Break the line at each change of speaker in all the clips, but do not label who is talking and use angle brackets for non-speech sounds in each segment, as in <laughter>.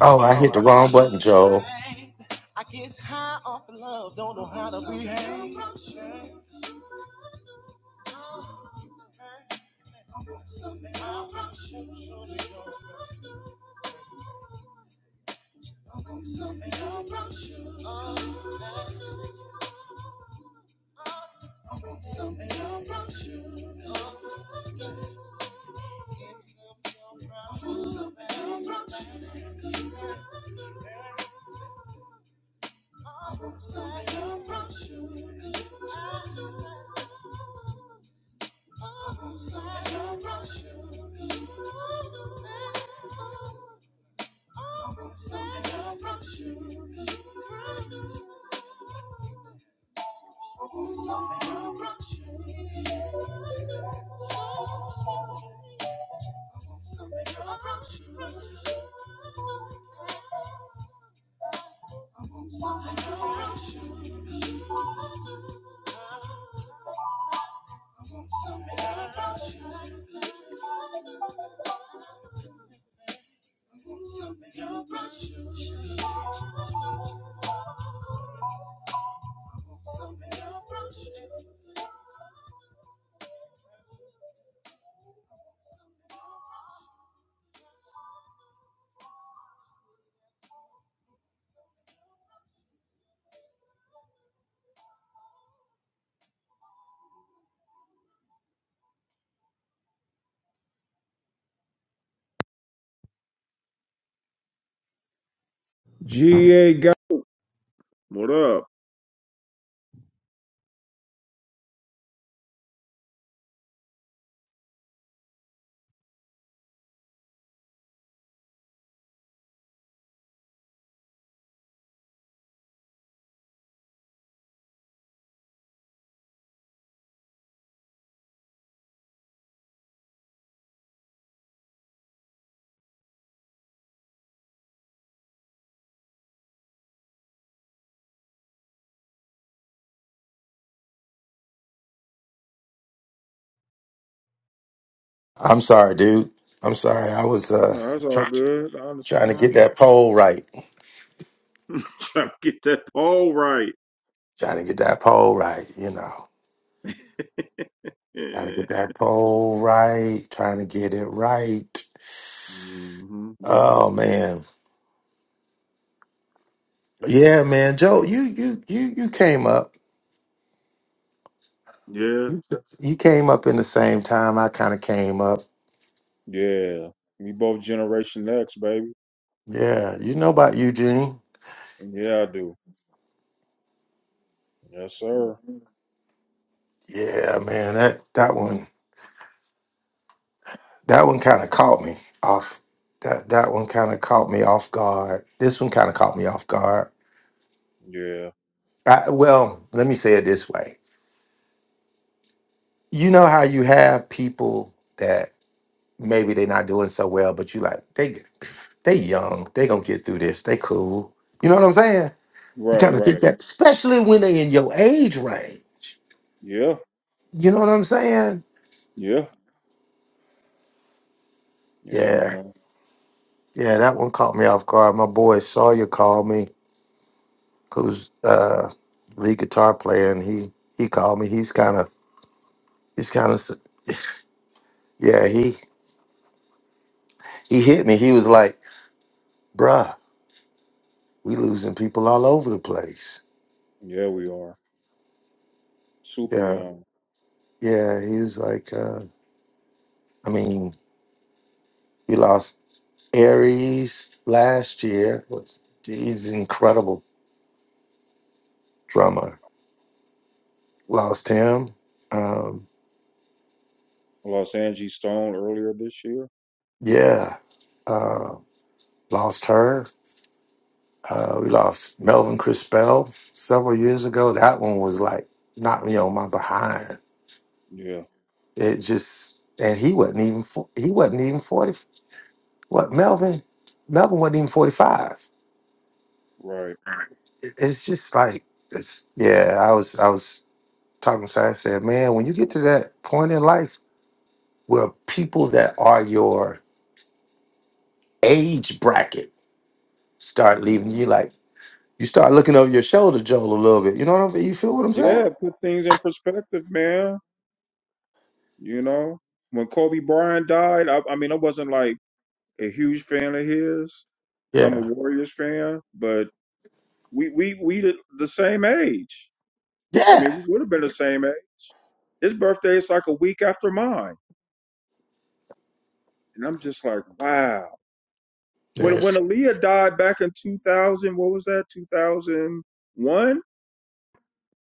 Oh, I hit the wrong button, Joel.
GA got What up?
I'm sorry, dude. I'm sorry. I was uh
No, that's all
trying
good. I
trying to
understand.
get that poll right.
<laughs> Trying to get that poll right.
Trying to get that poll right, you know.
<laughs>
Trying to
yeah.
get that poll right, trying to get it right.
hmm
Oh man. Yeah, man. Joel, you you you you came up.
Yeah.
You you came up in the same time I kind of came up.
Yeah. We both Generation X, baby.
Yeah, you know about Eugene.
Yeah, I do. Yes, sir.
Yeah, man. That that one. That one kind of caught me off. That that one kind of caught me off guard. This one kind of caught me off guard.
Yeah.
I, well, let me say it this way. You know how you have people that maybe they're not doing so well, but you like they they young, they gonna get through this. They cool. You know what I'm saying? You
Right,
kind of think
right.
that, especially when they in your age range.
Yeah.
You know what I'm saying?
Yeah. Yeah,
Yeah,
man.
yeah. That one caught me off guard. My boy Sawyer called me. who's uh lead guitar player and he he called me he's kind of he's kind of yeah he he hit me he was like bruh we losing people all over the place
Yeah, we are. Super
yeah
young.
yeah he was like uh i mean we lost aries last year what's he's an incredible drummer lost him um
I Lost Angie Stone earlier this year.
yeah uh lost her Uh, we lost Melvin Crispell several years ago. That one was like knocked me on my behind.
Yeah.
It just and he wasn't even fo- he wasn't even forty. What Melvin? Melvin wasn't even forty five.
Right.
It's just like it's yeah. I was I was talking to somebody, I said, man, when you get to that point in life where people that are your age bracket start leaving
hmm
you, like you start looking over your shoulder, Joel, a little bit. You know what I'm? You feel what I'm saying?
Yeah, put things in perspective, man. You know, when Kobe Bryant died, I, I mean, I wasn't like a huge fan of his because I'm a
Yeah.
Warriors fan, but we we we the the same age. I mean,
Yeah.
we would have been the same age. His birthday is like a week after mine, and I'm just like, wow. When
Yes.
when Aaliyah died back in 2000, what was that? 2001.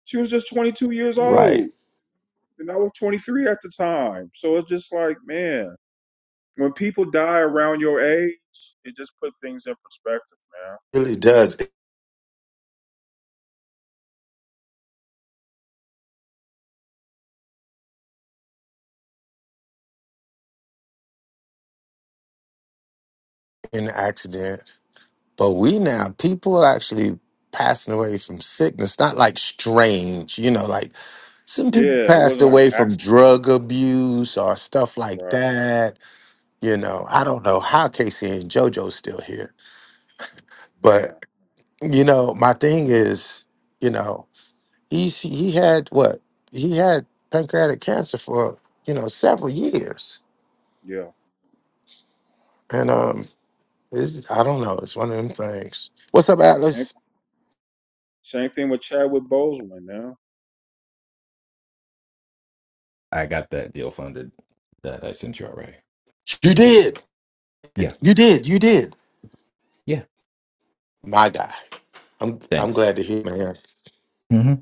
She was just 22 years
Right.
old, and I was 23 at the time. So it's just like, man. when people die around your age, it just put things in perspective, man.
Really does in accident. But we now people are actually passing away from sickness, not like strange, you know, like some people
Yeah, it
passed
wasn't like
away from
accidents.
drug abuse or stuff like
Right.
that. You know, I don't know how Casey and JoJo's still here. But,
Man.
you know, my thing is, you know, he's he had what? He had pancreatic cancer for, you know, several years.
Yeah.
And um this I don't know, it's one of them things. What's up,
Same,
Atlas?
same thing with Chadwick Boseman, man.
I got that deal funded that I sent you already.
You
Thanks.
did.
Yeah.
You did. You did.
Yeah.
My guy. I'm I'm
Thanks.
glad to hear, man.
hmm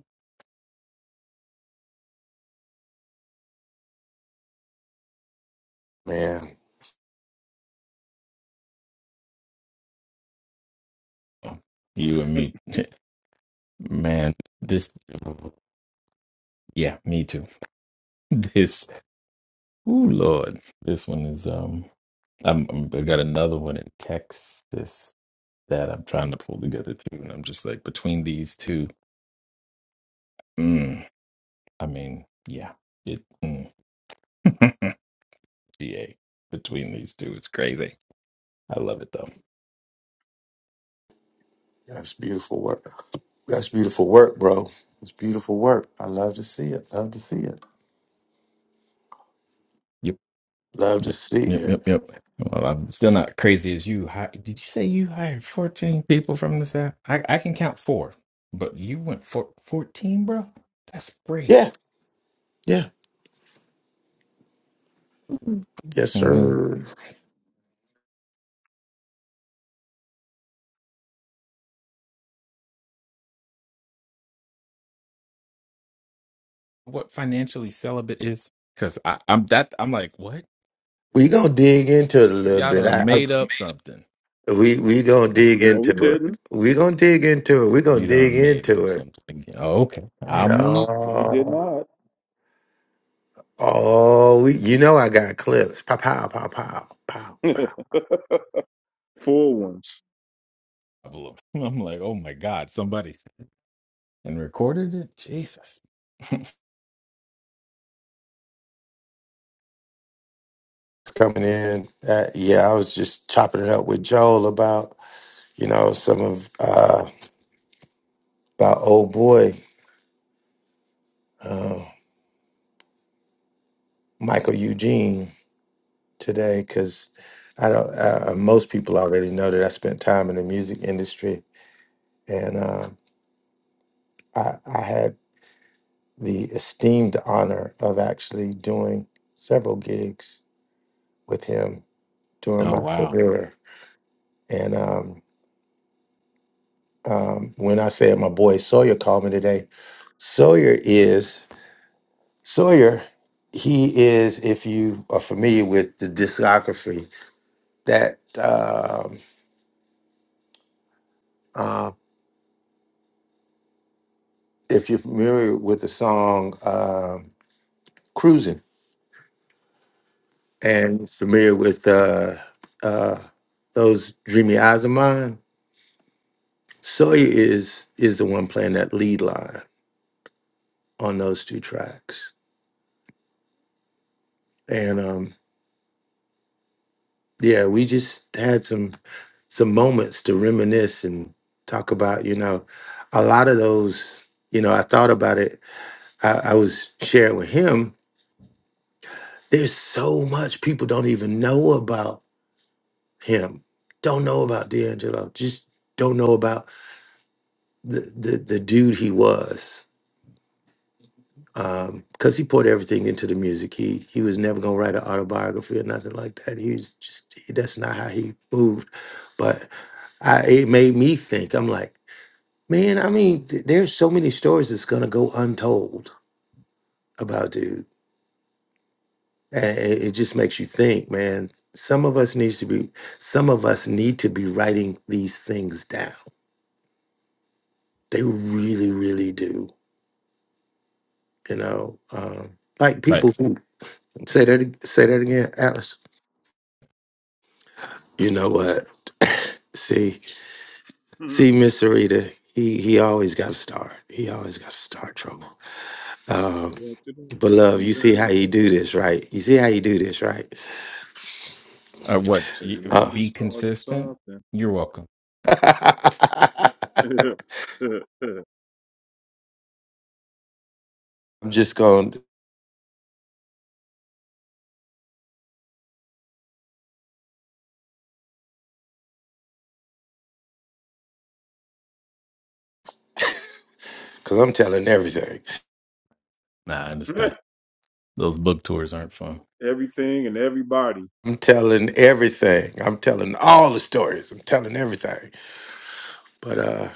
Man,
You and me, <laughs> man. This. Yeah, me too. <laughs> This. Oh Lord, this one is. Um, I'm, I'm. I got another one in Texas that I'm trying to pull together too, and I'm just like between these two. Mm, I mean, yeah. It. Mm. <laughs> GA between these two, it's crazy. I love it though.
that's beautiful work. That's beautiful work, bro. It's beautiful work. I love to see it. Love to see it.
Yep.
Love to
Yep,
see
yep,
it.
yep, yep. Well, I'm still not crazy as you. Hi- Did you say you hired 14 people from this app? I, I can count four, but you went for 14, bro? That's great.
Yeah. Yeah. Yes,
What
sir.
what financially celibate is? Because I'm that I'm like, what?
We gonna dig into it a little
Y'all
bit.
done
I, I
made up something.
we we gonna dig
No,
into
we
it.
didn't.
We gonna dig into it. We gonna
You
dig
done made
into
up
it.
something. Oh, okay. I'm
No, we did
No.
not.
Oh, we, you know I got clips. Pow pow pow pow pow pow.
<laughs> Full ones.
<laughs> I'm like, oh my God, somebody s- and recorded it? Jesus. <laughs>
coming in. Uh, yeah, I was just chopping it up with Joel about you know some of uh, about old boy uh, Michael Eugene today because I don't. Uh, uh, most people already know that I spent time in the music industry, and uh, I, I had the esteemed honor of actually doing several gigs with him during
oh
my
wow.
career. And um, um, when I say my boy Sawyer called me today, Sawyer is. Sawyer, he is, if you are familiar with the discography, that um, uh, if you're familiar with the song um Cruising and familiar with uh, uh, those dreamy eyes of mine, Sawyer is is the one playing that lead line on those two tracks. And um, yeah, we just had some some moments to reminisce and talk about, you know, a lot of those, you know, I thought about it I, I was sharing with him, there's so much people don't even know about him, don't know about D'Angelo, just don't know about the the, the dude he was. Because he poured everything into the music. He he was never gonna write an autobiography or nothing like that. He was just that's not how he moved. But I it made me think. I'm like, man, I mean, th- there's so many stories that's gonna go untold about dude And it, it just makes you think, man. Some of us needs to be some of us need to be writing these things down. They really, really do. You know, um, like
Right.
people who- say that ag- say that again, Alice. You know what? <clears throat> <coughs> see,
Mhm.
see, Mr. Rita, he he always got to start. He always got to start trouble. Um, but love, you
<laughs>
see how you do this, right? You see how you do this, right?
Uh, what?
So you
You,
want to
Huh?
be
be
starting
consistent.
something.
You're welcome.
<laughs>
<laughs>
I'm just going because I'm telling everything.
Nah, I understand. Those book tours aren't fun.
Everything and everybody.
I'm telling everything. I'm telling all the stories. I'm telling everything. But uh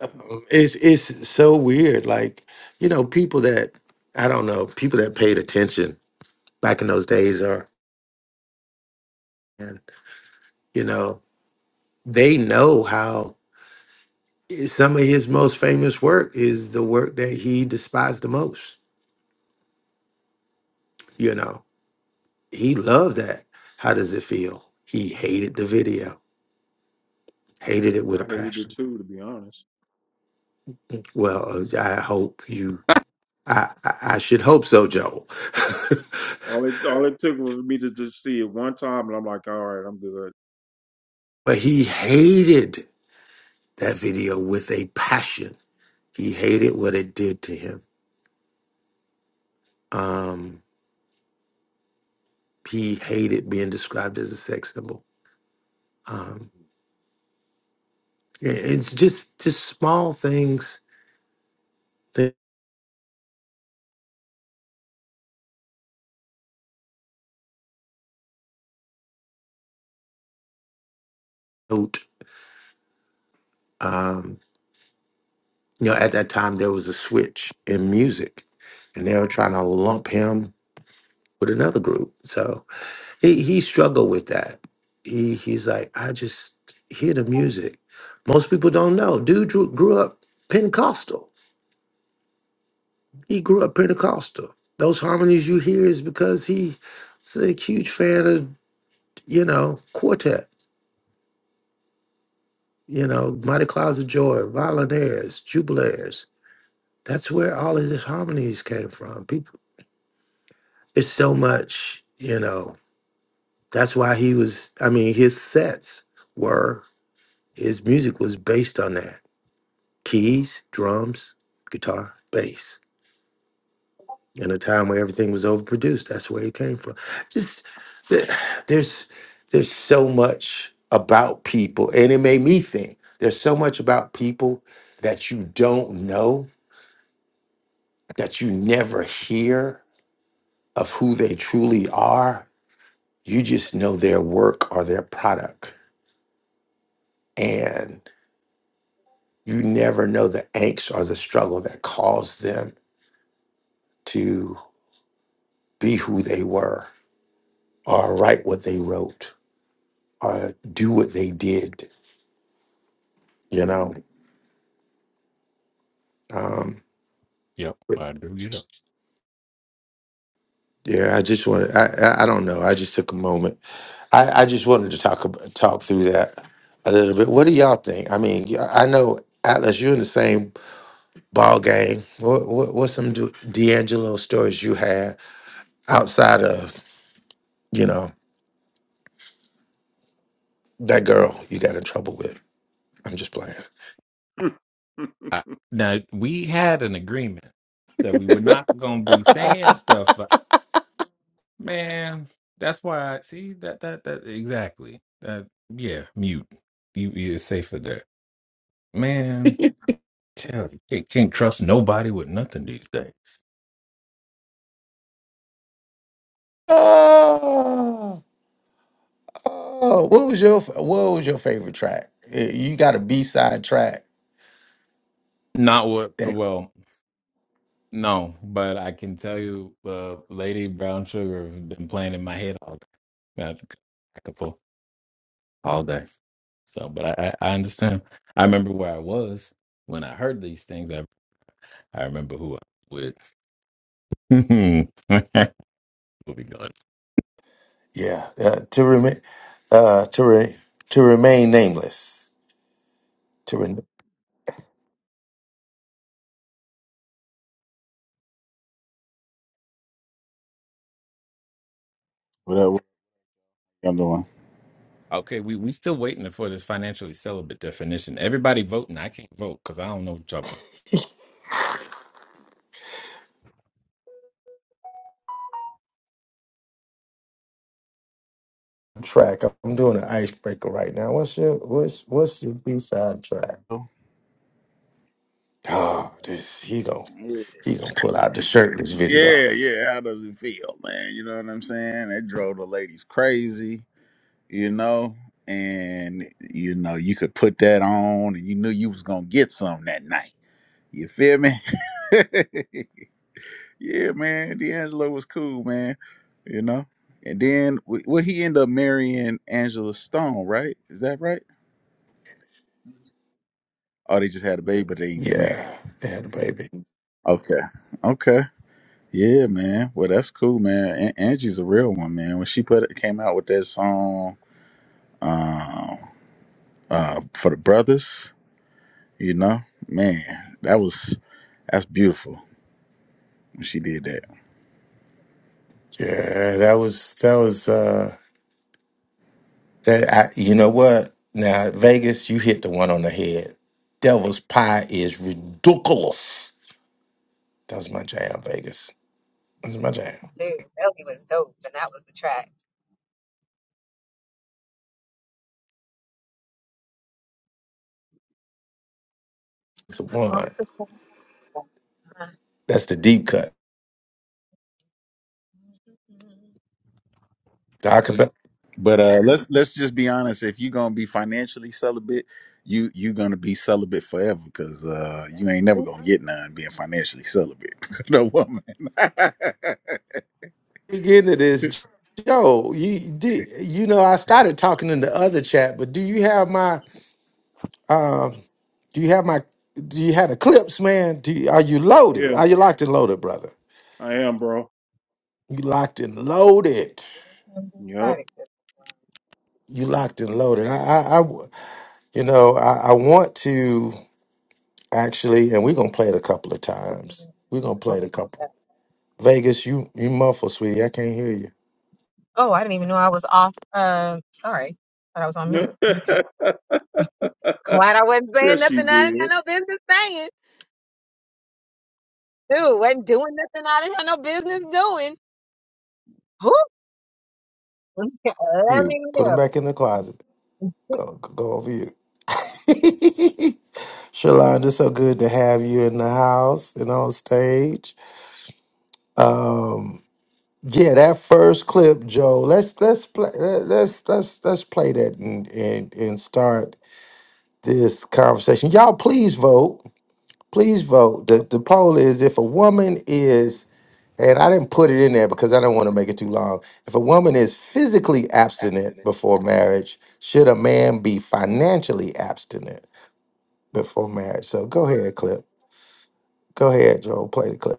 um, it's it's so weird. Like, you know, people that I don't know, people that paid attention back in those days are and you know, they know how eh, some of his most famous work is the work that he despised the most. You know, he loved that. How does it feel? He hated the video, hated it with a
I hated it
passion.
too, to be honest.
Well, I hope you I, I, I should hope so, Joel. <laughs>
All it all it took was me to just see it one time, and I'm like, all right, I'm good.
but he hated that video with a passion. He hated what it did to him. Um, he hated being described as a sex symbol. Um, i- it's just just small things that note. um, you know. At that time, there was a switch in music, and they were trying to lump him with another group. So. He he struggled with that. He he's like, I just hear the music. Most people don't know. Dude drew, grew up Pentecostal. He grew up Pentecostal. Those harmonies you hear is because he's a huge fan of, you know, quartets, you know, Mighty Clouds of Joy, Violinaires, Jubilaires. That's where all of his harmonies came from. People, it's so much, you know. That's why he was. I mean, his sets were his music was based on that keys, drums, guitar, bass. In a time where everything was overproduced, that's where it came from. Just th- there's there's so much about people, and it made me think. There's so much about people that you don't know, that you never hear of who they truly are. You just know their work or their product, and you never know the angst or the struggle that caused them to be who they were or write what they wrote or do what they did, you know. Um,
Yep,
but
I do get up.
yeah, I just wanted, I, I I don't know. I just took a moment. I, I just wanted to talk about, talk through that a little bit. What do y'all think? I mean, y- I know Atlas, you're in the same ball game. What, what what's some Du- D'Angelo stories you had outside of you know that girl you got in trouble with? I'm just playing.
<laughs>
I, now we had an agreement that we were not gonna be saying stuff. Like, man, that's why. I see that that that exactly. That yeah, mute. You you're safer there, man. Tell you can't, can't trust nobody with nothing these days.
Oh, what was your fa- what was your favorite track? Eh, You got a B side track
Not what.
that
Well, No, but I can tell you, uh, Lady Brown Sugar has been playing in my head all day. I could I could pull all day. So, but I, I I understand. I remember where I was when I heard these things. I I remember who I was with. <laughs> we'll be going.
Yeah, uh, to remain, uh, to re- to remain nameless. To re-
What up? What y'all doing?
Okay, we we still waiting for this financially celibate definition. Everybody voting. I can't vote because I don't know what y'all. about.
track. I'm doing an icebreaker right now. What's your what's what's your B side track? Oh, this he gon'
Yeah,
he gonna pull out the shirt. in This video.
yeah, yeah. How does it feel, man? You know what I'm saying? That drove the ladies crazy, you know. And you know, you could put that on, and you knew you was gonna get some that night. You feel me? <laughs> yeah, man. D'Angelo was cool, man. You know. And then, w- well, he ended up marrying Angela Stone, right? Is that right? Oh, they just had a baby, but they didn't get married.
Yeah, yeah, baby.
Okay, okay. Yeah, man. Well, that's cool, man. An- Angie's a real one, man. When she put it, came out with that song um, uh, for the brothers, you know, man, that was that's beautiful. when She did that.
Yeah, that was that was. uh, That I, you know what? Now Vegas, you hit the one on the head. Devil's pie is ridiculous. That was my jam, Vegas. That's my jam.
Dude, Melly was dope, and that was the track.
It's a
Uh,
one. That's the deep cut. I about
But uh, let's let's just be honest. If you're gonna be financially celibate, you you're gonna be celibate forever because uh, you ain't never gonna get none being financially celibate. <laughs> no woman. <laughs>
dig into this. Joe, you did you know I started talking in the other chat, but do you have my um do you have my do you have the clips, man? Do you, are you loaded?
yeah,
Are you locked and loaded, brother?
I am, bro.
You locked and loaded.
Yep.
um,
You locked and loaded. I I, I You know, I, I want to actually, and we're gonna play it a couple of times. We're gonna play it a couple. Vegas, you you muffle, sweetie. I can't hear you.
Oh, I didn't even know I was off. Um, sorry, thought I was on mute.
<laughs>
My bad. Glad I wasn't saying
yes, she
nothing I didn't have
did.
no business saying. Dude, wasn't doing nothing I didn't have no business doing. Whew. <laughs> Let
You
me
put them
know.
back in the closet. Go go go over you. <laughs> Shalonda, so good to have you in the house and on stage. Um, yeah, that first clip, Joe. Let's let's play let's let's let's play that and and and start this conversation. Y'all, please vote. Please vote. The the poll is if a woman is And I didn't put it in there because I don't want to make it too long. If a woman is physically abstinent before marriage, should a man be financially abstinent before marriage? So go ahead, clip. Go ahead, Joel. Play the clip.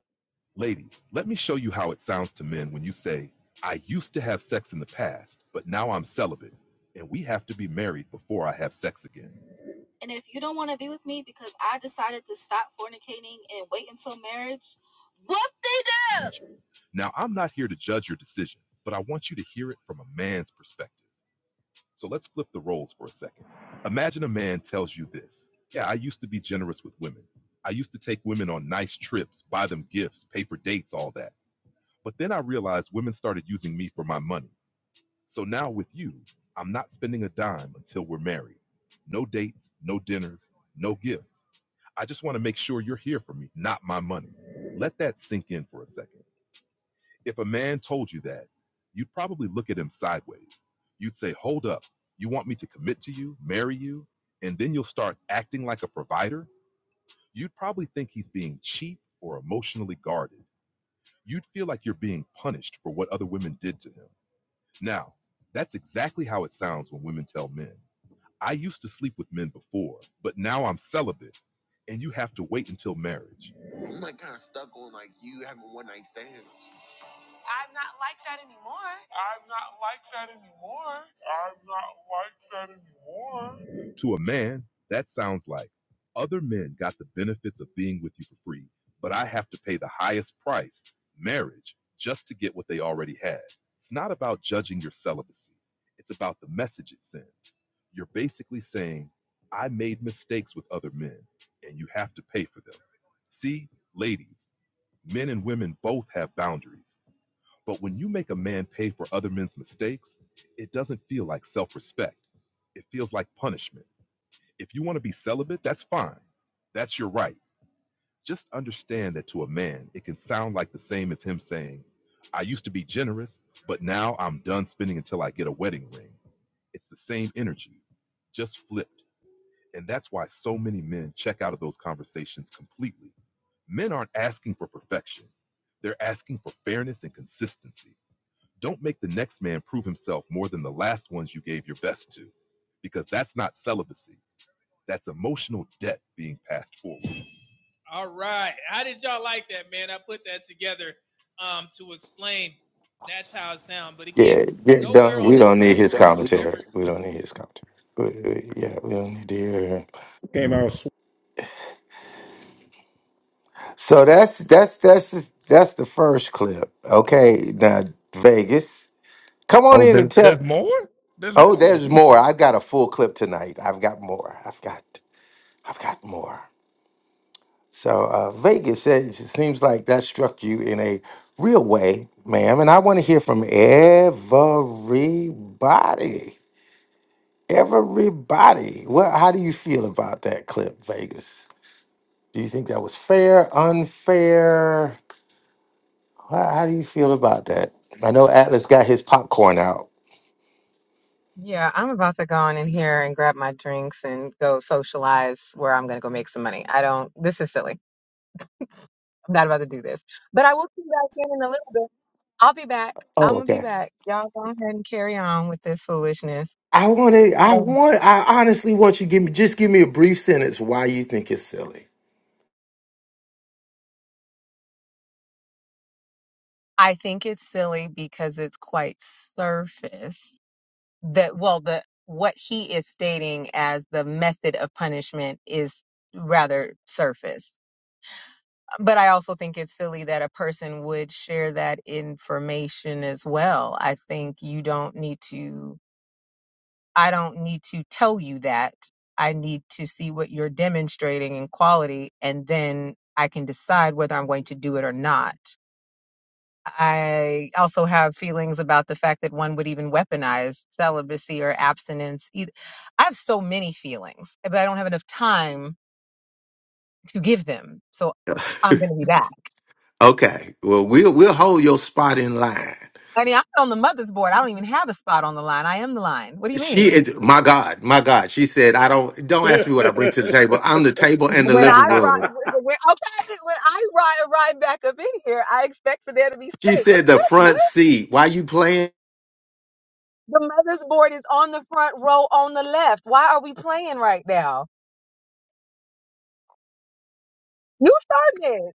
All right. How did y'all like that, man? I put that together um, to explain that's how it sounds. But again,
Yeah, yeah.
nowhere
Don't, we don't need his commentary. We don't need his commentary. We- we- yeah, we don't need to hear him.
Came out. Sw-
So that's that's that's that's the first clip. Okay, now Vegas, come on
Oh,
in and
there's
tell.
there's more. There's more.
Oh,
Oh,
there's more.
Jesus.
I've got a full clip tonight. I've got more. I've got. I've got more. So uh, Vegas, eh, it seems like that struck you in a real way, ma'am. And I want to hear from everybody. Everybody. Well, how do you feel about that clip, Vegas? Do you think that was fair, unfair? How, how do you feel about that? I know Atlas got his popcorn out.
Yeah, I'm about to go on in here and grab my drinks and go socialize where I'm gonna go make some money. I don't. This is silly. I'm not about to do this. But I will be back in in a little bit. I'll be back.
Oh,
I'm gonna be
okay.
back. Y'all go ahead and carry on with this foolishness.
I want to. I
Um,
want. I honestly want you to give me just give me a brief sentence why you think it's silly.
I think it's silly because it's quite surface. That well, the what he is stating as the method of punishment is rather surface. But I also think it's silly that a person would share that information as well. I think you don't need to I don't need to tell you that. I need to see what you're demonstrating in quality, and then I can decide whether I'm going to do it or not. I also have feelings about the fact that one would even weaponize celibacy or abstinence. eith- I have so many feelings, but I don't have enough time to give them. So I'm going
<laughs>
to be that.
okay. Well, we'll we'll hold your spot in line.
I mean, I'm on the mother's board. I don't even have a spot on the line. I am the line. What do you
She
mean?
is my God, my God. She said, I don't
<laughs>
don't ask me what I bring to the table. I'm the table and the
when I
living
ride,
room.
when, when- okay, when I ride ride back up in here, I expect for there to be
She
space. What,
said the
what,
front
what?
seat. Why you playing?
The mother's board is on the front row on the left. Why are we playing right now? You started it.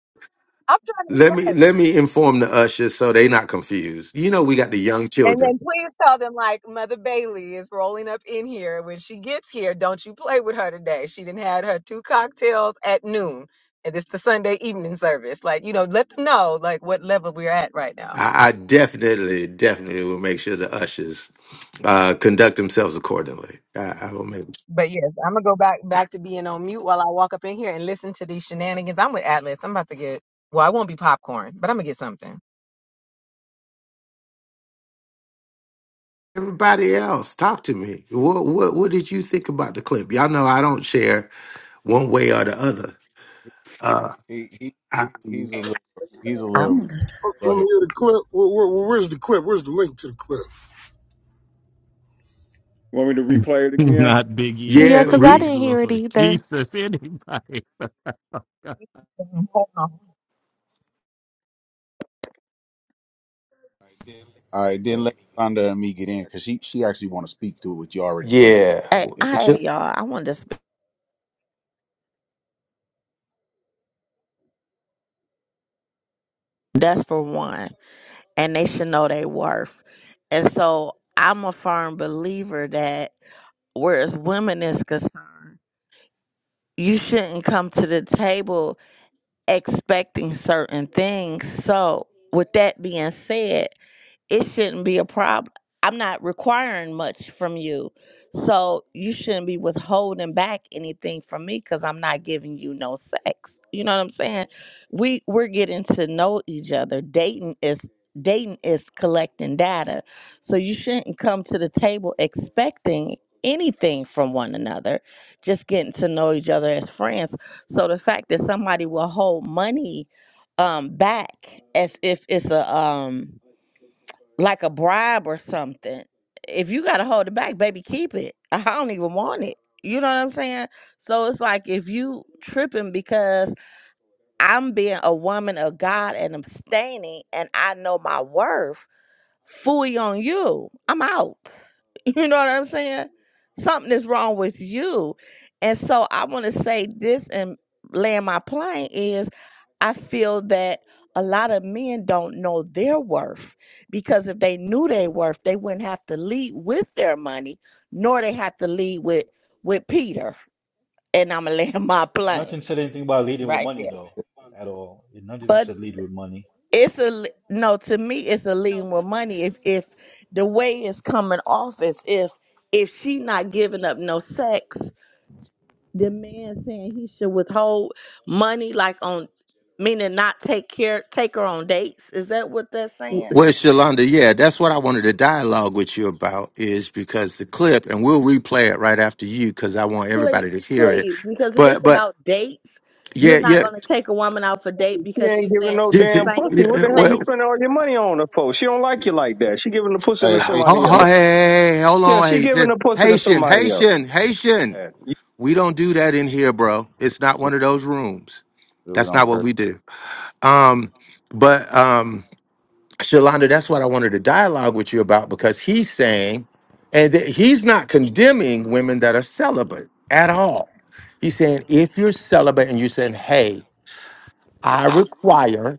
I'm trying to be
Let me
nice.
let me inform the ushers so they not confused. You know we got the young
And
children.
then please tell them like Mother Bailey is rolling up in here. When she gets here, don't you play with her today. She didn't had her two cocktails at noon. And it's the Sunday evening service. Like, you know, let them know like what level we're at right now.
I, I definitely, definitely will make sure the ushers uh, conduct themselves accordingly. I, I will make
But yes, I'm gonna go back back to being on mute while I walk up in here and listen to these shenanigans. I'm with Atlas. I'm about to get well, I won't be popcorn, but I'm gonna get something.
everybody else talk to me. What what what did you think about the clip? Y'all know I don't share one way or the other. Uh,
he he
I,
he's a little he's a little.
I'm
Go
Let me
ahead.
hear the clip? Where, where, where's the clip? Where's the link to the clip?
Want me to
<laughs>
replay it again?
Not Big E,
Yeah,
yeah,
because I
re-
please,
didn't hear it
Lord
either.
Jesus, anybody.
Mhm. Hold on.
All right, then let Rhonda and me get in because she she actually want to speak to what you already played.
Yeah.
hey,
Yeah.
It's
hey
just,
y'all. I want to sp That's for one, and they should know their worth. And so I'm a firm believer that whereas women is concerned, you shouldn't come to the table expecting certain things. So with that being said, it shouldn't be a problem. I'm not requiring much from you. So you shouldn't be withholding back anything from me cuz I'm not giving you no sex. You know what I'm saying? We we're getting to know each other. Dating is dating is collecting data. So you shouldn't come to the table expecting anything from one another. Just getting to know each other as friends. So the fact that somebody will hold money um back as if it's a um like a bribe or something. If you gotta hold it back, baby, keep it. <laughs> I don't even want it. You know what I'm saying? So it's like if you tripping because I'm being a woman of God and abstaining and I know my worth, fully on you. I'm out. <laughs> You know what I'm saying? Something is wrong with you. And so I want to say this and land my plane is I feel that a lot of men don't know their worth because if they knew their worth, they wouldn't have to lead with their money, nor they have to lead with with Peter. And I'm gonna land <laughs> my plane
Nothing said anything about leading with
right
money
there.
though, at all. It nothing
but.
said lead with money.
it's a li- no to me it's a lean with money if if the way it's coming off is if if she not giving up no sex the man saying he should withhold money like on meaning not take care take her on dates is that what they're saying
well, Shalonda, yeah, that's what I wanted to dialogue with you about is because the clip, and we'll replay it right after you because I want
please
everybody to hear it.
please because if
But,
it's
but
about dates you're
yeah,
not
yeah,
going to take a woman out for date
She
because
ain't
she's
giving
saying
no
she
this is-
damn
abstain
pussy.
yeah,
What
yeah,
the hell you
well,
abstaining
spending all your money on her for? She don't like you like that. She giving the pussy to
Hey,
oh,
hey,
somebody
we
oh,
don't
hey,
else.
hey, hey, hold
Yeah,
on,
she giving
Haitian,
the pussy to
Haitian,
somebody
Haitian, Haitian.
else.
We don't do that in here, bro. It's not
we
one
don't
of those rooms.
we really
That's
don't
not what
curse.
we do. Um, but um, Shalonda, that's what I wanted to dialogue with you about because he's saying, and that he's not condemning women that are celibate at all. He's saying, if you're celibate and you're saying, hey, I require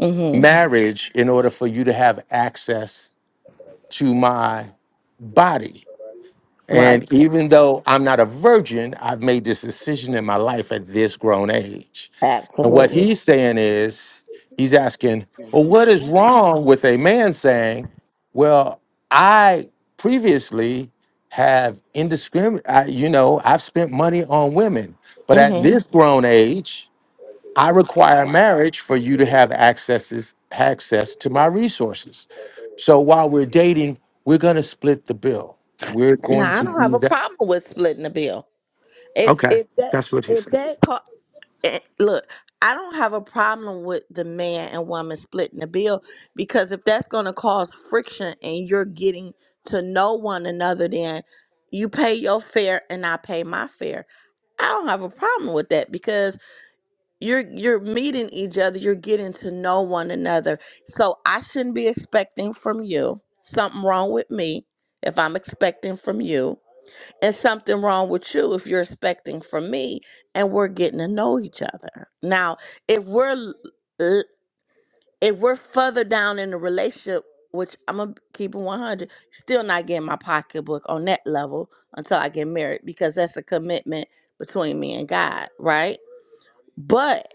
mm-hmm
marriage in order for you to have access to my body,
right
and even though I'm not a virgin, I've made this decision in my life at this grown age. And what
absolutely
he's saying is, he's asking, well, what is wrong with a man saying, well, I previously have indiscriminate, you know, I've spent money on women, but at
mm-hmm
this grown age, I require marriage for you to have accesses, access to my resources. So while we're dating, we're going to split the bill. We're going
Now i
to
don't have
do
a
that.
problem with splitting the bill If
Okay,
if that
that's what he's
if
saying.
that ca- eh, look, I don't have a problem with the man and woman splitting the bill because if that's going to cause friction and you're getting to know one another, then you pay your fare and I pay my fare. I don't have a problem with that because you're you're meeting each other, you're getting to know one another. So I shouldn't be expecting from you something wrong with me if I'm expecting from you and something wrong with you if you're expecting from me and we're getting to know each other now if we're l- l- if we're further down in the relationship which i'm gonna keep it 100 still not getting my pocketbook on that level until i get married because that's a commitment between me and god right but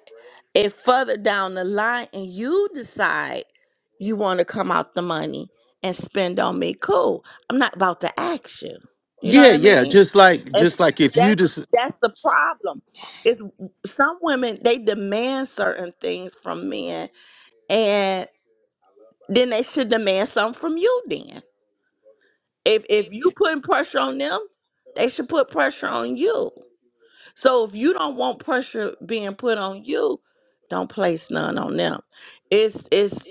if further down the line and you decide you want to come out the money and spend on me, cool. I'm not about to ask you. You know what
Yeah,
I
yeah.
mean?
Just like,
It's,
just like if you
that's
just
that's the problem. Is some women they demand certain things from men, and then they should demand something from you. Then, if if you putting pressure on them, they should put pressure on you. So if you don't want pressure being put on you, don't place none on them. It's it's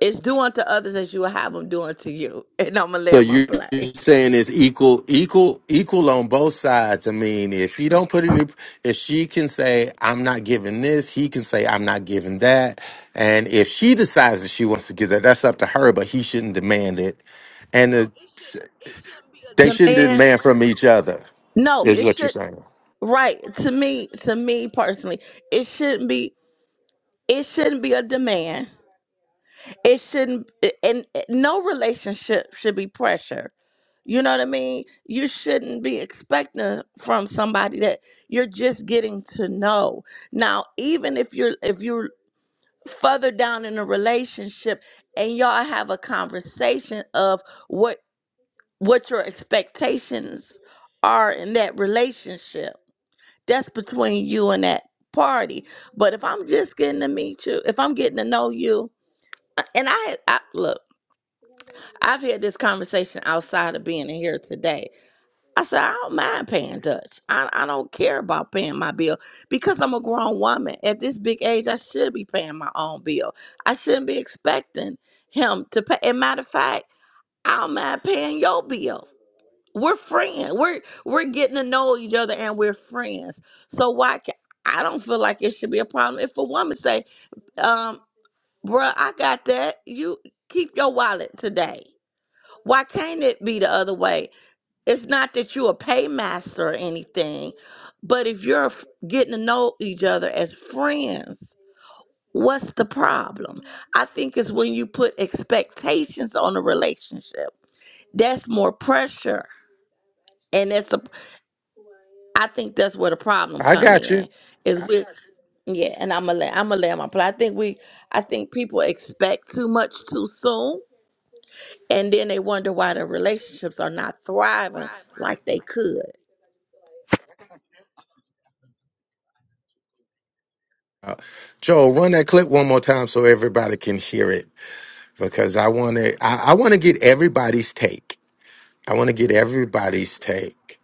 it's do unto others as you will have them do unto you. <laughs> And I'm gonna lay
so
my
you're
play.
saying it's equal, equal, equal on both sides. I mean, if he don't put any, if she can say I'm not giving this, he can say I'm not giving that, and if she decides that she wants to give that, that's up to her. But he shouldn't demand it. And the They shouldn't
Demand
demand from each other,
no,
is
it
what you're
should
saying.
right to me to me personally, it shouldn't be it shouldn't be a demand. It shouldn't and and no relationship should be pressure You know what I mean? You shouldn't be expecting from somebody that you're just getting to know. Now, even if you're if you're further down in a relationship and y'all have a conversation of what what your expectations are in that relationship, that's between you and that party. But if I'm just getting to meet you, if I'm getting to know you, and I, I look, I've had this conversation outside of being in here today I said, I don't mind paying Dutch. I, I don't care about paying my bill because I'm a grown woman. At this big age, I should be paying my own bill. I shouldn't be expecting him to pay. And matter of fact, I don't mind paying your bill. We're friends. We're we're getting to know each other and we're friends. So why can I don't feel like it should be a problem if a woman say, um, bruh, I got that. You keep your wallet today. Why can't it be the other way? It's not that you're a paymaster or anything, but if you're f- getting to know each other as friends, what's the problem? I think it's when you put expectations on a relationship. That's more pressure, and that's the. I think that's where the problem
I
come
got you.
in. Is with yeah, and I'm gonna lay, I'm gonna lay my play. I think we I think people expect too much too soon, and then they wonder why their relationships are not thriving like they could.
Uh, Joel, run that clip one more time so everybody can hear it because I want to. I, I want to get everybody's take. I want to get everybody's take.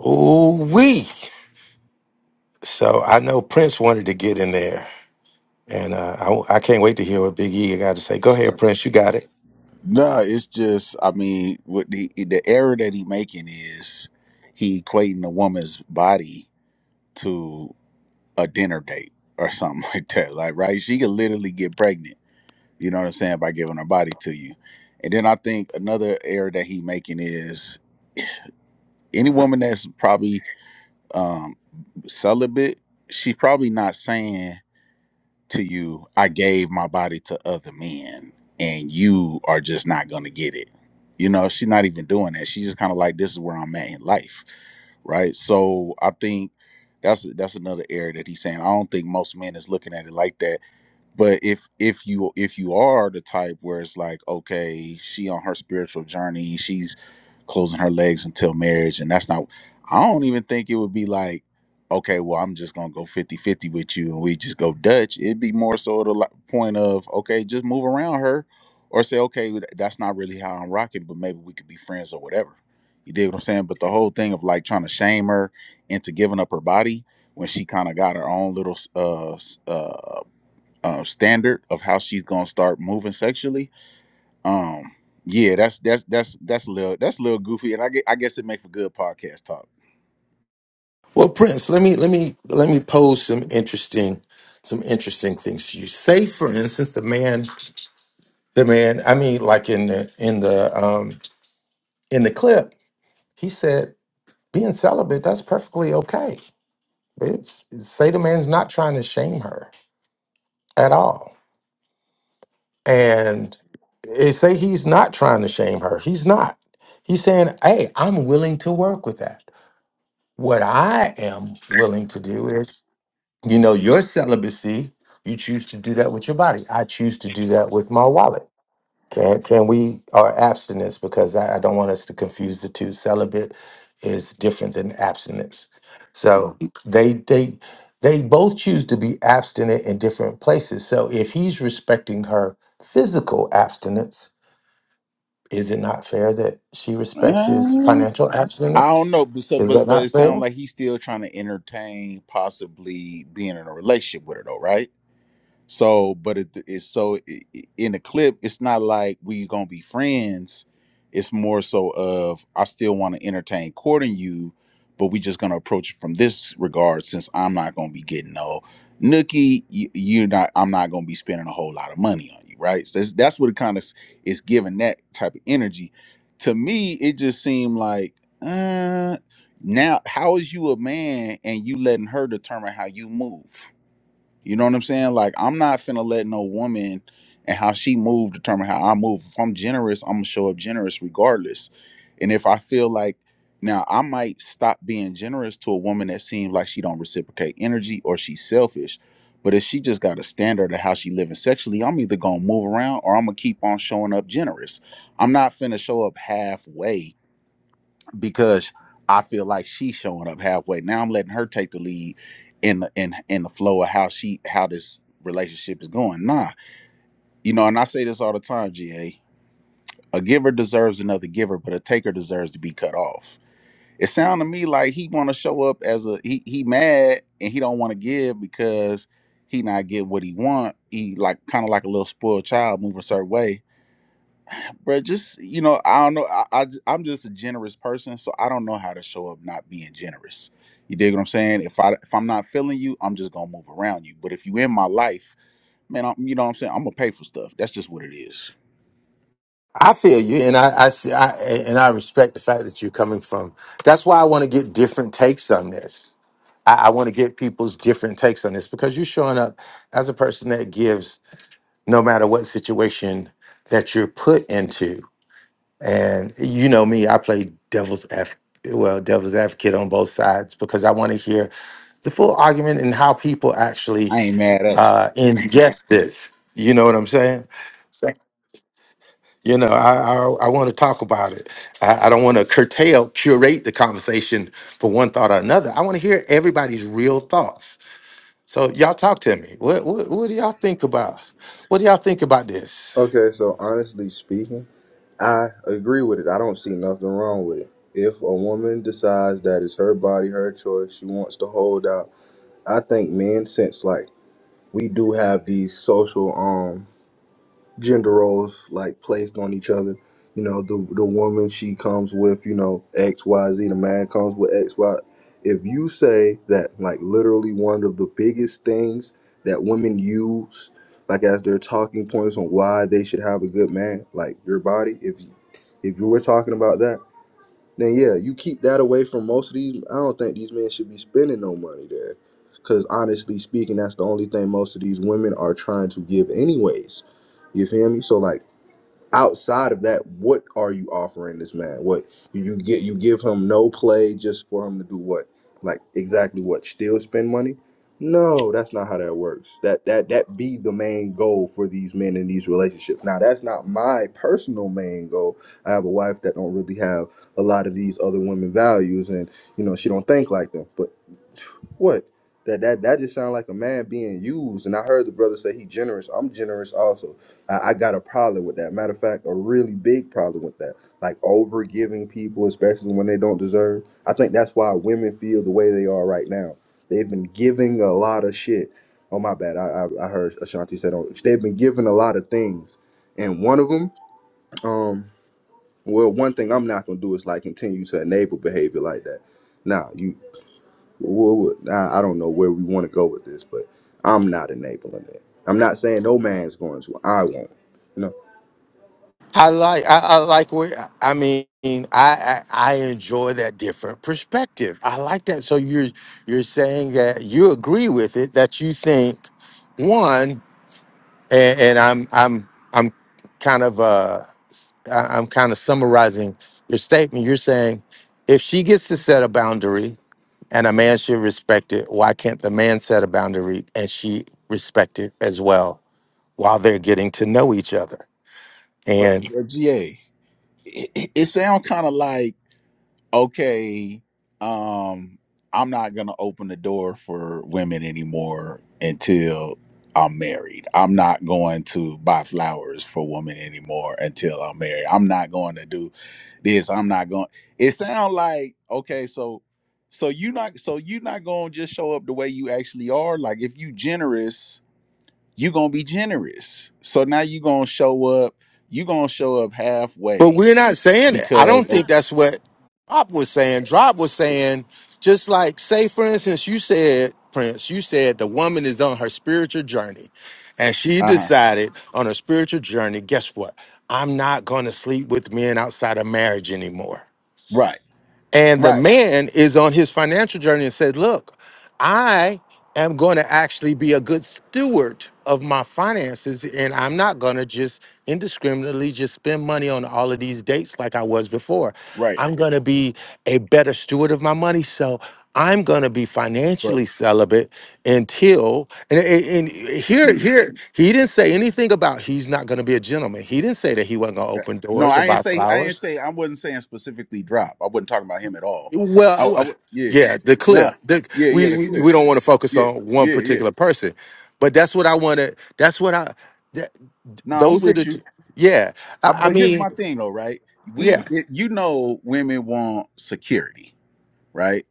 Ooh wee! So I know Prince wanted to get in there, and uh, I, I can't wait to hear what Big E got to say. Go ahead, Prince. You got it.
No, it's just I mean, what the the error that he making is he equating a woman's body to a dinner date or something <laughs> like that. Like, right? She could literally get pregnant. You know what I'm saying by giving her body to you. And then I think another error that he making is any woman that's probably um celibate, she's probably not saying. to you, I gave my body to other men, and you are just not gonna get it. You know, she's not even doing that. She's just kind of like, this is where I'm at in life, right? So I think that's that's another area that he's saying. I don't think most men is looking at it like that but if if you if you are the type where it's like okay she on her spiritual journey she's closing her legs until marriage and that's not i don't even think it would be like okay well i'm just gonna go 50 50 with you and we just go dutch it'd be more so the li- point of okay just move around her or say okay th- that's not really how i'm rocking but maybe we could be friends or whatever you dig what i'm saying but the whole thing of like trying to shame her into giving up her body when she kind of got her own little uh, s- uh uh, standard of how she's gonna start moving sexually. Um, yeah, that's that's that's that's a little that's a little goofy, and I get I guess it makes for good podcast talk.
Well, Prince, let me let me let me pose some interesting some interesting things to you. Say, for instance, the man The man, I mean, like in the in the um in the clip, he said being celibate, that's perfectly okay. It's say the man's not trying to shame her at all. And it say he's not trying to shame her. He's not. He's saying, Hey, I'm willing to work with that. What I am willing to do is, you know, your celibacy, you choose to do that with your body. I choose to do that with my wallet. Can can we or abstinence because I, I don't want us to confuse the two. Celibate is different than abstinence. So Mhm. they they they both choose to be abstinent in different places. So if he's respecting her physical abstinence, is it not fair that she respects his
Uh,
financial
I don't
abstinence?
know, but so
Is that
but but
not
it sounds
fair?
like he's still trying to entertain possibly being in a relationship with her though, right? So, but it, it's so i- i- in the clip, it's not like we gonna be friends. It's more so of I still want to entertain courting you, but we just gonna approach it from this regard since I'm not gonna be getting no nookie. You, you're not. I'm not gonna be spending a whole lot of money on you, right? So that's, that's what it kind of is giving that type of energy. To me, it just seemed like. Uh, now, how is you a man and you letting her determine how you move? You know what I'm saying? Like I'm not finna let no woman and how she move determine how I move. If I'm generous, I'm gonna show up generous regardless. And if I feel like now I might stop being generous to a woman that seems like she don't reciprocate energy or she's selfish. But if she just got a standard of how she living sexually, I'm either gonna move around or I'm gonna keep on showing up generous. I'm not finna show up halfway because I feel like she's showing up halfway. Now I'm letting her take the lead in the in in the flow of how she how this relationship is going. Nah. You know, and I say this all the time, G. A. A giver deserves another giver, but a taker deserves to be cut off. It sounds to me like he wanna show up as a he he mad and he don't want to give because he not getting what he want. He like kind of like a little spoiled child moving a certain way but just you know, I don't know. I i j- I'm just a generous person, so I don't know how to show up not being generous. You dig what I'm saying? If I if I'm not feeling you, I'm just gonna move around you. But if you in my life, man, I'm, you know what I'm saying? I'm gonna pay for stuff. That's just what it is.
I feel you, and I, I see, I, and I respect the fact that you're coming from. That's why I want to get different takes on this. I, I want to get people's different takes on this because you're showing up as a person that gives no matter what situation that you're put into. And you know me, I play devil's advocate. Well, devil's advocate on both sides because I want to hear the full argument and how people actually
I ain't mad at you.
uh, ingest this. You know what I'm saying? You know, I I, I want to talk about it. I, I don't want to curtail, curate the conversation for one thought or another. I want to hear everybody's real thoughts So y'all talk to me. What what, what do y'all think about? What do y'all think about this?
Okay, so honestly speaking, I agree with it. I don't see nothing wrong with it. If a woman decides that it's her body, her choice, she wants to hold out, I think men, since like we do have these social um gender roles like placed on each other. You know, the the woman she comes with, you know, X Y Z. The man comes with X Y. If you say that, like literally one of the biggest things that women use, like as their talking points on why they should have a good man, like your body. If you if you were talking about that then yeah, you keep that away from most of these. I don't think these men should be spending no money there. Because honestly speaking, that's the only thing most of these women are trying to give, anyways. You feel me? So, like, outside of that, what are you offering this man? What you, you get? You give him no play just for him to do what? Like exactly what? Still spend money? No, that's not how that works. That that that be the main goal for these men in these relationships. Now, that's not my personal main goal. I have a wife that don't really have a lot of these other women values, and you know she don't think like them. But what? That that that just sounds like a man being used. And I heard the brother say he generous. I'm generous also. I, I got a problem with that. Matter of fact, a really big problem with that. Like over giving people, especially when they don't deserve. I think that's why women feel the way they are right now. They've been giving a lot of shit. Oh my bad. I I, I heard Ashanti said on. They've been giving a lot of things, and one of them. Well, one thing I'm not gonna do is like continue to enable behavior like that. Nah, you. Wha- wha- I I don't know where we want to go with this, but I'm not enabling it. I'm not saying no man's going to. I won't. You know,
I like I, I like where I mean I, I I enjoy that different perspective. I like that. So you're you're saying that you agree with it that you think one and, and I'm I'm I'm kind of uh s- I- I'm kind of summarizing your statement. You're saying if she gets to set a boundary and a man should respect it. Why can't the man set a boundary and she respect it as well while they're getting to know each other?
But,
And
but GA, it, it, it sound kind of like. okay, um, I'm not gonna open the door for women anymore until I'm married. I'm not going to buy flowers for women anymore until I'm married. I'm not going to do this. I'm not going. It sounds like okay, so so you not so you not gonna just show up the way you actually are. Like if you generous, you gonna be generous. So now you gonna show up. You gonna show up
but
halfway
we're not saying it. I
because
don't think that's what Pop was saying. Drop was saying, just like say for instance, you said Prince, you said the woman is on her spiritual journey, and she
uh huh
decided on her spiritual journey. Guess what? I'm not going to sleep with men outside of marriage anymore.
right
And the
right
man is on his financial journey and said, Look, I am going to actually be a good steward of my finances, and I'm not going to just indiscriminately just spend money on all of these dates like I was before.
Right.
I'm going to be a better steward of my money. So I'm going to be
But
financially celibate until and, and, and here here he didn't say anything about he's not going to be a gentleman. He didn't say that he wasn't going to
Yeah.
open
No,
doors or
I ain't
buy
say I ain't
flowers.
say I wasn't saying specifically drop. I wasn't talking about him at all. I, I
Well,
wa- yeah,
yeah, the
nah,
clip. The,
yeah, yeah, the
we we we
clear,
don't want to focus
yeah,
on one
yeah, yeah.
particular person, but that's what I want to. That's what I. That,
No, nah, I'm
those are
with
the.
you.
Two, yeah,
I,
I, I
but here's
mean,
my thing though, right? We,
yeah.
it, you know, women want security, right?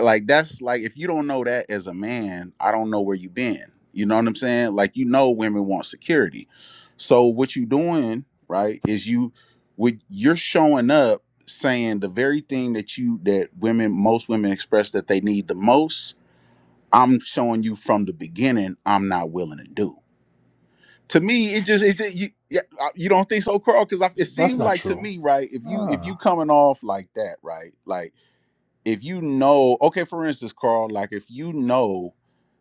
like that's like if you don't know that as a man, I don't know where you been. You know what I'm saying? Like you know women want security. So what you doing, right, is you with you're showing up saying the very thing that you that women most women express that they need the most, I'm showing you from the beginning I'm not willing to do. To me, it just it's just, you yeah, I- you don't think so, Carl? Because it
That's
seemed
not
like to
true.
me, right? If you if you
Ah,
coming off like that, right? Like if you know, okay, for instance, Carl, like if you know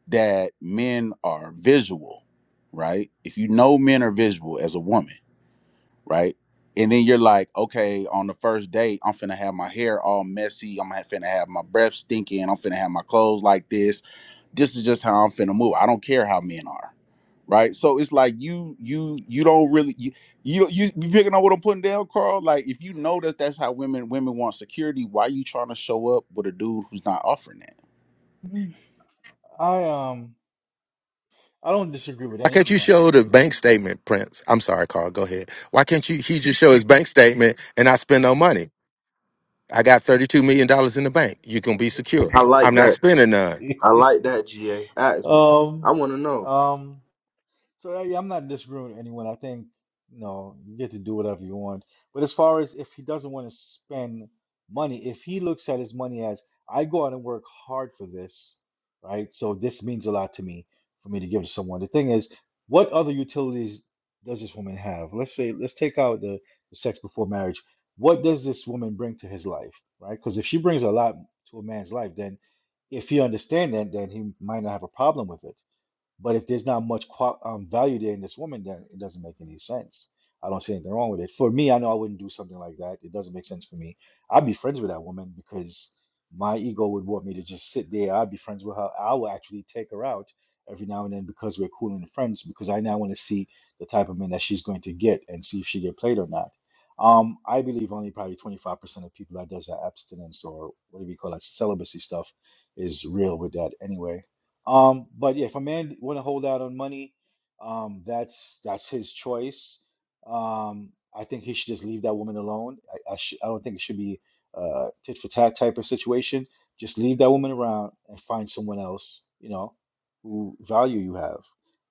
that men are visual, right? If you know men are visual as a woman, right? And then you're like, okay, on the first date, I'm finna have my hair all messy. I'm ha- finna have my breath stinking. I'm finna have my clothes like this this is just how I'm finna move. I don't care how men are, right? So it's like you you you don't really you you you, you picking up what I'm putting down, Carl. Like if you know that that's how women women want security, why you trying to show up with a dude who's not offering that?
mm, I um I don't disagree with
Why can't you
anyone.
show the bank statement, Prince? I'm sorry, Carl. Go ahead. Why can't you? He just show his bank statement, and I spend no money. I got thirty two million dollars in the bank. You can be secure.
I
I'm
like
not
that.
spending none.
I
<laughs>
like that. Ga, ask him. I
um
want to know.
um. So yeah, yeah, I'm not disagreeing with anyone. I think you know you get to do whatever you want. But as far as if he doesn't want to spend money, if he looks at his money as I go out and work hard for this, right? So this means a lot to me for me to give to someone. The thing is, what other utilities does this woman have? Let's say let's take out the, the sex before marriage. What does this woman bring to his life, right? Because if she brings a lot to a man's life, then if he understands that, then he might not have a problem with it. But if there's not much qual- um, value there in this woman, then it doesn't make any sense. I don't see anything wrong with it. For me, I know I wouldn't do something like that. It doesn't make sense for me. I'd be friends with that woman because my ego would want me to just sit there. I'd be friends with her. I would actually take her out every now and then because we're cool and friends because I now want to see the type of man that she's going to get and see if she get played or not. Um, I believe only probably 25% of people that does that abstinence or whatever you call that celibacy stuff is real with that anyway um, but yeah, if a man want to hold out on money, um, that's that's his choice. Um, I think he should just leave that woman alone. I I, sh I don't think it should be uh, tit for tat type of situation. Just leave that woman around and find someone else, you know, who value you have.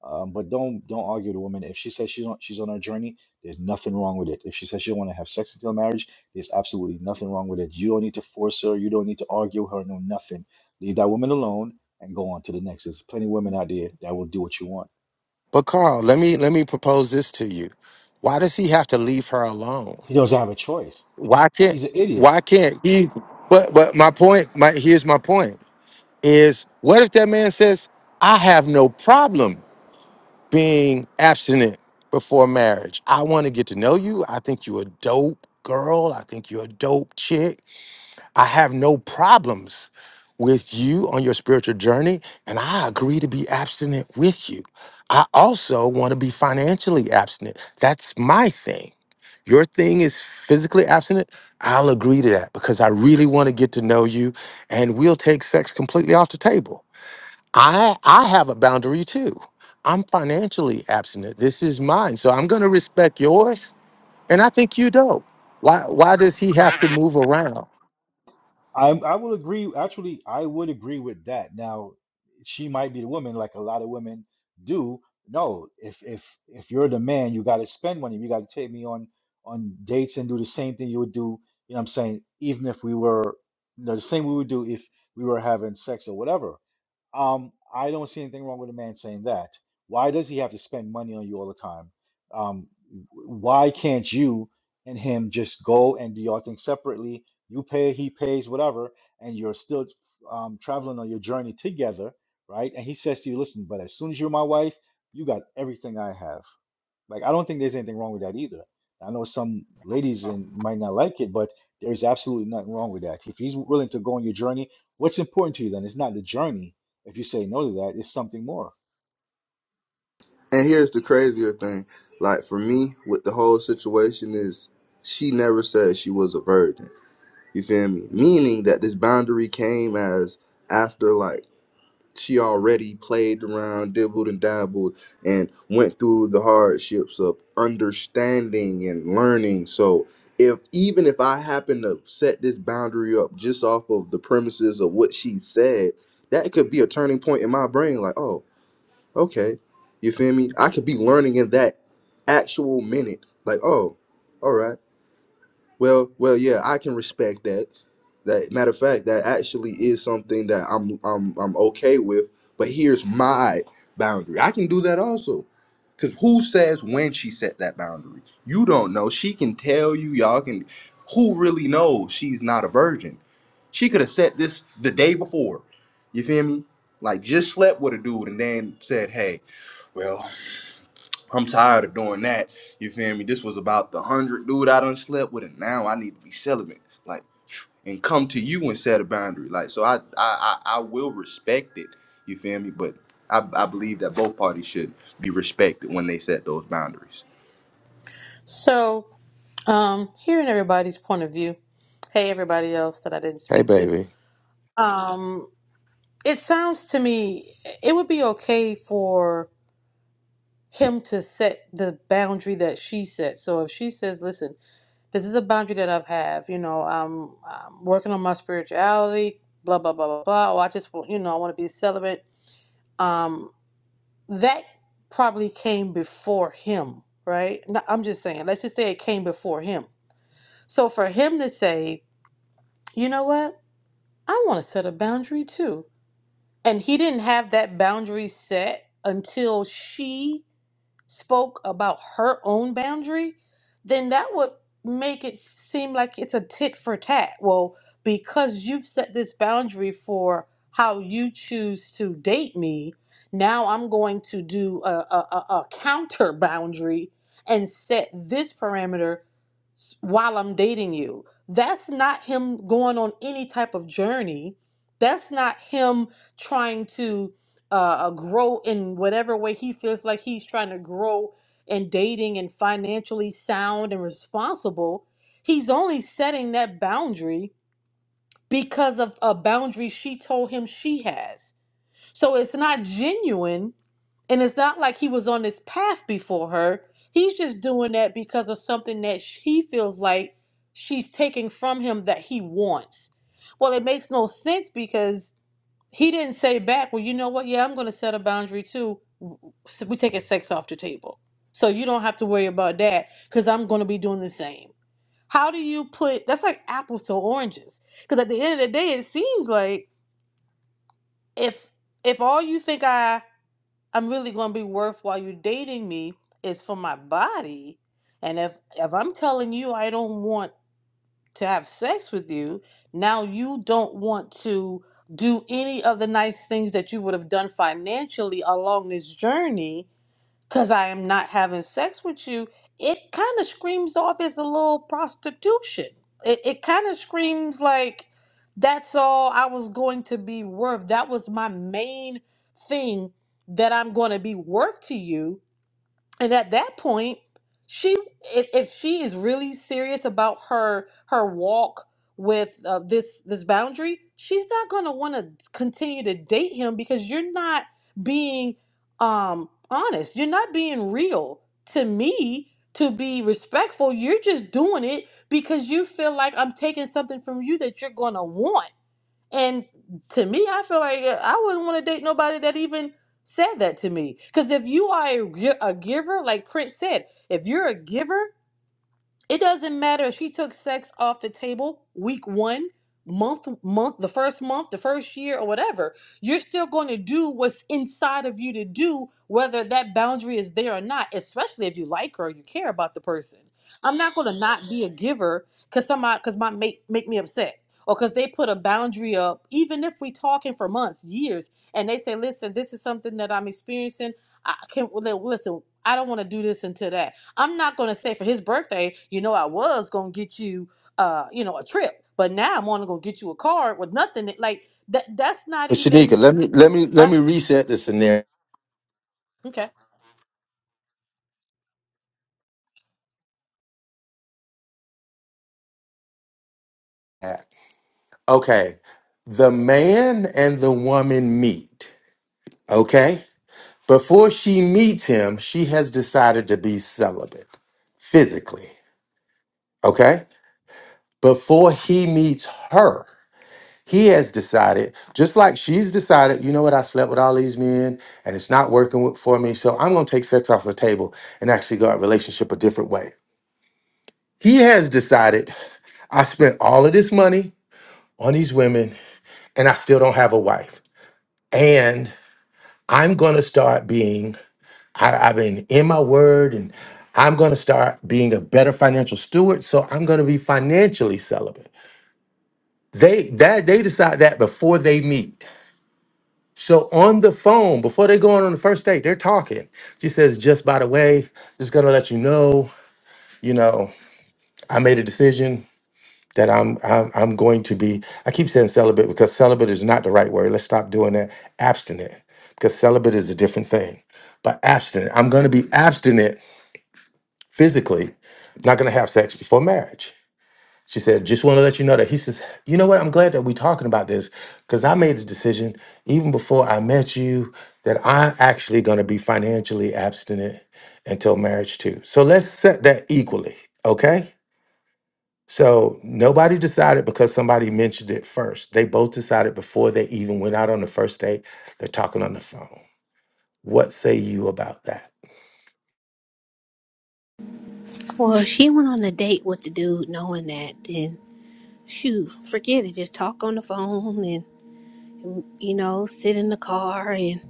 Um, but don't don't argue with a woman if she says she's on she's on her journey. There's nothing wrong with it. If she says she don't want to have sex until marriage, there's absolutely nothing wrong with it. You don't need to force her. You don't need to argue with her. No, nothing. Leave that woman alone and go on to the next. There's plenty of women out there that will do what you want.
But Carl, let me let me propose this to you. Why does he have to leave her alone?
He doesn't have a choice.
why can't
He's an
why
idiot.
can't he but but my point my here's my point is what if that man says i have no problem being abstinent before marriage i want to get to know you i think you're a dope girl i think you're a dope chick I have no problems with you on your spiritual journey, and I agree to be abstinent with you. I also want to be financially abstinent. That's my thing. Your thing is physically abstinent. I'll agree to that because I really want to get to know you, and we'll take sex completely off the table. I I have a boundary too. I'm financially abstinent. This is mine, so I'm going to respect yours, and I think you do. Why why does he have to move around?
I I will agree. Actually, I would agree with that. Now, she might be the woman, like a lot of women do. No, if if if you're the man, you got to spend money. You got to take me on on dates and do the same thing you would do. You know what I'm saying? Even if we were, you know, the same we would do if we were having sex or whatever. Um, I don't see anything wrong with a man saying that. Why does he have to spend money on you all the time? Um, w- why can't you and him just go and do your thing separately? you pay, he pays, whatever, and you're still um, traveling on your journey together, right? And he says to you, listen, but as soon as you're my wife, you got everything I have. Like, I don't think there's anything wrong with that either. I know some ladies and might not like it, but there's absolutely nothing wrong with that. If he's willing to go on your journey, what's important to you then? It's not the journey. If you say no to that, it's something more.
And here's the crazier thing. Like for me, with the whole situation is, she never said she was a virgin. You feel me? Meaning that this boundary came as after like she already played around, dibbled and dabbled, and went through the hardships of understanding and learning. So, if even if I happen to set this boundary up just off of the premises of what she said, that could be a turning point in my brain. Like, oh, okay, you feel me? I could be learning in that actual minute. Like, oh, all right. Well, well, yeah, I can respect that. That matter of fact, that actually is something that I'm I'm I'm okay with. But here's my boundary. I can do that also. Cause who says when she set that boundary? You don't know. She can tell you, y'all can who really knows she's not a virgin. She could have set this the day before. You feel me? Like just slept with a dude and then said, Hey, well I'm tired of doing that. You feel me? This was about the hundred dude I done slept with, and now I need to be celibate. Like, and come to you and set a boundary. Like, so I I I, I will respect it. You feel me? But I, I believe that both parties should be respected when they set those boundaries.
So, um, hearing everybody's point of view, hey, everybody else that I didn't
Hey,
speak to,
baby.
um, it sounds to me it would be okay for him to set the boundary that she set. So if she says, "Listen, this is a boundary that I've have, you know, I'm, I'm working on my spirituality, blah blah blah blah blah, or I just want, you know, I want to be celibate," um, that probably came before him, right? No, I'm just saying. Let's just say it came before him So for him to say, you know what, I want to set a boundary too. And he didn't have that boundary set until she spoke about her own boundary, then that would make it seem like it's a tit for tat. Well, because you've set this boundary for how you choose to date me, now I'm going to do a, a, a a counter boundary and set this parameter s- while I'm dating you. That's not him going on any type of journey. That's not him trying to uh, uh, grow in whatever way he feels like he's trying to grow in dating and financially sound and responsible. He's only setting that boundary because of a boundary she told him she has. So it's not genuine and it's not like he was on this path before her. He's just doing that because of something that sh- he feels like she's taking from him that he wants. Well, it makes no sense because he didn't say back, well, you know what? Yeah, I'm going to set a boundary too. So We're taking sex off the table. So you don't have to worry about that because I'm going to be doing the same. How do you put that's like apples to oranges? Because at the end of the day, it seems like if if all you think I I'm really going to be worth while you're dating me is for my body, and if if I'm telling you I don't want to have sex with you, now you don't want to do any of the nice things that you would have done financially along this journey because I am not having sex with you. It kind of screams off as a little prostitution. It, it kind of screams like that's all I was going to be worth. That was my main thing that I'm going to be worth to you and at that point she if, if she is really serious about her her walk with uh, this this boundary she's not going to want to continue to date him because you're not being um honest you're not being real to me to be respectful you're just doing it because you feel like i'm taking something from you that you're going to want and to me, I feel like uh, I wouldn't want to date nobody that even said that to me. Because if you are a, gi- a giver, like Prince said, if you're a giver it doesn't matter if she took sex off the table week one, month, month, the first month, the first year, or whatever. You're still going to do what's inside of you to do, whether that boundary is there or not, especially if you like her or you care about the person. I'm not going to not be a giver because somebody, because my mate make me upset. Or because they put a boundary up, even if we talking for months, years, and they say, "Listen, this is something that I'm experiencing. I can't. well, Listen, I don't want to do this until that." I'm not gonna say for his birthday, you know, I was gonna get you, uh, you know, a trip, but now I'm only gonna get you a card with nothing. that- Like that. That's not
But Shanika,
even.
let me let me let
I,
me reset the scenario.
okay.
Okay. The man and the woman meet. Okay? Before she meets him, she has decided to be celibate physically. Okay? Before he meets her, he has decided, just like she's decided, you know what, I slept with all these men and it's not working with- for me, so I'm going to take sex off the table and actually go at relationship a different way. He has decided, I spent all of this money on these women and I still don't have a wife. And I'm going to start being, I, I've been in my word, and I'm going to start being a better financial steward. So I'm going to be financially celibate. They that they decide that before they meet. So on the phone, before they go on on the first date, they're talking. She says, just by the way, just gonna let you know, you know, I made a decision. that I'm, I'm I'm going to be. I keep saying celibate because celibate is not the right word. Let's stop doing that. Abstinent, because celibate is a different thing. But abstinent, I'm going to be abstinent physically. I'm not going to have sex before marriage. She said, "Just want to let you know that." He says, "You know what? I'm glad that we're talking about this because I made a decision even before I met you that I'm actually going to be financially abstinent until marriage too. So let's set that equally, okay?" So nobody decided because somebody mentioned it first. They both decided before they even went out on the first date. They're talking on the phone. What say you about that?
Well, if she went on a date with the dude knowing that, then shoot, forget it. Just talk on the phone and, you know, sit in the car and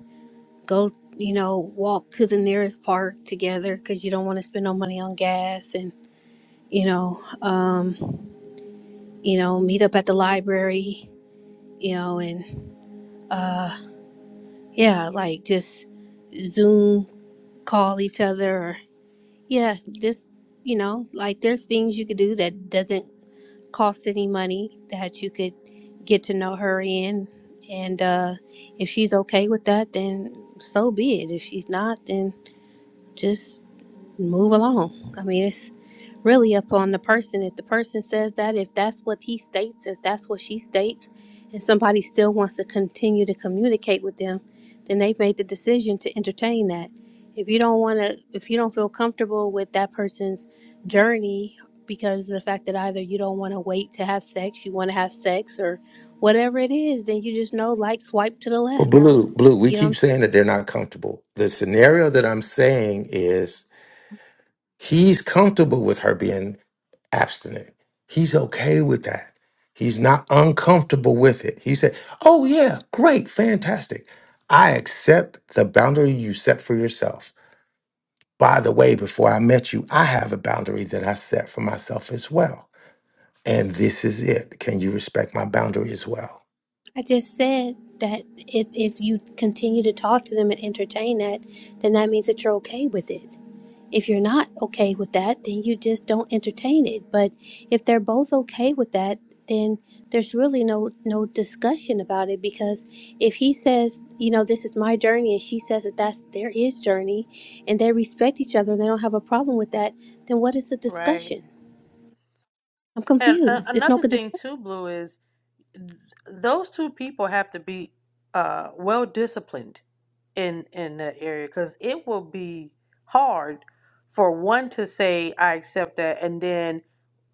go, you know, walk to the nearest park together because you don't want to spend no money on gas and, you know, um, you know, meet up at the library, you know, and, uh, yeah, like just Zoom call each other or, yeah, just, you know, like there's things you could do that doesn't cost any money that you could get to know her in. And uh, if she's okay with that, then so be it. If she's not, then just move along. I mean, it's really up on the person. If the person says that, if that's what he states, if that's what she states, and somebody still wants to continue to communicate with them, then they've made the decision to entertain that. If you don't want to, if you don't feel comfortable with that person's journey because of the fact that either you don't want to wait to have sex, you want to have sex, or whatever it is, then you just know, like, swipe to the
But
left.
blue, blue, we
You know what I'm
keep saying that they're not comfortable. The scenario that I'm saying is he's comfortable with her being abstinent. He's okay with that. He's not uncomfortable with it. He said, Oh, yeah, great, fantastic. I accept the boundary you set for yourself. By the way, before I met you, I have a boundary that I set for myself as well. And this is it. Can you respect my boundary as well?
I just said that if, if you continue to talk to them and entertain that, then that means that you're okay with it. If you're not okay with that, then you just don't entertain it. But if they're both okay with that, then there's really no no discussion about it because if he says, you know, this is my journey and she says that that's their his journey and they respect each other and they don't have a problem with that, then what is the
Right.
discussion? I'm
And uh,
confused. It's no
another
good discussion.
thing too, Blue is th- those two people have to be uh, well disciplined in in that area because it will be hard for one to say I accept that, and then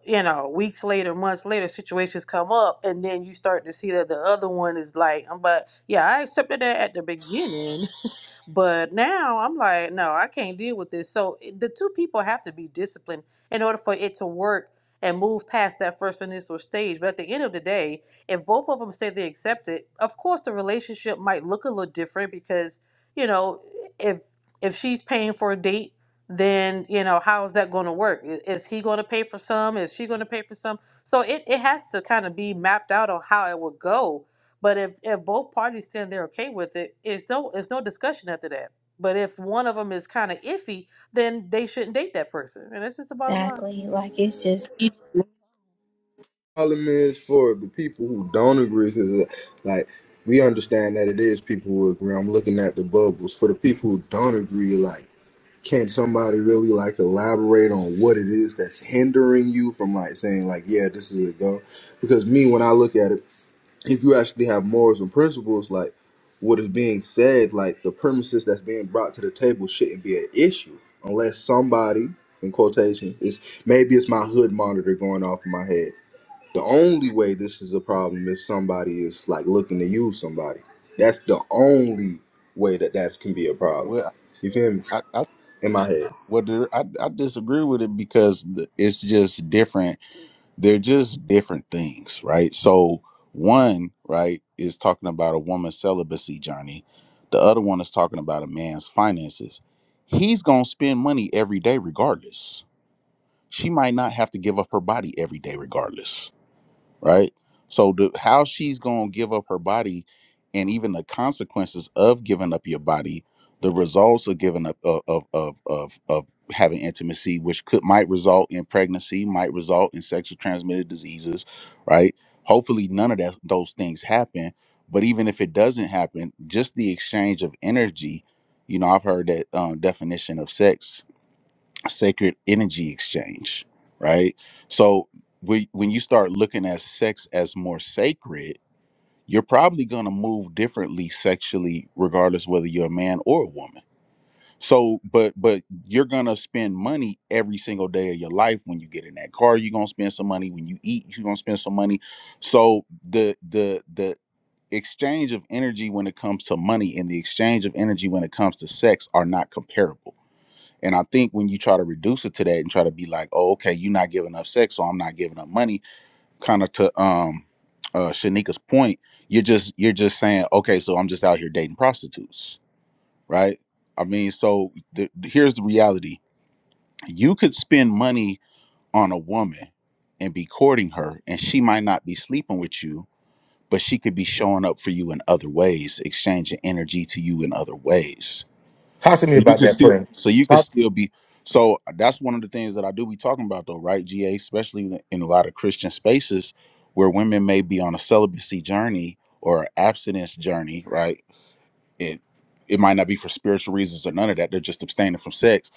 you know, weeks later, months later, situations come up, and then you start to see that the other one is like, I'm but yeah, I accepted that at the beginning, but now I'm like, no, I can't deal with this. So it- the two people have to be disciplined in order for it to work and move past that first initial stage. But at the end of the day, if both of them say they accept it, of course the relationship might look a little different because, you know, if if she's paying for a date, then, you know, how is that going to work? I- Is he going to pay for some? Is she going to pay for some? So it, it has to kind of be mapped out on how it would go but if if both parties stand there, okay with it, it's no it's no discussion after that. But if one of them is kind of iffy, then they shouldn't date that person, and that's just the bottom line.
problem is for the people who don't agree with this, like we understand that it is people who agree. I'm looking at the bubbles. For the people who don't agree, like Can somebody really like elaborate on what it is that's hindering you from like saying like, yeah, this is a go? Because me, when I look at it, if you actually have morals and principles, like what is being said, like the premises that's being brought to the table shouldn't be an issue unless somebody, in quotation, is maybe it's my hood monitor going off in my head. The only way this is a problem is somebody is like looking to use somebody. That's the only way that that can be a problem.
Well,
You feel me?
I I, I,
In my head.
well, there- I, I disagree with it because the- it's just different they're just different things, right? So one, right, is talking about a woman's celibacy journey. The other one is talking about a man's finances. He's gonna spend money every day regardless. She might not have to give up her body every day regardless right? So the how she's gonna give up her body, and even the consequences of giving up your body, the results of giving up of of of of, of having intimacy, which could might result in pregnancy, might result in sexually transmitted diseases, right? Hopefully, none of that those things happen. But even if it doesn't happen, just the exchange of energy, you know, I've heard that um, definition of sex sacred energy exchange, right? So when when you start looking at sex as more sacred, you're probably going to move differently sexually regardless whether you're a man or a woman. So but but you're going to spend money every single day of your life when you get in that car, you're going to spend some money when you eat, you're going to spend some money. So the the the exchange of energy when it comes to money and the exchange of energy when it comes to sex are not comparable and I think when you try to reduce it to that and try to be like, oh, okay, you're not giving up sex, so I'm not giving up money, kind of to um uh Shanika's point, you're just you're just saying, okay, so I'm just out here dating prostitutes, right? I mean, so the, here's the reality: you could spend money on a woman and be courting her, and she might not be sleeping with you, but she could be showing up for you in other ways, exchanging energy to you in other ways
Talk to me
so you
about
can
that,
still so
Prince.
you can
Talk.
still be so that's one of the things that I do be talking about though, right? GA, especially in a lot of Christian spaces where women may be on a celibacy journey or abstinence journey, right? It it might not be for spiritual reasons or none of that. They're just abstaining from sex.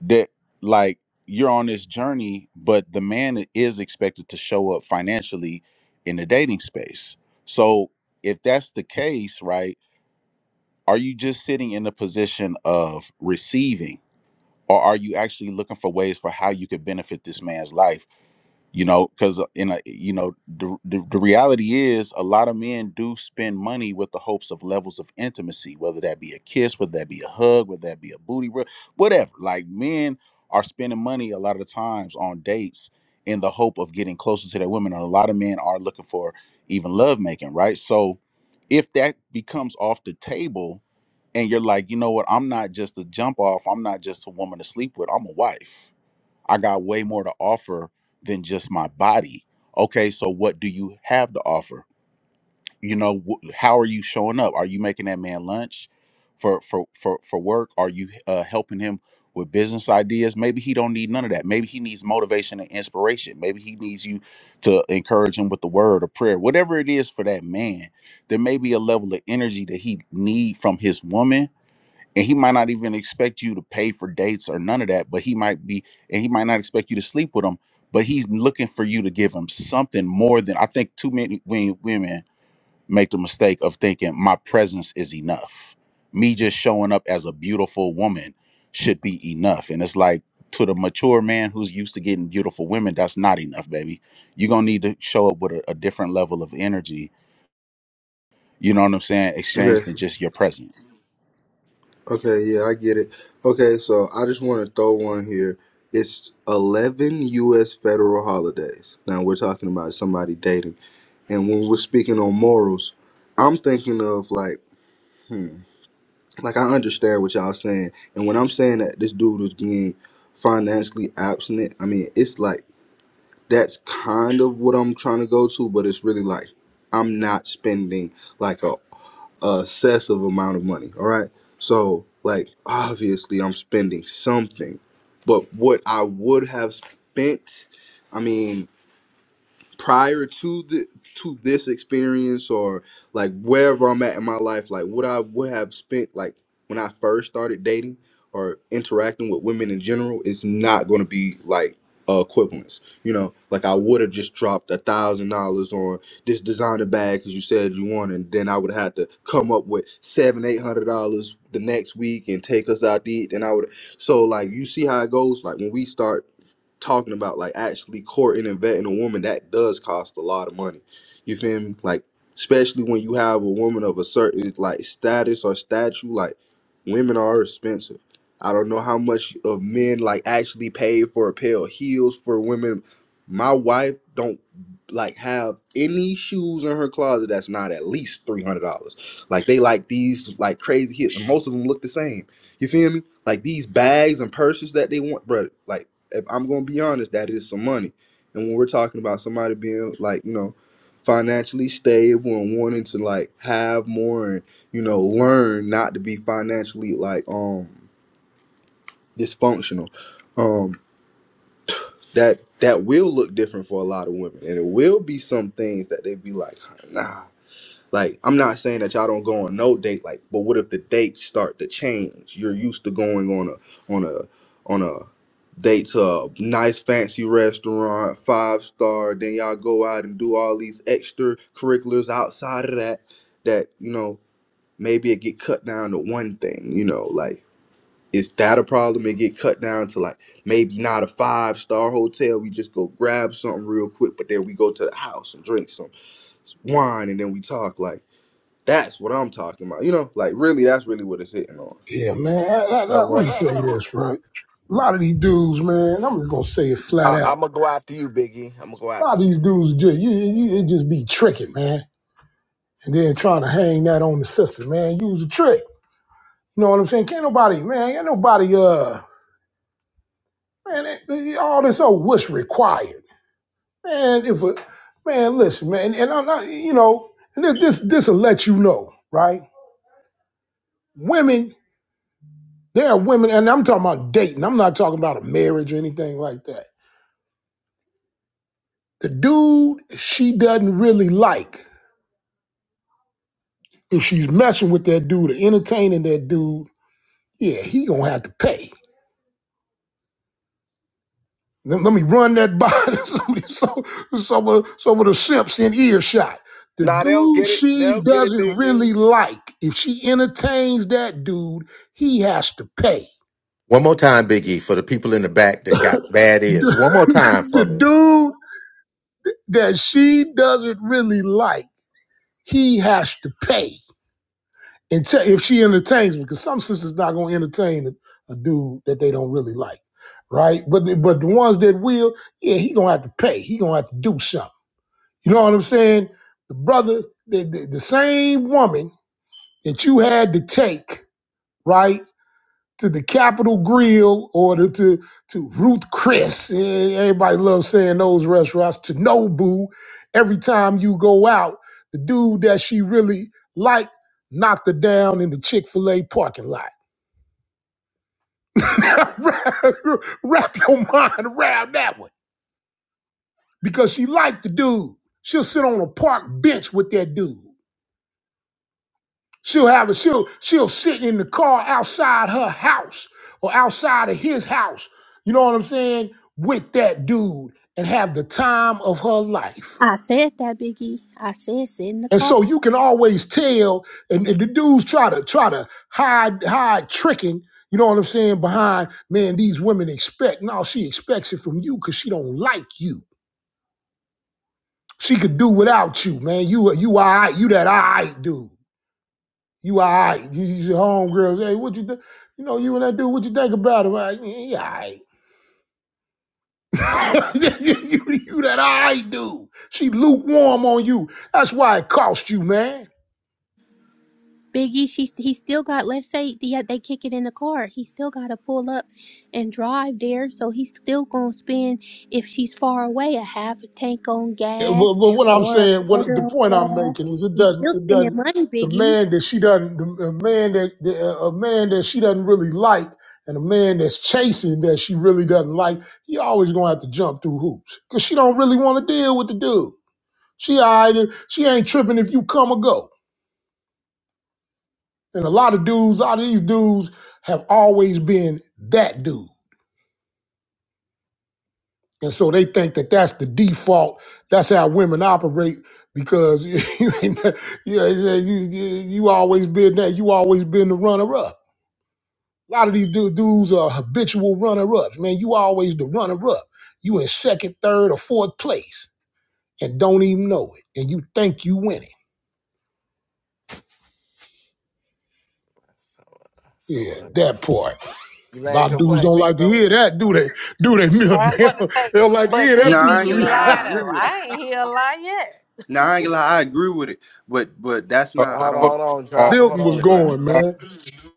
That like you're on this journey, but the man is expected to show up financially in the dating space. So if that's the case, right, are you just sitting in the position of receiving? or are you actually looking for ways for how you could benefit this man's life you know because in a you know the, the, the reality is a lot of men do spend money with the hopes of levels of intimacy whether that be a kiss whether that be a hug whether that be a booty rub whatever like men are spending money a lot of the times on dates in the hope of getting closer to their women and a lot of men are looking for even love making right so if that becomes off the table and you're like you know what i'm not just a jump off i'm not just a woman to sleep with i'm a wife I got way more to offer than just my body. Okay, so what do you have to offer? You know, wh- how are you showing up? Are you making that man lunch for for for for work? Are you uh, helping him with business ideas? Maybe he don't need none of that. Maybe he needs motivation and inspiration. Maybe he needs you to encourage him with the word or prayer, whatever it is for that man. There may be a level of energy that he need from his woman and he might not even expect you to pay for dates or none of that but he might be and he might not expect you to sleep with him but he's looking for you to give him something more than i think too many wen- women make the mistake of thinking my presence is enough me just showing up as a beautiful woman should be enough and it's like to the mature man who's used to getting beautiful women that's not enough baby you're gonna need to show up with a, a different level of energy you know what i'm saying
Okay,
exchange than
s-
just your presence
okay, yeah, I get it. Okay, so I just want to throw one here. It's 11 U.S. federal holidays. Now, we're talking about somebody dating. And when we're speaking on morals, I'm thinking of like, hmm, like I understand what y'all saying. And when I'm saying that this dude is being financially abstinent, I mean, it's like that's kind of what I'm trying to go to, but it's really like I'm not spending like a excessive amount of money. All right. So, like, obviously, I'm spending something, but what I would have spent, I mean, prior to the to this experience or like wherever I'm at in my life, like what I would have spent like when I first started dating or interacting with women in general is not going to be like uh, equivalence. You know, like I would have just dropped a thousand dollars on this designer bag because you said you wanted, and then I would have to come up with seven, eight hundred dollars the next week and take us out to eat. And I would so like you see how it goes. Like when we start talking about like actually courting and vetting a woman that does cost a lot of money you feel me like especially when you have a woman of a certain like status or statue like women are expensive i don't know how much of men like actually pay for a pair of heels for women my wife don't like have any shoes in her closet that's not at least $300 like they like these like crazy hits and most of them look the same you feel me like these bags and purses that they want, brother. Like if I'm gonna be honest, that is some money. And when we're talking about somebody being like, you know, financially stable and wanting to like have more and, you know, learn not to be financially like um dysfunctional, um, that that will look different for a lot of women. And it will be some things that they'd be like, nah. Like, I'm not saying that y'all don't go on no date, like, but what if the dates start to change? You're used to going on a on a on a date to a nice fancy restaurant, five star, then y'all go out and do all these extra curriculars outside of that that, you know, maybe it get cut down to one thing, you know, like is that a problem? It get cut down to like maybe not a five star hotel. We just go grab something real quick, but then we go to the house and drink some wine and then we talk like that's what I'm talking about. You know, like really, that's really what it's hitting on.
Yeah, man. I, I, I,
So
let me say
uh,
this, right? A lot of these dudes, man, I'm just gonna say it flat
I,
out.
I'm gonna go after you, Biggie. I'm gonna go
A lot
after
of these
you.
dudes just you, you it just be tricking, man. And then trying to hang that on the system, man. Use a trick. You know what I'm saying? Can't nobody, man, ain't nobody uh man, it, it- all this oh what's required. Man, if a man, listen, man, and I'm not, you know, and this this this'll let you know, right? Women There are women, and I'm talking about dating. I'm not talking about a marriage or anything like that. The dude she doesn't really like, if she's messing with that dude or entertaining that dude. Yeah, he gonna have to pay. Let, let me run that by <laughs> somebody, so some of some of the simps in earshot. The
Nah, they'll
dude
get it.
she
They'll get it,
doesn't
Biggie.
really like, if she entertains that dude, he has to pay.
One more time, Biggie, for the people in the back that got bad
<laughs>
ears. One more time for
the
me.
dude that she doesn't really like, he has to pay and check if she entertains me, because some sisters not gonna entertain a, a dude that they don't really like, right? But the, but the ones that will, yeah, he gonna have to pay. He gonna have to do something. You know what I'm saying? The brother, the, the, the same woman that you had to take, right? to the Capitol Grill or to, to, to Ruth Chris. Eh, Everybody loves saying those restaurants to Nobu. Every time you go out, the dude that she really liked knocked her down in the Chick fil A parking lot. <laughs> Wrap your mind around that one because she liked the dude. She'll sit on a park bench with that dude. She'll have a she'll she'll sit in the car outside her house or outside of his house. You know what I'm saying? With that dude and have the time of her life.
I said that, Biggie. I said sit in the
And
car.
so you can always tell, and, and the dudes try to try to hide hide tricking. You know what I'm saying? Behind man, these women expect. No, she expects it from you because she don't like you. She could do without you, man. You you all right, you that all right dude. You all right. You, you your homegirls. Hey, what you think? You know, you and that dude, what you think about him? Like, yeah, he all right. <laughs> you, you, you that all right dude. She lukewarm on you. That's why it cost you, man.
Biggie, she he still got. Let's say the, they kick it in the car, he still got to pull up and drive there. So he's still gonna spend if she's far away a half a tank on
Yeah, But,
gas
but what I'm
or a
saying, what
quarter.
the
on-
point I'm making is it
He's
doesn't,
still
it
spending
doesn't,
money,
the
Biggie.
man that she doesn't, the man that, the, a man that she doesn't really like and a man that's chasing that she really doesn't like, he always gonna have to jump through hoops because she don't really want to deal with the dude. She all right, she ain't tripping if you come or go. And a lot of dudes, a lot of these dudes have always been that dude. And so they think that that's the default. That's how women operate because <laughs> you, ain't, you, know, you, you you always been that. You always been the runner up. A lot of these du- dudes are habitual runner ups. Man, you always the runner up. You in second, third, or fourth place and don't even know it. And you think you winning.
So, uh,
Yeah,
so
that part.
uh, you
A
land
lot of
your
dudes
plane,
don't
big
like to
bro.
hear that, do
Oh,
they? Do they, Milton? <laughs>
That's
They
what to
don't
say.
they don't like to
But
hear
No,
that
did
I
piece
Big
ain't
of
gonna
E
lie, I
lie
agree
reality.
though?
with it.
I ain't hear a lie yet.
No, I ain't gonna lie, I agree with it. But but that's
Uh,
not I
Hold on,
don't
hold on,
<laughs>
uh,
drop. Hold
Milton was
yeah,
on,
go ahead.
drop.
going,
uh,
man.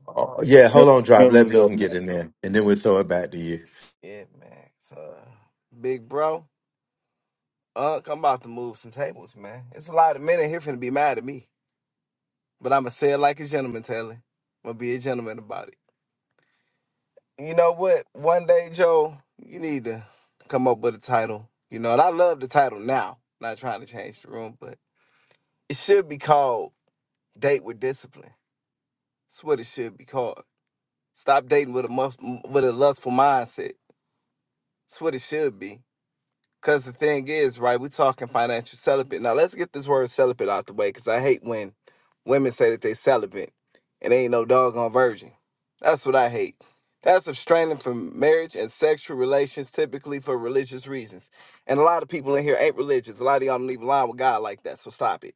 Oh,
Hold on.
yeah,
Mil-
hold on, drop.
Milton
Let
was up
Milton get
next.
in there, and then we'll throw it back to you.
Yeah, man. So, uh, big bro, uh, I'm about to move some tables, man. It's a lot of men in here finna be mad at me, but I'ma say it like a gentleman, Taylor. I'm gonna be a gentleman about it. You know what? One day, Joe, you need to come up with a title. You know, and I love the title now. Not trying to change the room, but it should be called "Date with Discipline." That's what it should be called. Stop dating with a must, with a lustful mindset. That's what it should be. Because the thing is, right, we're talking financial celibate. Now, let's get this word celibate out the way because I hate when women say that they celibate and they ain't no doggone virgin. That's what I hate. That's abstraining from marriage and sexual relations, typically for religious reasons. And a lot of people in here ain't religious. A lot of y'all don't even line with God like that, so stop it.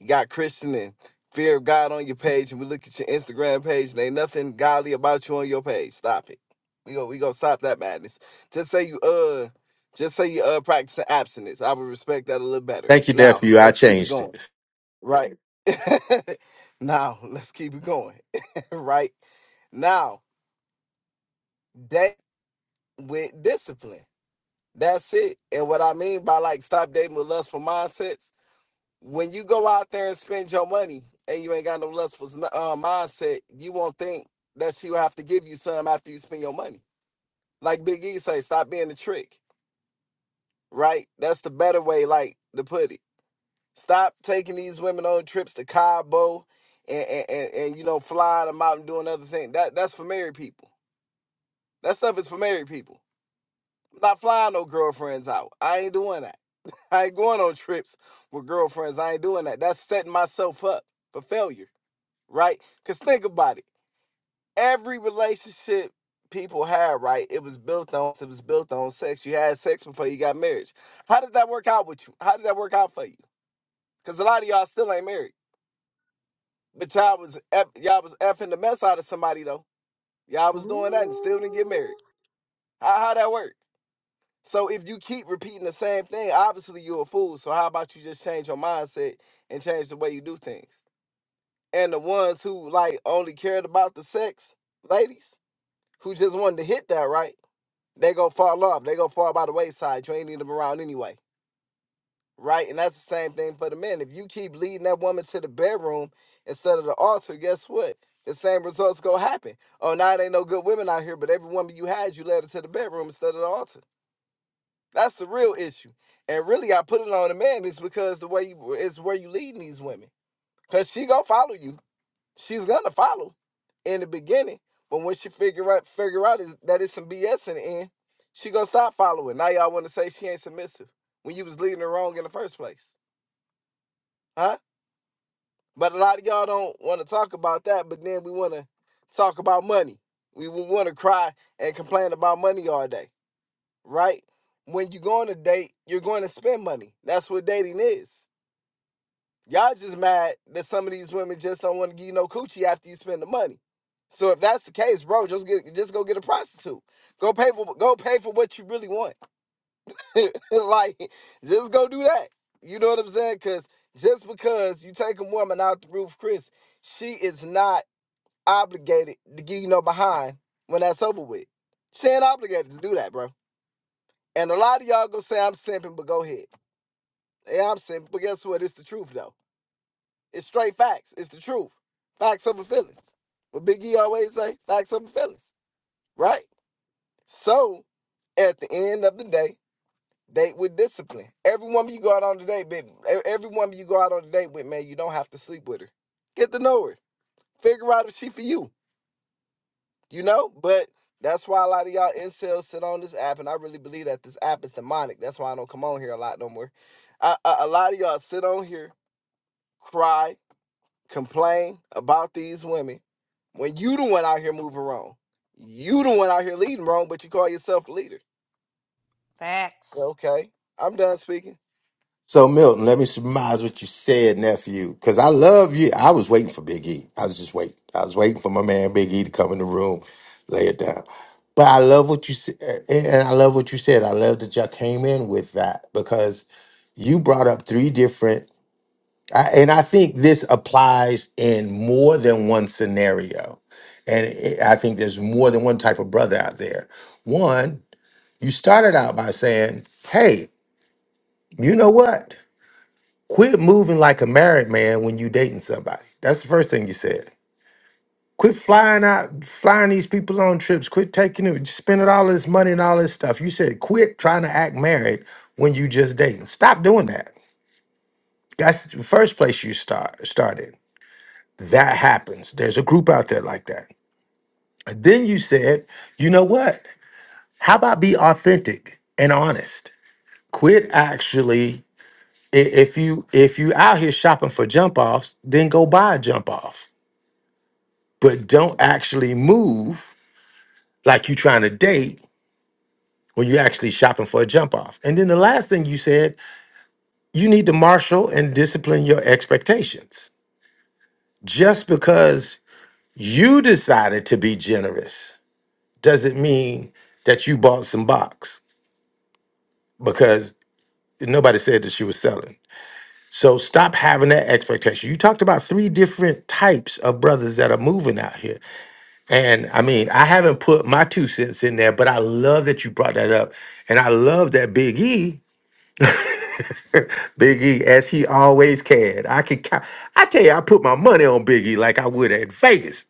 You got Christian and Fear of God on your page, and we look at your Instagram page, and ain't nothing godly about you on your page. Stop it. We go, we gonna stop that madness. Just say you uh, just say you uh practicing abstinence. I would respect that a little better.
Thank you,
Now
nephew. I
let's keep it
changed
going.
it.
Right. <laughs> now let's keep it going. <laughs> right. Now, date with discipline. That's it. And what I mean by like stop dating with lustful mindsets when you go out there and spend your money and you ain't got no lustful uh, mindset, you won't think that she will have to give you some after you spend your money. Like Big E say, stop being the trick, right? That's the better way, like to put it. Stop taking these women on trips to Cabo and and, and, and you know flying them out and doing other things. That that's for married people. That stuff is for married people. I'm not flying no girlfriends out. I ain't doing that. <laughs> I ain't going on trips with girlfriends. I ain't doing that. That's setting myself up for failure. right? Because think about it. Every relationship people had, right? It was built on it was built on sex. You had sex before you got married. How did that work out with you? How did that work out for you? Because a lot of y'all still ain't married, but y'all was eff- y'all was effing the mess out of somebody though. Y'all was doing that and still didn't get married.
Ooh.
How how that work? So if you keep repeating the same thing, obviously you're a fool. So how about you just change your mindset and change the way you do things? And the ones who like only cared about the sex, ladies. who just wanted to hit that, right? They gonna fall off. They gonna fall by the wayside. You ain't need them around anyway, right? And that's the same thing for the men. If you keep leading that woman to the bedroom instead of the altar, guess what? The same results gonna happen. Oh, now it ain't no good women out here, but every woman you had, you led her to the bedroom instead of the altar. That's the real issue. And really, I put it on the man is because the way you, it's where you leading these women, cause she gonna follow you she's gonna follow in the beginning. But when she figure out figure out is that it's some BS in the end, she gonna stop following. Now y'all wanna say she ain't submissive when you was leading her wrong in the first place. Huh? But a lot of y'all don't wanna talk about that, but then we wanna talk about money. We wanna cry and complain about money all day, right? When you go on a date, you're going to spend money. That's what dating is. Y'all just mad that some of these women just don't want to give you no coochie after you spend the money. So if that's the case, bro, just get just go get a prostitute. Go pay for go pay for what you really want. <laughs> like just go do that. You know what I'm saying? Cause just because you take a woman out the roof, Chris, she is not obligated to give you no behind when that's over with. She ain't obligated to do that, bro. And a lot of y'all gonna say I'm simping, but go ahead. Yeah, I'm simping, but guess what? It's the truth though. It's straight facts. It's the truth. Facts over feelings. What Big E always say, facts over feelings. Right? So at the end of the day, date with discipline. Every woman you go out on the date, baby, e- every woman you go out on the date with, man, you don't have to sleep with her. Get to know her. Figure out if she for you. You know? But that's why a lot of y'all incels sit on this app, and I really believe that this app is demonic. That's why I don't come on here a lot no more. I, I, a lot of y'all sit on here, cry, complain about these women when you the one out here moving wrong. You the one out here leading wrong, but you call yourself a leader.
Facts.
Okay, I'm done speaking.
So, Milton, let me surmise what you said, nephew, because I love you. I was waiting for Big E. I was just waiting. I was waiting for my man Big E to come in the room, lay it down. But I love what you said, and and I love what you said. I love that y'all came in with that because you brought up three different, I- and I think this applies in more than one scenario. And it- I think there's more than one type of brother out there. One, you started out by saying, "Hey." You know what? Quit moving like a married man when you dating somebody. That's the first thing you said. Quit flying out, flying these people on trips. Quit taking it, spending all this money and all this stuff. You said quit trying to act married when you just dating. Stop doing that. That's the first place you start started. That happens. There's a group out there like that. And then you said, you know what? How about be authentic and honest? Quit actually i- if you if you out here shopping for jump offs, then go buy a jump off. But don't actually move like you trying to date when you're actually shopping for a jump off. And then the last thing you said, you need to marshal and discipline your expectations. Just because you decided to be generous doesn't mean that you bought some box because nobody said that she was selling. So stop having that expectation. You talked about three different types of brothers that are moving out here And I mean, I haven't put my two cents in there, but I love that you brought that up. And I love that Big E, <laughs> Big E, as he always can. I can count. I tell you, I put my money on Big E like I would at Vegas.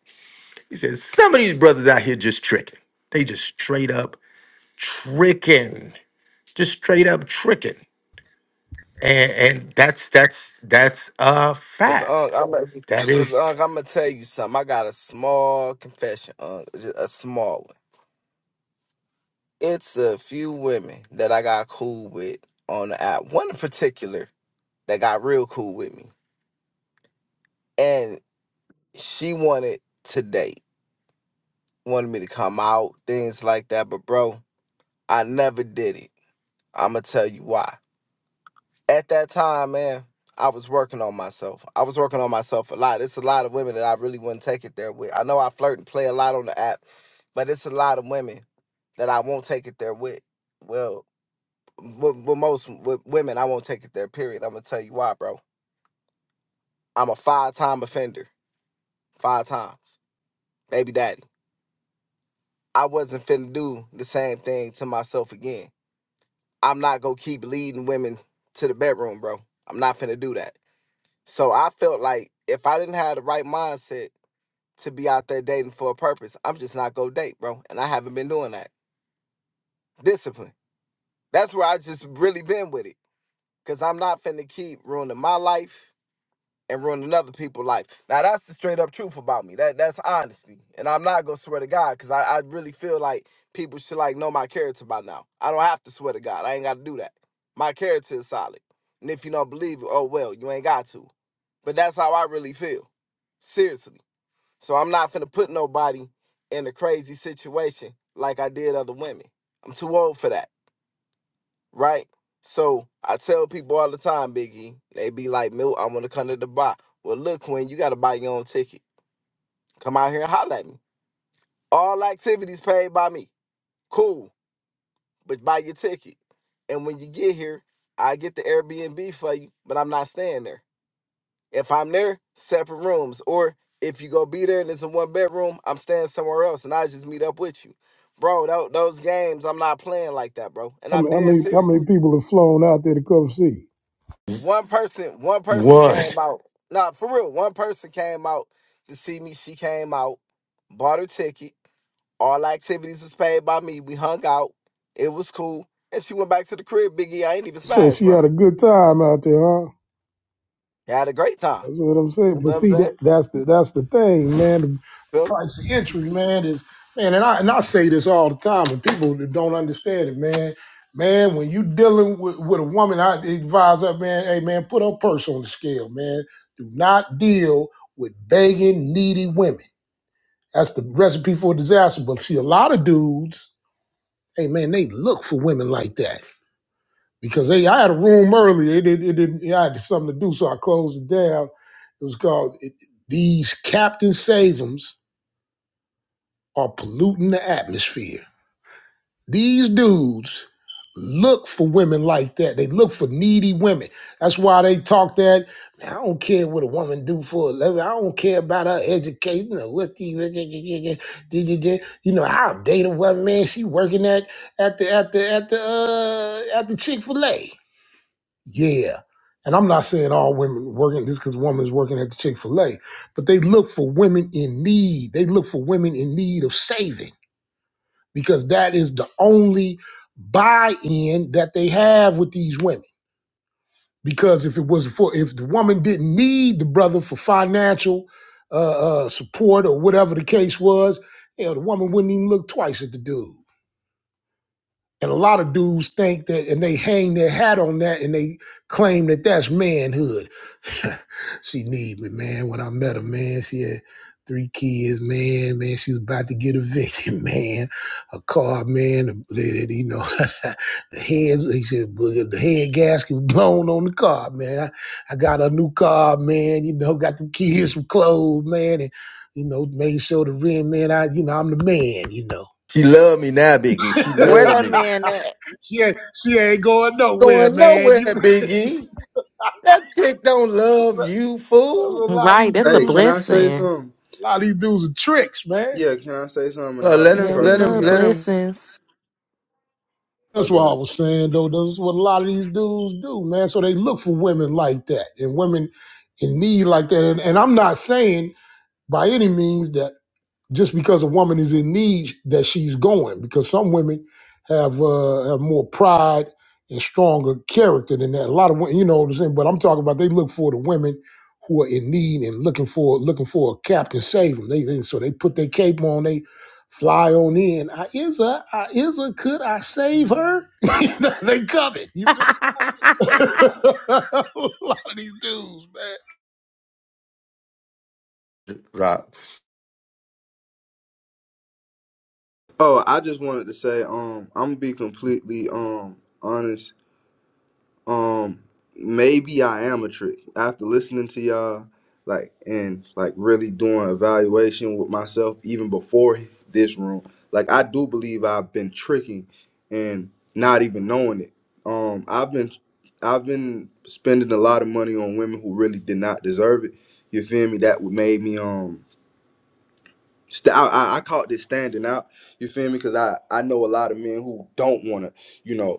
He said, some of these brothers out here just tricking. They just straight up tricking. Just straight up tricking. And and that's that's that's a
Cause
fact.
Unc, I'm
That is
cause Unc, I'm gonna tell you something. I got a small confession, Unc, ju- a small one. It's a few women that I got cool with on the app. One in particular that got real cool with me, and she wanted to date, wanted me to come out, things like that. But bro, I never did it. I'm gonna tell you why. at that time, man, I was working on myself. I was working on myself a lot. It's a lot of women that I really wouldn't take it there with. I know I flirt and play a lot on the app, but it's a lot of women that I won't take it there with. Well, with, with most with women, I won't take it there. Period. I'm gonna tell you why, bro. I'm a five-time offender, five times, baby daddy. I wasn't finna do the same thing to myself again. I'm not gonna keep leading women to the bedroom, bro. I'm not finna do that. So I felt like if I didn't have the right mindset to be out there dating for a purpose, I'm just not gonna date, bro. And I haven't been doing that. Discipline. That's where I just really been with it. Cause I'm not finna keep ruining my life and ruin another people's life. Now that's the straight up truth about me. That that's honesty, and I'm not gonna swear to God because I, I really feel like people should like know my character by now. I don't have to swear to God. I ain't got to do that. My character is solid, and if you don't believe it, oh well, you ain't got to. But that's how I really feel, seriously. So I'm not finna put nobody in a crazy situation like I did other women. I'm too old for that right? So I tell people all the time, Biggie, they be like, Milt, I want to come to the bar. Well, look, Quinn, you got to buy your own ticket. Come out here and holler at me. All activities paid by me. Cool, but buy your ticket. And when you get here, I get the Airbnb for you, but I'm not staying there. If I'm there, separate rooms. Or if you go be there and it's a one bedroom, I'm staying somewhere else and I just meet up with you. Bro, tho- those games, I'm not playing like that, bro. And
How
I'm
many, how
dead
many,
serious.
how many people have flown out there to come see?
one person one person
one.
came out. Nah, for real, one person came out to see me. She came out, bought her ticket. All activities was paid by me. We hung out. It was cool. And she went back to the crib, Biggie. I ain't even
So
smashed,
she
bro.
had a good time out there, huh?
had a great time.
That's what I'm saying.
You know what
But
I'm
see,
saying?
that, that's the that's the thing, man. The
Feel me?
price of entry, man, is man, and I and I say this all the time, and people that don't understand it, man. Man, when you dealing with, with a woman, I advise her, man, hey man, put her purse on the scale, man. Do not deal with begging, needy women. That's the recipe for disaster. But see, a lot of dudes, hey man, they look for women like that because they, I had a room earlier. It, it, it, didn't- yeah, I had something to do, so I closed it down. It was called it, "These Captain Savums Are Polluting the Atmosphere." These dudes look for women like that. They look for needy women. That's why they talk that. Man, I don't care what a woman do for a living. I don't care about her education or what the you know. I'll date a woman, man. She working at at the at the at the uh, at the Chick Fil A. Yeah. And I'm not saying all women working just because woman's working at the Chick fil A, but they look for women in need. They look for women in need of saving because that is the only buy in that they have with these women. Because if it was for, if the woman didn't need the brother for financial uh, uh, support or whatever the case was, hell, the woman wouldn't even look twice at the dude. And a lot of dudes think that, and they hang their hat on that and they claim that that's manhood She need me, man. When I met her, man, she had three kids, man. Man, she was about to get evicted, <laughs> man. Her car, man, the, you know, <laughs> the heads, he said, "Well, the head gasket was blown on the car, man. I, I got a new car, man. You know, got the kids some clothes, man, and you know, made sure the rent, man. I, you know, I'm the man, you know.
She love me now, Big E. She
Where
love me.
they in that?
She ain't, she ain't going nowhere,
Going
man. <laughs>
nowhere, Big E. That chick don't love you,
You,
fool.
know, a lot of
Right.
these
That's a
Hey,
dudes,
can I say
blessing.
something?
a lot of these dudes are tricks, man.
Yeah, can I say something? And
Uh,
I'll
let
be
Yeah,
him,
we
let him,
perfectly
love
let
honest.
him
blessings.
That's what I
Okay.
was saying, though. That's what a lot of these dudes do, man. So they look for women like that and women in need like that. And, and I'm not saying by any means that just because a woman is in need that she's going because some women have uh, have more pride and stronger character than that. A lot of women, you know what I'm saying, but I'm talking about they look for the women who are in need and looking for looking for a captain save them. They, they so they put their cape on, they fly on in. I is a I is a could I save her? <laughs> they coming. You feel? <laughs> a
<laughs>
lot of these dudes, man.
rock.
Oh, I just wanted to say, um, I'm gonna be completely um honest. Um, maybe I am a trick. After listening to y'all, like and like really doing evaluation with myself even before this room, like I do believe I've been tricking and not even knowing it. Um, I've been I've been spending a lot of money on women who really did not deserve it. You feel me? That would made me um. St- I, I I caught this standing out. You feel me? Because I I know a lot of men who don't want to, you know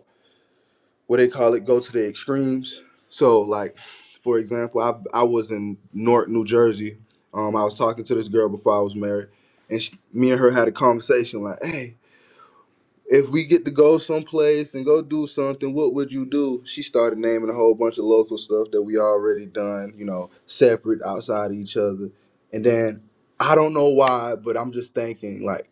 what they call it go to the extremes. So like for example, I I was in North New Jersey. Um, I was talking to this girl before I was married, and she, me and her had a conversation like, "Hey, if we get to go someplace and go do something, what would you do?" She started naming a whole bunch of local stuff that we already done, you know, separate outside of each other. And then I don't know why, but I'm just thinking like.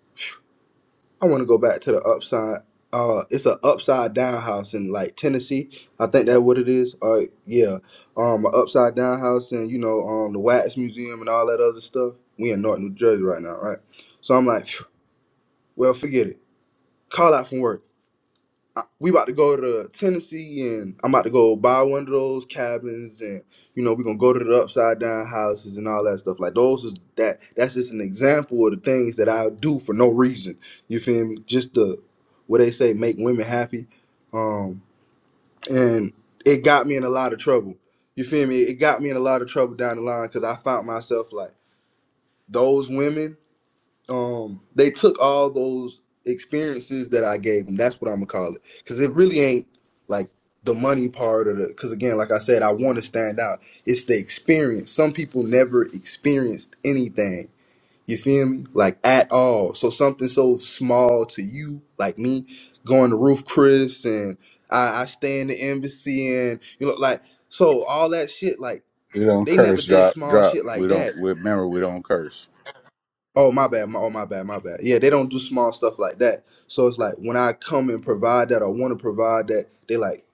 I want to go back to the upside. Uh, it's an upside down house in like Tennessee. I think that what it is. Uh, yeah. Um, an upside down house and you know um the Wax Museum and all that other stuff. We in North New Jersey right now, right? So I'm like, phew, well, forget it. Call out from work. I- we about to go to Tennessee and I'm about to go buy one of those cabins and you know, we're gonna go to the upside down houses and all that stuff. Like those is that that's just an example of the things that I do for no reason. You feel me? Just the what they say, make women happy. Um and it got me in a lot of trouble. You feel me? It got me in a lot of trouble down the line because I found myself like those women um they took all those experiences that I gave them. That's what I'm gonna call it. Cause it really ain't like the money part of the cause again, like I said, I wanna stand out. It's the experience. Some people never experienced anything. You feel me? Like at all. So something so small to you, like me, going to Roof Chris and I, I stay in the embassy and you know, like so all that shit, like
We don't
they never
curse.
did
Drop,
small
drop.
shit
We
like
don't.
that
We, remember, we don't curse.
Oh my bad. My, oh my bad. My bad. Yeah, they don't do small stuff like that. So it's like when I come and provide that or want to provide that, they like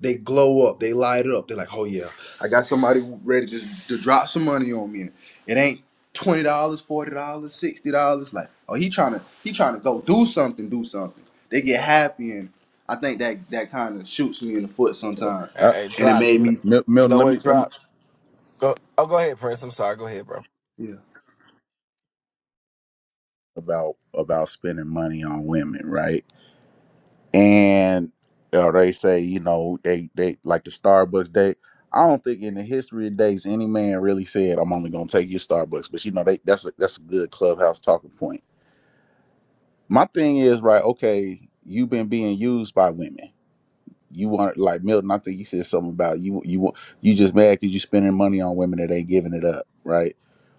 they glow up. They light up. They're like, oh yeah, I got somebody ready to, to drop some money on me. It ain't twenty dollars, forty dollars, sixty dollars. Like, oh he trying to he trying to go do something, do something. They get happy and I think that that kind of shoots me in the foot sometimes,
Hey,
Uh,
hey,
and it
drop.
made
You know,
me.
Mil-
you
Milton,
know
let
what,
me let me
drop? Go oh go ahead, Prince. I'm sorry. Go ahead, bro.
Yeah,
about about spending money on women, right? And uh, they say, you know, they they like the Starbucks date. I don't think in the history of days any man really said, "I'm only gonna take you to Starbucks." But you know, they that's a, that's a good clubhouse talking point. My thing is right. Okay, you've been being used by women You want like Milton? I think you said something about you. You want you just mad because you spending money on women that ain't giving it up, right?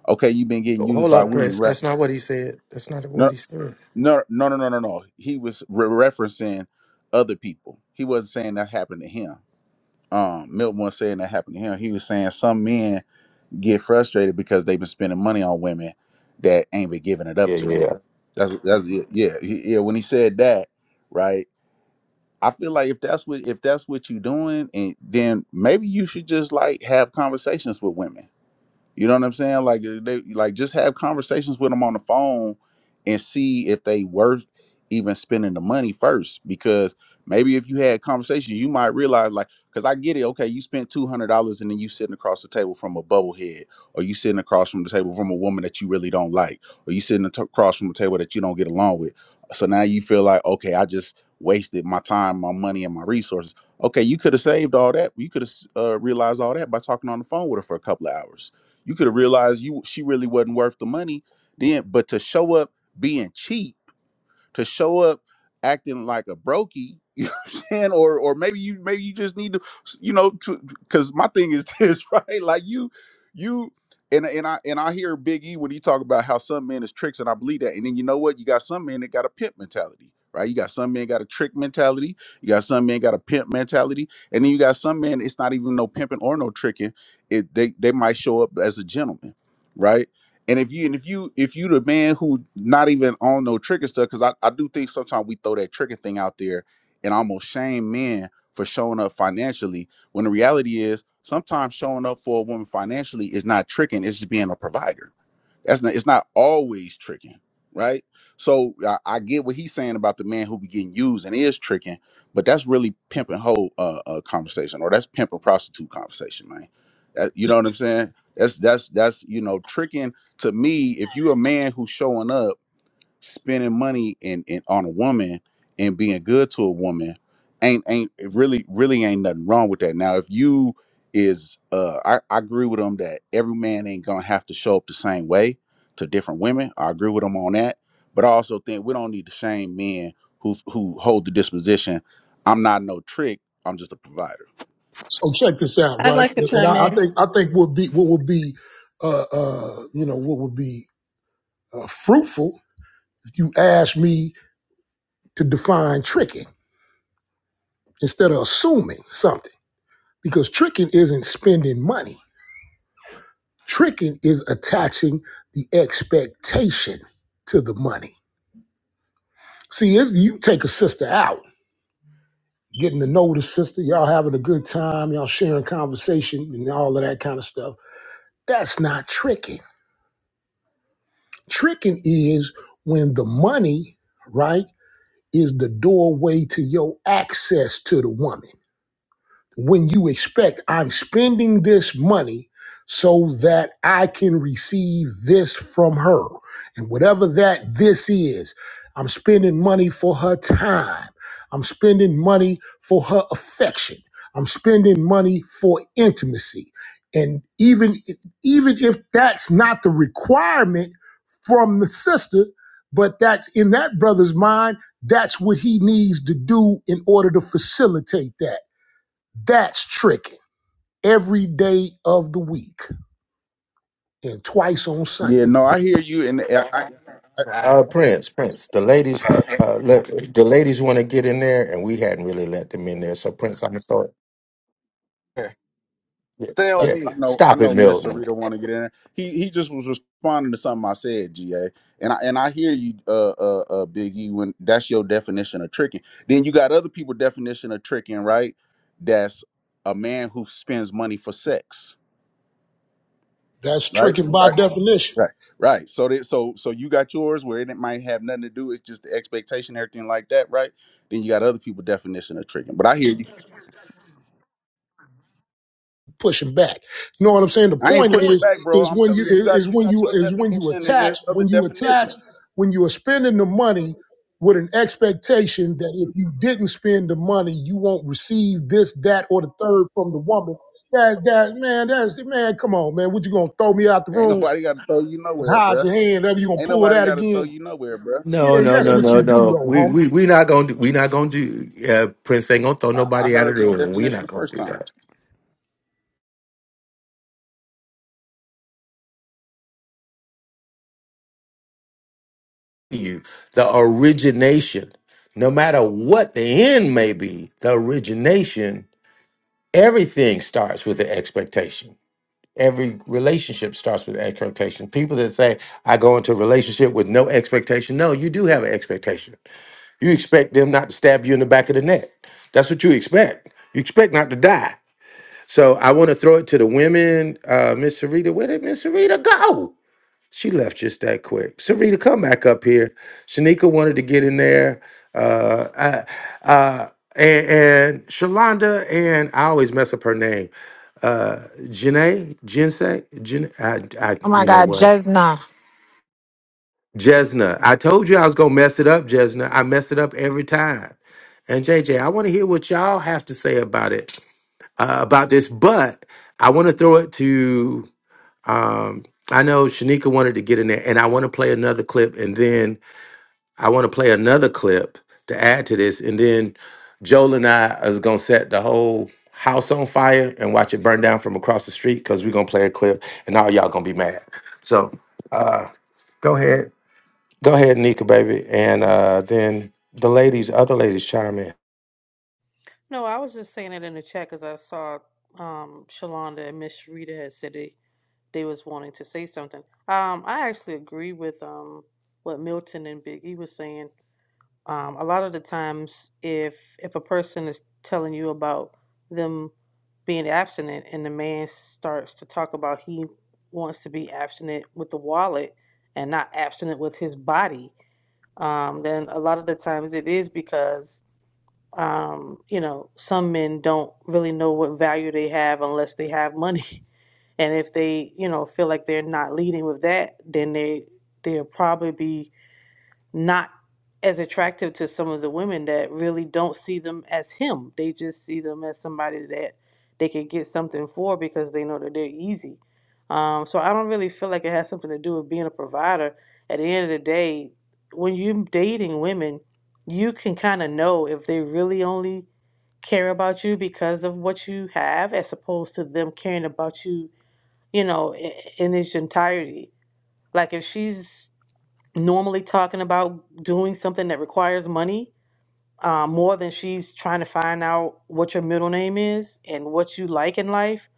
Okay, you've been getting
Oh,
used
Hold
by
up,
women,
Prince.
right?
That's not what he said. That's not what
No,
he said.
no, no, no, no, no, no. He was re- referencing other people. He wasn't saying that happened to him. Um, Milton was saying that happened to him. He was saying some men get frustrated because they've been spending money on women that ain't been giving it up
Yeah,
to them.
yeah.
That's that's it. Yeah, he, yeah. When he said that, right? I feel like if that's what if that's what you're doing, and then maybe you should just like have conversations with women. You know what I'm saying? Like uh, they like just have conversations with them on the phone and see if they worth even spending the money first. Because maybe if you had conversations, you might realize like, because I get it. Okay, you spent two hundred dollars and then you sitting across the table from a bubblehead, or you sitting across from the table from a woman that you really don't like, or you sitting ato- across from a table that you don't get along with. So now you feel like, okay, I just wasted my time, my money, and my resources. Okay, you could have saved all that. You could have uh, realized all that by talking on the phone with her for a couple of hours you could have realized you she really wasn't worth the money then, but to show up being cheap to show up acting like a brokey, <laughs> you know what I'm saying? Or or maybe you maybe you just need to you know to cuz my thing is this, <laughs> right? Like you you and and I and I hear Big E when he talk about how some men is tricks and I believe that. And then you know what? You got some men that got a pimp mentality, right? You got some men got a trick mentality, you got some men got a pimp mentality, and then you got some men it's not even no pimping or no tricking. It they they might show up as a gentleman, right? And if you and if you if you the man who not even on no trigger stuff, because I, I do think sometimes we throw that trigger thing out there and almost shame men for showing up financially. When the reality is sometimes showing up for a woman financially is not tricking, it's just being a provider. That's not. It's not always tricking, right? So I, I get what he's saying about the man who be getting used and is tricking, but that's really pimp and hoe uh, uh, conversation, or that's pimp and prostitute conversation, man. That, you know what I'm saying? That's that's that's you know tricking to me. If you're a man who's showing up spending money and, and on a woman and being good to a woman ain't ain't it really really ain't nothing wrong with that. Now if you is uh I, I agree with them that every man ain't gonna have to show up the same way to different women. I agree with them on that. But I also think we don't need to shame men who who hold the disposition. I'm not no trick, I'm just a provider.
So check this out,
I'd
right?
like to
And I,
chime
I
in.
think I think what be what would be, uh, uh, you know, what would be uh, fruitful if you ask me to define tricking instead of assuming something, because tricking isn't spending money. Tricking is attaching the expectation to the money. See, it's, you take a sister out, getting to know the sister, y'all having a good time, y'all sharing conversation and all of that kind of stuff. That's not tricking Tricking is when the money, right, is the doorway to your access to the woman when you expect I'm spending this money so that I can receive this from her. And whatever that this is, I'm spending money for her time. I'm spending money for her affection. I'm spending money for intimacy. And even even if that's not the requirement from the sister, but that's in that brother's mind, that's what he needs to do in order to facilitate that. That's tricking every day of the week and twice on
Yeah,
Sunday.
no, I hear you and I, I,
Nah,
Uh, Prince, Prince. The ladies, uh, let, the ladies want to get in there, and we hadn't really let them in there. So, Prince, I'm sorry.
here.
Yeah,
Stay on
yeah.
I
mute.
know I
Stop it,
know Miss
Milton.
Sarita want to get in there. He he just was responding to something I said, GA. And I and I hear you uh uh, uh Big E when that's your definition of tricking. Then you got other people definition of tricking, right? That's a man who spends money for sex.
That's
Right?
tricking by
Right.
definition,
Right. Right. So that so so you got yours where it might have nothing to do, it's just the expectation, everything like that, right? Then you got other people definition of tricking. But I hear you.
pushing back. You know what I'm saying? The
I ain't
point
pushing
is,
back, bro.
is
I'm
when you
telling you, you
is
got you
when
got
you
your
is when you
definition and
attach
there's other
when you attach
definitions.
when you are spending the money with an expectation that if you didn't spend the money, you won't receive this, that, or the third from the woman. That that man, that's man. Come on, man. What you gonna throw me out the
Ain't
room
nobody got to throw you
and
nowhere,
hide
bruh.
your hand? Ever you gonna
Ain't
pull
nobody
that
got to throw
again?
you nowhere, bruh.
Yeah,
No,
You
no,
know
that's
what I'm
no,
what
no,
you
saying?
do
no.
though,
We,
homie.
we, we not gonna do. We not gonna do. Uh, Prince ain't gonna throw
I, I
nobody out of
heard
the
your
room. We
definition
not
the
gonna
first
do that.
time.
you the origination no matter what the end may be the origination everything starts with the expectation every relationship starts with expectation people that say i go into a relationship with no expectation no you do have an expectation you expect them not to stab you in the back of the neck that's what you expect you expect not to die so i want to throw it to the women uh miss sarita where did miss sarita go she left just that quick. Sarita, come back up here. Shanika wanted to get in there. Uh, I, uh, and, and Shalonda, and I always mess up her name. Uh, Janae, Jensei, Jen, I, I,
Oh my
you know
God,
what?
Jesna.
Jesna. I told you I was gonna mess it up, Jesna. I mess it up every time. And JJ, I want to hear what y'all have to say about it, uh, about this. But I want to throw it to. Um, I know Shanika wanted to get in there, and I want to play another clip, and then I want to play another clip to add to this, and then Joel and I is gonna set the whole house on fire and watch it burn down from across the street because we're gonna play a clip, and all y'all gonna be mad. So uh, go ahead, go ahead, Nika, baby, and uh, then the ladies, other ladies, chime in.
No, I was just saying it in the chat because I saw um Shalonda and Miss Rita had said they they was wanting to say something. Um, I actually agree with um what Milton and Big E was saying. um, a lot of the times if if a person is telling you about them being abstinent and the man starts to talk about he wants to be abstinent with the wallet and not abstinent with his body um, then a lot of the times it is because um, you know some men don't really know what value they have unless they have money <laughs> and if they you know feel like they're not leading with that then they they'll probably be not as attractive to some of the women that really don't see them as him. They just see them as somebody that they can get something for because they know that they're easy. Um, so I don't really feel like it has something to do with being a provider. At the end of the day, when you're dating women, you can kind of know if they really only care about you because of what you have as opposed to them caring about you you know i- in its entirety like if she's normally talking about doing something that requires money uh, more than she's trying to find out what your middle name is and what you like in life,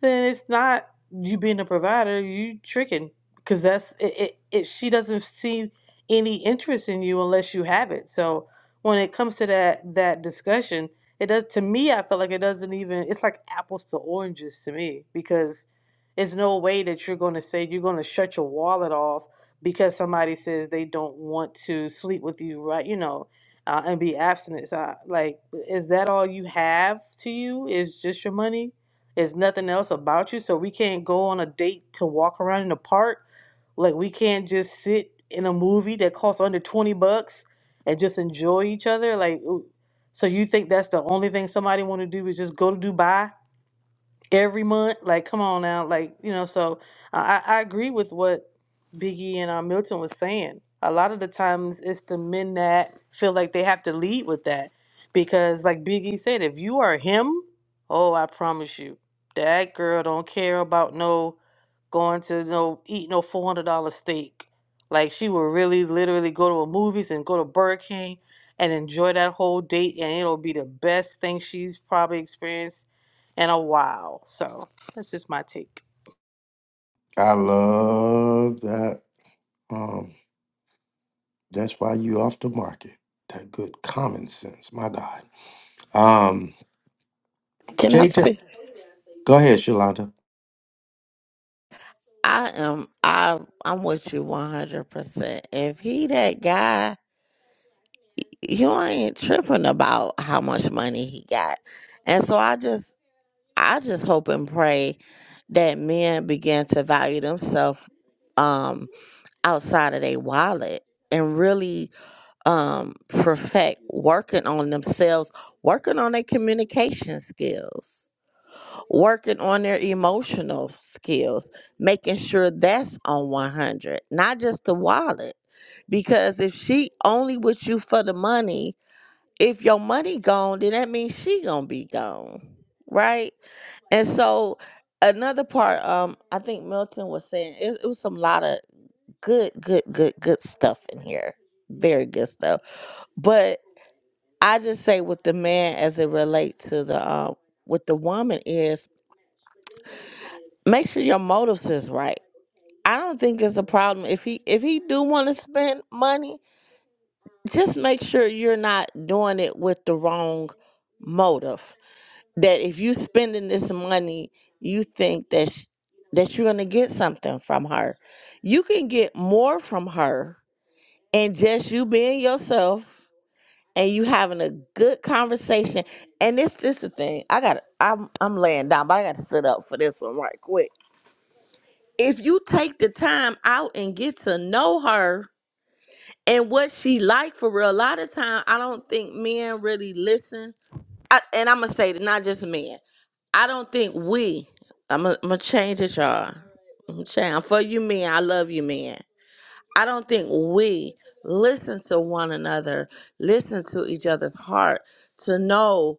then it's not you being a provider. You tricking because that's it, it, it. She doesn't see any interest in you unless you have it. So when it comes to that that discussion, it does to me. I feel like it doesn't even. It's like apples to oranges to me because it's no way that you're going to say you're going to shut your wallet off because somebody says they don't want to sleep with you. Right? You know uh, and be abstinent. So, I- like, is that all you have to you? Is just your money? Is nothing else about you? So we can't go on a date to walk around in the park. Like, we can't just sit in a movie that costs under twenty bucks and just enjoy each other. Like, ooh, so you think that's the only thing somebody want to do is just go to Dubai? every month. Like, come on now, like you know. So I, I agree with what Biggie and uh, Milton was saying. A lot of the times, it's the men that feel like they have to lead with that, because like Biggie said, if you are him, oh, I promise you, that girl don't care about no going to no eat no four hundred dollar steak. Like she would really literally go to a movies and go to Burger King and enjoy that whole date and it'll be the best thing she's probably experienced in a while. So that's just my take.
I love that. Um, that's why you off the market. That good common sense, my God. Um,
Can I
JJ,
speak?
go ahead, Shalonda.
I am I I'm with you one hundred percent. If he that guy, you ain't tripping about how much money he got. And so I just I just hope and pray that men begin to value themselves um outside of their wallet and really um perfect working on themselves, working on their communication skills working on their emotional skills, making sure that's on 100, not just the wallet. Because if she only with you for the money, if your money gone, then that means she gonna be gone, right? And so another part, um, I think Milton was saying it, it was some lot of good, good, good, good stuff in here, very good stuff. But I just say with the man as it relates to the um with the woman is make sure your motives is right I don't think it's a problem if he if he do want to spend money, just make sure you're not doing it with the wrong motive. That if you spending this money, you think that sh- that you're going to get something from her. You can get more from her and just you being yourself and you having a good conversation. And this this the thing. I got to I'm I'm laying down, but I got to sit up for this one right quick. If you take the time out and get to know her, and what she like for real. A lot of time, I don't think men really listen. I, and I'm gonna say that not just men. I don't think we. I'm gonna change it, y'all. I'm change for you men. I love you men. I don't think we listen to one another, listen to each other's heart to know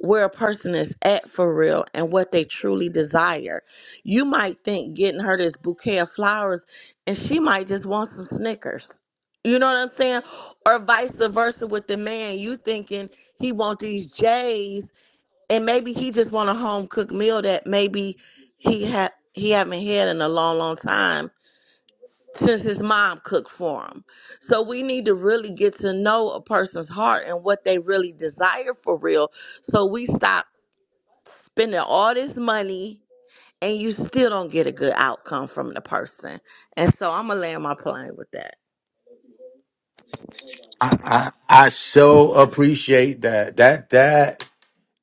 where a person is at for real and what they truly desire. You might think getting her this bouquet of flowers and she might just want some Snickers. You know what I'm saying? Or vice versa with the man. You thinking he want these J's and maybe he just want a home cooked meal that maybe he had he haven't had in a long, long time since his mom cooked for him. So we need to really get to know a person's heart and what they really desire for real. So we stop spending all this money and you still don't get a good outcome from the person. And so I'm gonna land my plane with that.
I, I I so appreciate that. That that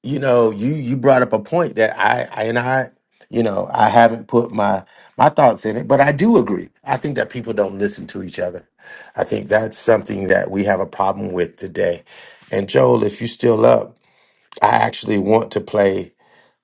you know, you you brought up a point that I, I and I, you know, I haven't put my my thoughts in it, but I do agree. I think that people don't listen to each other. I think that's something that we have a problem with today. And Joel, if you're still up, I actually want to play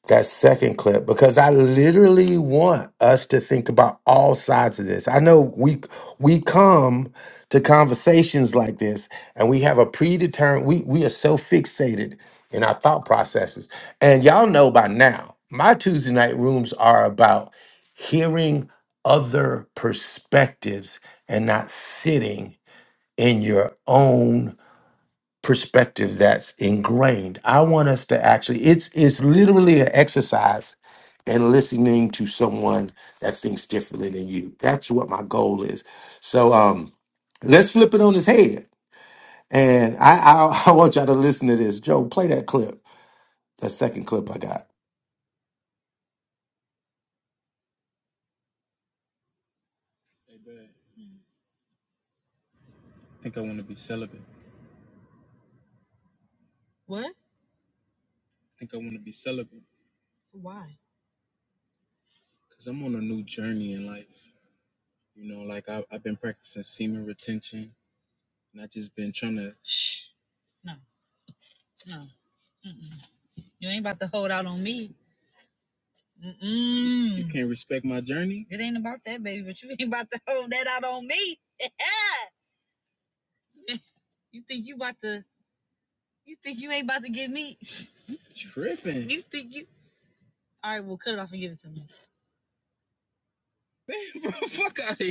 that second clip because I literally want us to think about all sides of this. I know we we come to conversations like this and we have a predetermined we we are so fixated in our thought processes. And y'all know by now, my Tuesday night rooms are about hearing other perspectives and not sitting in your own perspective that's ingrained. I want us to actually it's it's literally an exercise in listening to someone that thinks differently than you. That's what my goal is. So um let's flip it on his head. And I I, <laughs> I want y'all to listen to this. Joe, play that clip. That second clip I got.
journey in life, you know. And I just been trying to. You can't respect my journey. You're tripping. You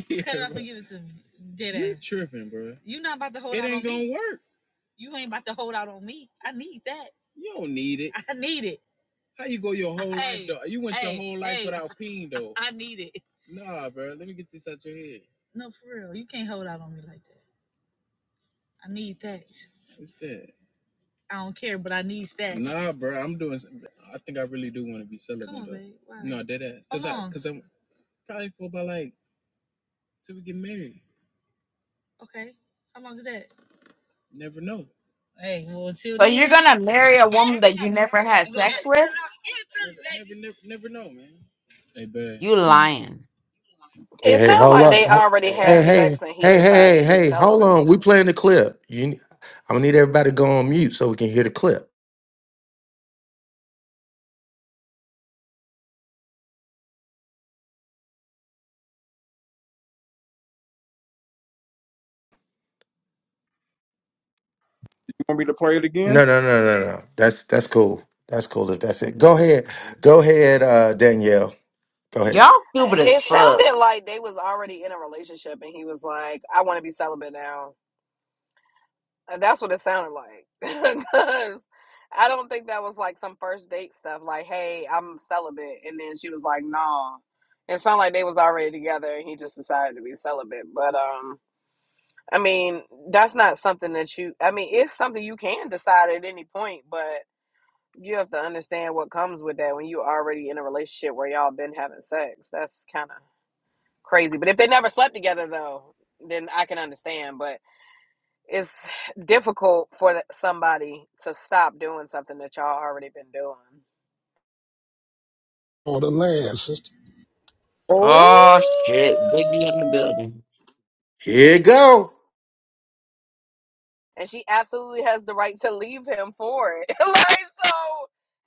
can cut it off when you <laughs> did that. You're not about to hold it out ain't on gonna me. Work. You ain't about to hold out on me. I need that. It- I need it. whole life, Hey, though. You went hey, your hey, whole life hey. without peeing, though. I need it. No, for real. You can't hold out on me like that. I need that. I don't care, but I need that. No, you want to be Come celibate, Come on, babe. Why? No, dead ass. Cause How long? I, cause I'm. Okay. How long is that? Hey, well, until
So you're
then.
gonna marry a woman that you never had sex with?
Hey, bad.
You
Hmm.
lying.
Hey,
It
hey,
sounds
hold
like
up.
they already
Hey, hey,
had sex and he
hey, hey,
decided
hey,
to be
hey, hold
celibate.
on. We playing the clip. You I'm gonna need everybody to go on mute so we can hear the clip.
You want me to play it again?
No, no, no, no, no. That's that's cool. That's cool if that's it. Go
What?
ahead. Go ahead, uh, Danielle. Go ahead.
Y'all stupid as
It
fuck.
sounded like they was already in a relationship and he was like, I want to be celibate now. And that's what it sounded like. <laughs> Because I don't think that was like some first date stuff like, hey, I'm celibate. And then she was like, nah. It sounded like they was already together and he just decided to be celibate. But, um, I mean, that's not something that you, I mean, it's something you can decide at any point, but You have to understand what comes with that when you already in a relationship where y'all been having sex. That's kind of crazy. But if they never slept together though, then I can understand. But it's <sighs> difficult for somebody to stop doing something that y'all already been doing.
on the land, sister.
Oh,
Oh shit, Biggie in the building.
Here you go.
And she absolutely has the right to leave him for it. <laughs> like so,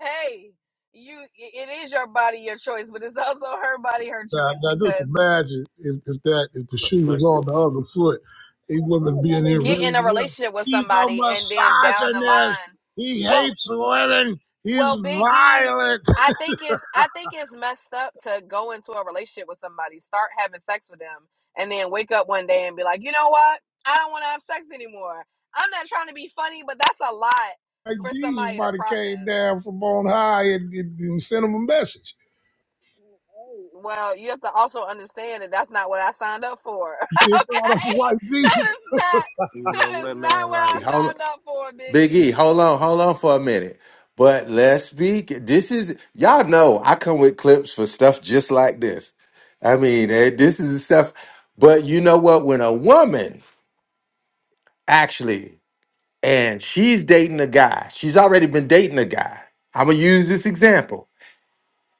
hey, you it is your body, your choice, but it's also her body, her
Now,
choice
now just
because
imagine if, if that if the shoe was on the other foot, he
I
wouldn't be in
would never
here
get
ready
in a
to yell.
relationship with
He's
somebody and then
a
down the
misogynist.
line.
He
well.
hates women. He's
Well, Biggie,
violent. <laughs>
I think it's I think it's messed up to go into a relationship with somebody, start having sex with them, and then wake up one day and be like, you know what? I don't want to have sex anymore. I'm not trying to be funny, but that's a lot
Like
for
Jesus
somebody to
might have came
process.
down from on high and, and, and sent him a message.
Well, you have to also understand that that's not what I signed up for. <laughs>
You thought of
okay,
white
that
Jesus.
is not that is not what I
Hold
signed up for,
Big E,
Biggie.
hold on, hold on for a minute. But let's be this is y'all know I come with clips for stuff just like this. I mean, eh, this is the stuff, but you know what? When a woman actually and she's dating a guy, she's already been dating a guy. I'm gonna use this example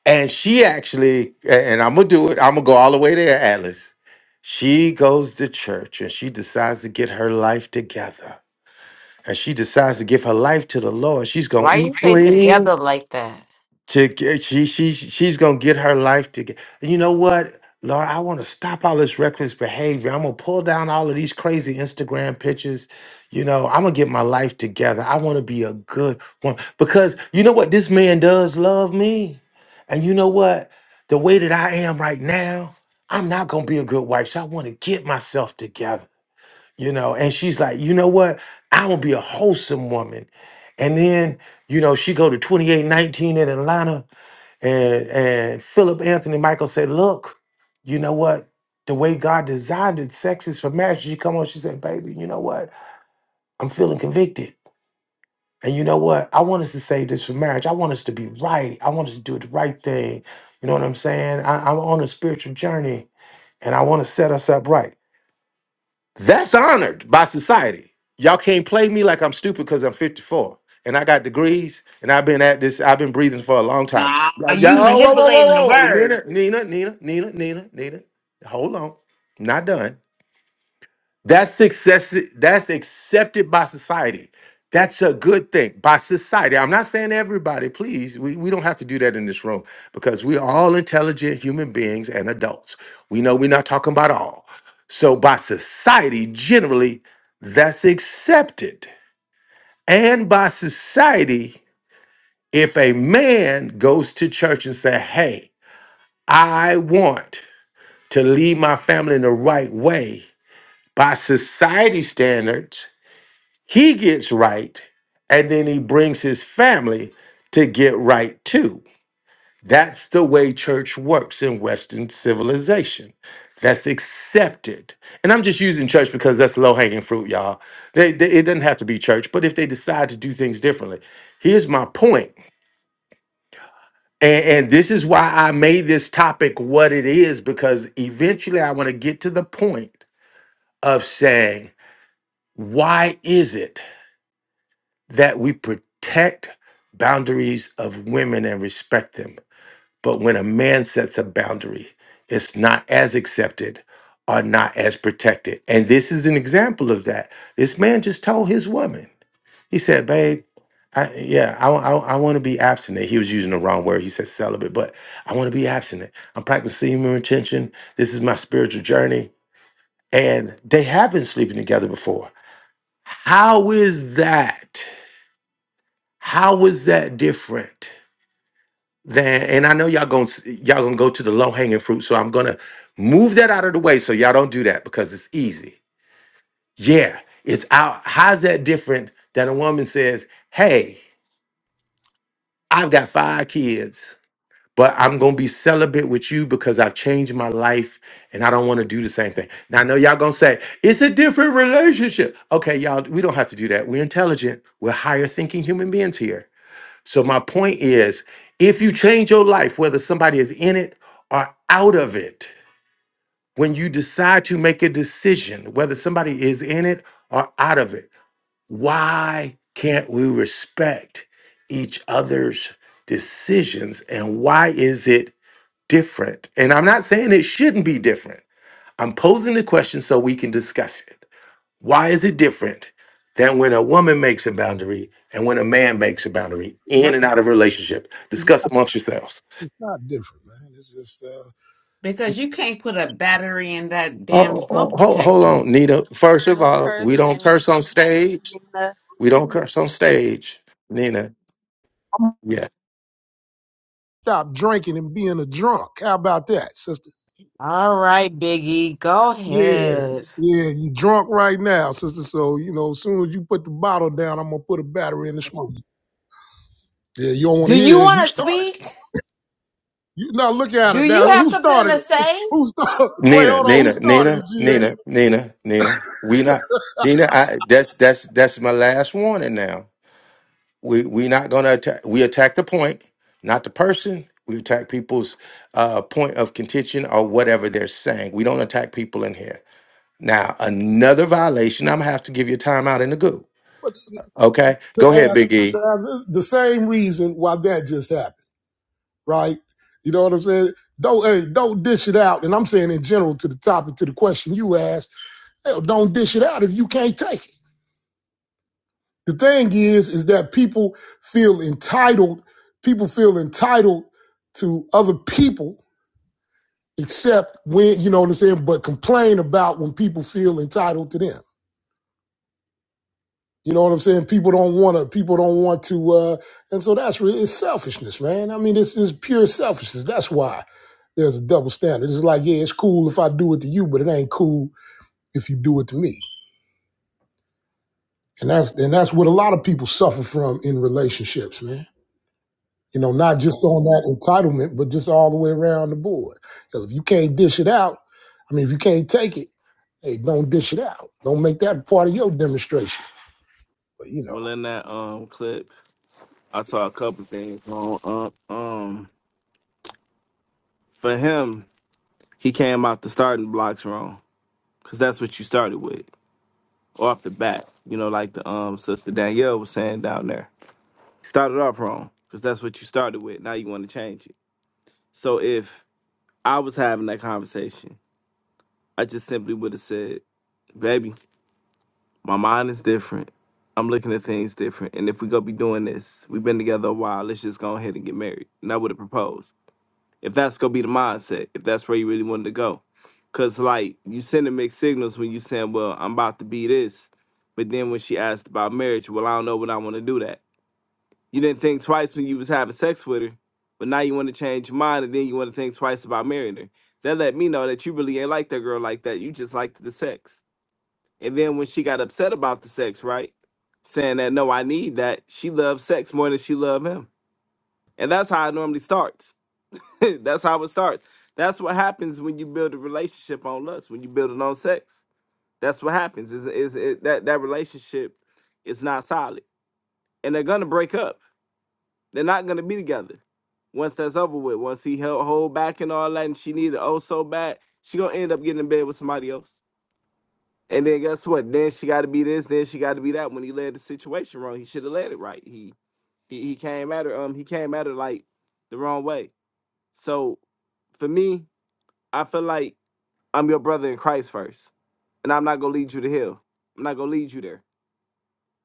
And she actually, and I'm gonna do it. I'm gonna go all the way there, Atlas. She goes to church and she decides to get her life together. And she decides to give her life to the Lord. She's gonna
Why you
eat
say
clean
together like that?
to get, she she she's gonna get her life together. And you know what, Lord, I want to stop all this reckless behavior. I'm gonna pull down all of these crazy Instagram pictures. You know, I'm gonna get my life together. I want to be a good one because you know what, this man does love me, and you know what, the way that I am right now, I'm not gonna be a good wife. So I want to get myself together. You know, and she's like, you know what, I will be a wholesome woman. And then, you know, she go to 2819 in Atlanta and and Philip Anthony Michael said, Look, you know what? The way God designed it, sex is for marriage. She come on, she said, Baby, you know what? I'm feeling convicted. And you know what? I want us to save this for marriage. I want us to be right. I want us to do the right thing. You know what I'm saying? I, I'm on a spiritual journey and I want to set us up right. That's honored by society. Y'all can't play me like I'm stupid because I'm 54 and I got degrees and I've been at this, I've been breathing for a long time.
Nah,
Like, y'all,
you
oh, whoa, whoa,
manipulating the
whoa, whoa. Nina,
words
Nina, Nina, Nina, Nina, Nina. Hold on. I'm Not done. That's success. That's accepted by society. That's a good thing by society. I'm not saying everybody, please. We, we don't have to do that in this room because we're all intelligent human beings and adults. We know we're not talking about all. So, by society, generally, that's accepted. And by society, if a man goes to church and say, Hey, I want to lead my family in the right way by society standards, He gets right, and then he brings his family to get right too. That's the way church works in Western civilization. That's accepted. And I'm just using church because that's low hanging fruit, y'all. They, they- it doesn't have to be church, but if they decide to do things differently, here's my point. And, and this is why I made this topic what it is, because eventually I want to get to the point of saying, why is it? that we protect boundaries of women and respect them. But when a man sets a boundary, it's not as accepted or not as protected. And this is an example of that. This man just told his woman, he said, Babe, I, yeah, I, want to be abstinent. He was using the wrong word. He said celibate, but I want to be abstinent. I'm practicing semen retention. This is my spiritual journey. And they have been sleeping together before. How is that? How is that different than? And I know y'all gonna s- y'all gonna go to the low hanging fruit, so I'm gonna move that out of the way so y'all don't do that because it's easy. Yeah, it's out. How's that different than a woman says, "Hey, I've got five kids." But I'm gonna be celibate with you because I've changed my life and I don't wanna do the same thing. Now I know y'all gonna say, it's a different relationship. Okay, y'all, we don't have to do that. We're intelligent, we're higher thinking human beings here So my point is, if you change your life, whether somebody is in it or out of it, when you decide to make a decision, whether somebody is in it or out of it, why can't we respect each other's decisions and why is it different? And I'm not saying it shouldn't be different. I'm posing the question so we can discuss it. Why is it different than when a woman makes a boundary and when a man makes a boundary
It's
in
not,
and out of a relationship?
it's
Discuss amongst yourselves.
not different, man. It's just uh, I'm
because you can't put a battery in that damn
Oh, oh,
smoke
hold, hold
detector.
on, Nina. First of
No
all, we don't
cursing.
curse on stage.
Nina.
We don't curse on stage, Nina.
gonna
Yeah,
stop drinking and being a drunk. How about that, sister?
All right, Biggie, go
Yeah,
ahead.
yeah, you drunk right now, sister. So, you know, as soon as you put the bottle down, I'm gonna put a battery in the smoke. Yeah, you don't wanna
Do
hear
you
that.
want
You
to
started it.
speak?
You now look at
Do
it.
you
Now
have
who
something
started
to
it?
say?
Who started <laughs> wait,
Nina,
hold on, who
Nina,
started
Nina,
it, GA?
Nina, Nina, Nina. We not Nina. I, that's that's that's my last warning now. we we not gonna attack. We attack the point, not the person. We attack people's uh, point of contention or whatever they're saying. We don't attack people in here. Now another violation. I'm gonna have to give you a timeout in the goo. Okay,
To ask,
go
to
ahead, Big E.
ask uh, the same reason why that just happened, right? You know what I'm saying? Don't hey, don't dish it out. And I'm saying in general to the topic, to the question you asked, hell, don't dish it out if you can't take it. The thing is, is that people feel entitled. People feel entitled to other people, except when you know what I'm saying. But complain about when people feel entitled to them. You know what I'm saying? People don't want to. People don't want to. Uh, and so that's really it's selfishness, man. I mean, it's, it's pure selfishness. That's why there's a double standard. It's like, yeah, it's cool if I do it to you, but it ain't cool if you do it to me. And that's and that's what a lot of people suffer from in relationships, man You know, not just on that entitlement, but just all the way around the board. 'Cause if you can't dish it out, I mean, if you can't take it, hey, don't dish it out. Don't make that part of your demonstration. But you know,
Well, in that um clip, I saw a couple things on um um for him. he came out the starting blocks wrong because that's what you started with off the bat. You know, like the um sister Danielle was saying down there, started off wrong because that's what you started with. Now you want to change it. So if I was having that conversation, I just simply would have said, "Baby, my mind is different. I'm looking at things different. And if we go be doing this, we've been together a while. Let's just go ahead and get married." And I would have proposed if that's gonna be the mindset, if that's where you really wanted to go. Cause like you sending mixed signals when you saying, Well, I'm about to be this, but then when she asked about marriage, well, I don't know what I wanna do that. You didn't think twice when you was having sex with her, but now you wanna change your mind and then you wanna think twice about marrying her. That let me know that you really ain't like that girl like that. You just liked the sex. And then when she got upset about the sex, right? Saying that no, I need that, she loves sex more than she loved him. And that's how it normally starts <laughs> That's how it starts. That's what happens when you build a relationship on lust, when you build it on sex. That's what happens. Is is it, that that relationship is not solid, and they're gonna break up. They're not gonna be together once that's over with. Once he held hold back and all that, and she needed oh so bad, she gonna end up getting in bed with somebody else. And then guess what? Then she got to be this. Then she got to be that. When he led the situation wrong, he should have led it right. He, he he came at her um he came at her like the wrong way. So for me, I feel like I'm your brother in Christ first, and I'm not gonna lead you to hell. I'm not gonna lead you there.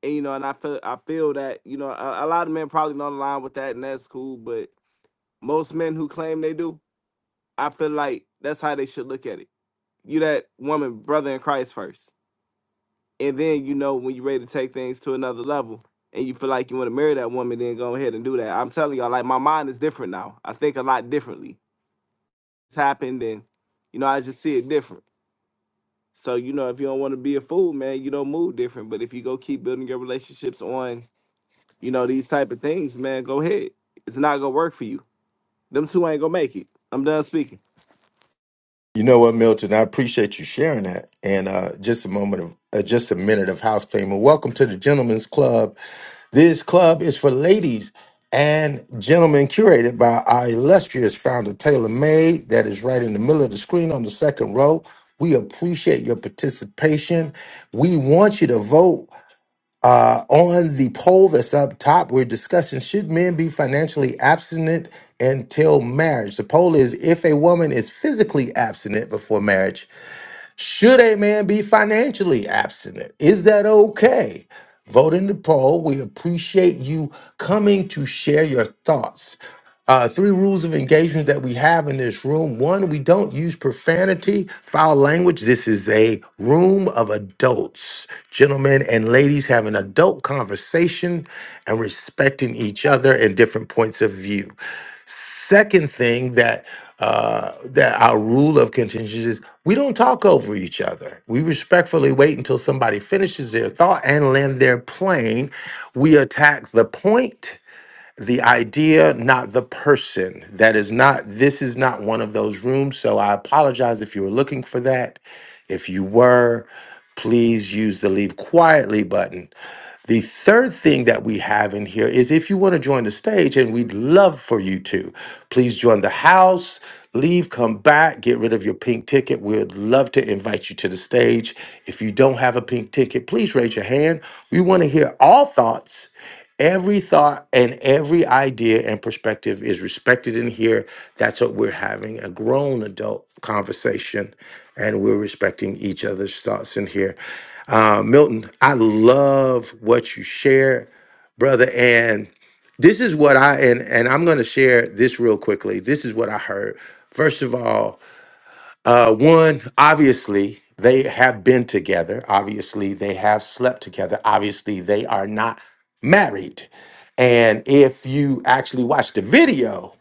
And you know, and I feel I feel that you know a, a lot of men probably don't align with that, and that's cool. But most men who claim they do, I feel like that's how they should look at it. You that woman, brother in Christ first, and then you know when you're ready to take things to another level, and you feel like you want to marry that woman, then go ahead and do that. I'm telling y'all, like my mind is different now. I think a lot differently. It's happened, and you know I just see it different. So you know, if you don't want to be a fool, man, you don't move different. But if you go keep building your relationships on, you know, these type of things, man, go ahead. It's not gonna work for you. Them two ain't gonna make it. I'm done speaking.
You know what, Milton? I appreciate you sharing that. And uh, just a moment of uh, just a minute of house payment. Welcome to the Gentlemen's Club. This club is for ladies and gentlemen, curated by our illustrious founder Taylor May. That is right in the middle of the screen on the second row. We appreciate your participation. We want you to vote. Uh, on the poll that's up top, we're discussing should men be financially abstinent until marriage? The poll is if a woman is physically abstinent before marriage, should a man be financially abstinent? Is that okay? Vote in the poll. We appreciate you coming to share your thoughts. Uh, three rules of engagement that we have in this room. One, we don't use profanity, foul language. This is a room of adults. Gentlemen and ladies have an adult conversation and respecting each other and different points of view. Second thing that uh, that our rule of contingency is we don't talk over each other. We respectfully wait until somebody finishes their thought and land their plane. We attack the point the idea, not the person. That is not, this is not one of those rooms. So I apologize if you were looking for that. If you were, please use the leave quietly button. The third thing that we have in here is if you want to join the stage, and we'd love for you to, please join the house, leave, come back, get rid of your pink ticket. We'd love to invite you to the stage. If you don't have a pink ticket, please raise your hand. We want to hear all thoughts Every thought and every idea and perspective is respected in here. That's what we're having a grown adult conversation, and we're respecting each other's thoughts in here. Uh, Milton, I love what you share, brother. And this is what I and and I'm going to share this real quickly. This is what I heard. First of all, uh, one, obviously, they have been together. Obviously, they have slept together. Obviously, they are not married. And if you actually watch the video,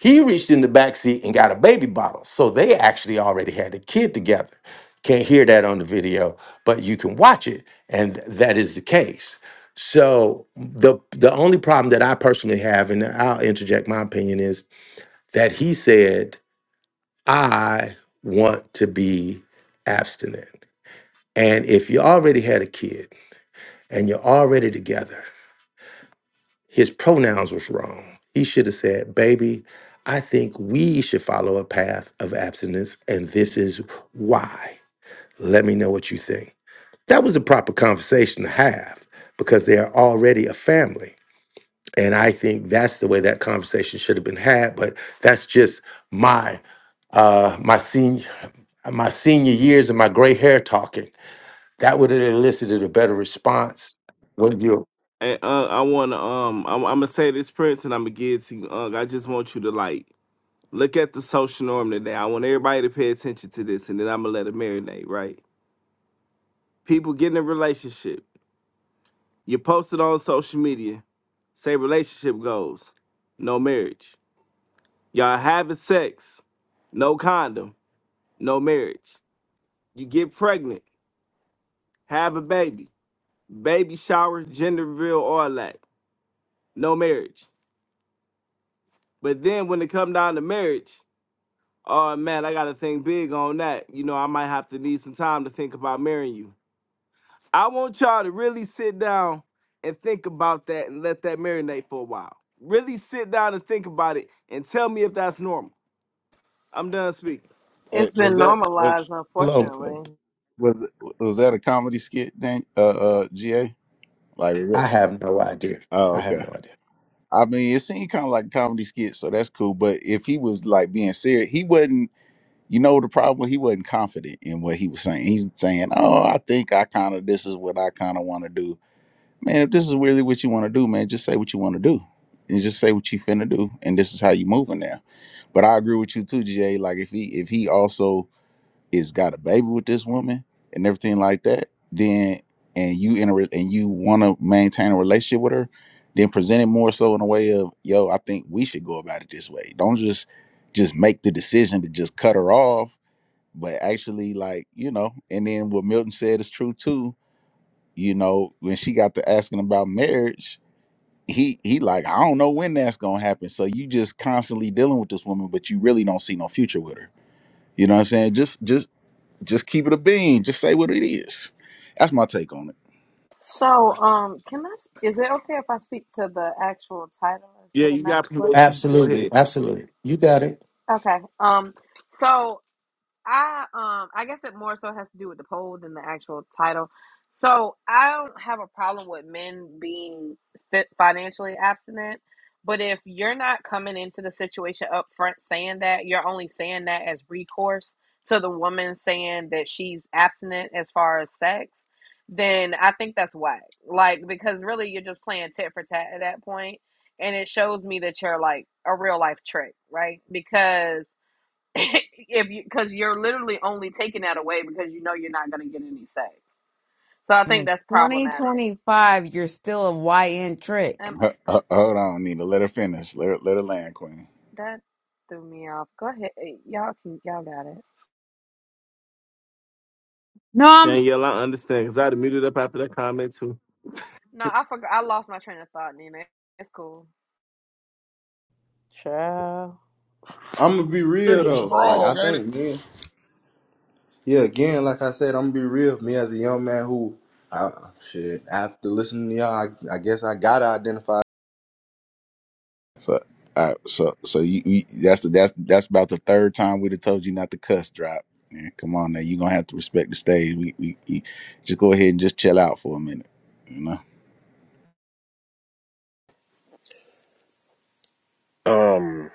he reached in the back seat and got a baby bottle. So they actually already had a kid together. Can't hear that on the video, but you can watch it, and that is the case. So the the only problem that I personally have, and I'll interject my opinion, is that he said I want to be abstinent. And if you already had a kid and you're already together, his pronouns was wrong. He should have said, baby, I think we should follow a path of abstinence, and this is why. Let me know what you think. That was the proper conversation to have because they are already a family. And I think that's the way that conversation should have been had, but that's just my uh my senior my senior years and my gray hair talking. That would have elicited a better response. When you
And uh, I wanna um, I'm, I'm gonna say this, Prince, and I'm gonna give it to you. Uh, I just want you to like look at the social norm today. I want everybody to pay attention to this, and then I'm gonna let it marinate. Right? People get in a relationship. You post it on social media. Say relationship goals, no marriage Y'all having sex, no condom, no marriage. You get pregnant, have a baby, baby shower, gender reveal, all that, no marriage. But then when it come down to marriage, oh man, I gotta think big on that. You know, I might have to need some time to think about marrying you. I want y'all to really sit down and think about that and let that marinate for a while. Really sit down and think about it and tell me if that's normal. I'm done speaking.
Eh,
It's
was
been
that was
normalized,
alone,
unfortunately.
was was that a comedy skit thing? Uh, uh, GA like was
I
it?
have no idea.
Oh,
I have
okay.
no idea.
I mean, it seemed kind of like a comedy skit, so that's cool. But if he was like being serious, he wasn't. You know the problem? He wasn't confident in what he was saying. He was saying, "Oh, I think I kind of this is what I kind of want to do." man, if this is really what you want to do, man, just say what you want to do. And just say what you finna do. And this is how you moving now. But I agree with you too, GA. Like if he if he also is got a baby with this woman and everything like that, then and you in a re- and you wanna maintain a relationship with her, then present it more so in a way of, yo, I think we should go about it this way. Don't just just make the decision to just cut her off, but actually like, you know, and then what Milton said is true too you know, when she got to asking about marriage, he he like i don't know when that's gonna happen so you just constantly dealing with this woman but you really don't see no future with her you know what i'm saying just just just keep it a bean just say what it is that's my take on it
So, um, can I? sp- Is it okay if I speak to the actual title
Yeah,
instead of
you
not
got
the clip?
permission. Go
Absolutely,
ahead.
absolutely. You got it.
Okay. Um. So I um I guess it more so has to do with the poll than the actual title. So I don't have a problem with men being fit financially abstinent, but if you're not coming into the situation up front saying that, you're only saying that as recourse to the woman saying that she's abstinent as far as sex, then I think that's whack. Like because really you're just playing tit for tat at that point, and it shows me that you're like a real life trick, right? Because <laughs> if you because you're literally only taking that away because you know you're not going to get any sex. So I think
In
that's problematic.
2025, you're still a YN trick.
Um,
H- h- hold on nina let her finish let her, let her land queen
that threw me off. Go ahead, eh, y'all can y'all got it.
No, I'm
Thank you.
No, I forgot. I lost my train of thought, Nina. It's cool.
Ciao.
I'm gonna be
Big
real
and
though. Like I
strong, ain't it?
think, man. Yeah, again, like I said, I'm gonna be real. Me as a young man who, I, shit, after listening to y'all, I, I guess I gotta identify
so uh, so so you, you that's the that's that's about the third time we'd have told you not to cuss drop Man, come on now you're gonna have to respect the stage we, we, we just go ahead and just chill out for a minute you know
Um,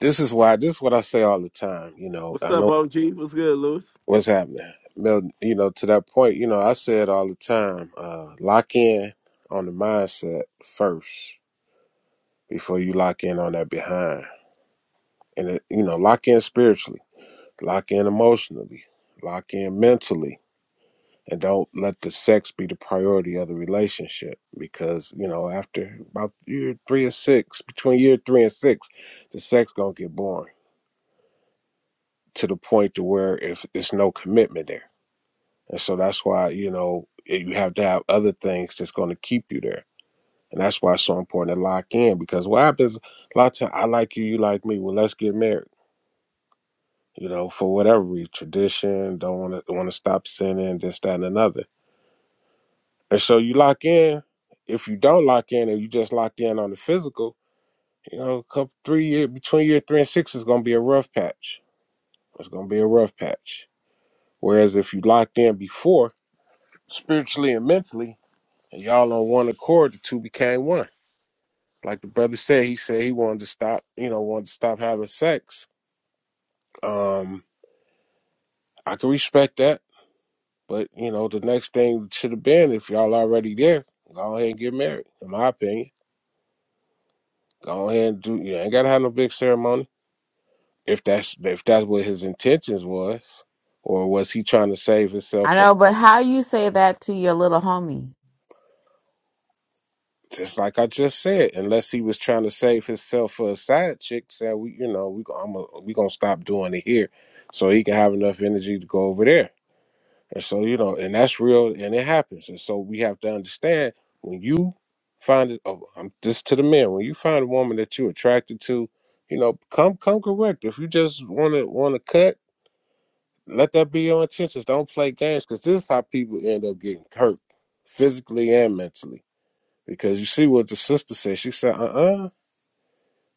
this is why this is what I say all the time. You know,
What's
I
up,
know
OG? What's good, Lewis?
what's happening. Mel, you know, to that point, you know, I say it all the time. Uh, lock in on the mindset first before you lock in on that behind, and it, you know, lock in spiritually, lock in emotionally, lock in mentally, and don't let the sex be the priority of the relationship because you know after about year three and six, between year three and six, the sex gonna get boring to the point to where if it's no commitment there. And so that's why, you know, eh, you have to have other things that's going to keep you there. And that's why it's so important to lock in because what happens a lot of times, I like you, you like me. Well, let's get married, you know, for whatever reason, tradition, don't want to want to stop sinning, this, that, and another. And so you lock in. If you don't lock in and you just locked in on the physical, you know, a couple three year between year three and six is going to be a rough patch. It's going to be a rough patch. Whereas if you locked in before, spiritually and mentally, and y'all on one accord, the two became one. Like the brother said, he said he wanted to stop, you know, wanted to stop having sex. Um, I can respect that, but you know, the next thing should have been if y'all already there, go ahead and get married. In my opinion, go ahead and do. You ain't gotta have no big ceremony if that's if that's what his intentions was, or was he trying to save himself
I
from
know, but how you say that to your little homie?
just like I just said, unless he was trying to save himself for a side chick, said we, you know, we I'm a, we gonna stop doing it here, so he can have enough energy to go over there. And so you know, and that's real, and it happens. And so we have to understand when you find it. Oh, I'm just to the men. When you find a woman that you're attracted to, you know, come come correct. If you just want to want to cut, let that be your intentions. Don't play games because this is how people end up getting hurt physically and mentally because you see what the sister said. She said, uh uh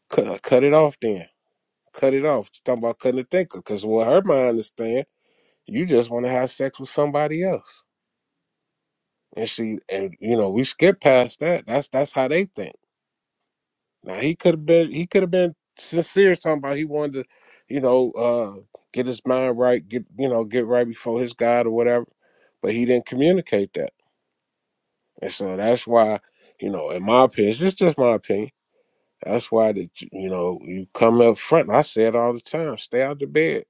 cut, cut it off then. Cut it off. She's talking about cutting the thinker. Because what her mind understand, you just want to have sex with somebody else. And she, and you know, we skip past that. That's that's how they think. Now he could have been, he could have been sincere talking about he wanted to, you know, uh, get his mind right, get you know, get right before his God or whatever. But he didn't communicate that, and so that's why, you know, in my opinion, it's just my opinion That's why that you know you come up front. I say it all the time. Stay out the bed.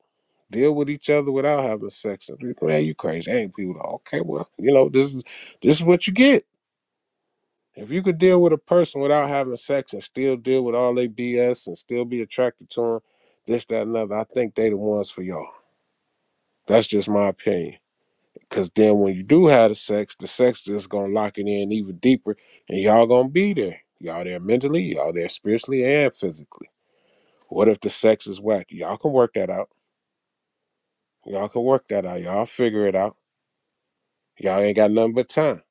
Deal with each other without having sex. And people, man, you crazy. Ain't people like, okay? Well, you know this is this is what you get. If you could deal with a person without having sex and still deal with all their BS and still be attracted to them, this, that, and other, I think they the ones for y'all. That's just my opinion. Cause then when you do have the sex, the sex just gonna lock it in even deeper, and y'all gonna be there. Y'all there mentally, y'all there spiritually and physically. What if the sex is whack? Y'all can work that out. Y'all can work that out. Y'all figure it out. Y'all ain't got nothing but time.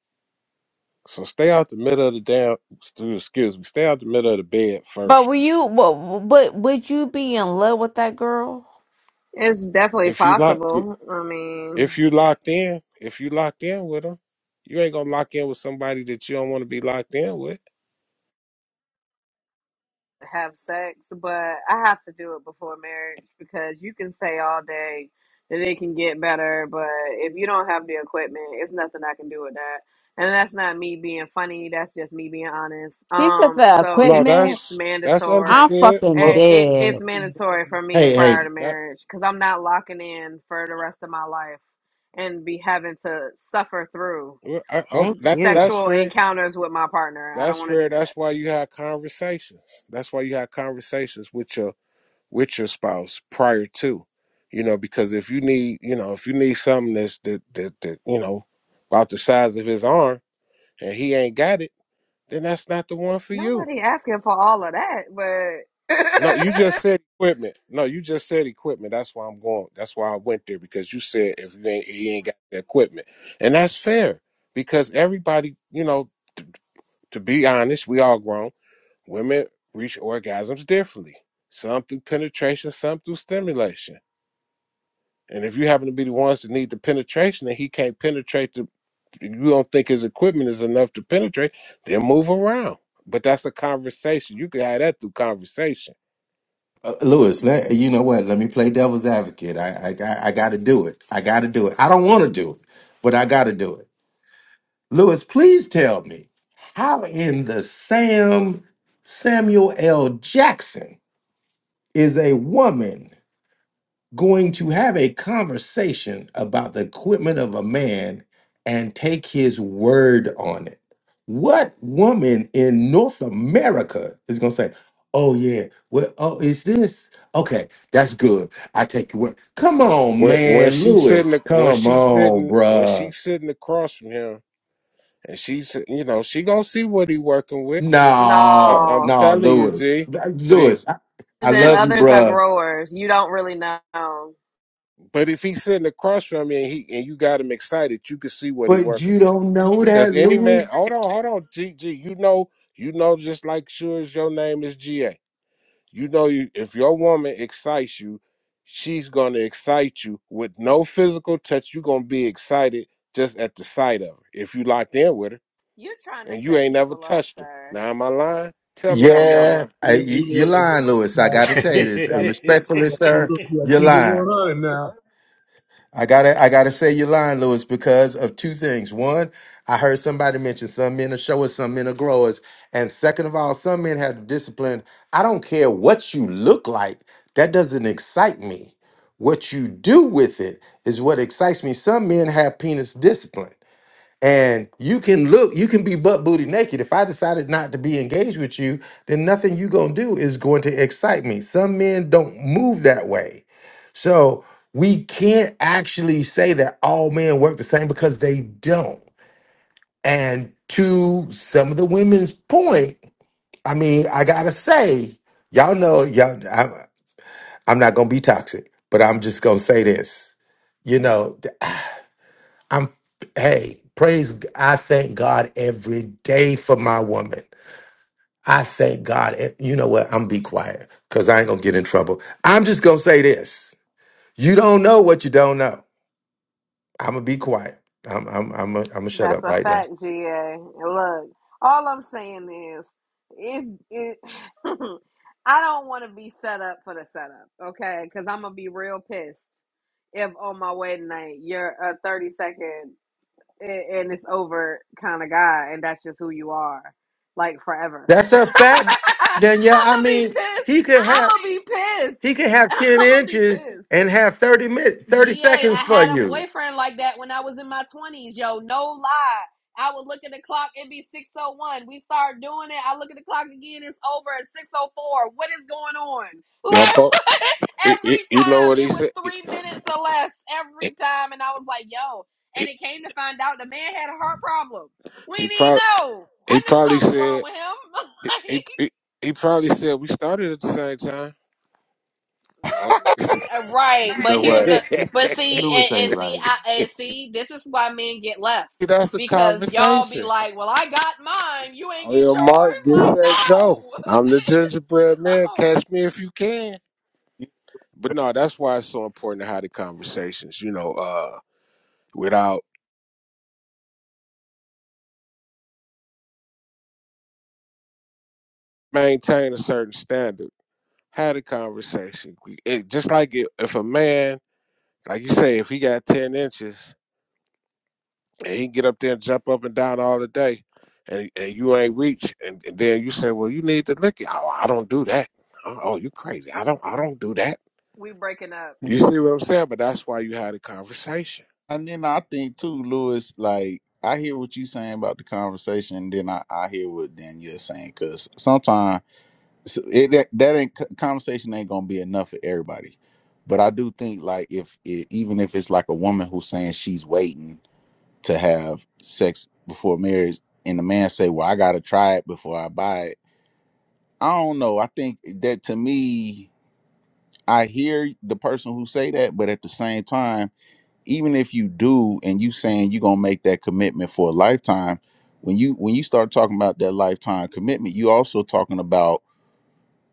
So stay out the middle of the damn. Excuse me. Stay out the middle of the bed
But
first.
were you, but, but would you be in love with that girl?
It's definitely
If you lock,
possible. I
if
mean.
you locked in, if you locked in with them, you ain't gonna lock in with somebody that you don't want to be locked in with.
have sex, but I have to do it before marriage because you can say all day that it can get better, but if you don't have the equipment, it's nothing I can do with that. And that's not me being funny, that's just me being honest.
She said
Um
the
so
No,
it's
equipment.
it's
that's that's
mandatory.
I'm
understood.
fucking
Eh,
Oh,
It,
dead.
it's mandatory for me
Hey,
prior
hey,
to
That
marriage because I'm not locking in for the rest of my life and be having to suffer through
well, I, I,
thank
that
you.
that's
sexual
fair.
encounters with my partner. I don't
That's
want to
fair.
do that.
That's why you have conversations. That's why you have conversations with your with your spouse prior to you know because if you need you know if you need something that's that that, that you know about the size of his arm and he ain't got it then that's not the one for you
Nobody asking for all of that, but
no you just said equipment no you just said equipment that's why i'm going that's why i went there because you said if you ain't he ain't got the equipment and that's fair because everybody you know t- to be honest we all grown women reach orgasms differently some through penetration some through stimulation And if you happen to be the ones that need the penetration and he can't penetrate the you don't think his equipment is enough to penetrate, then move around. But that's a conversation. You can have that through conversation.
uh, Lewis. Let, you know what? Let me play devil's advocate. I, I, I, got to do it. I got to do it. I don't want to do it, but I got to do it. Lewis, please tell me how in the Sam Samuel L. Jackson is a woman going to have a conversation about the equipment of a man and take his word on it. What woman in North America is going to say, Oh, yeah, well, oh, is this okay? That's good. I take your word. Come on,
When when
man,
she
Lewis.
sitting when
Come
she
on,
sitting when she
bruh.
sitting across from him and she's you know she gonna see what he working with.
<laughs>
I,
No,
I'm
no.
no,
telling you,
Lewis.
G, G,
Lewis, I, I
And
G.
love you,
others are
bruh.
growers. You don't really know.
But if he's sitting across from you and he and you got him excited, you can see what he
But
working
you
with.
don't know
Because
that,
any
Lewis.
man, hold on, hold on, G, G. You know, you know, just like sure as your name is Ga. You know, you if your woman excites you, she's gonna excite you with no physical touch. You're gonna be excited just at the sight of her. If you locked in with her
You're trying to
and you
set
ain't never
people up,
touched her.
sir.
Now am I lying? Tell me I'm lying.
Yeah, I,
Yeah,
you, you're
yeah, yeah.
lying, Lewis.
Come
I
on,
got
<laughs>
to
I
I
tell you this Uh,
got-
respectfully,
you
sir.
look like
You're
you the
lying.
100 now.
I gotta, I gotta say you're lying, Lewis, because of two things. One, I heard somebody mention some men are showers, some men are growers, and second of all, some men have discipline. I don't care what you look like; that doesn't excite me. What you do with it is what excites me. Some men have penis discipline. And you can look, you can be butt booty naked. If I decided not to be engaged with you, then nothing you gonna do is going to excite me. Some men don't move that way. So we can't actually say that all men work the same because they don't. And to some of the women's point, I mean, I gotta say, y'all know, y'all, I'm, I'm not gonna be toxic, but I'm just gonna say this. You know, I'm hey, praise G- I thank God every day for my woman. I thank God. e- You know what? I'm be quiet because I ain't gonna get in trouble. I'm just gonna say this. You don't know what you don't know. I'm gonna be quiet. I'm I'm I'm gonna I'm gonna shut
That's
up
a
right now.
fact, GA. And Look, all I'm saying is, is it. <laughs> I don't want to be set up for the setup, okay? Because I'm gonna be real pissed if on my wedding night you're a 30 second a- and it's over kind of guy, and that's just who you are, like forever.
That's
<laughs> I'm
a fact, Danielle. I
gonna be
mean,
pissed.
he could
I'm
have
gonna be pissed.
he could
<laughs>
have
I'm
10
gonna be
inches
pissed.
and have 30 minutes, 30
GA,
seconds
I
for
had a
you.
boyfriend like that when I was in my 20s, yo. No lie. I would look at the clock, it'd be 601. We start doing it. I look at the clock again, it's over at 604. What is going on? <laughs>
Yeah,
Like,
bro.
what?
It, it,
every
you know
time
what he
it was
said?
three minutes or less, every time. And I was like, yo. And it came to find out the man had a heart problem. We
He
didn't
probably
know. I
he
knew
probably
something was wrong
said
with
he,
him. <laughs>
he he he probably said we started at the same time. Oh,
Uh, Right,
You
but
know
<laughs>
here's
what?
the but see
Louis
and,
ain't
and see
right.
I and see this is why men get left
That's a
because y'all be
conversation.
like, well, I got mine, you ain't
On
get
your mark,
yours.
get
Like,
set, go.
no,
I'm the gingerbread
<laughs>
man.
no,
Catch me if you can. But no, that's why it's so important to have the conversations. You know, uh, without maintain a certain standard, have the conversation. We- It, just like it, if a man, like you say, if he got ten inches and he get up there and jump up and down all the day, and and you ain't reach, and, and then you say, well, you need to lick it. Oh, I don't do that. Oh, oh, you crazy? I don't. I don't do that.
we breaking up.
You see what I'm saying? But that's why you had a conversation
And then I think too, Lewis, like I hear what you saying about the conversation, then I, I hear what Danielle's saying because sometimes it that, that ain't conversation ain't gonna be enough for everybody. But I do think like if it, even if it's like a woman who's saying she's waiting to have sex before marriage, and the man say, "Well, I gotta try it before I buy it." I don't know. I think that to me, I hear the person who say that, but at the same time even if you do and you saying you're gonna make that commitment for a lifetime when you when you start talking about that lifetime commitment you also talking about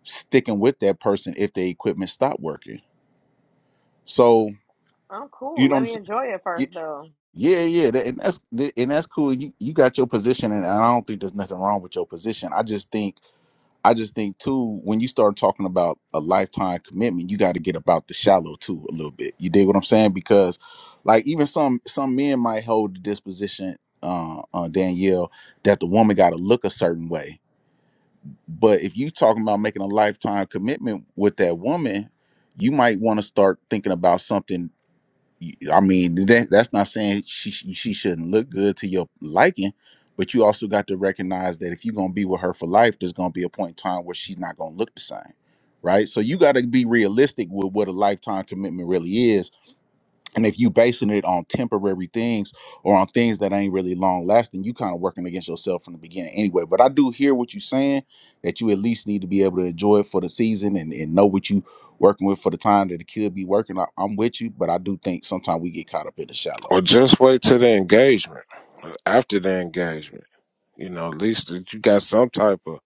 sticking with that person if the equipment stop working so
I'm
you
cool.
know what
Let
I'm
me
saying?
enjoy it
Ye-
first, though.
yeah yeah that, and that's and that's cool you you got your position and i don't think there's nothing wrong with your position i just think I just think too, when you start talking about a lifetime commitment, you got to get about the shallow too a little bit. You dig what I'm saying? Because like even some some men might hold the disposition, uh, uh Danielle, that the woman got to look a certain way. But if you talking about making a lifetime commitment with that woman, you might want to start thinking about something I mean, that, that's not saying she she shouldn't look good to your liking, but you also got to recognize that if you're gonna be with her for life, there's gonna be a point in time where she's not gonna look the same, right? So you got to be realistic with what a lifetime commitment really is, and if you basing it on temporary things or on things that ain't really long lasting, you kind of working against yourself from the beginning anyway. But I do hear what you're saying that you at least need to be able to enjoy it for the season and, and know what you working with for the time that it could be working. I, I'm with you, but I do think sometimes we get caught up in the shallow.
Or just wait till the engagement. After the engagement, you know, at least that you got some type of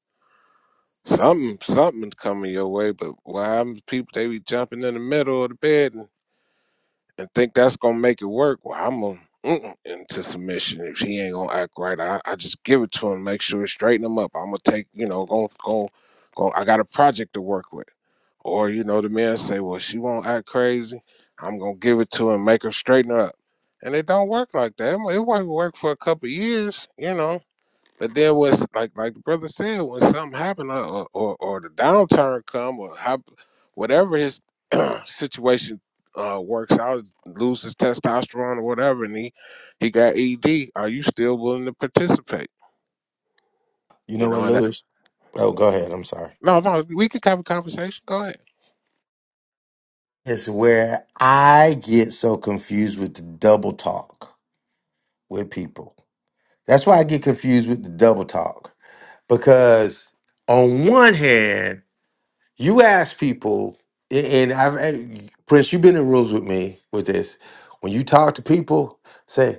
something, something coming your way. But why happens to people? They be jumping in the middle of the bed and and think that's gonna make it work, well, I'm gonna mm-mm into submission if he ain't gonna act right. I, I just give it to him, make sure it's straighten him up. I'm gonna take, you know, go go go. I got a project to work with, or you know, the man say, well, she won't act crazy. I'm gonna give it to him, make her straighten her up, and it don't work like that. It might work for a couple of years, you know but then was like like the brother said, when something happened or or, or or the downturn come or how, whatever his <clears throat> situation uh, works out, loses testosterone or whatever, and he he got ED. Are you still willing to participate?
You
You
know
know,
what,
and that,
Louis? Oh, go ahead. I'm sorry.
no, no, we can have a conversation. Go ahead.
It's where I get so confused with the double talk with people. That's why I get confused with the double talk because on one hand, you ask people, and I've and Prince, you've been in rooms with me with this. When you talk to people, say,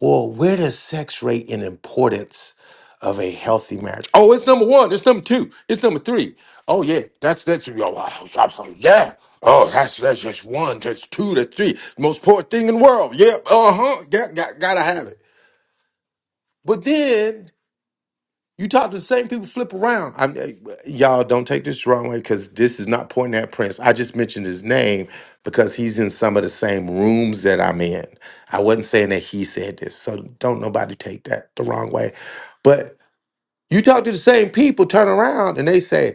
"Well, where does sex rate in importance of a healthy marriage?" Oh, it's number one. It's number two. It's number three. Oh yeah, that's that's oh, wow, yeah. Oh, that's that's just one. That's two. That's three. Most important thing in the world. Yep. Uh huh. Got, got gotta have it. But then you talk to the same people, flip around. I'm, uh, y'all don't take this the wrong way because this is not pointing at Prince. I just mentioned his name because he's in some of the same rooms that I'm in. I wasn't saying that he said this, so don't nobody take that the wrong way. But you talk to the same people, turn around, and they say,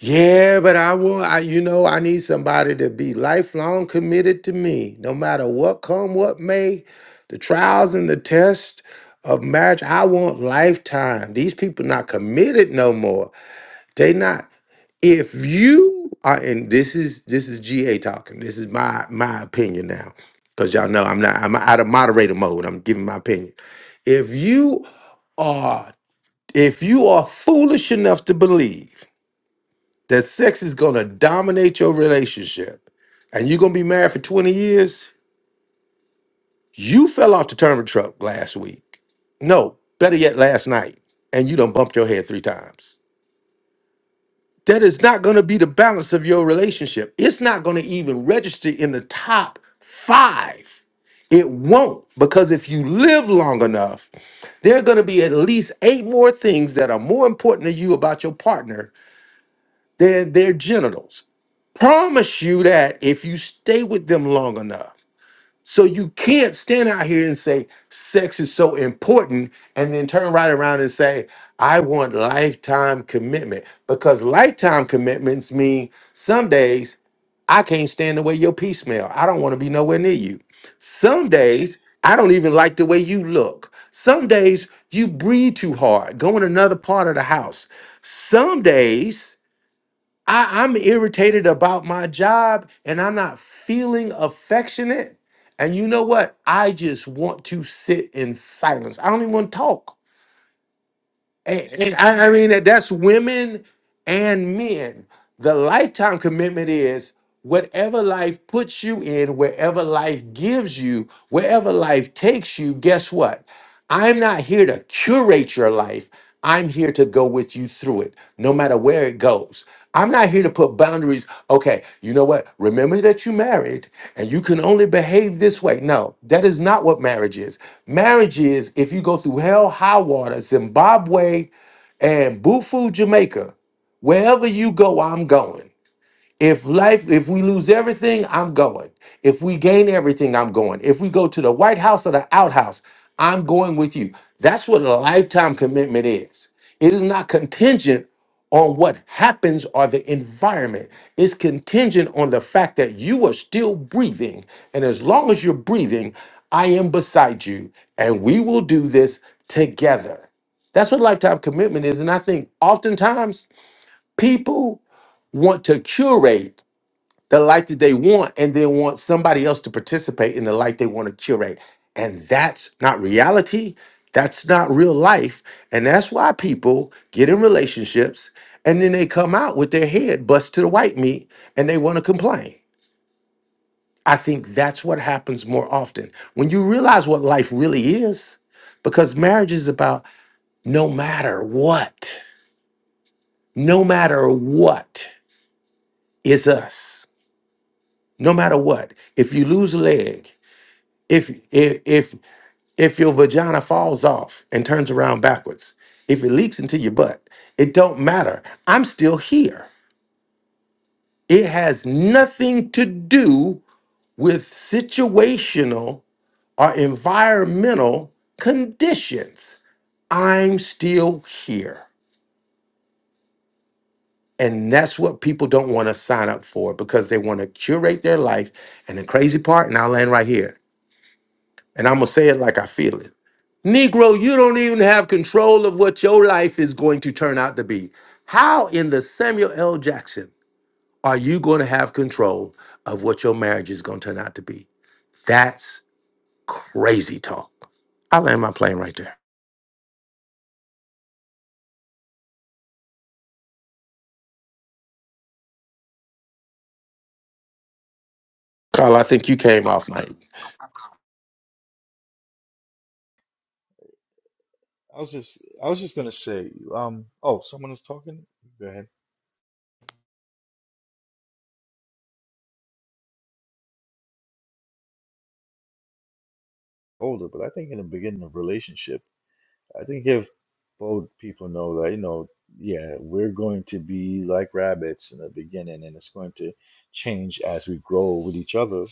yeah, but I want I you know I need somebody to be lifelong committed to me, no matter what come what may, the trials and the tests of marriage. I want lifetime. These people not committed no more. They not. If you are, and this is this is GA talking. This is my my opinion now, because y'all know I'm not I'm out of moderator mode. I'm giving my opinion. If you are if you are foolish enough to believe that sex is going to dominate your relationship and you're going to be married for 20 years, you fell off the turnip truck last week. No, better yet, last night, and you done bumped your head three times. That is not going to be the balance of your relationship. It's not going to even register in the top five. It won't, because if you live long enough, there are going to be at least eight more things that are more important to you about your partner than their genitals promise you that if you stay with them long enough. So you can't stand out here and say sex is so important and then turn right around and say, I want lifetime commitment. Because lifetime commitments mean some days I can't stand the way your pee smell. I don't want to be nowhere near you. Some days I don't even like the way you look. Some days you breathe too hard, go in another part of the house. Some days I, I'm irritated about my job and I'm not feeling affectionate. And you know what? I just want to sit in silence. I don't even want to talk. And, and I, I mean, that- that's women and men. The lifetime commitment is whatever life puts you in, wherever life gives you, wherever life takes you, guess what? I'm not here to curate your life. I'm here to go with you through it, no matter where it goes. I'm not here to put boundaries. Okay, you know what? Remember that you married and you can only behave this way. No, that is not what marriage is. Marriage is if you go through hell, high water, Zimbabwe, and Bufu, Jamaica, wherever you go, I'm going. If life, if we lose everything, I'm going. If we gain everything, I'm going. If we go to the White House or the outhouse, I'm going with you. That's what a lifetime commitment is. It is not contingent on what happens or the environment. It's contingent on the fact that you are still breathing. And as long as you're breathing, I am beside you. And we will do this together. That's what lifetime commitment is. And I think oftentimes people want to curate the life that they want and then want somebody else to participate in the life they want to curate. And that's not reality. That's not real life. And that's why people get in relationships and then they come out with their head bust to the white meat and they want to complain. I think that's what happens more often. When you realize what life really is, because marriage is about no matter what, no matter what is us, no matter what. If you lose a leg, If if if if your vagina falls off and turns around backwards, if it leaks into your butt, it don't matter. I'm still here. It has nothing to do with situational or environmental conditions. I'm still here. And that's what people don't want to sign up for because they want to curate their life. And the crazy part, and I'll land right here, and I'm going to say it like I feel it Negro, you don't even have control of what your life is going to turn out to be. How in the Samuel L. Jackson are you going to have control of what your marriage is going to turn out to be? That's crazy talk. I land my plane right there. Carl, I think you came off mic.
was just I was just gonna say, um, oh, someone was talking. Go ahead. Older, but I think in the beginning of relationship, I think if both people know that, you know, yeah, we're going to be like rabbits in the beginning, and it's going to change as we grow with each other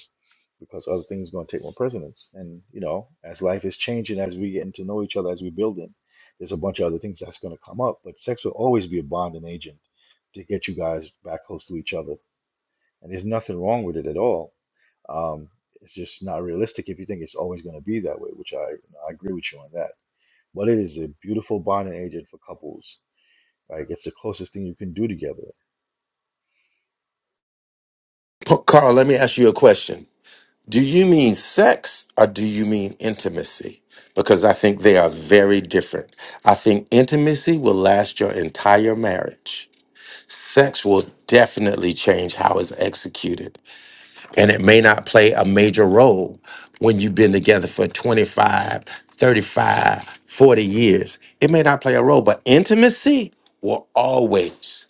because other things are going to take more precedence. And you know, as life is changing, as we getting to know each other, as we building, there's a bunch of other things that's going to come up. But sex will always be a bonding agent to get you guys back close to each other and there's nothing wrong with it at all. Um, it's just not realistic if you think it's always going to be that way, which I, I agree with you on that. But it is a beautiful bonding agent for couples. Like it's the closest thing you can do together.
P- Carl, let me ask you a question. Do you mean sex or do you mean intimacy? Because I think they are very different. I think intimacy will last your entire marriage sex will definitely change how it's executed. And it may not play a major role when you've been together for 25, 35, 40 years. It may not play a role, but intimacy will always,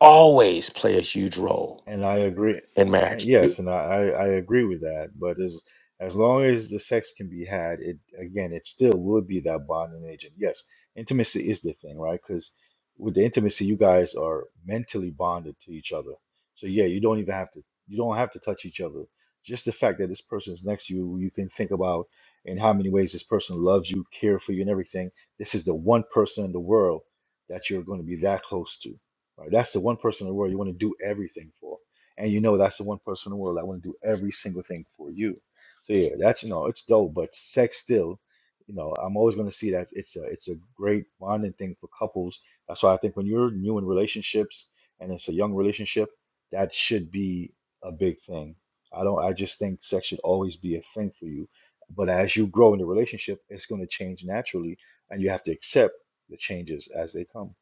always play a huge role
And I agree.
in
Uh,
marriage.
Yes, and I, I I agree with that. But as as long as the sex can be had, it again, it still would be that bonding agent. Yes, intimacy is the thing, right? Because with the intimacy, you guys are mentally bonded to each other. So yeah, you don't even have to you don't have to touch each other. Just the fact that this person is next to you, you can think about in how many ways this person loves you, care for you, and everything. This is the one person in the world that you're going to be that close to Right? That's the one person in the world you want to do everything for. And you know that's the one person in the world that want to do every single thing for you. So yeah, that's you know, it's dope, but sex still, you know, I'm always gonna see that it's a it's a great bonding thing for couples. That's why I think when you're new in relationships and it's a young relationship, that should be a big thing. I don't I just think sex should always be a thing for you. But as you grow in the relationship, it's gonna change naturally and you have to accept the changes as they come.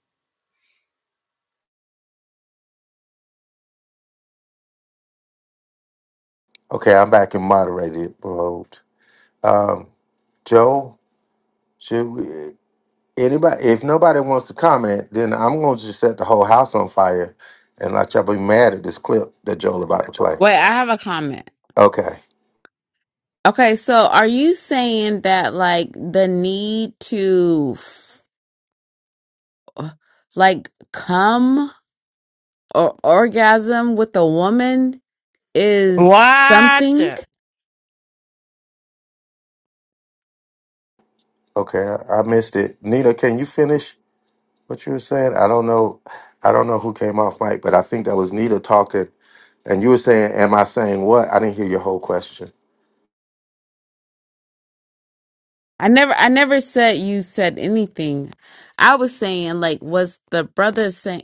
Okay, I'm back in moderated mode. Um, Joe, should we? Anybody, if nobody wants to comment, then I'm going to just set the whole house on fire and let y'all be mad at this clip that Joel about to play.
Wait, I have a comment.
Okay.
Okay, so are you saying that like the need to f- like come or orgasm with a woman is
What?
something?
Okay. I, I missed it. Nita, can you finish what you were saying? I don't know. I don't know who came off mic, but I think that was Nita talking. And you were saying, Am I saying what? I didn't hear your whole question.
I never, I never said you said anything. I was saying like, was the brother saying?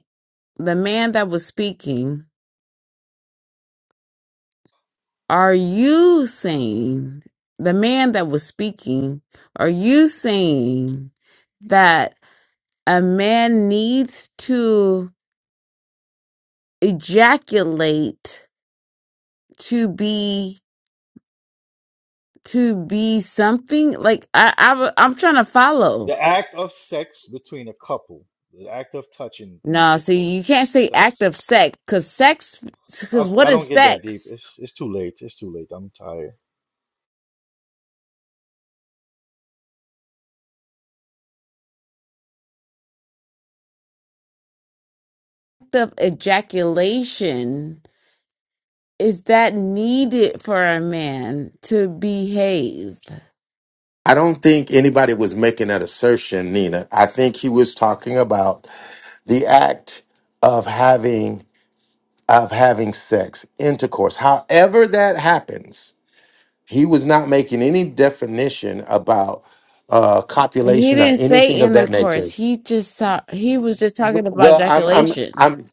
the man that was speaking, are you saying, the man that was speaking, are you saying that a man needs to ejaculate to be to be something like I, I w- I'm trying to follow.
The act of sex between a couple, the act of touching,
No, see, you
intercourse,
can't say act
sex.
of sex because sex
I,
because what
I
is
don't get that deep.
sex?
It's it's too late. It's too late. I'm tired.
Act of ejaculation is that needed for a man to behave?
I don't think anybody was making that assertion, Nina. I think he was talking about the act of having of having sex, intercourse. However that happens, he was not making any definition about uh,
He
copulation or
didn't say
anything of that nature.
intercourse. He just saw, he was just talking about
Well, I'm, I'm,
ejaculation.
I'm.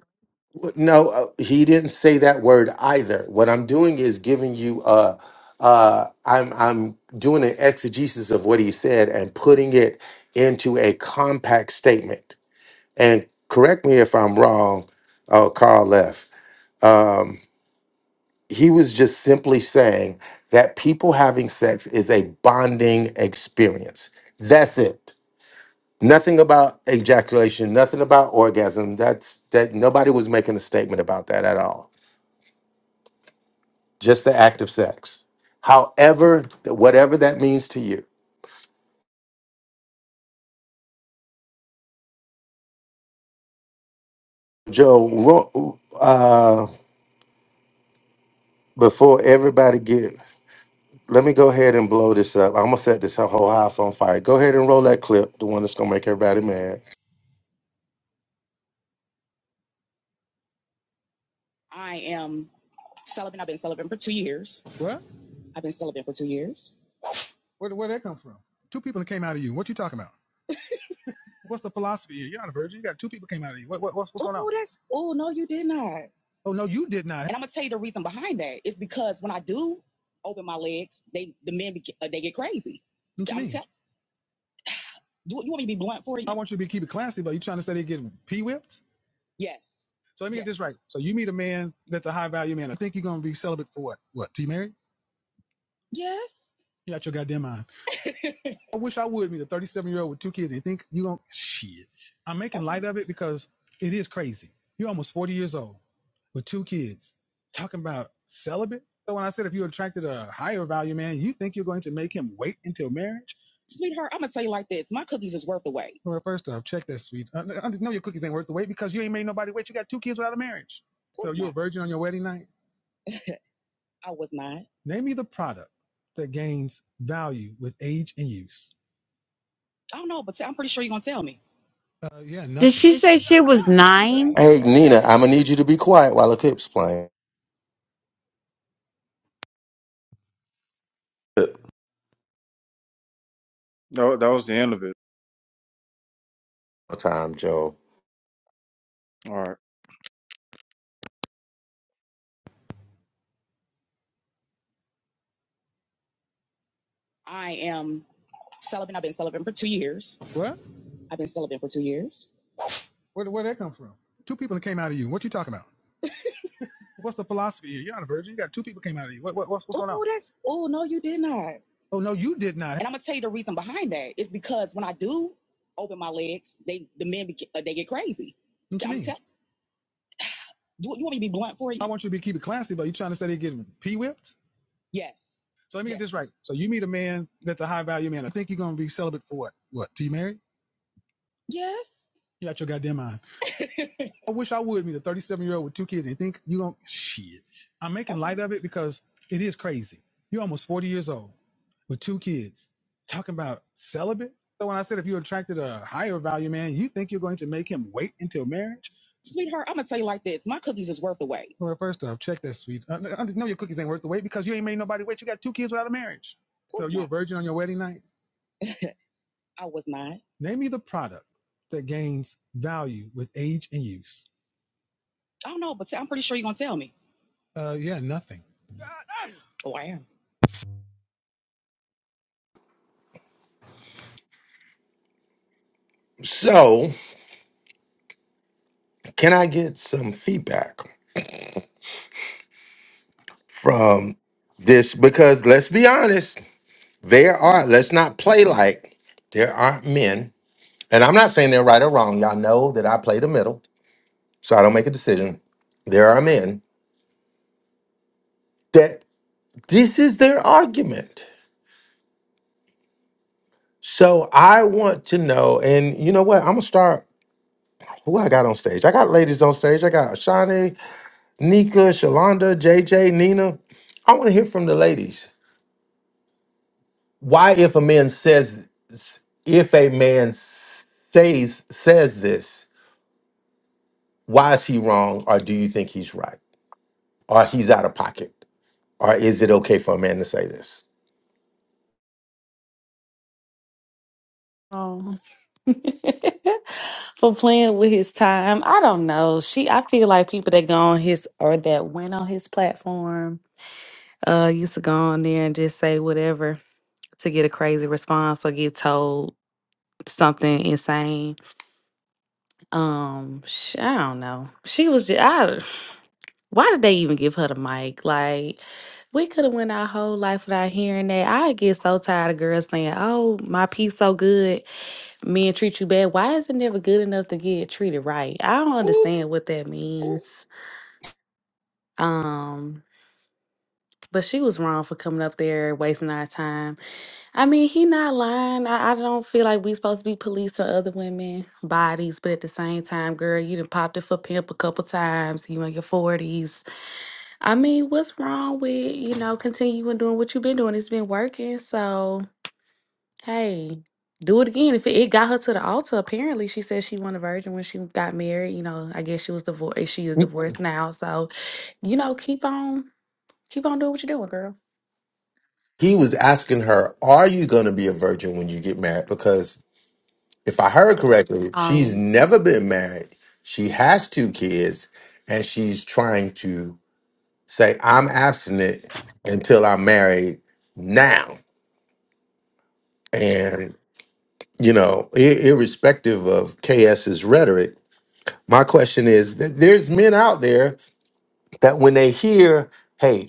No, uh, he didn't say that word either. What I'm doing is giving you uh uh. I'm, I'm doing an exegesis of what he said and putting it into a compact statement. And correct me if I'm wrong. Oh, Carl left. Um, he was just simply saying that people having sex is a bonding experience. That's it. Nothing about ejaculation, nothing about orgasm. That's that nobody was making a statement about that at all. Just the act of sex. However, whatever that means to you. Joe, ro- uh, before everybody get, let me go ahead and blow this up. I'm gonna set this whole house on fire. Go ahead and roll that clip, the one that's gonna make everybody mad.
Where where that come from? Two people that came out of you. What you talking about? What's the philosophy here? You're not a virgin. You got two people came out of you. What what what? Oh no, you did not. want you to be keep it classy, but you trying to say they get pee whipped? So let get this right. So you meet a man that's a high value man. I think you're gonna be celibate for what? What? T married? You got your goddamn mind. I wish I would meet a 37 year old with two kids and think you gonna shit. I'm making light of it because it is crazy. You're almost 40 years old with two kids talking about celibate. So when I said if you attracted a higher value man, you think you're going to make him wait until marriage? Well, first off, check that sweet. I just know your cookies ain't worth the wait because you ain't made nobody wait. You got two kids without a marriage. You a virgin on your wedding night. Name me the product that gains value with age and use. Uh, yeah,
Did
nothing.
she say she was nine?
Hey, Nina, I'm gonna need you to be quiet while the clip's playing.
No, that was the end of it.
No Time, Joe.
All right. What? Where where that come from? Two people that came out of you. What you talking about? What's the philosophy here? You're not a virgin. You got two people came out of you. What? What? What's, what's, oh no, you did not. want you to be keep it classy, but you trying to say they getting p whipped? So let get this right. So you meet a man that's a high value man. I think you're gonna be celibate for what? What? Till you married? You got your goddamn mind. I wish I would be the 37 year old with two kids and think you don't shit. I'm making light of it because it is crazy. You're almost 40 years old with two kids talking about celibate. So when I said if you attracted a higher value man, you think you're going to make him wait until marriage? Well, first off, check that sweet. I I just know your cookies ain't worth the wait because you ain't made nobody wait. You got two kids without a marriage. virgin on your wedding night. Name me the product that gains value with age and use. Uh, yeah, nothing.
So, can I get some feedback? from this because let's be honest, there are, let's not play like there aren't men, and I'm not saying they're right or wrong. Y'all know that I play the middle, so I don't make a decision. There are men that this is their argument. So I want to know, and you know what? I'm gonna start. Who I got on stage? I got ladies on stage. I got Ashani, Nika, Shalonda, JJ, Nina. I want to hear from the ladies. why if a man says if a man says says this why is he wrong or do you think he's right or he's out of pocket or is it okay for a man to say this
Oh. <laughs> For playing with his time. I don't know. She I feel like people that go on his or that went on his platform uh used to go on there and just say whatever to get a crazy response or get told something insane. Um sh- I don't know. She was just I Why did they even give her the mic? Like, we could have went our whole life without hearing that. I get so tired of girls saying, "Oh, my piece so good, men treat you bad." Why is it never good enough to get treated right? I don't understand what that means. Um, but she was wrong for coming up there wasting our time. I mean, he not lying. I, I don't feel like we supposed to be policing other women bodies, but at the same time, girl, you done popped it for pimp a couple times. You in your forties. I mean, what's wrong with you know continuing doing what you've been doing? It's been working, so hey, do it again. If it, it got her to the altar, apparently she said she won a virgin when she got married. You know, I guess she was divorced. She is divorced now, so you know, keep on keep on doing what you're doing, girl.
he was asking her are you going to be a virgin when you get married because if i heard correctly she's
Um,
never been married she has two kids and she's trying to say i'm abstinent until i'm married now you know, i- irrespective of KS's rhetoric, my question is that there's men out there that when they hear, hey,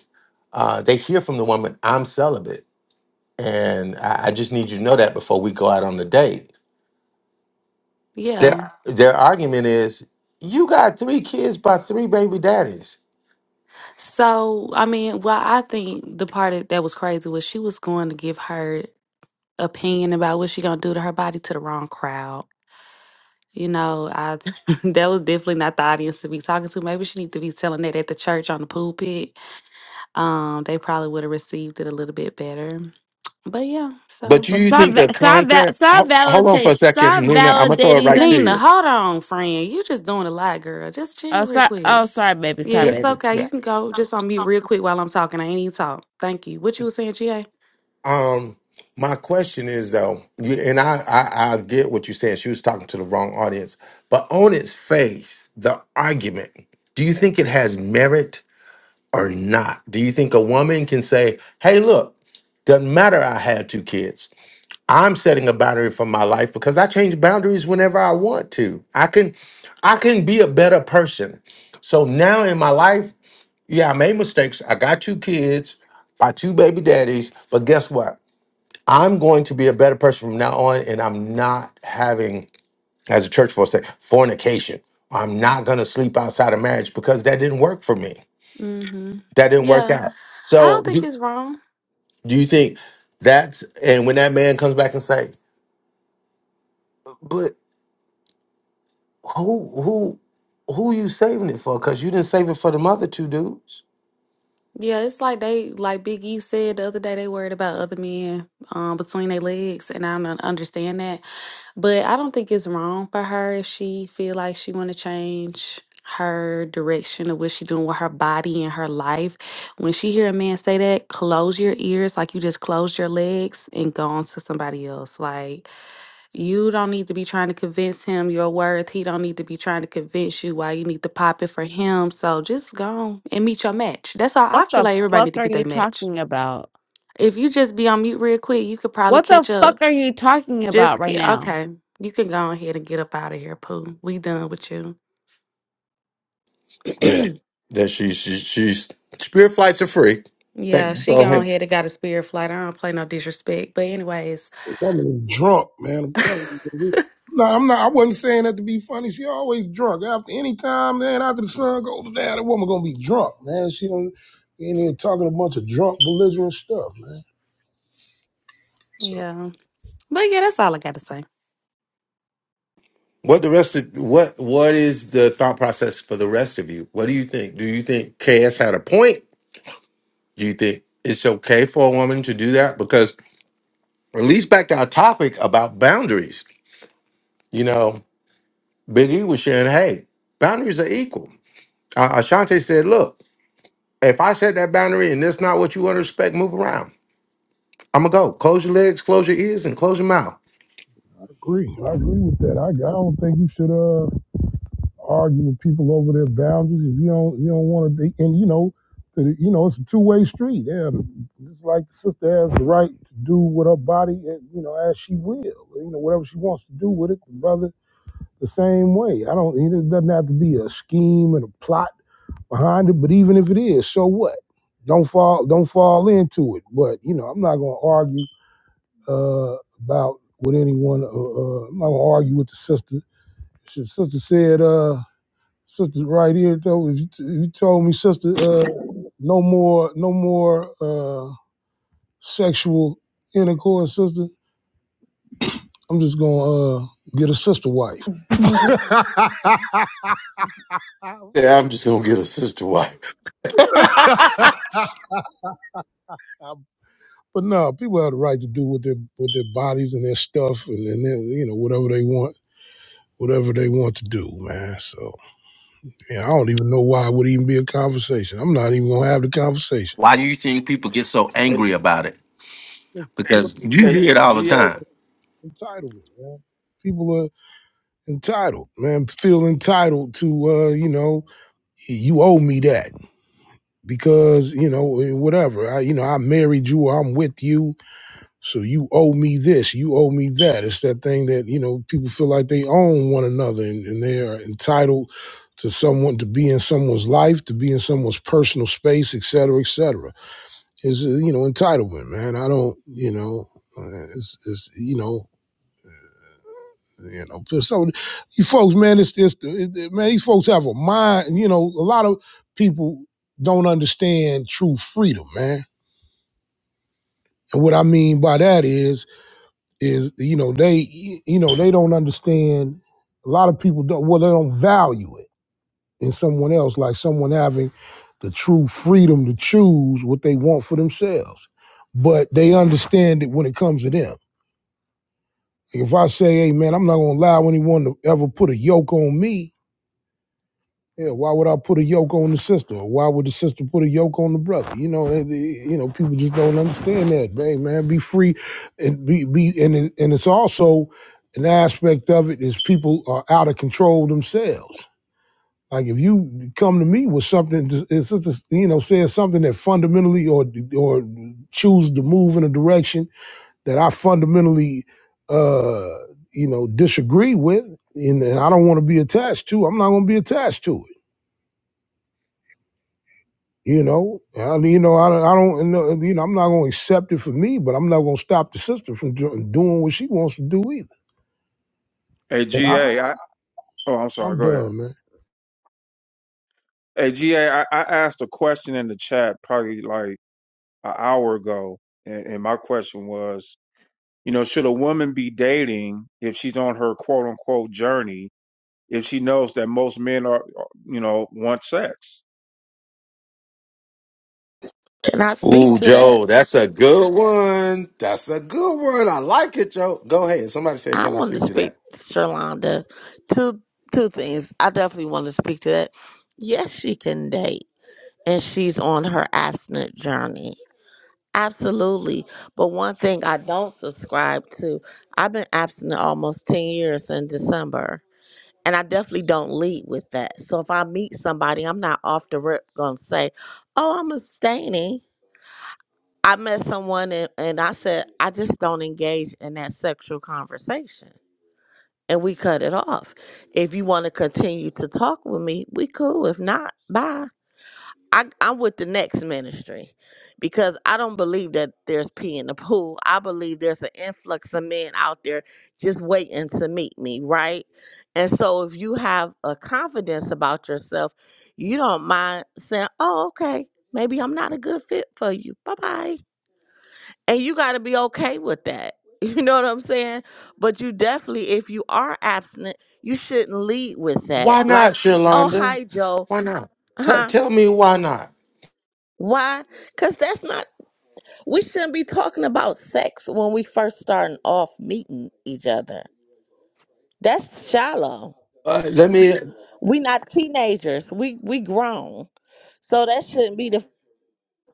uh, they hear from the woman, I'm celibate, and I, I just need you to know that before we go out on the date. Their
yeah.
Yeah. their argument is, you got three kids by three baby daddies.
So, I mean, well, I think the part that that was crazy was she was going to give her opinion about what she gonna do to her body to the wrong crowd. You know, I <laughs> that was definitely not the audience to be talking to. Maybe she need to be telling that at the church on the pulpit. Um, they probably would have received it a little bit better. But yeah, so
But
Well,
you
stop,
think
va-
the
stop, va-
content?
stop
Ho- Hold on for
validating,
a second,
stop
Nina. I'm gonna throw it
validating
right
them.
to
Nina,
you.
hold on, friend. You just doing a lot, girl. Just
Oh,
chill real
sorry.
quick.
Oh, sorry, baby.
Yeah,
Sorry,
it's
baby.
okay.
Yeah,
You can go just on mute real quick while I'm talking. I ain't even talk. Thank you. What you was saying, GA?
Um, my question is though, you, and I, I I get what you're saying. She was talking to the wrong audience, but on its face, the argument. Do you think it has merit or not? Do you think a woman can say, "Hey, look, doesn't matter. I had two kids. I'm setting a boundary for my life because I change boundaries whenever I want to. I can, I can be a better person. So now in my life, yeah, I made mistakes. I got two kids, by two baby daddies, but guess what? I'm going to be a better person from now on, and I'm not having, as a church folks say, fornication. I'm not going to sleep outside of marriage because that didn't work for me.
Mm-hmm.
That didn't work
Yeah.
out.
I
So,
don't think
do,
it's wrong.
do you think that's and when that man comes back and say, "But who who who you saving it for? Because you didn't save it for the other two dudes."
Yeah, it's like they, like Big E said the other day, they worried about other men um, between their legs, and I don't understand that. But I don't think it's wrong for her if she feel like she want to change her direction of what she doing with her body and her life. When she hear a man say that, close your ears like you just closed your legs and go on to somebody else. Like you don't need to be trying to convince him your worth. He don't need to be trying to convince you why you need to pop it for him. So just go on and meet your match. That's all
What
I feel
the
like everybody
fuck
need to
are
get
you
their match.
talking about?
If you just be on mute real quick, you could probably
What the
catch up
fuck are you talking about
just
right
ki-
now?
okay. You can go ahead and get up out of here, Pooh. We done with you.
Yes,
<clears throat>
that she she she's spirit flights are free. Thank
yeah,
you.
she
Go ahead.
gone ahead and got a spirit flight. I don't play no disrespect. But anyways,
Woman is drunk, man. I'm
<laughs>
telling you. No, I'm not. I wasn't saying that to be funny. She always drunk. After any time, man, after the sun goes down, the woman gonna be drunk, man. She don't in here talking a bunch of drunk, belligerent stuff, man. So
yeah. But yeah, that's all I gotta say.
What the rest of what what is the thought process for the rest of you? What do you think? Do you think KS had a point? Do you think it's okay for a woman to do that? Because at least back to our topic about boundaries, you know, Big E was sharing, hey, boundaries are equal. Uh, Ashante said, look, if I set that boundary and that's not what you want to respect, move around. I'm gonna go. Close your legs, close your ears, and close your mouth.
Agree. I agree with that. I, I don't think you should uh argue with people over their boundaries if you don't you don't want to. And you know, that it- you know, it's a two way street. Yeah, it's like the sister has the right to do with her body, and you know, as she will, you know, whatever she wants to do with it. The brother the same way. I don't. It doesn't have to be a scheme and a plot behind it. But even if it is, so what? Don't fall. Don't fall into it. But you know, I'm not going to argue uh, about with anyone. Uh, uh, I'm not going to argue with the sister. She, sister said, uh, "Sister, right here though. If you, t- if you told me, sister, uh, no more, no more uh, sexual intercourse, sister. I'm just gonna uh, get a sister wife."
Yeah, I'm just gonna get a sister wife. <laughs>
But no, people have the right to do with their with their bodies and their stuff and, and their, you know whatever they want, whatever they want to do, man. So yeah, I don't even know why it would even be a conversation. I'm not even gonna have the conversation.
Why do you think people get so
Hey,
angry about it?
People are
because you
hey,
hear it all the
GA.
time.
Entitlement, man. People are entitled, man. Feel entitled to, uh, you know, you owe me that because you know whatever. I, you know, I married you. or I'm with you So you owe me this, you owe me that. It's that thing that, you know, people feel like they own one another and, and they are entitled to someone to be in someone's life, to be in someone's personal space, et cetera, et cetera. It's, uh, you know, entitlement, man. I don't, you know, uh, it's, it's you know, you know, so you folks, man, it's this, it, it- man, these folks have a mind, you know, a lot of people don't understand true freedom, man. And what I mean by that is is you know they you know they don't understand a lot of people don't well they don't value it in someone else like someone having the true freedom to choose what they want for themselves but they understand it when it comes to them Like, if i say hey man i'm not going to allow anyone to ever put a yoke on me Yeah, why would I put a yoke on the sister? Or why would the sister put a yoke on the brother? You know, they, they- you know, people just don't understand that. Hey, man, be free, and be be, and it, and it's also an aspect of it is people are out of control themselves. Like if you come to me with something, it's just you know, says something that fundamentally or or choose to move in a direction that I fundamentally, uh, you know, disagree with, and, and I don't want to be attached to. I'm not going to be attached to it. You know, I, you know, I, don't- I don't, know, you know, I'm not going to accept it for me, but I'm not going to stop the sister from do, doing what she wants to do either.
Hey,
And I,
GA. oh, I'm sorry.
I'm
Go ahead.
done, man.
Hey, GA, asked a question in the chat probably like an hour ago, and, and my question was, you know, should a woman be dating if she's on her quote unquote journey if she knows that most men are, you know, want sex?
Can I speak
Ooh,
to that?
Joe, that's a good one. That's a good one. I like it, Joe. Go ahead. Somebody said,
I
"Can I
want to
speak to
speak,
that?"
Shalonda. Two two things. I definitely want to speak to that. Yes, she can date, and she's on her abstinent journey Absolutely. But one thing I don't subscribe to, I've been abstinent almost 10 years in December. And I definitely don't lead with that. So if I meet somebody, I'm not off the rip going to say, oh, I'm abstaining. I met someone and, and I said, I just don't engage in that sexual conversation. And we cut it off. If you want to continue to talk with me, we cool. If not, bye. I, I'm with the next ministry because I don't believe that there's pee in the pool. I believe there's an influx of men out there just waiting to meet me, right? And so if you have a confidence about yourself, you don't mind saying, oh, okay, maybe I'm not a good fit for you. Bye bye. And you got to be okay with that. <laughs> You know what I'm saying? But you definitely, if you are abstinent, you shouldn't lead with that.
Why not,
Like, oh,
Shalonda?
hi, Joe.
Why not? T-
Huh?
tell me why not.
Why? Because that's not We shouldn't be talking about sex when we first starting off meeting each other. That's shallow.
Uh, let me.
We not teenagers. We we grown. So that shouldn't be the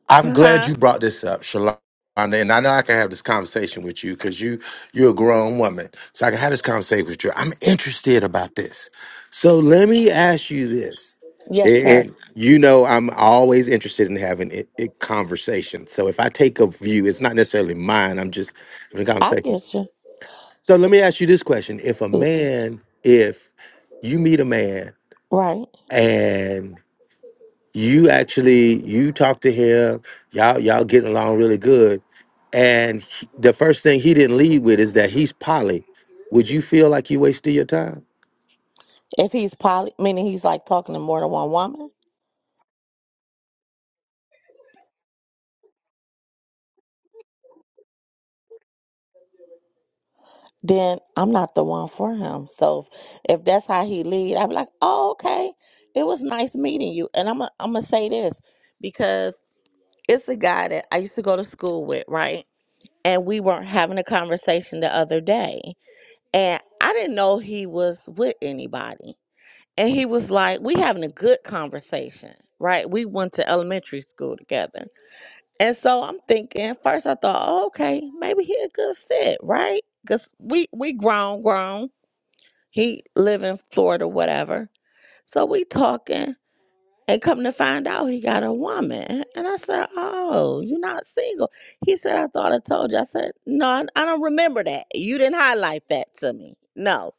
I'm glad
huh.
you brought this up, Shalonda, and I know I can have this conversation with you because you you're a grown woman, so I can have this conversation with you. I'm interested about this, so let me ask you this.
Yes,
It,
sir.
it- you know, I'm always interested in having it, it conversation. So if I take a view, it's not necessarily mine. I'm just having a
I
conversation.
get you.
So let me ask you this question: If a man, if you meet a man
Right.
and you actually you talk to him y'all y'all getting along really good and he- the first thing he didn't lead with is that he's poly would you feel like you wasted your time
If he's poly, meaning he's like talking to more than one woman, then I'm not the one for him. So if, if that's how he lead, I'm like, oh, okay. It was nice meeting you. And I'm i I'm gonna say this because it's a guy that I used to go to school with, right? and we weren't having a conversation the other day and i didn't know he was with anybody and he was like we having a good conversation right we went to elementary school together and so i'm thinking first i thought oh, okay maybe he a good fit right because we we grown grown he live in florida whatever so we talking and come to find out, he got a woman. And I said, Oh, you're not single. He said, I thought I told you. I said, No, I I don't remember that. You didn't highlight that to me. No.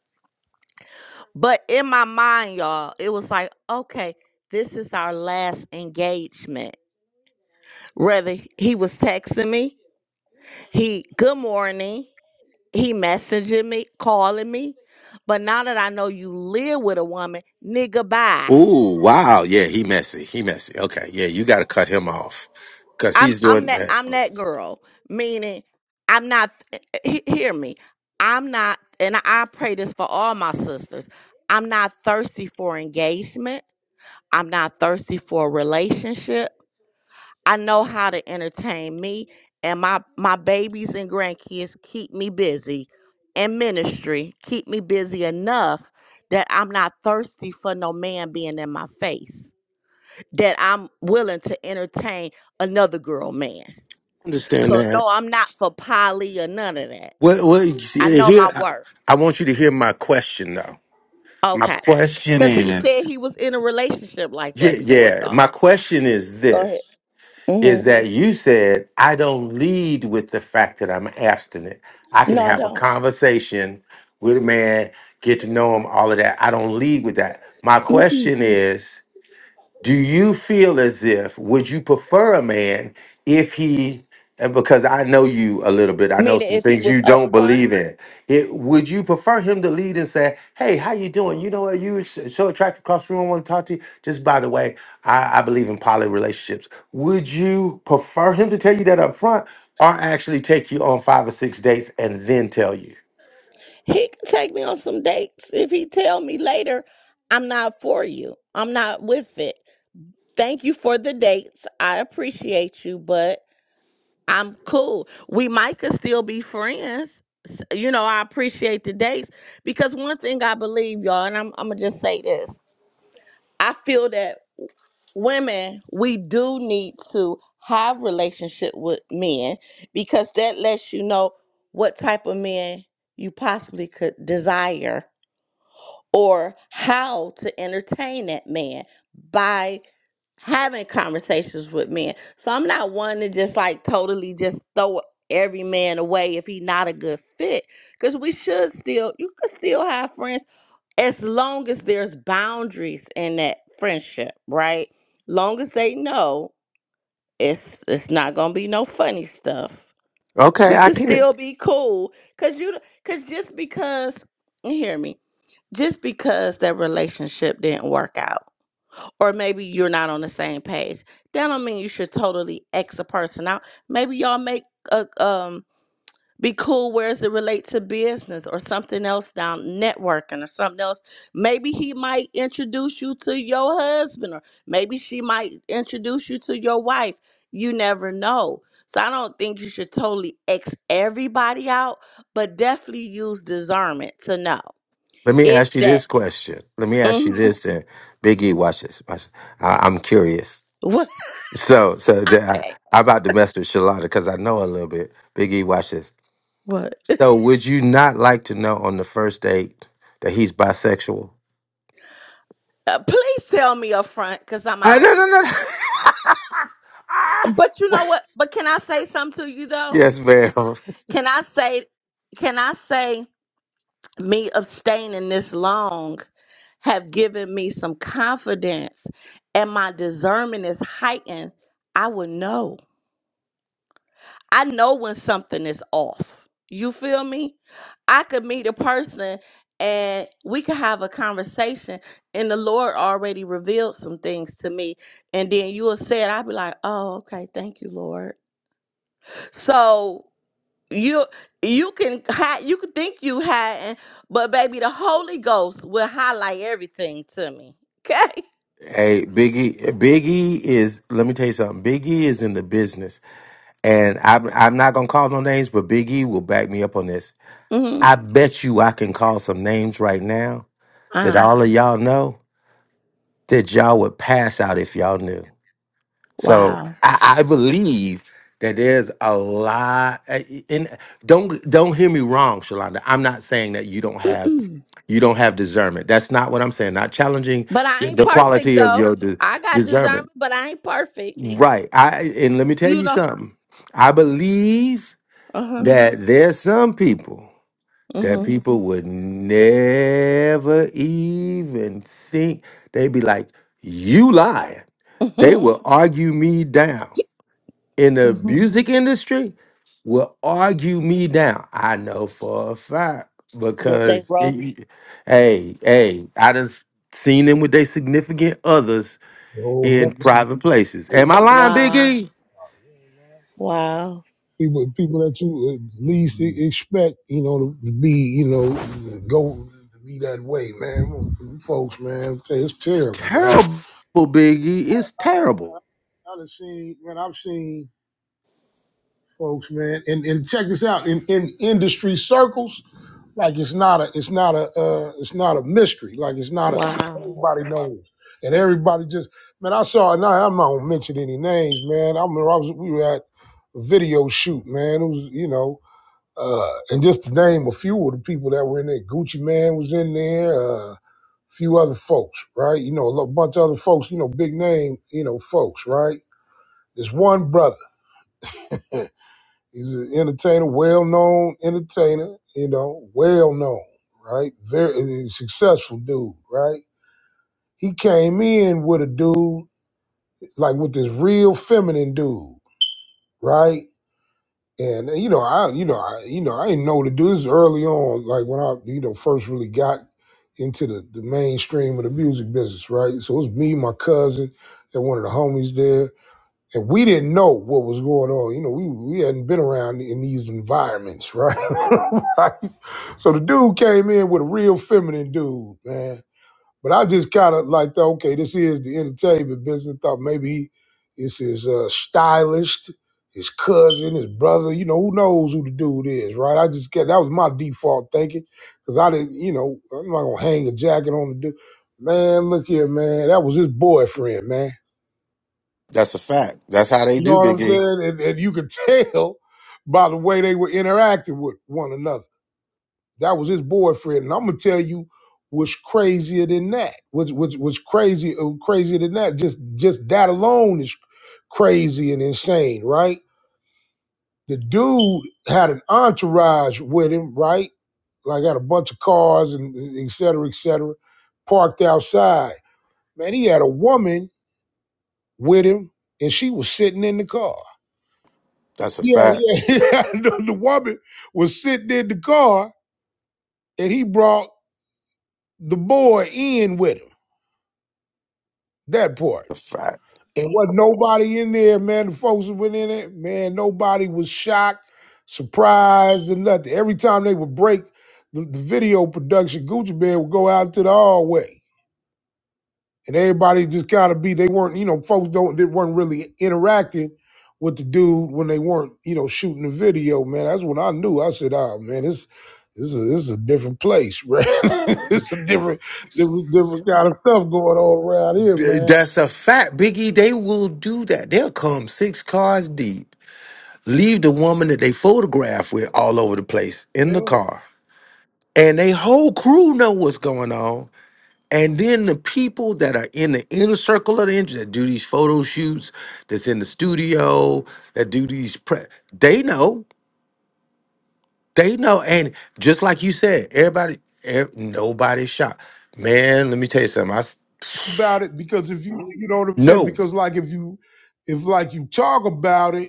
But in my mind, y'all, it was like, Okay, this is our last engagement. Whether he was texting me, he, good morning, he messaging me, calling me. But now that I know you live with a woman, nigga, bye.
Ooh, wow yeah he messy he messy okay yeah you got to cut him off because
I'm
he's
I'm
doing
that
that
I'm that girl. Meaning, I'm not. eh, eh, he- hear me. I'm not, and I pray this for all my sisters. I'm not thirsty for engagement. I'm not thirsty for a relationship. I know how to entertain me, and my my babies and grandkids keep me busy, and ministry keep me busy enough that I'm not thirsty for no man being in my face. That I'm willing to entertain another girl man
understand
so
that
no, I'm not for poly or none of that.
well, well you
I
see,
know
here
my
I,
worth.
I want you to hear my question though my
Okay.
question
Cause he said
is
he was in a relationship like
yeah
that before,
yeah my
y'all.
question is
Go ahead.
this
hmm
is that you said, I don't lead with the fact that I'm abstinent. I can
No, I
have a
don't.
conversation with a man, get to know him, all of that. I don't lead with that. My
Mm-mm.
question is, do you feel as if would you prefer a man if he and because I know you a little bit, I know
Meaning,
some
if he
things
was
you
up
don't
front,
believe in. It would you prefer him to lead and say, "Hey, how you doing? You know what? You were s- so attractive across the room. I want to talk to you. Just by the way, I, I believe in poly relationships. Would you prefer him to tell you that up front, or actually take you on five or six dates and then tell you?
he can take me on some dates. If he tell me later, I'm not for you. I'm not with it. Thank you for the dates. I appreciate you, but I'm cool. We might could still be friends. S- You know, I appreciate the dates because one thing I believe, y'all, and I'm, I'm gonna just say this. I feel that women, we do need to have relationship with men because that lets you know what type of men you possibly could desire or how to entertain that man by having conversations with men. So I'm not one to just like totally just throw every man away if he not a good fit. Cause we should still you could still have friends as long as there's boundaries in that friendship, right? Long as they know it's it's not gonna be no funny stuff.
Okay,
We
I
could
can.
still be cool. Cause you cause just because and hear me, just because that relationship didn't work out or maybe you're not on the same page. That don't mean you should totally X a person out. Maybe y'all make a um be cool whereas it relates to business or something else down networking or something else. Maybe he might introduce you to your husband or maybe she might introduce you to your wife. You never know. So I don't think you should totally X everybody out, but definitely use discernment to know
Let me
if
ask you
that.
this question. Let me ask you
Mm-hmm. <laughs>
this, and Biggie, watch this. Watch. this. I, am curious.
What?
So, so
I
the- I,
can't.
I'm about to mess with Shalonda because I know a little bit. Biggie, watch this.
What?
So, would you not like to know on the first date that he's bisexual?
Uh, please tell me up front because I'm
I
out.
no no no. no. <laughs> Ah,
But you know
what?
what? But can I say something to you though?
yes, ma'am.
Can I say, can I say me abstaining this long have given me some confidence and my discernment is heightened? I would know. I know when something is off. You feel me? I could meet a person and we could have a conversation, and the Lord already revealed some things to me. And then you will say it, I'll be like, oh, okay, thank you, Lord. So you you can hide, you can think you hiding, but baby, the Holy Ghost will highlight everything to me. <laughs> Okay.
Hey, Biggie, Biggie is. Let me tell you something. Biggie is in the business, and I'm I'm not gonna call no names, but Biggie will back me up on this.
Mm-hmm.
I bet you I can call some names right now that
Ah,
all of y'all know that y'all would pass out if y'all knew. So
wow.
I, I believe that there's a lot. a- And don't don't hear me wrong, Shalonda. I'm not saying that you don't have
Mm-mm.
you don't have discernment. That's not what I'm saying. Not challenging
But I ain't
the
perfect
quality of
though.
your di-
I got discernment,
discernment.
but I ain't perfect.
Right. I and let me tell
you
you
know.
something. I believe
Uh huh.
that there's some people. that
Mhm.
people would never even think. They'd be like, you lie. They
Mhm.
will argue me down. In the
Mhm. <laughs>
music industry, will argue me down. I know for a fact
That they
because,
wrote.
it- it- hey, hey, I just seen them with their significant others
The whole
in
bunch
Mhm. private places.
of
Am I lying,
Wow.
Biggie?
Wow.
people, people that you at least e- expect, you know, to be, you know, go be that way, man. Folks, man, it's
It's
terrible, man.
terrible, Biggie. It's terrible.
I done seen, man, I've seen folks, man, and, and check this out in, in industry circles. Like it's not a it's not a uh, it's not a mystery. Like it's not a
Wow.
everybody knows and everybody just man. I saw and I, I'm not gonna mention any names, man. I remember I was we were at a video shoot, man. It was you know. Uh, and just to name a few of the people that were in there, Gucci Man was in there. Uh, a few other folks, right? You know, a lo- bunch of other folks, you know, big name, you know, folks, right? There's one brother. He's an entertainer, well known entertainer, you know, well known, right? Very successful dude, right? He came in with a dude, like with this real feminine dude, right? And you know, I you know, I you know, I didn't know the dude. This is early on, like when I, you know, first really got into the, the mainstream of the music business, right? So it was me, my cousin, and one of the homies there and we didn't know what was going on. You know, we we hadn't been around in these environments, right? <laughs> right? So the dude came in with a real feminine dude, man. But I just kind of like thought, okay, this is the entertainment business. Thought maybe he, it's his uh, stylist, his cousin, his brother. You know, who knows who the dude is, right? I just get that was my default thinking because I didn't, you know, I'm not gonna hang a jacket on the dude. Man, look here, man. That was his boyfriend, man
That's a fact. That's how they
you know
do,
what I'm
Biggie.
saying? And, and you could tell by the way they were interacting with one another. That was his boyfriend. And I'm gonna tell you what's crazier than that. What's what's what's crazy uh, crazier than that. Just just that alone is crazy and insane, right? The dude had an entourage with him, right? Like had a bunch of cars and et cetera, et cetera, parked outside. Man, he had a woman with him, and she was sitting in the car.
That's a
Yeah,
fact.
yeah. <laughs> the, the woman was sitting in the car and he brought the boy in with him. That part.
A fact.
And wasn't nobody in there, man. The folks that went in there, man, nobody was shocked, surprised, and nothing. Every time they would break the, the video production, Gucci Man would go out to the hallway. and everybody just gotta be. They weren't, you know, folks don't they weren't really interacting with the dude when they weren't, you know, shooting the video. Man, that's when I knew. I said, "Ah, man, this this is this is a different place, <laughs> man. it's a different, different different kind of stuff going on around here,
Th-
man."
That's a fact, Biggie. They will do that. They'll come six cars deep, leave the woman that they photograph with all over the place in the
Yeah.
car, and they whole crew know what's going on. And then the people that are in the inner circle of the industry that do these photo shoots, that's in the studio, that do these pre, they know, they know. And just like you said, everybody, ev- nobody's shocked. Man, let me tell you something. I s-
About it because if you you know what I'm saying
no.
because like if you if like you talk about it.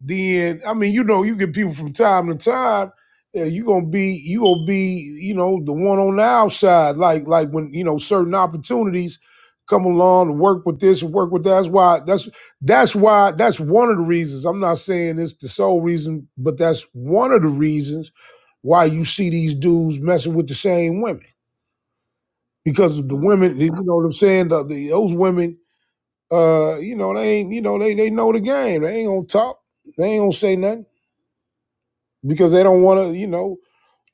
Then I mean, you know, you get people from time to time. Yeah, you gonna be you gonna be you know the one on the outside, like like when you know certain opportunities come along to work with this and work with that. That's why that's that's why that's one of the reasons. I'm not saying it's the sole reason, but that's one of the reasons why you see these dudes messing with the same women because of the women. You know what I'm saying? The, the, those women, uh, you know, they ain't you know they they know the game. They ain't gonna talk. They ain't gonna say nothing because they don't want to, you know,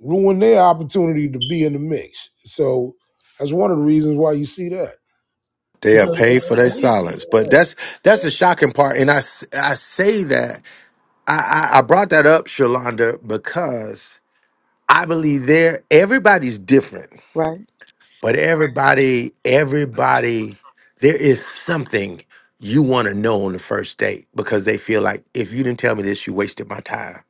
ruin their opportunity to be in the mix. So that's one of the reasons why you see that.
They are
Because
paid for their silence. But that's that's the shocking part. And I, s- I say that I, I, I brought that up, Shalonda, because I believe there everybody's different,
Right.
but everybody, everybody, there is something you want to know on the first date because they feel like if you didn't tell me this, you wasted my time.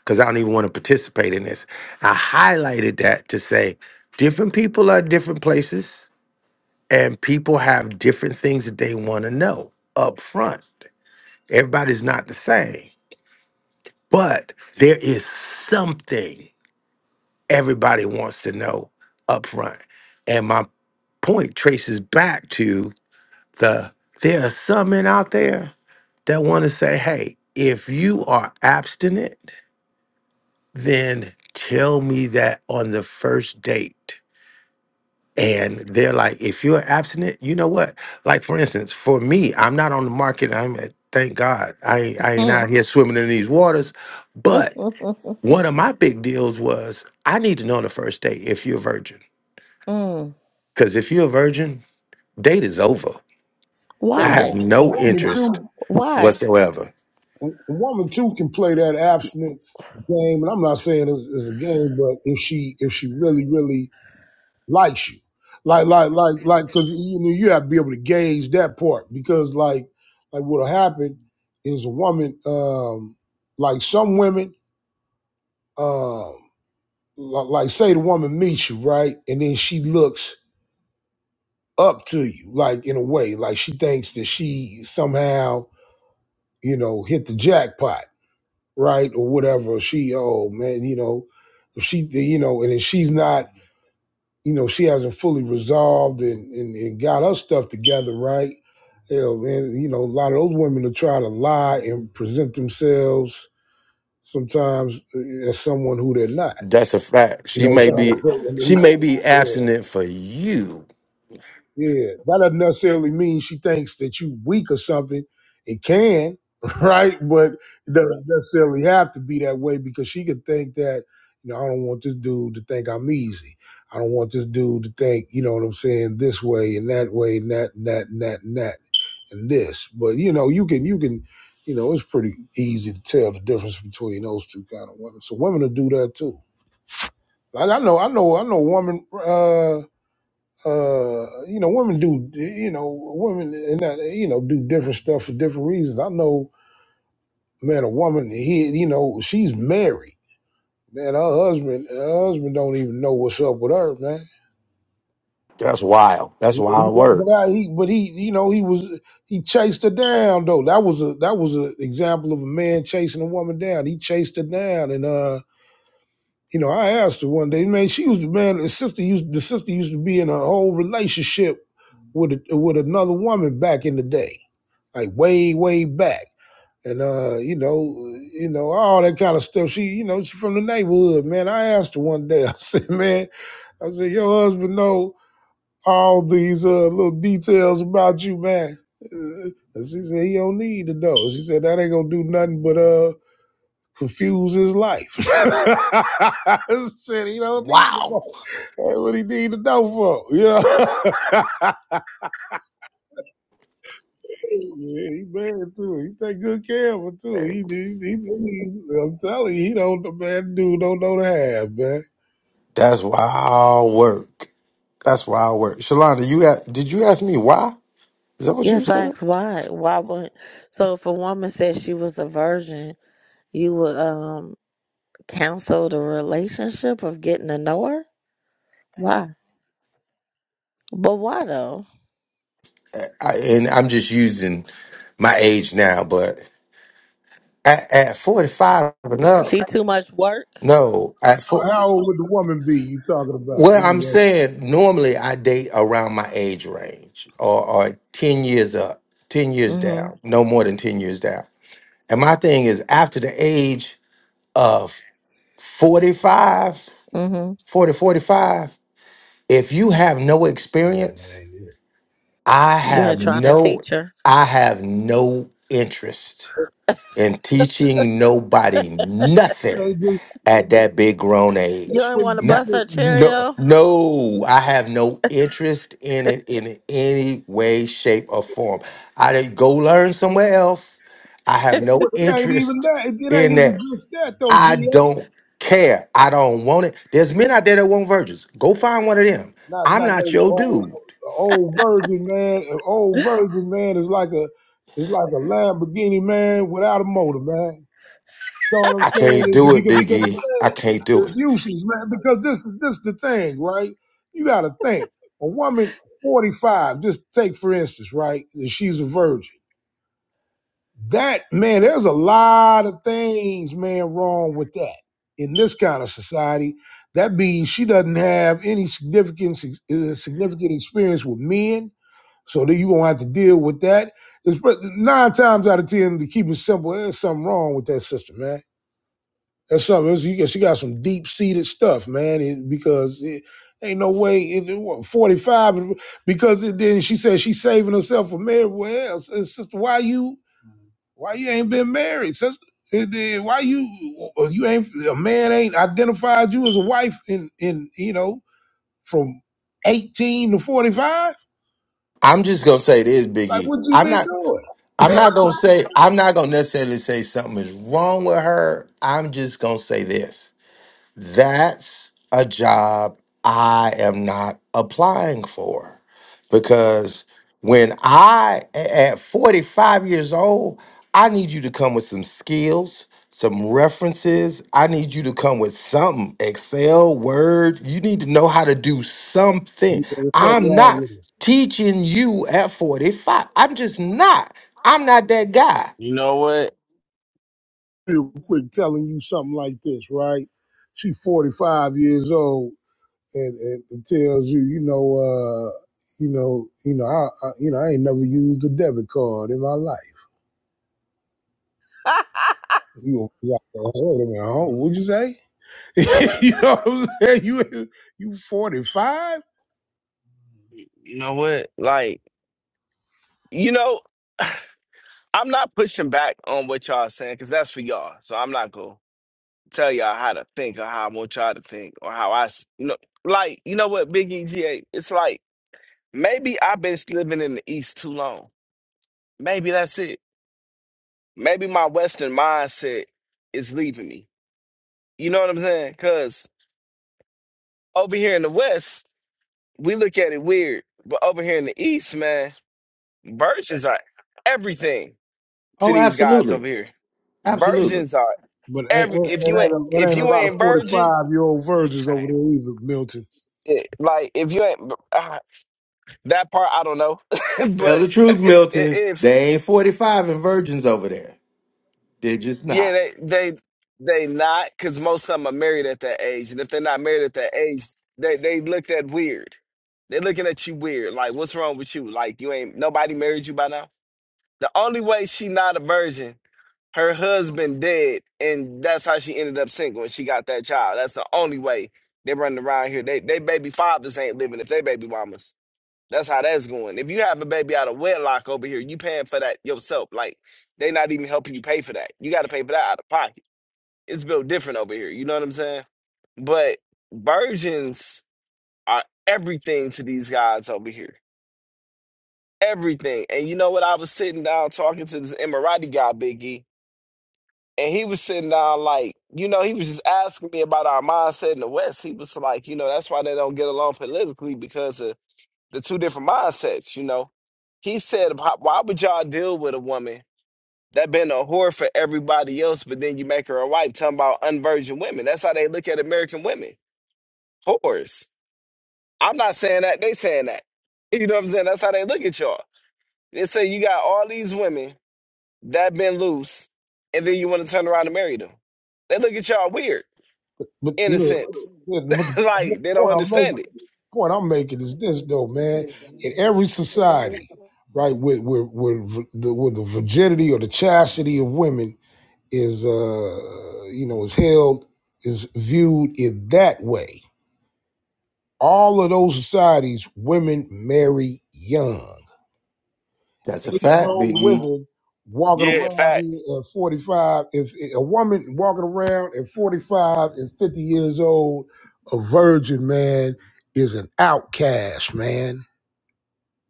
Because I don't even want to participate in this. I highlighted that to say different people are different places and people have different things that they want to know up front. Everybody's not the same, but there is something everybody wants to know up front. And my point traces back to the there are some men out there that want to say, hey, if you are abstinent, then tell me that on the first date and they're like, if you're abstinent, you know what? Like for instance, for me, I'm not on the market. I'm at, thank God, I ain't- I ain't out
Mm.
here swimming in these waters.
<laughs>
But one of my big deals was I need to know on the first date if you're a virgin,
mm.
because if you're a virgin, date is over.
a
I have
wo-
Why?
a
no
woman
interest
too,
Why?
whatsoever.
a woman too can play that abstinence game, and I'm not saying it's, it's a game, but if she if she really really likes you, like like like like, because you know you have to be able to gauge that part because like like what'll happen is a woman, um, like some women. um, like say the woman meets you right and then she looks up to you like in a way like she thinks that she somehow you know hit the jackpot right or whatever she oh man you know if she you know and if she's not you know she hasn't fully resolved and and, and got her stuff together right Hell, man, you know, a lot of those women will try to lie and present themselves sometimes eh, as someone who they're not.
That's a fact.
You
She
know,
may
trying
be she
to,
may be
yeah,
abstinent for you.
Yeah, that doesn't necessarily mean she thinks that you weak or something. It can, <laughs> right? But it doesn't Right. necessarily have to be that way because she could think that, you know, I don't want this dude to think I'm easy. I don't want this dude to think, you know what I'm saying, this way and that way and that and that and that and that and this. But you know, you can you can, you know, it's pretty easy to tell the difference between those two kind of women. So women will do that too. Like I know, I know, I know a woman. Uh, uh, you know, women do, you know, women and that, you know, do different stuff for different reasons. I know, man, a woman, he, you know, she's married. Man, her husband, her husband don't even know what's up with her, man.
That's wild. That's wild work.
But I, he, but he, you know, he was, he chased her down though. That was a, that was an example of a man chasing a woman down. He chased her down, and uh, you know, I asked her one day, man, she was the man. The sister used, the sister used to be in a whole relationship with a, with another woman back in the day like way, way back. And uh, you know, you know, all that kind of stuff. She, you know, she from the neighborhood, man. I asked her one day, <laughs> I said, man, I said, your husband know all these uh little details about you, man. Uh, And she said, he don't need to know. She said, that ain't gonna do nothing but uh confuse his life. <laughs> I said, he don't need to
Wow.
know. That's what he need to know for, you know. <laughs> Yeah, he married too. He take good care of her too.
Hey,
He, he, he, he- I'm telling you, he don't the man dude don't know the half, man.
That's wild work. That's wild work. Shalonda, you a- did you ask me why? Is that what you
Yes, I
said?
asked why. Why would? So, if a woman said she was a virgin, you would um counsel the relationship of getting to know her. Why? But why though?
I, and I'm just using my age now, but at, at 45 and up,
She too much work.
no, at four,
How old would the woman be you talking about?
well,
Let
I'm
me ask
saying normally I date around my age range or, or 10 years up, 10 years
Mhm.
down, no more than 10 years down. And my thing is after the age of 45,
Mhm.
40, 45, if you have no
you. That
experience, I
You
have
ain't trying to
no
teach her.
I have no interest in teaching nobody
ain't, that
nothing
ain't just,
at that big grown
it
You
age.
ain't
wouldn't
want to
be
No,
bust
just,
her cherry
no,
though.
no, I have no interest in it in any way, shape, or form. I did go learn somewhere else. I have no
well, it ain't even
interest
that. It, it ain't
in
even
that.
just that though,
I
GA.
don't care. I don't want it. There's men out there that want virgins. Go find one of them.
Not
I'm
not
not
no
your
old
dude.
old virgin man. An old virgin man is like a is like a Lamborghini man without a motor, man. So what I'm
I
saying
can't
is
do it,
because because the
Biggie. I
thing
can't do
is
it.
useless, man. Because this is this the thing, right? You got to think. A woman 45, just take for instance, right? That she's a virgin. That man, there's a lot of things, man, wrong with that in this kind of society. That means she doesn't have any significant uh, significant experience with men, so then you gonna have to deal with that. It's, but nine times out of ten, to keep it simple, there's something wrong with that system, man that's something. It's- you She got some deep seated stuff, man. it- because it ain't no way in forty five. Because it, then she said she's saving herself for marriage. Well, s- uh, sister, why you why you ain't been married, sister? And then why you uh, you ain't a man ain't identified you as a wife in in you know from eighteen to forty five?
I'm just gonna say this,
Like
Biggie.
what you
I'm
been
not.
doing?
I'm not gonna say. I'm not gonna necessarily say something is wrong with her. I'm just gonna say this. that's a job I am not applying for because when I a- at 45 years old, I need you to come with some skills, some references. I need you to come with something, Excel, Word. You need to know how to do something.
You know, there's something
I'm
wrong
not
with it.
teaching you at 45. I'm just not. I'm not that guy.
You know what?
Real quick, telling you something like this, right? She's 45 years old. it, it, it tells you, you know, uh, you know, you know, I, I, you know, I ain't never used a debit card in my life.
<laughs>
You going like, oh, wait a minute, huh? what'd you say? <laughs> you know what I'm saying? You you 45?
You know what? Like, you know, <sighs> I'm not pushing back on what y'all saying because that's for y'all. So I'm not gonna tell y'all how to think or how I want y'all to think or how I, s- you know, like, you know what, Big EGA? It's like maybe I've been living in the East too long. Maybe that's it. Maybe my Western mindset is leaving me. You know what I'm saying? Because over here in the West, we look at it weird, but over here in the East, man. Virgins are everything to
Oh,
these guys
absolutely.
over here.
Absolutely.
Virgins are
But it, it, it, ain't,
every. If you ain't
a, it
if
ain't a
you
lot of
ain't virgin,
45 year old virgins over there either, Milton.
it, like if you ain't uh, that part, I don't know. <laughs>
Tell
but
the truth,
<laughs> i-
Milton.
if
They ain't 45 and virgins over there. They're just
yeah,
not.
they they they not because most of them are married at that age, and if they're not married at that age, they they looked at weird. They're looking at you weird. Like what's wrong with you? Like you ain't nobody married you by now. The only way she not a virgin her husband dead, and that's how she ended up single, and she got that child. That's the only way they running around here. They they baby fathers ain't living if they baby mamas. That's how that's going. If you have a baby out of wedlock over here, you paying for that yourself. Like they not even helping you pay for that. You got to pay for that out of pocket. It's built different over here. You know what I'm saying? But virgins are everything to these guys over here. Everything. And you know what? I was sitting down talking to this Emirati guy, Biggie and he was sitting down like, you know, he was just asking me about our mindset in the West. He was like, you know, that's why they don't get along politically because of the two different mindsets, you know. He said, "Why why would y'all deal with a woman that been a whore for everybody else, but then you make her a wife?" Talking about unvirgin women. That's how they look at American women, whores. I'm not saying that; they saying that. <laughs> You know what I'm saying? That's how they look at y'all. They say you got all these women that been loose, and then you want to turn around and marry them. They look at y'all weird.
But
in
yeah,
a sense.
yeah but
<laughs>
the
like they don't
point I'm making,
understand it.
point I'm making is this though, man. In every society, right, with with with the with the virginity or the chastity of women is uh you know is held is viewed in that way all of those societies women marry young
That's a
ain't
fact,
no
Biggie.
women walking
Yeah,
around
fact.
here at 45 if a woman walking around at 45 and 50 years old a virgin man is an outcast man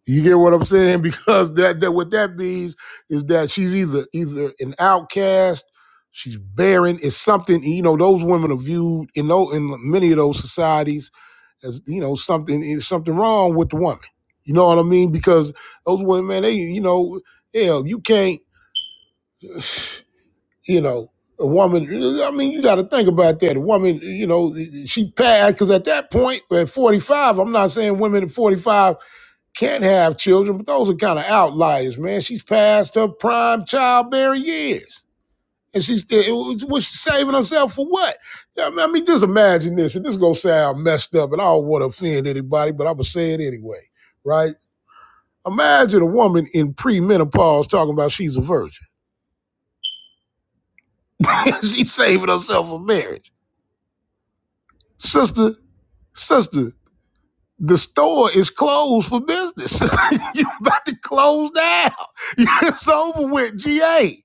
You get what I'm saying? <laughs> Because that, that what that means is that she's either either an outcast, she's barren. It's something you know. Those women are viewed in those, in many of those societies as you know something is something wrong with the woman. You know what I mean? Because those women, man, they you know, hell, you can't, <sighs> you know. A woman, I mean, you got to think about that. A woman, you know, she passed because at that point, at 45, I'm not saying women at 45 can't have children, but those are kind of outliers, man. She's past her prime childbearing years. And she's was she saving herself for what? I mean, I mean, just imagine this, and this is gonna sound messed up, and I don't want to offend anybody, but I'm gonna say it anyway, right? Imagine a woman in premenopause talking about she's a virgin. <laughs> she's saving herself for marriage. Sister, sister, the store is closed for business. <laughs> you about to close down. <laughs> It's over with. GA.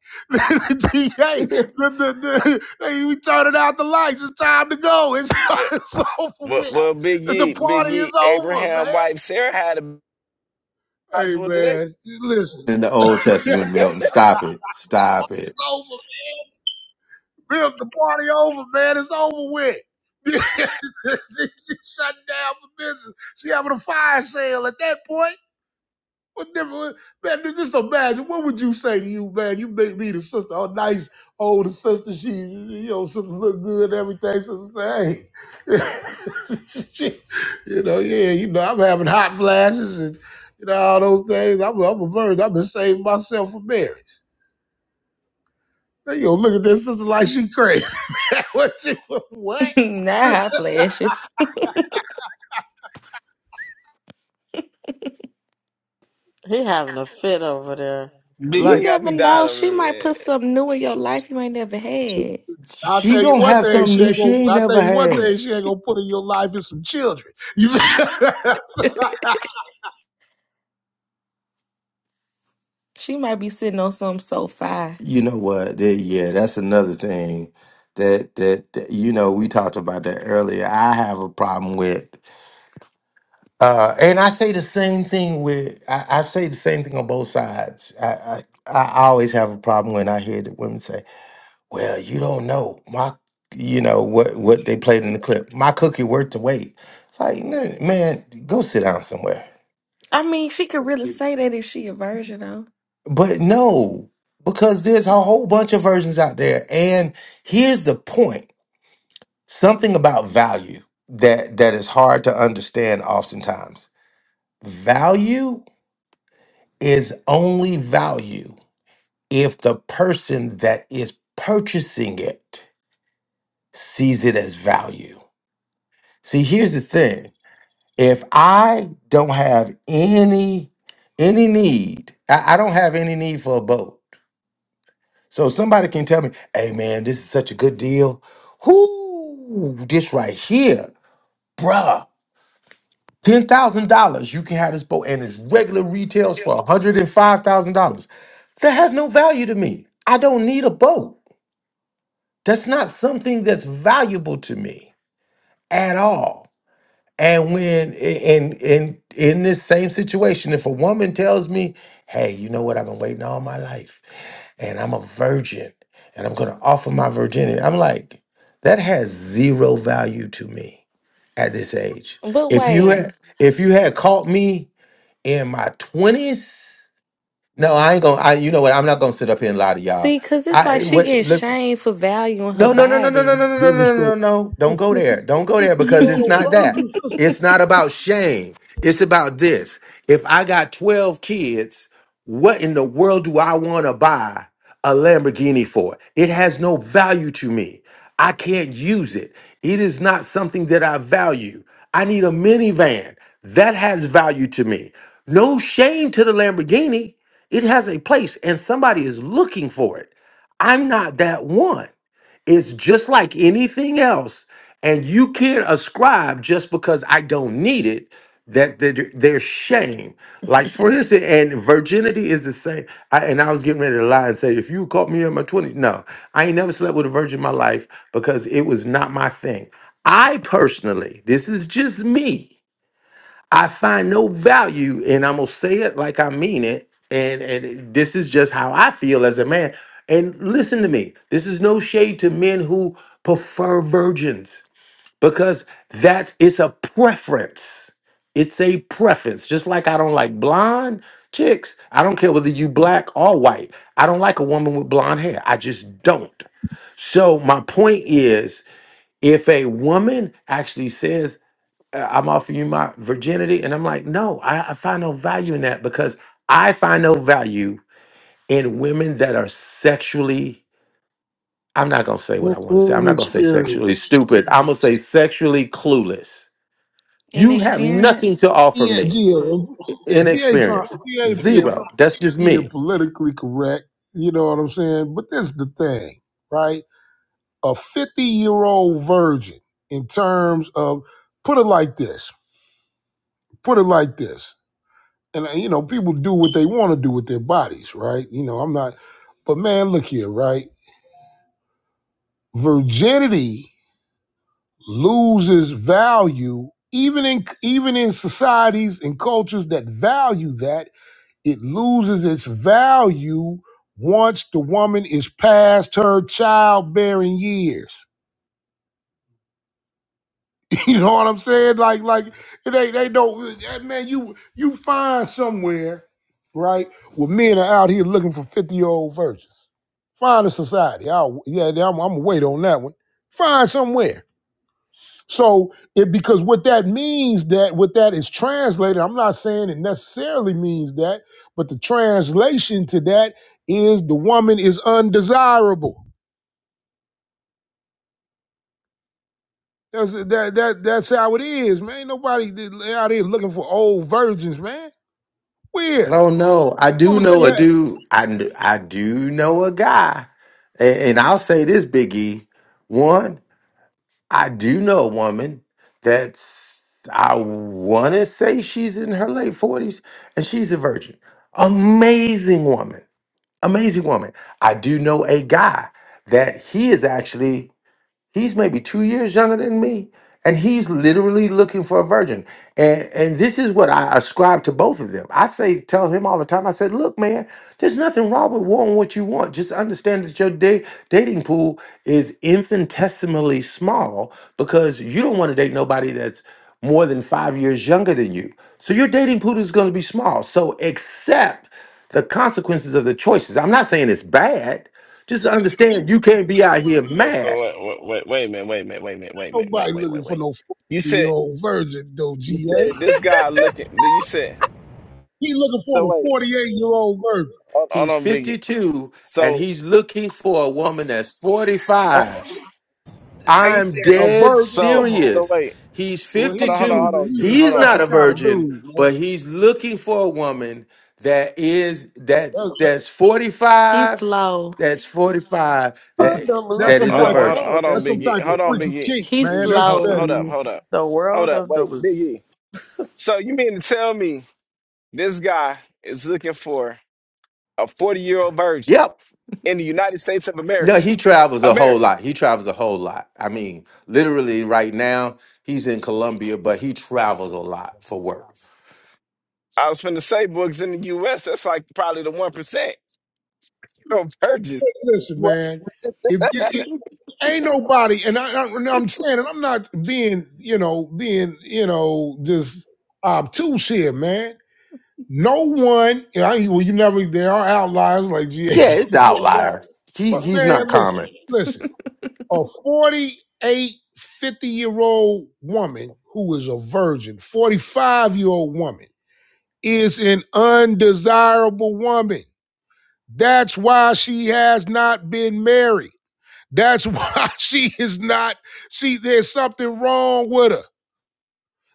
<laughs>
GA. <laughs>
In
The, the, the, hey, we turning out the lights. It's time to go. It's,
Well,
<laughs> it's over
well,
with.
well, Big
The
E, Big
party is
E,
over, man.
Abraham wife Sarah had a
Hey,
hospital today.
man. Listen.
the Old
<laughs>
Testament,
it's
Milton. Stop it. Stop it.
over. Bill, the party over, man. It's over with. <laughs> she, she shut down for business. She having a fire sale at that point. What different, man? Just imagine. What would you say to you, man? You make me the sister, a nice older sister. She, you know, sister look good and everything. Sister say, hey, <laughs> you know, yeah, you know, I'm having hot flashes and you know all those things. I'm, I'm a virgin. I've been saving myself for marriage. Then you look at this sister like she crazy. <laughs> Man, what you what?
<laughs> Not hot flashes. <laughs>
He having a fit over there.
Big E
You
Like,
got me
never
dying
know.
over
She
here,
might
man.
put something new in your life you ain't never had.
I'll
she
tell you
gonna
one
have
thing.
something
She
new
ain't
she
gonna.
ain't
I'll tell
never
you one
had.
thing. She ain't gonna put in your life is some children. You.
<laughs>
<laughs>
She might be sitting on something so fire.
You know what? There- Yeah, that's another thing that, that that you know we talked about that earlier. I have a problem with, uh, and I say the same thing with. I, I say the same thing on both sides. I, I I always have a problem when I hear that women say, Well, you don't know my, you know what what they played in the clip. My cookie worth the wait. It's like, man, man, go sit down somewhere.
I mean, she could really say that if she a virgin though.
But no, because there's a whole bunch of versions out there. And here's the point. Something about value that that is hard to understand oftentimes. Value is only value if the person that is purchasing it sees it as value. See, here's the thing. if I don't have any any need, I, I don't have any need for a boat. So somebody can tell me, hey man, this is such a good deal. Whoo, this right here, bruh. Ten thousand dollars, you can have this boat, and its regular retails for one hundred and five thousand dollars. That has no value to me. I don't need a boat. That's not something that's valuable to me at all. And when in in in this same situation, if a woman tells me, "Hey, you know what? I've been waiting all my life, and I'm a virgin, and I'm going to offer my virginity," I'm like, that has zero value to me at this age.
<laughs> But
If you
wait,
had if you had caught me in my twenties, no, I ain't gonna. I you know what? I'm not gonna sit up here and lie to y'all.
See, cause it's like
I
she getting
wait,
shamed for valuing her
no, no, no, no, no, no,
body.
no, no, no,
Different
no, no,
story.
no. no. Don't
Oh,
go
50,
there. Don't go there
year
because it's
old
<laughs>
not that.
virgin sister.
It's not about shame. It's about this. If I got 12 kids, what in the world do I want to buy a Lamborghini for? It has no value to me. I can't use it. It is not something that I value. I need a minivan. That has value to me. No shame to the Lamborghini. It has a place and somebody is looking for it. I'm not that one. It's just like anything else. And you can't ascribe just because I don't need it that there- there's shame. Like for instance, and virginity is the same. I, and I was getting ready to lie and say, if you caught me in my 20s, no, I ain't never slept with a virgin in my life because it was not my thing. I personally, this is just me. I find no value, and I'm gonna say it like I mean it. And and this is just how I feel as a man. And listen to me. This is no shade to men who prefer virgins because that's it's a preference. It's a preference. Just like I don't like blonde chicks. I don't care whether you black or white. I don't like a woman with blonde hair. I just don't. So my point is, if a woman actually says uh, I'm offering you my virginity. And I'm like, no, I, I find no value in that because I find no value in women that are sexually, I'm not going to say what I want to say. I'm
full
not going to say sexually
experience.
stupid. I'm going to say sexually clueless. You have nothing to
Inexperience.
offer
Yeah,
me
yeah.
in
GA, trying,
experience.
GA being,
Zero. That's just
being
me.
politically correct, you know what I'm saying? But this is the thing, right? A 50 year old virgin, in terms of, put it like this, put it like this. And, uh, you know, people do what they want to do with their bodies, right? You know, I'm not, but man, look here, right? Virginity loses value even in even in societies and cultures that value that it loses its value once the woman is past her childbearing years <laughs> you know what i'm saying like like they they don't eh, man you you find somewhere right where men are out here looking for 50 year old virgins find a society I'll, yeah i'm I'm gonna wait on that one find somewhere So it because what that means that what that is translated, I'm not saying it necessarily means that, but the translation to that is the woman is undesirable. That's that that that's how it is, man. Ain't Nobody out here looking for old virgins, man.
I
Where?
don't know. I do
Woman
know
can't
a
have, ain't
dude. I, kn- I do know a guy. And, and I'll say this, Biggie. One, I do know a woman that's I want to say she's in her late forties and she's a virgin. Amazing woman, amazing woman. I do know a guy that he is actually He's maybe two years younger than me, and he's literally looking for a virgin. And and this is what I ascribe to both of them. I say, tell him all the time. I said, look, man, there's nothing wrong with wanting what you want. Just understand that your da- dating pool is infinitesimally small because you don't want to date nobody that's more than five years younger than you. So your dating pool is going to be small. So accept the consequences of the choices. I'm not saying it's bad. Just understand you can't be out here
Yo, so
mad.
wait, wait, wait, wait a minute, wait a minute, wait a minute, wait a minute, wait,
nobody
wait,
looking
wait,
for
wait.
no 40
You
year
said,
old virgin though,
you
GA.
said this guy looking. then You said,
He looking for
so
the
wait,
48 year old virgin.
hold, hold
He's
on, Biggie.
52 and
So,
he's looking for a woman that's
A,
45.
Are you
I'm
a
serious?
dead
virgin, come
so,
on.
so
serious.
wait,
He's
Well, he,
hold on, hold on, hold
52.
he's a,
on,
he's
G. hold
a
He's
on.
not
special
uh,
a
kind of
virgin,
dude, man.
but he's looking for a woman that is that's
That's,
that's
He's
45,
slow.
that's 45
That's a,
What
that
Uh,
that's
that
some
is
Hold
a
delusional
on,
type of
hold on,
virgin.
world
hold on,
that's
does
some
he
Biggie.
type of
Hold
live
on,
in?
freaky
Biggie.
kink,
He's
man.
Biggie,
That's what
hold, hold
slow.
up,
that is.
hold up,
The
hold
world
up.
of
Wait,
delusion.
Biggie. So you mean to tell me this guy is looking for a virgin
Yep.
in the of
No,
America?
he travels a whole
America.
lot. He travels a whole lot. I mean, literally right now he's in Colombia, but he travels a lot for work.
I was finna say, books in the U.S. That's like probably the one percent of virgins.
Listen,
What?
man, if you it, ain't nobody, and I, I, and I'm saying, and I'm not being, you know, being, you know, just obtuse here, man. No one, I, well, you never. There are outliers like
Yeah,
GH
it's the
<laughs> pointed out,
outlier. He
but
he's
man,
not
listen,
common.
listen. A 4850 year old woman who is a virgin, 45 year old woman. is an undesirable woman. That's why she has not been married. That's <laughs> why she is not, she, there's something wrong with her.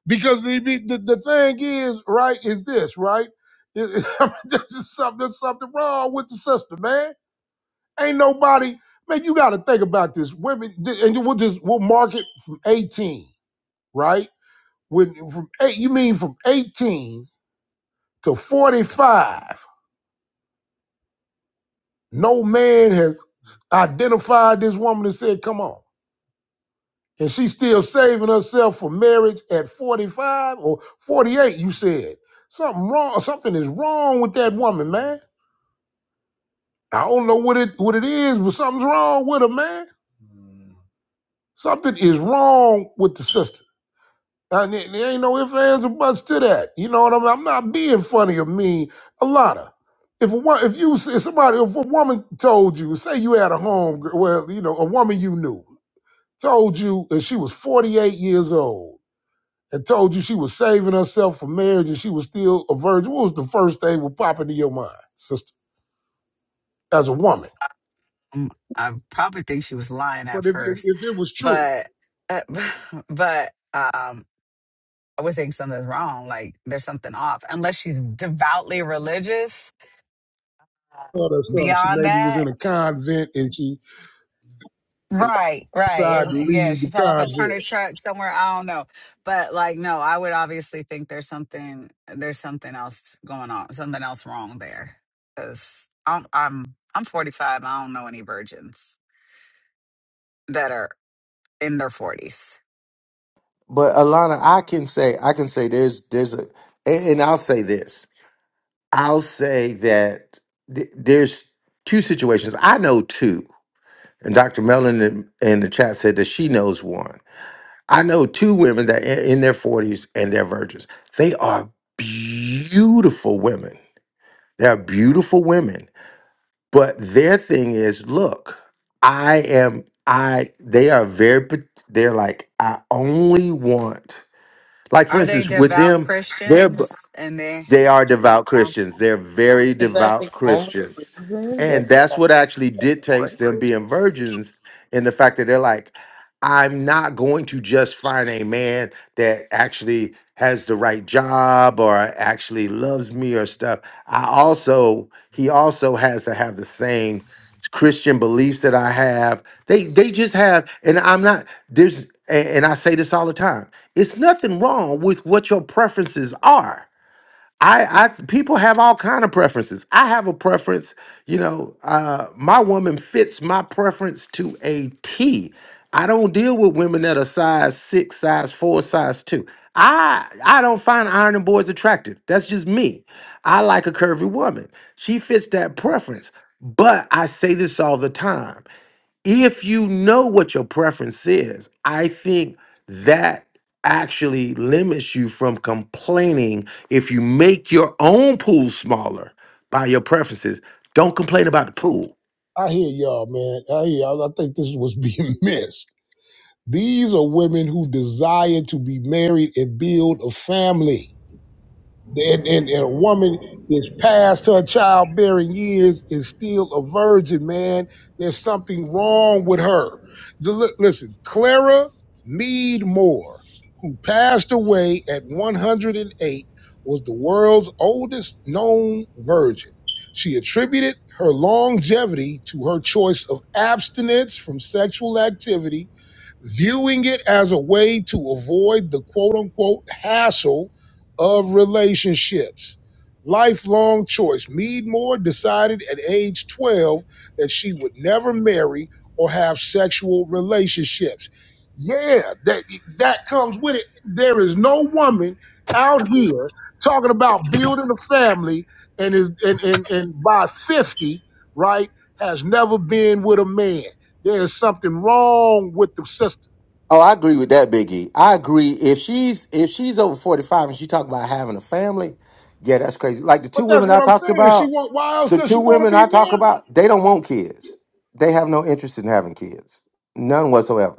Because the, the, the thing is, right, is this, right? It, it, <laughs> There's something, there's something wrong with the sister, man. Ain't nobody, man, you got to think about this. Women, and we'll just, we'll mark it from 18, right? When, from eight, you mean from 18 to 45, no man has identified this woman and said, come on. And she's still saving herself for marriage at 45 or 48, you said. Something wrong, something is wrong with that woman, man. I don't know what it what it is, but something's wrong with her, man. Something is wrong with the sister. And there there ain't no ifs, ands, or buts to that. You know what I mean? I'm not being funny or mean. A lot of. If a, wo- if you if somebody if a woman told you, say you had a home, well, you know, a woman you knew told you, and she was 48 years old, and told you she was saving herself for marriage and she was still a virgin, what was the first thing that would pop into your mind, sister, as a woman?
Mm, I probably think she was lying
But
at
if, if,
first,
if it was true,
but uh, <laughs> but um, I would think something's wrong. Like there's something off, unless she's devoutly religious. uh,
thought or something, she
Beyond
maybe was
that,
in a convent and she
right, right,
decided
and
to
and yeah,
leave
she
the
fell off a
convent.
Turner truck somewhere. I don't know, but like no, I would obviously think there's something there's something else going on, something else wrong there. Because I'm I'm I'm 45. I don't know any virgins that are in their 40s.
But Alana, I can say I can say there's there's a and, and I'll say this. I'll say that th- there's two situations. I know two, and Dr. Mellon in, in the chat said that she knows one. I know two women that in, in their 40s and they're virgins. They are beautiful women. They are beautiful women But their thing is, look, I am I they are very pat- they're like I only want like for
Are they
instance with
devout
them they're.
Christians? And they,
They are devout
um,
Christians. They're very
Is that
devout
the only
Christians.
reason that
And
he
that's
got
what actually dictates
deported?
them being virgins in the fact that they're like, I'm not going to just find a man that actually has the right job or actually loves me or stuff. I also, he also has to have the same Christian beliefs that I have. They they just have, and I'm not, there's a- and I say this all the time. It's nothing wrong with what your preferences are I, I people have all kind of preferences. I have a preference, you know. Uh, my woman fits my preference to a T. I don't deal with women that are size six, size four, size two. I I don't find ironing boards attractive. That's just me. I like a curvy woman. She fits that preference. But I say this all the time if you know what your preference is, I think that actually limits you from complaining if you make your own pool smaller by your preferences. Don't complain about the pool.
I hear y'all, man. I hear y'all. I think this was being <laughs> missed. These are women who desire to be married and build a family. and, and, and a woman that's past her childbearing years is still a virgin, man. There's something wrong with her. The- listen, Clara Mead Moore, who passed away at 108, was the world's oldest known virgin. She attributed her longevity to her choice of abstinence from sexual activity viewing it as a way to avoid the quote unquote hassle of relationships. Lifelong choice. Mead Moore decided at age 12 that she would never marry or have sexual relationships. Yeah, that that comes with it. There is no woman out here talking about building a family and is and and, and by 50, right, has never been with a man. There is something wrong with the system,
Oh, I agree with that, Biggie. I agree. If she's if she's over forty five and she talk about having a family, yeah, that's crazy. Like the two
But that's
women I
what I'm
talked
saying. If she
about,
want, why else
the
does
two
she want to
women I
be
talk
married?
about, they don't want kids. They have no interest in having kids, none whatsoever.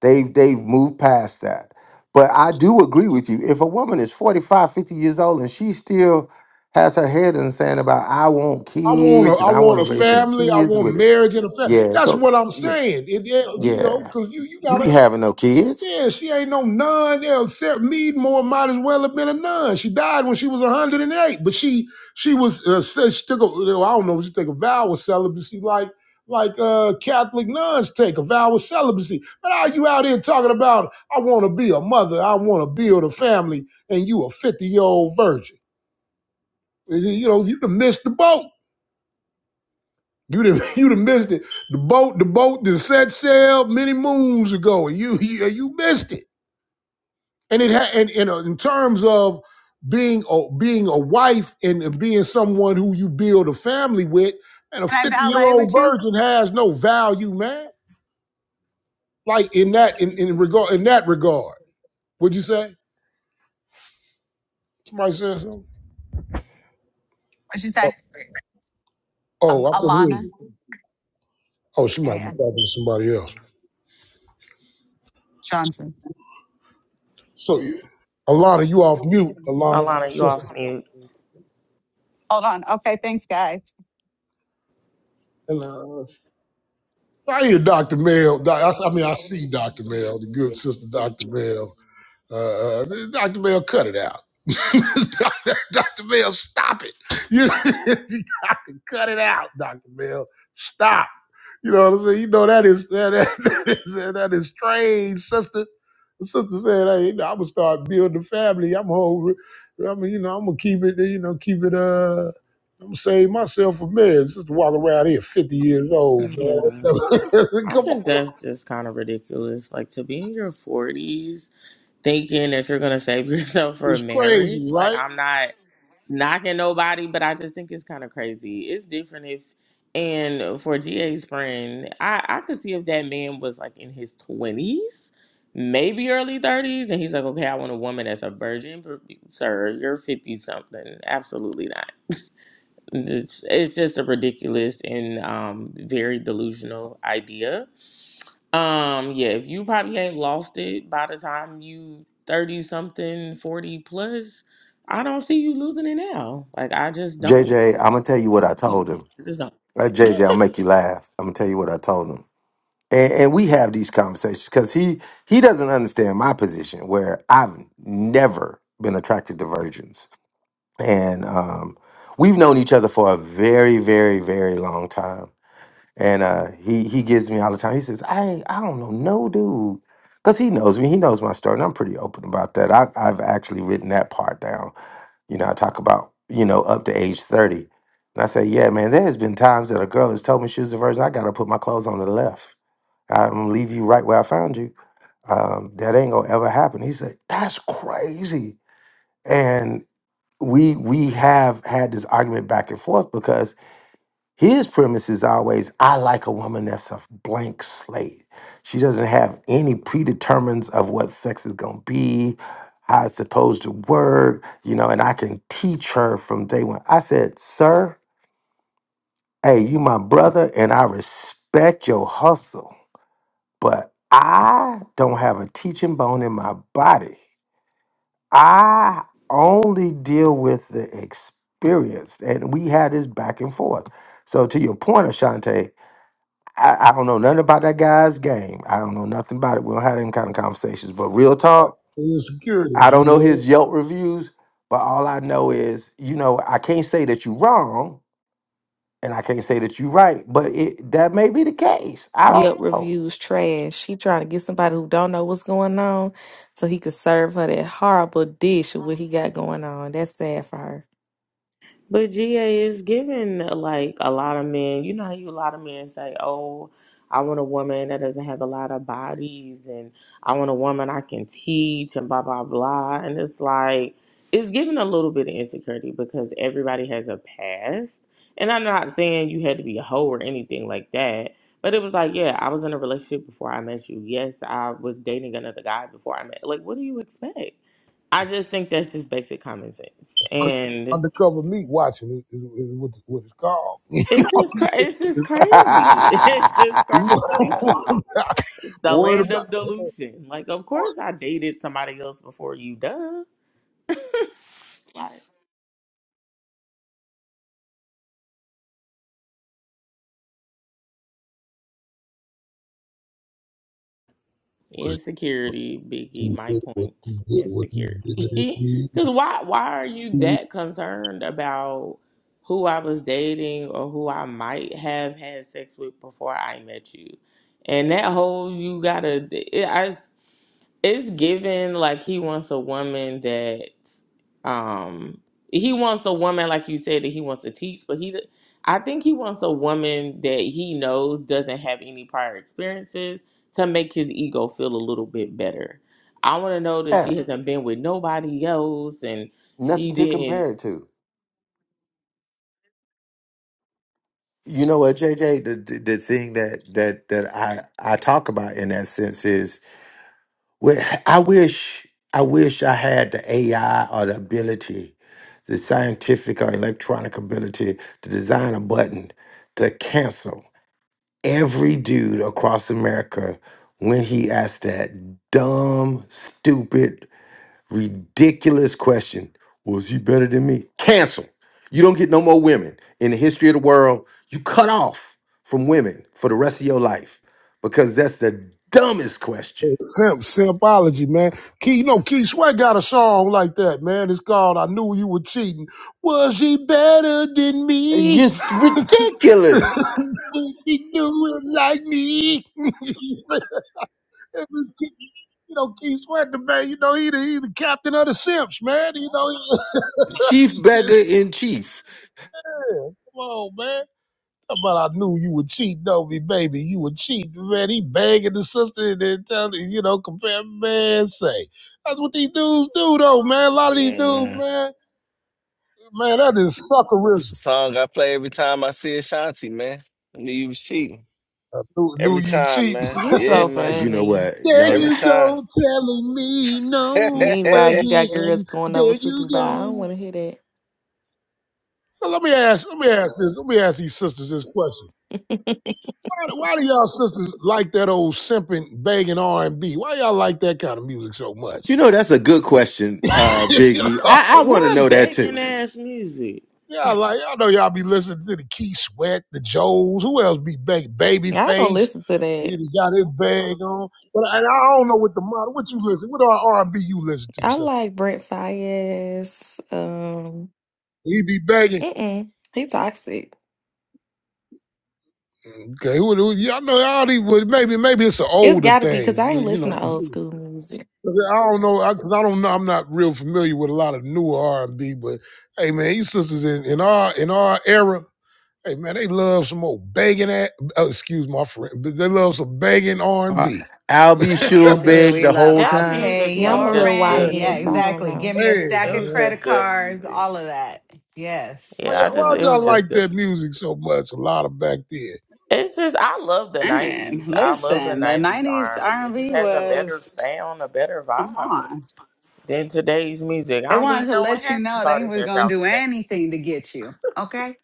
They've they've moved past that. But I do agree with you. If a woman is 45, 50 years old and she still has her head in the sand about I want
I want a,
kids and
I
I want
want
to
a
raise some
family. I
kids
want
with it.
marriage and a family.
Yeah,
That's
go
what I'm
yeah,
saying. It, it- you know,
yeah.
because you, you
You
gotta
ain't having no kids.
Yeah, she ain't no nun. Yeah, Sarah Meadmore might as well have been a nun. She died when she was 108, but she she was uh, said she took a you know, I don't know she took a vow of celibacy like like uh, Catholic nuns take a vow of celibacy. But are you out here talking about I want to be a mother, I want to build a family, and you a 50 year old virgin? You know you done missed the boat. You done, <laughs> you done missed it. The boat the boat that set sail many moons ago, and you you, you missed it. and it had and, and uh, in terms of being a, being a wife and, and being someone who you build a family with and a 50 year old virgin has no value man like in that in, in regard in that regard would you say somebody said something
what'd you
oh,
say? Um,
oh i couldn't hear
Alana
you oh she might be
and
talking to somebody else
Johnson.
so alana you off mute alana
Alana, you
sister
off mute.
Hold on. Okay. Thanks, guys.
Alana. so i hear dr mel doc, I, s- I mean i see dr mel the good sister dr mel uh, uh, dr mel cut it out <laughs> Dr. Bell, stop it. You, <laughs> you got to cut it out, Dr. Bell. Stop. You know what I'm saying? You know that is that, that, <laughs> that is that is strange, sister. The sister said, Hey, you know, I'm gonna start building a family. I'm hungry. I mean, you know, I'm gonna keep it, you know, keep it uh I'm gonna save myself a minute. Sister walk around here 50 years old,
Yeah.
man. <laughs>
I
Come
think
on.
that's just kind of ridiculous. Like to be in your forties thinking that you're gonna save <laughs> yourself for a
It's crazy,
marriage. Like
right?
I'm not. knocking nobody, but I just think it's kind of crazy. It's different if, and for GA's friend, I, I could see if that man was like in his 20s, maybe early 30s, and he's like, okay, I want a woman that's a virgin. But, Sir, you're 50 something. Absolutely not. It's, it's just a ridiculous and um, very delusional idea um, yeah, if you probably ain't lost it by the time you 30 something, 40 plus, I don't see you losing it now. Like I just don't.
JJ, I'm gonna tell you what I
You-
told him.
I just don't.
Uh, JJ, I'll make you laugh. I'm gonna tell you what I told him. And, and we have these conversations because he he doesn't understand my position where I've never been attracted to virgins. and um, we've known each other for a very, very, very long time. And uh, he he gives me all the time. He says, "I ain't- I don't know no dude," because he knows me. He knows my story, and I'm pretty open about that. I've I've actually written that part down. You know, I talk about you know up to age thirty, and I say, "Yeah, man, there's been times that a girl has told me she was a virgin. I got to put my clothes on to the left. I'm gonna leave you right where I found you. Um, that ain't gonna ever happen." He said, "That's crazy." we we have had this argument back and forth because his premise is always I like a woman that's a blank slate. She doesn't have any predetermines of what sex is gonna be, how it's supposed to work, you know, and I can teach her from day one. I said, Sir, hey, you my brother, and I respect your hustle, but I don't have a teaching bone in my body. I only deal with the experience, and we had this back and forth. So to your point, Ashante, I, I don't know nothing about that guy's game. I don't know nothing about it. We don't have any kind of conversations. But real talk,
Insecurities,
I
you
don't know
know.
his Yelp reviews, but all I know is, you know, I can't say that you're wrong, and I can't say that you're right. But it that may be the case. I don't
Yelp
know.
reviews trash. She trying to get somebody who don't know what's going on, so he could serve her that horrible dish of what he got going on. That's sad for her.
But GA is giving like a lot of men. You know how you a lot of men say, "Oh, I want a woman that doesn't have a lot of bodies, and I want a woman I can teach, and blah blah blah." And it's like it's giving a little bit of insecurity because everybody has a past. And I'm not saying you had to be a hoe or anything like that, but it was like, yeah, I was in a relationship before I met you. Yes, I was dating another guy before I met. Like, what do you expect? I just think that's just basic common sense, and.
Undercover meat watching is, is what, what it's called.
It's just cra- it's just
<laughs>
crazy. <laughs> It's just
<laughs> What
crazy. the land
about
of delusion. Like, of course, I dated somebody else before you. Duh. Like, insecurity, Biggie. My
what
point.
he did, what he
Insecurity.
did.
<laughs> Because why? Why are you that concerned about who I was dating or who I might have had sex with before I met you? And that whole you gotta. It's given like he wants a woman that um he wants a woman like you said that he wants to teach, but he d- I think he wants a woman that he knows doesn't have any prior experiences to make his ego feel a little bit better. I want to know that
yeah,
she hasn't been with nobody else and
nothing
she
to
didn't
compare it to. You know what, JJ? The, the the thing that that that I I talk about in that sense is, well, I wish I wish I had the AI or the ability, the scientific or electronic ability to design a button to cancel every dude across America when he asks that dumb, stupid Ridiculous question. Was he better than me? Cancel. You don't get no more women. In the history of the world, you cut off from women for the rest of your life because that's the dumbest question.
Simp, simpology, man. Key, you know, Key Sweat got a song like that, man. It's called "I Knew You Were Cheating." Was he better than me?
Just ridiculous.
Did he do it like me? <laughs> you know, Key Sweat, the man, you know, he the, he the captain of the simps, man. You know, <laughs> he,
Chief beggar
just,
in chief.
yeah, come on, man. But I knew you would cheat, know me, baby. You would cheat, man. He banging the sister and then telling, you know, compare man say. That's what these dudes do though, man. A lot of these
Yeah,
dudes,
man.
man, man, that is
That's
suckerism.
the song I play every time I see Ashanti, man. I knew you was cheating
I knew,
every
knew you
time,
cheating.
man.
You
<laughs>
Yeah,
so
man.
You know
funny.
what,
There
y'all?
Every
got-
you
time.
go, telling me
<laughs>
no
Meanwhile, you got girls
again.
going
There
over to
you
Dubai. I don't
go.
want to hear that.
So let me ask, let me ask this, let me ask these sisters this question. Why, do- why do y'all sisters like that old simping, begging R and B? Why y'all like that kind of music so much?
You know that's a good question, uh,
<laughs> yeah,
Biggie. I, I want to
what
know that
begging
too.
ass music.
like I know y'all be listening to the Key Sweat, the Joes. Who else be big?
<laughs> I don't
Babyface.
listen to
He
that.
done got his bag on. But I, and I don't know what the model. What you listen? What R and B you listen to,
I
sister?
like Brent Fayez. Um,
He be begging.
mm-mm, he toxic.
Okay, who, who, y'all know all these. well, Maybe maybe it's an
It's
older
got to be because
thing.
I
well,
ain't
You know,
listen to old school music.
I don't know because I, I don't know. I'm not real familiar with a lot of newer R and B. But hey, man, these sisters in, in our in our era. Hey man, they love some old begging at. Oh, excuse my friend, but they love some begging R and
Uh,
B.
I'll be sure
Yes, we do.
beg
We
the
love.
whole
I'll
That
time.
pay
music
Yeah, I'm
was
a
Oh
your
little
just
man,
rent.
good
they
Yeah,
YN, so I
do
don't
music.
exactly. Give
know.
me a
beg,
stack
It
of
was
man.
credit
just good
cards.
music.
All of that. Yes.
Why
Yeah,
you
I just
why
it was
y'all like
just good
that music so much? A lot of back then.
It's just I love the
And
nineties. I love the
listen, the
nineties R
'90s
and B. It just
R&B
has a better
was.
sound, a better
Come
vibe
on.
than today's music.
They
I don't
wanted
be
to
knowing
let you
half
know
these
they
artists
were
that's
going to
out
do
today.
anything to get you. Okay.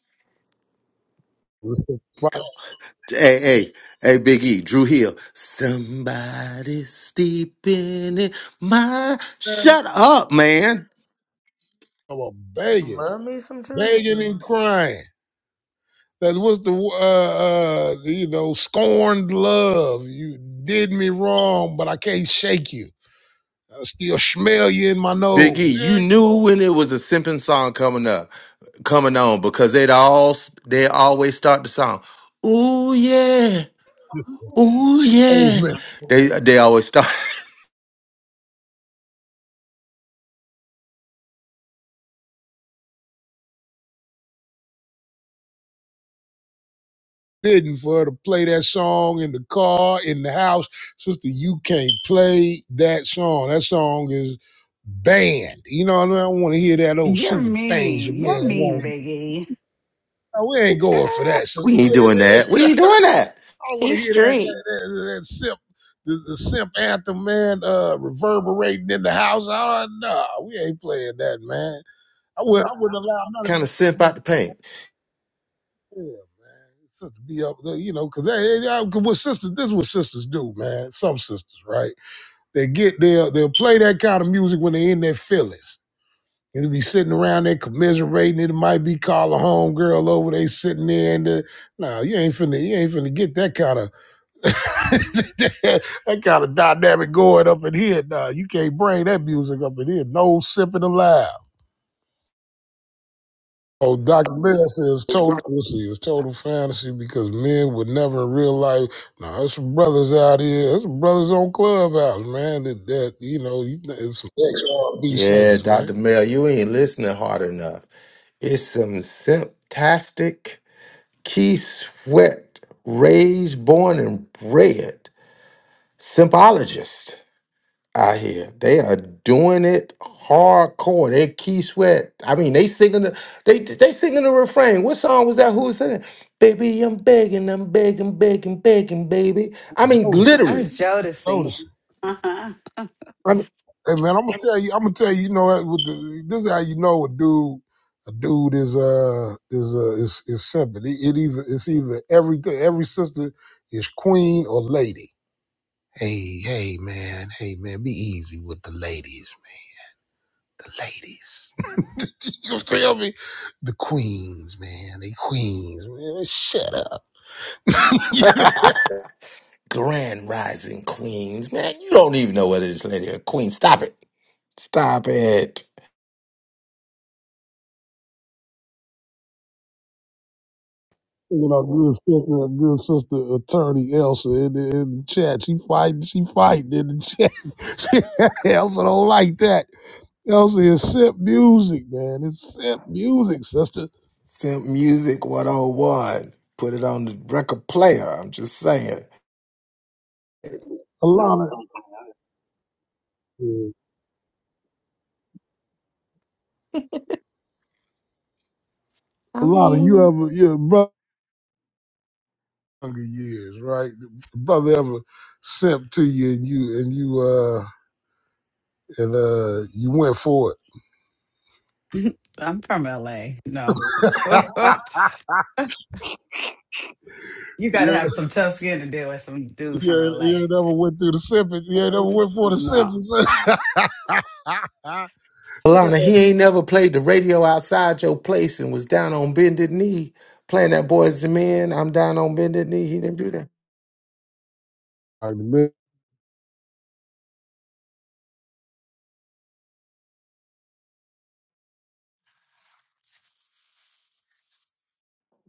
Hey, hey, hey, Big E, Drew Hill. Somebody steeping in my.
Man,
Shut up, man.
About begging,
Love me some
begging and
trivia.
crying. That was the uh, uh you know scorned love. You did me wrong, but I can't shake you. I still smell you in my
Big E,
nose.
you
Yeah, come
knew
on.
when it was a simping song coming up, coming on, because they'd all they always start the song. Ooh yeah, ooh
man. Hey,
yeah.
man.
They they always start. <laughs>
bidding for her to play that song in the car, in the house. Sister, you can't play that song. That song is banned. You know what I mean? I don't want to hear that old
You're
super things,
mean.
your
You're
man.
mean, Biggie.
No, we ain't going for
<laughs>
that, sister.
We ain't doing that.
<laughs>
We ain't doing that.
I don't want to
He's
hear that
strict.
that, that, that simp, the, the simp anthem, man, uh, reverberating in the house. I don't know. We ain't playing that, man. I wouldn't, I wouldn't allow none of
Kind of simp
that.
out the paint.
Yeah, man. It's just to be up there, you know, because hey, yeah, 'cause what sisters, this is what sisters do, man. Some sisters, right? They get there, they'll play that kind of music when they're in their feelings. And they be sitting around there commiserating. It might be call a home girl over. They sitting there and the, nah, you ain't finna, you ain't finna get that kind of <laughs> that kind of dynamic going up in here. Nah, you can't bring that music up in here. No sipping allowed. Oh, Dr. Bell says total pussy is total fantasy because men would never in real life. No, there's some brothers out here. There's some brothers on Clubhouse, man. That, that you know, you- it's some ex R&B
Yeah,
singers, man.
Doctor Mel, you ain't listening hard enough. It's some simptastic Key Sweat, raised, born, and bred symbologist out here. They are doing it hardcore. They Key Sweat. I mean, they singing the they they singing the refrain. What song was that? Who was singing? Baby, I'm begging, I'm begging, begging, begging, baby. I mean,
Jonas,
I
literally.
was Jodeci.
Jonas.
Uh-huh.
I mean,
Hey, man, I'm gonna tell you. I'm gonna tell you. You know, what, with the, this is how you know a dude. A dude is uh is uh is is simple. It, it either it's either everything. Every sister is queen or lady. Hey, hey, man. Hey, man. Be easy with the ladies, man. The ladies. You feel me? The queens, man. They queens, man. Shut up.
<laughs> Grand Rising Queens, man. You don't even know whether this lady a queen. Stop it. Stop it.
You know, good sister, good sister attorney Elsa in the, in the chat. She fighting, she fighting in the chat. <laughs> Elsa don't like that. Elsa is simp music, man. It's simp music, sister.
Simp Music 101. Put it on the record player. I'm just saying.
A lot Alana, yeah.
<laughs>
a
I
lot of.
mean.
you ever your brother years, right? Brother ever simp to you and you and you uh and uh you went for
<laughs> I'm from LA. No.
it. <laughs>
<laughs> you got to <laughs>
You
have some tough skin to deal with some dudes
You
from
ain't,
LA.
you ain't never went through the symptoms. You ain't never went for the
No.
symptoms. <laughs>
Alana, he ain't never played the radio outside your place and was down on bended knee playing that boys the men. I'm down on bended knee. He didn't do that.
Like,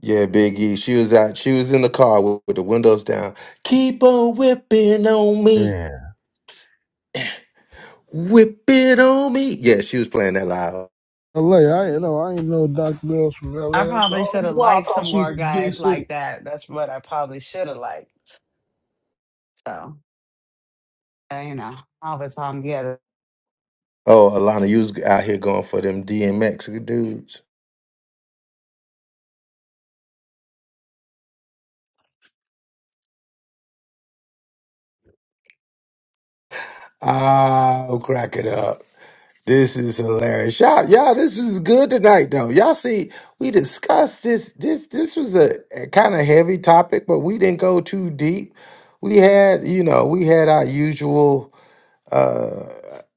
Yeah, Big E. She was out. She was in the car with, with the windows down. Keep on whipping on me.
Man,
Whip it on me. Yeah, she was playing that live.
LA, I ain't know. I ain't know Dr. Mills from
I
LA. I
probably
thought,
should have
Why I
liked
thought
some
she
more
was from
guys
DC.
like that. That's what I probably should have liked. So, uh, you know, I was hung together.
Oh, Alana, you was out here going for them DMX dudes. I'll crack it up. This is hilarious. Y'all, y'all, this was good tonight, though. Y'all see, we discussed this. This this was a, a kind of heavy topic, but we didn't go too deep. We had, you know, we had our usual uh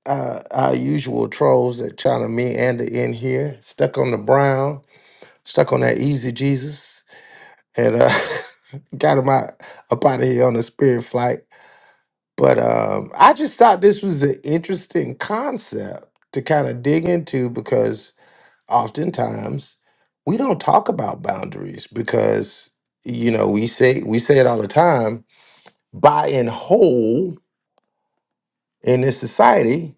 uh our usual trolls that trying to meander in here, stuck on the brown, stuck on that easy Jesus. and uh, <laughs> got him out up out of here on a spirit flight. But um, I just thought this was an interesting concept to kind of dig into because oftentimes we don't talk about boundaries because you know we say we say it all the time. By and whole in this society,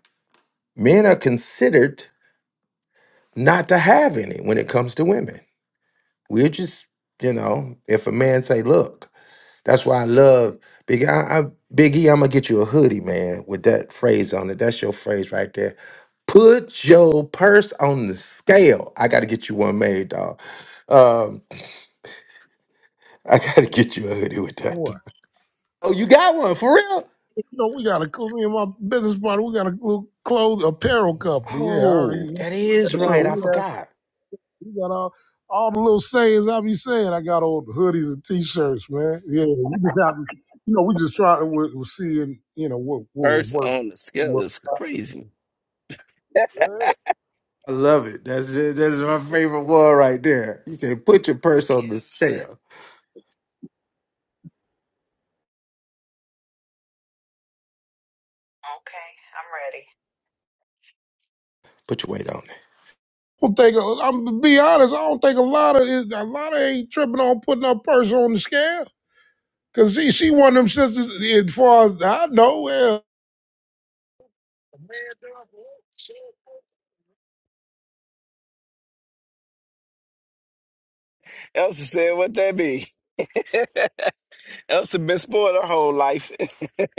men are considered not to have any when it comes to women. We're just you know if a man say look That's why I love Big I, I Big E, I'm gonna get you a hoodie, man, with that phrase on it. That's your phrase right there. Put your purse on the scale. I gotta get you one made, dog. Um, <laughs> I gotta get you a hoodie with that.
What?
Oh, you got one for real?
You know, we got a, me and my business partner, we got a little clothes apparel company. Yeah, I
Oh,
already.
that is
So
right. I
we, have,
forgot.
we got all, all the little sayings I be saying. I got old hoodies and t shirts, man. Yeah, we just got, you know, we just trying to, we're, we're seeing, you know, what, what will
First
work.
on the scale
What,
is crazy.
yeah.
I love it. That's it. That's my favorite one right there. You say, put your purse on the scale.
Okay, I'm ready.
Put your weight on it.
don't think I'm to be honest. I don't think a lot of a lot of ain't tripping on putting her purse on the scale. Cause she she one of them sisters. As far as I know, well,
Elsa said, "What that be?" <laughs> Elsa been spoiled her whole life. <laughs>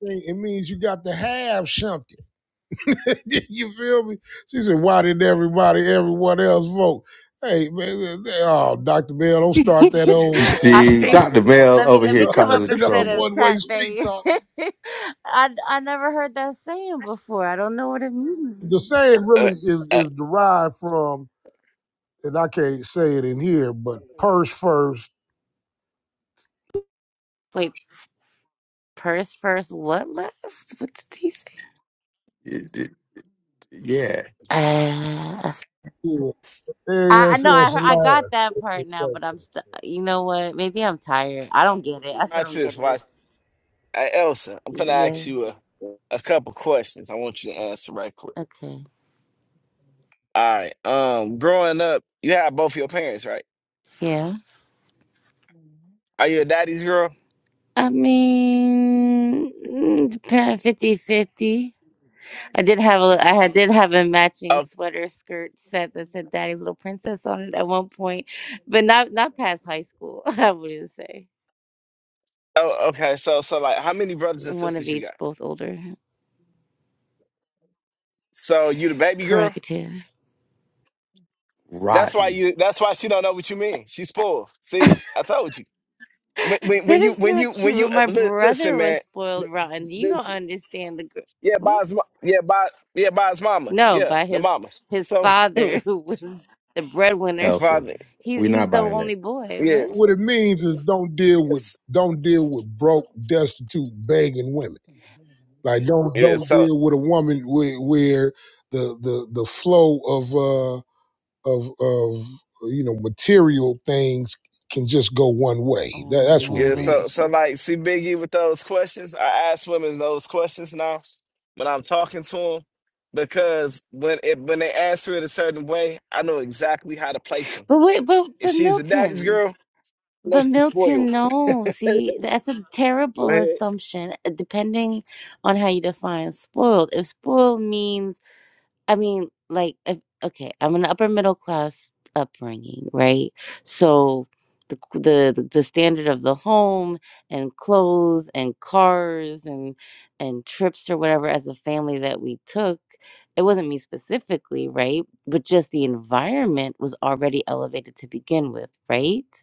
it means you got to have something. <laughs> you feel me? She said, "Why did everybody, everyone else vote?" Hey man, they- oh Doctor Bell, don't
<laughs>
start that old
You
soul
I
see,
think
provider
Dr.
talk. <laughs>
Mel
let me
over
let
here
me
No,
come up
causing
instead
trouble.
of
one way
chat
street
bait. <laughs>
talk.
I I never heard that saying before. I don't know what it means.
The saying
Uh,
really is
uh,
is derived from, and I can't say it in here, but purse first.
Wait, purse first, what last? What did he say?
It- it- yeah,
Uh,
yeah.
I I
Yes,
know
yes,
I heard, I
Lord.
got that part now, but I'm still. You know what? Maybe I'm tired. I don't get it. I still
watch
don't get
this.
it.
Watch, Uh, Elsa. I'm gonna
Yeah.
ask you a, a couple questions. I want you to answer right quick.
Okay.
All right. Um, growing up, you had both your parents, right?
Yeah.
Are you a daddy's girl?
I mean, depend 50 50. I did have a I had did have a matching
Oh,
sweater skirt set that said Daddy's Little Princess on it at one point, but not not past high school, <laughs> I wouldn't say.
oh, okay. So, so like, how many brothers and
One of
sisters you
each,
got?
both older.
So you the baby girl?
Corrective.
That's why
rotten.
you. That's why she don't know what you mean. She's spoiled. See, I told you.
<laughs>
when, when when
That
you
is
when you
not
when you
true.
uh,
My
li- listen,
brother
man.
was spoiled
th-
rotten. You don't
This
understand the gr-
yeah,
hmm?
Bob's mo- yeah, Bob yeah, Bob's mama
No,
yeah,
by
the
his
mama.
his
So <laughs>
father <laughs>
it's
who was the breadwinner.
Elsa.
father,
He
We're
he's
not
the
buying it.
only boy. What?
yes,
What it means is don't deal with
yes,
don't deal with broke, destitute, begging women. Like don't
yeah.
don't
So
deal with a woman where, where the the the flow of uh of of you know material things can just go one way. That, that's what it
yeah,
Oh.
so
means.
so like, see Biggie with those questions. I ask women those questions now when I'm talking to them because when it when they answer it a certain way, I know exactly how to place them.
But wait, but
If
but
she's a daddy's
Milton.
girl, I know
But
she's
Milton,
spoiled.
no. See, that's a
Go
terrible
ahead,
assumption, uh, depending on how you define spoiled. If spoiled means, I mean, like, if, okay, I'm an upper middle class upbringing, right? So the the the standard of the home and clothes and cars and and trips or whatever as a family that we took, it wasn't me specifically, right? But just the environment was already elevated to begin with, right?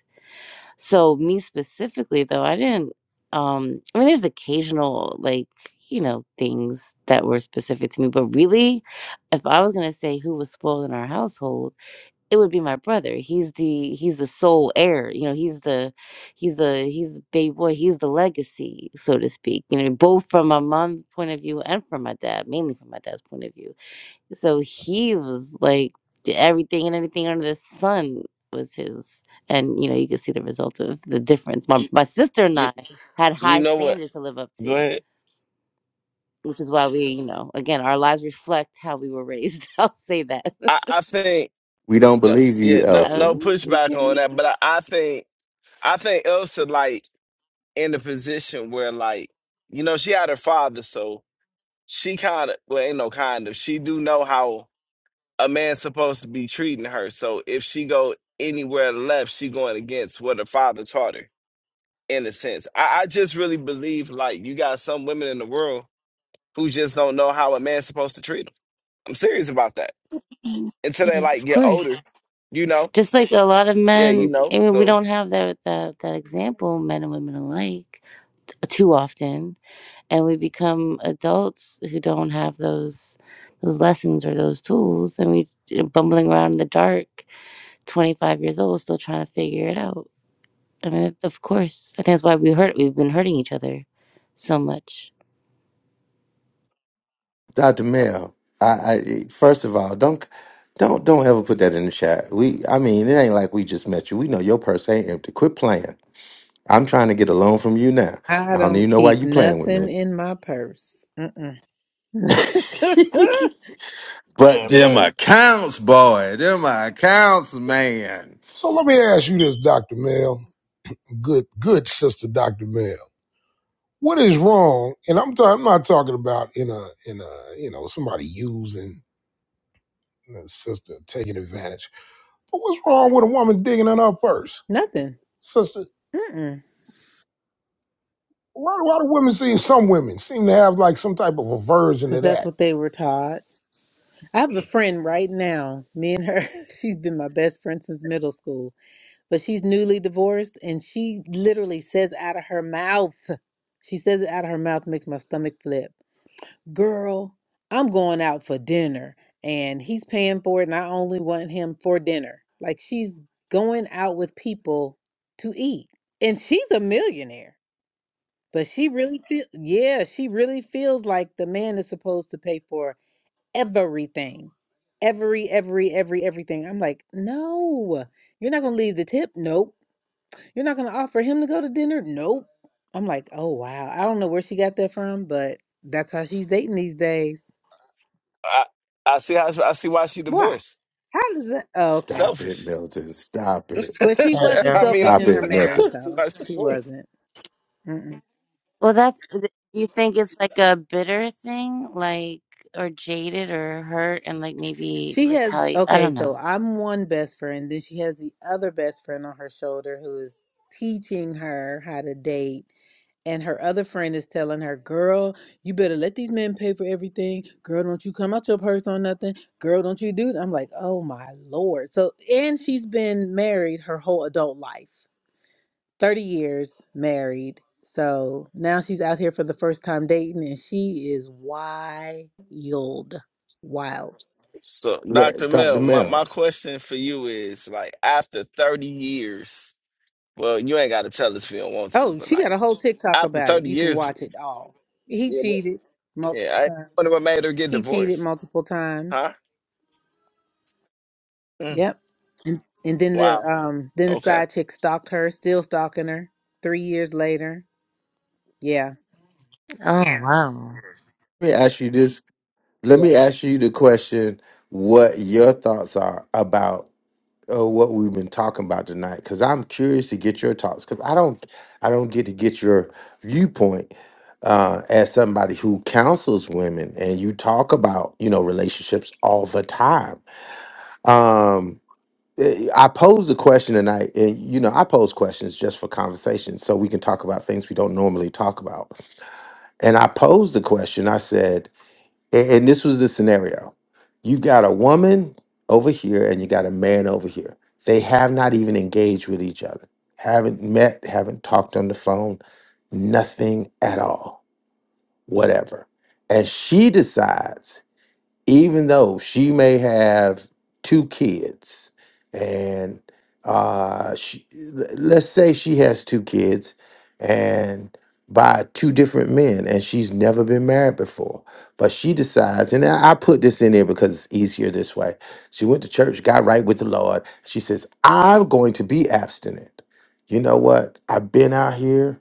So me specifically though, I didn't um I mean there's occasional like, you know, things that were specific to me, but really if I was going to say who was spoiled in our household, it would be my brother. He's the he's the sole heir. You know, he's the he's the he's the baby boy, he's the legacy, so to speak. You know, both from my mom's point of view and from my dad, mainly from my dad's point of view so he was like d- everything and anything under the sun was his. And you know, you could see the result of the difference. My my sister and
you
I had
you
high
know what?
standards to live up
Go
to,
ahead.
which is why we, you know, again, our lives reflect how we were raised. <laughs> I'll say that.
I,
<laughs>
I think.
We don't
No,
believe
yeah,
you,
no,
Elsa.
no
Um, we
pushback on that. But I, I think, I think Elsa like in the position where like, you know, she had her father, so she kind of, well, ain't no kind of, she do know how a man's supposed to be treating her. So if she go anywhere left, she going against what her father taught her. In a sense, I, I just really believe like you got some women in the world who just don't know how a man's supposed to treat them. I'm serious about that. Until they
yeah,
like
of
get older,
course.
you know.
Just like a lot of
Yeah, you
men,
know.
I mean, we
So
don't have that that that example, men and women alike, too often and we become adults who don't have those those lessons or those tools and we you know, bumbling around in the dark 25 years old still trying to figure it out i mean it's- of course i think that's why we hurt we've been hurting each other so much
Dr. Mel, I, I first of all, don't don't don't ever put that in the chat. We I mean, it ain't like we just met you. We know your purse ain't empty. Quit playing. I'm trying to get a loan from you now.
I
I don't
don't
even know why
keep
you playing with
nothing
me.
in my purse. Mm-mm. <laughs>
<laughs>
Yeah,
but
yeah.
them
man.
accounts, boy, them accounts, man.
So let me ask you this, Doctor Mel, good good sister, Doctor Mel. What is wrong? And I'm i I'm not talking about in a in a you know somebody using a sister taking advantage But what's wrong with a woman digging in her purse,
nothing.
sister?
Mm-mm.
Why do, why do women seem, some women seem to have like some type of aversion to
Because that's
that?
what they were taught. I have a friend right now, me and her. <laughs> She's been my best friend since middle school, but she's newly divorced and she literally says out of her mouth, she says it out of her mouth, makes my stomach flip. girl, I'm going out for dinner and he's paying for it and I only want him for dinner. Like she's going out with people to eat. And she's a millionaire. But she really feel yeah, she really feels like the man is supposed to pay for everything. Every, every, every, everything. I'm like, no, you're not gonna leave the tip? Nope. You're not gonna offer him to go to dinner? Nope. I'm like, oh wow. I don't know where she got that from, but that's how she's dating these days.
I, I see how I see why she
Why?
divorced.
How does it? Oh, okay.
Stop it,
Selfish.
Milton. Stop it.
<laughs>
But she wasn't
I mean,
selfish
I'm
Stop
in
just
her
it,
saying. I
Milton.
marriage,
see
though.
why she
She
divorced.
wasn't. Mm-mm.
well that's do you think it's like a bitter thing like or jaded or hurt and like maybe
She has
retaliate i
okay.
don't
So
know
I'm one best friend. Then she has the other best friend on her shoulder who is teaching her how to date, and her other friend is telling her, "Girl, you better let these men pay for everything. Girl, don't you come out your purse on nothing. Girl, don't you do." th-" I'm like, "Oh my lord!" So and she's been married her whole adult life. 30 years married. So now she's out here for the first time dating and she is wild. Wild.
So, Doctor
Look, Dr.
Mel, my my
Mel,
question for you is like after 30 years. Well, you ain't got to tell us if you don't want to,
Oh,
but
she got
like
a whole TikTok
after
about it.
30
You can
years,
watch it all. He
yeah, well,
cheated
yeah,
multiple
I
times.
wonder what made her get
He cheated
divorced,
multiple times.
huh? Mm.
Yep. And then the
Wow.
um then the
Okay.
side chick stalked her, still stalking her 3 years later. Yeah.
oh wow
let me ask you this Let
Yeah.
me ask you the question what your thoughts are about uh, what we've been talking about tonight because I'm curious to get your thoughts because I don't I don't get to get your viewpoint uh, as somebody who counsels women and you talk about you know relationships all the time. Um, eh, I posed a question tonight and you know I pose questions just for conversation so we can talk about things we don't normally talk about. And I posed the question I said a- and this was the scenario you got a woman over here and you got a man over here they have not even engaged with each other haven't met haven't talked on the phone nothing at all whatever and she decides even though she may have two kids and uh she, let's say she has two kids and by two different men and she's never been married before but she decides and i I put this in there because it's easier this way she went to church got right with the lord she says i'm going to be abstinent you know what i've been out here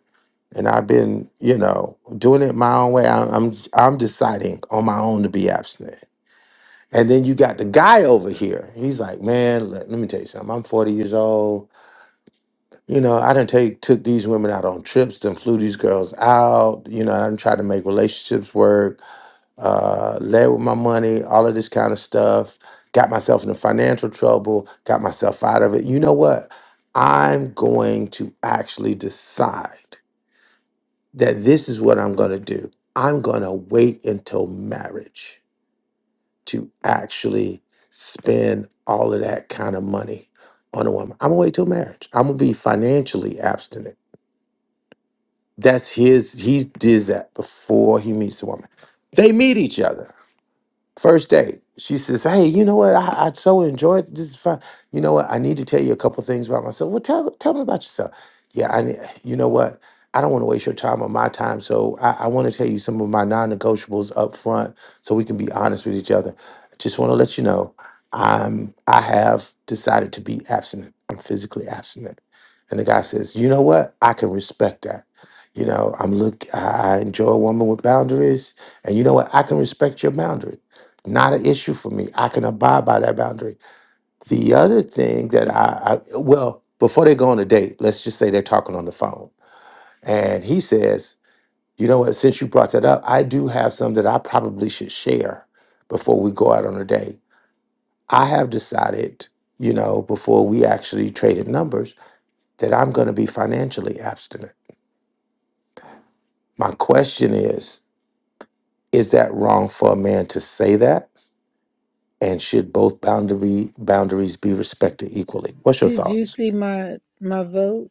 and I've been, you know, doing it my own way. I'm, I'm, I'm deciding on my own to be abstinent. And then you got the guy over here. He's like, man, let, let me tell you something. I'm 40 years old. You know, I done take took these women out on trips, done flew these girls out. You know, I done tried to make relationships work, uh, led with my money, all of this kind of stuff. Got myself into financial trouble, got myself out of it. You know what? I'm going to actually decide that this is what I'm going to do. I'm going to wait until marriage. to actually spend all of that kind of money on a woman. I'm gonna wait till marriage. I'm gonna be financially abstinent. That's his. He does that before he meets the woman. They meet each other. First day, she says, "Hey, you know what? I, I so enjoyed this. Is fun. You know what? I need to tell you a couple things about myself. Well, tell tell me about yourself. Yeah, I. ne- You know what? I don't want to waste your time or my time, so I, I want to tell you some of my non-negotiables up front, so we can be honest with each other. I just want to let you know, I'm. I have decided to be abstinent. I'm physically abstinent. And the guy says, "You know what? I can respect that. You know, I'm look. I, I enjoy a woman with boundaries, and you know what? I can respect your boundaries." Not an issue for me. I can abide by that boundary. The other thing that I, I well, before they go on a date, let's just say they're talking on the phone. And he says, you know what, since you brought that up, I do have some that I probably should share before we go out on a date. I have decided, you know, before we actually traded numbers, that I'm going to be financially abstinent. My question is, is that wrong for a man to say that? And should both boundary boundaries be respected equally? What's your
Did you
thoughts?
see my my vote?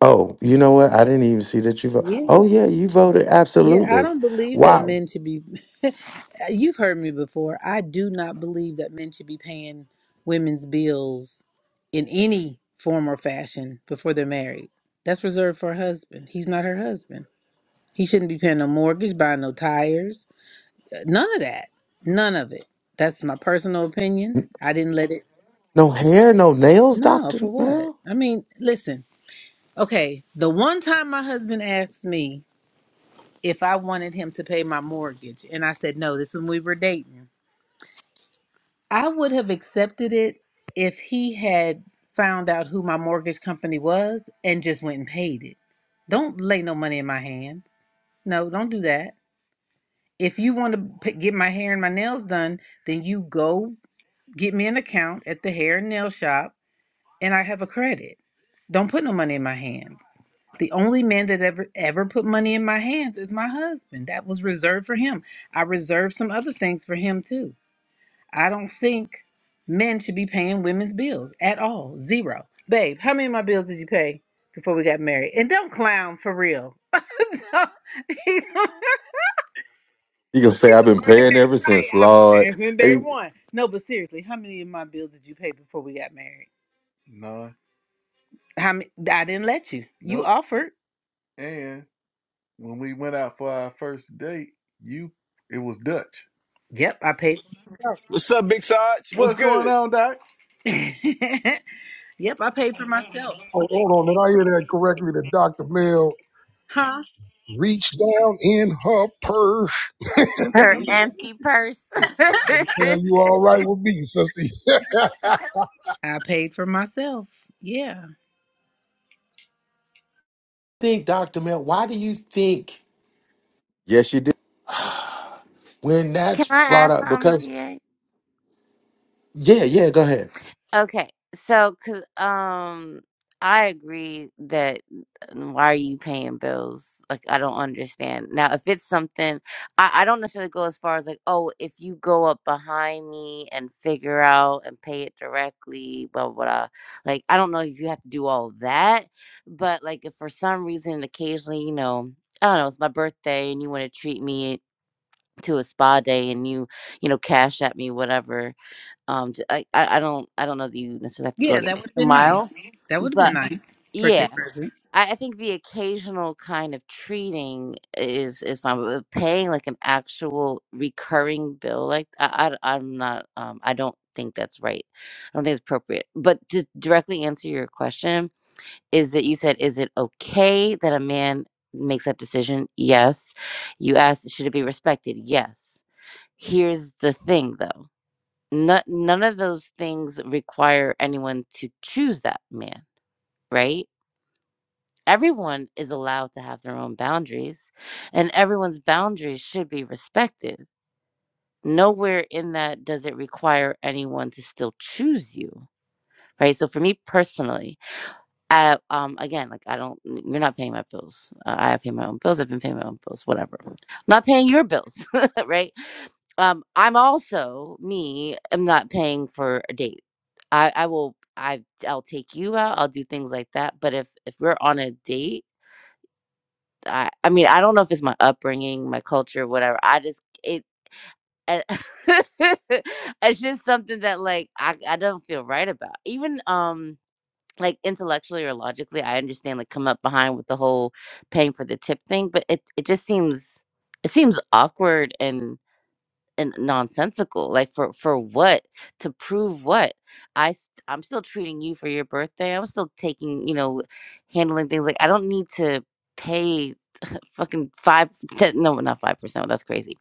Oh, you know what? I didn't even see that you vote.
Yeah.
Oh yeah, you voted
Yeah, I
absolutely.
don't believe that
Wow.
men should be. <laughs> You've heard me before. I do not believe that men should be paying women's bills in any form or fashion before they're married. That's reserved for a husband. He's not her husband. He shouldn't be paying no mortgage, buying no tires, none of that. None of it. That's my personal opinion.
N-
I didn't let it.
No hair, no nails,
No,
Doctor
for what?
Mel.
I mean, listen. Okay, the one time my husband asked me if I wanted him to pay my mortgage. And I said, no, this is when we were dating. I would have accepted it if he had found out who my mortgage company was and just went and paid it. Don't lay no money in my hands. No, don't do that. If you want to p- get my hair and my nails done, then you go get me an account at the hair and nail shop and I have a credit. Don't put no money in my hands. The only man that ever ever put money in my hands is my husband. That was reserved for him. I reserved some other things for him too. I don't think men should be paying women's bills at all. Zero. Babe, how many of my bills did you pay before we got married? And don't clown for real. <laughs> He's
You gonna say I've
a
been
Bernie
paying
Mac
ever
Right.
since,
i have been
Lord?
dancing day
Hey,
one. No, but seriously, how many of my bills did you pay before we got married? How many, I didn't let you. You Nope. offered. And when we went out for our first date, you it was Dutch. Yep, I paid for myself.
What's up, Big Sarge? What's
What's going
good?
on, Doc? <laughs> yep, I paid for myself one
Hold,
day.
hold on, did I hear that correctly? That Dr. Mel
Huh?
reached down in her purse. <laughs>
her empty purse <laughs>
And
can
tell you all right with me, sister. <laughs> yeah,
I paid for myself. Yeah.
Think, Doctor Mel. Why do you think yes, you did. when
i
that's brought
ask
up?
something
Because
ga
yeah, yeah. Go ahead.
Okay, so 'cause, um, I agree that mm, why are you paying bills? Like, I don't understand. Now, if it's something, I, I don't necessarily go as far as like, oh, if you go up behind me and figure out and pay it directly, blah, blah, blah. Like, I don't know if you have to do all that, but like, if for some reason, occasionally, you know, I don't know, it's my birthday and you want to treat me to a spa day and you, you know, cash at me, whatever um, j- I, I I don't I don't know that you necessarily have to go
Yeah,
the
that would have
extra
been nice.
mile,
That would have been
but
nice. Birthday
yeah,
present.
I, I think the occasional kind of treating is is fine, but paying like an actual recurring bill, like I, I am not um I don't think that's right. I don't think it's appropriate. But to directly answer your question, is that you said is it okay that a man makes that decision? Yes. You asked should it be respected? Yes. Here's the thing though no, none of those things require anyone to choose that man, right? Everyone is allowed to have their own boundaries, and everyone's boundaries should be respected. Nowhere in that does it require anyone to still choose you, right? So, for me personally, I um again like I don't you're not paying my bills. Uh, I have paid my own bills. I've been paying my own bills. Whatever. I'm not paying your bills, <laughs> right? Um, I'm also me. I'm not paying for a date. I I will I I'll take you out. I'll do things like that. But if if we're on a date, I I mean I don't know if it's my upbringing, my culture, whatever. I just it. I- <laughs> it's just something that like I, I don't feel right about even um like intellectually or logically, I understand like come up behind with the whole paying for the tip thing, but it it just seems it seems awkward and and nonsensical. Like for for what? To prove what? I s- I'm still treating you for your birthday. I'm still taking, you know, handling things like I don't need to pay <laughs> fucking 5 ten, no, not 5%. That's crazy.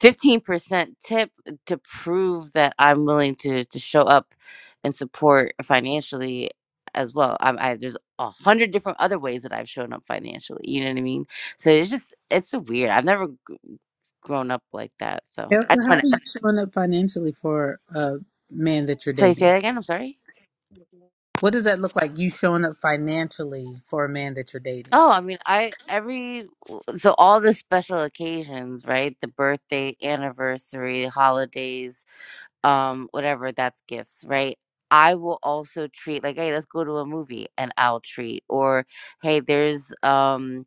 15% tip to prove that I'm willing to to show up and support financially as well. I, I there's a hundred different other ways that I've shown up financially. You know what I mean? So it's just it's a weird. I've never g- grown up like that. So I
Elsa,
just
how are
want to
you showing up financially for a man that you're
So you say
dating?
that again? I'm sorry.
What does that look like? You showing up financially for a man that you're dating?
Oh, I mean, I every so all the special occasions, right? The birthday, anniversary, holidays, um, whatever. That's gifts, right? I will also treat like, hey, let's go to a movie, and I'll treat, or hey, there's um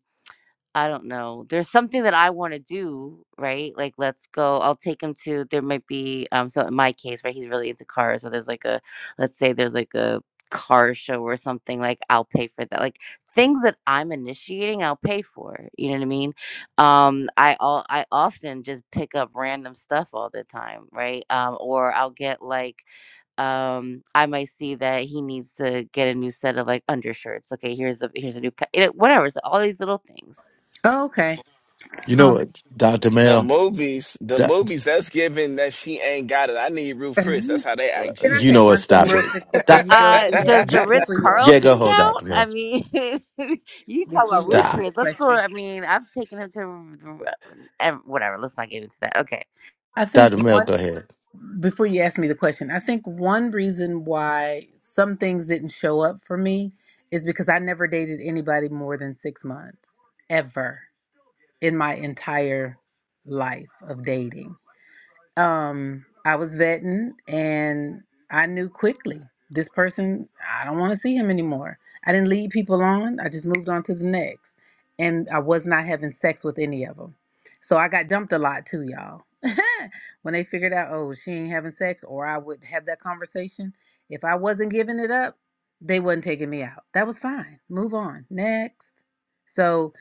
I don't know. There's something that I want to do, right? Like, let's go. I'll take him to. There might be. Um. So in my case, right, he's really into cars. So there's like a. Let's say there's like a car show or something. Like I'll pay for that. Like things that I'm initiating, I'll pay for. You know what I mean? Um. I all. I often just pick up random stuff all the time, right? Um. Or I'll get like um i might see that he needs to get a new set of like undershirts okay here's a here's a new pa- you know, whatever so all these little things
Oh, okay.
You
Um,
know what, Doctor
The
Mel?
movies, the
Doc-
movies. That's given that she ain't got it. I need Ruth Chris.
Can
That's how they
uh,
act.
I
Ga.
you
say
know what?
one thing
<laughs>
Stop
real
it.
quick before
Doc,
you go,
Uh,
DA?
does
yeah,
the Ritz
Before you ask,
yeah, go
Carlton
ahead,
count?
Doctor
I
Mel.
mean, <laughs> you talk
before
about
you
Ruth
ask me
Stop,
the
Chris. Let's go.
question,
I mean, I've taken him to the- whatever. Let's not get into that. Okay.
I think
Doctor Mel.
one
Go ahead.
before you ask me the question, I think one reason why some things didn't show up for me is because I never dated anybody more than six months ever in my entire life of dating. um, I was vetting and I knew quickly this person, I don't want to see him anymore. I didn't lead people on, I just moved on to the next. And I was not having sex with any of them. So I got dumped a lot too, y'all. <laughs> when they figured out, oh, she ain't having sex, or I would have that conversation. If I wasn't giving it up, they wasn't taking me out. That was fine. Move on. Next. So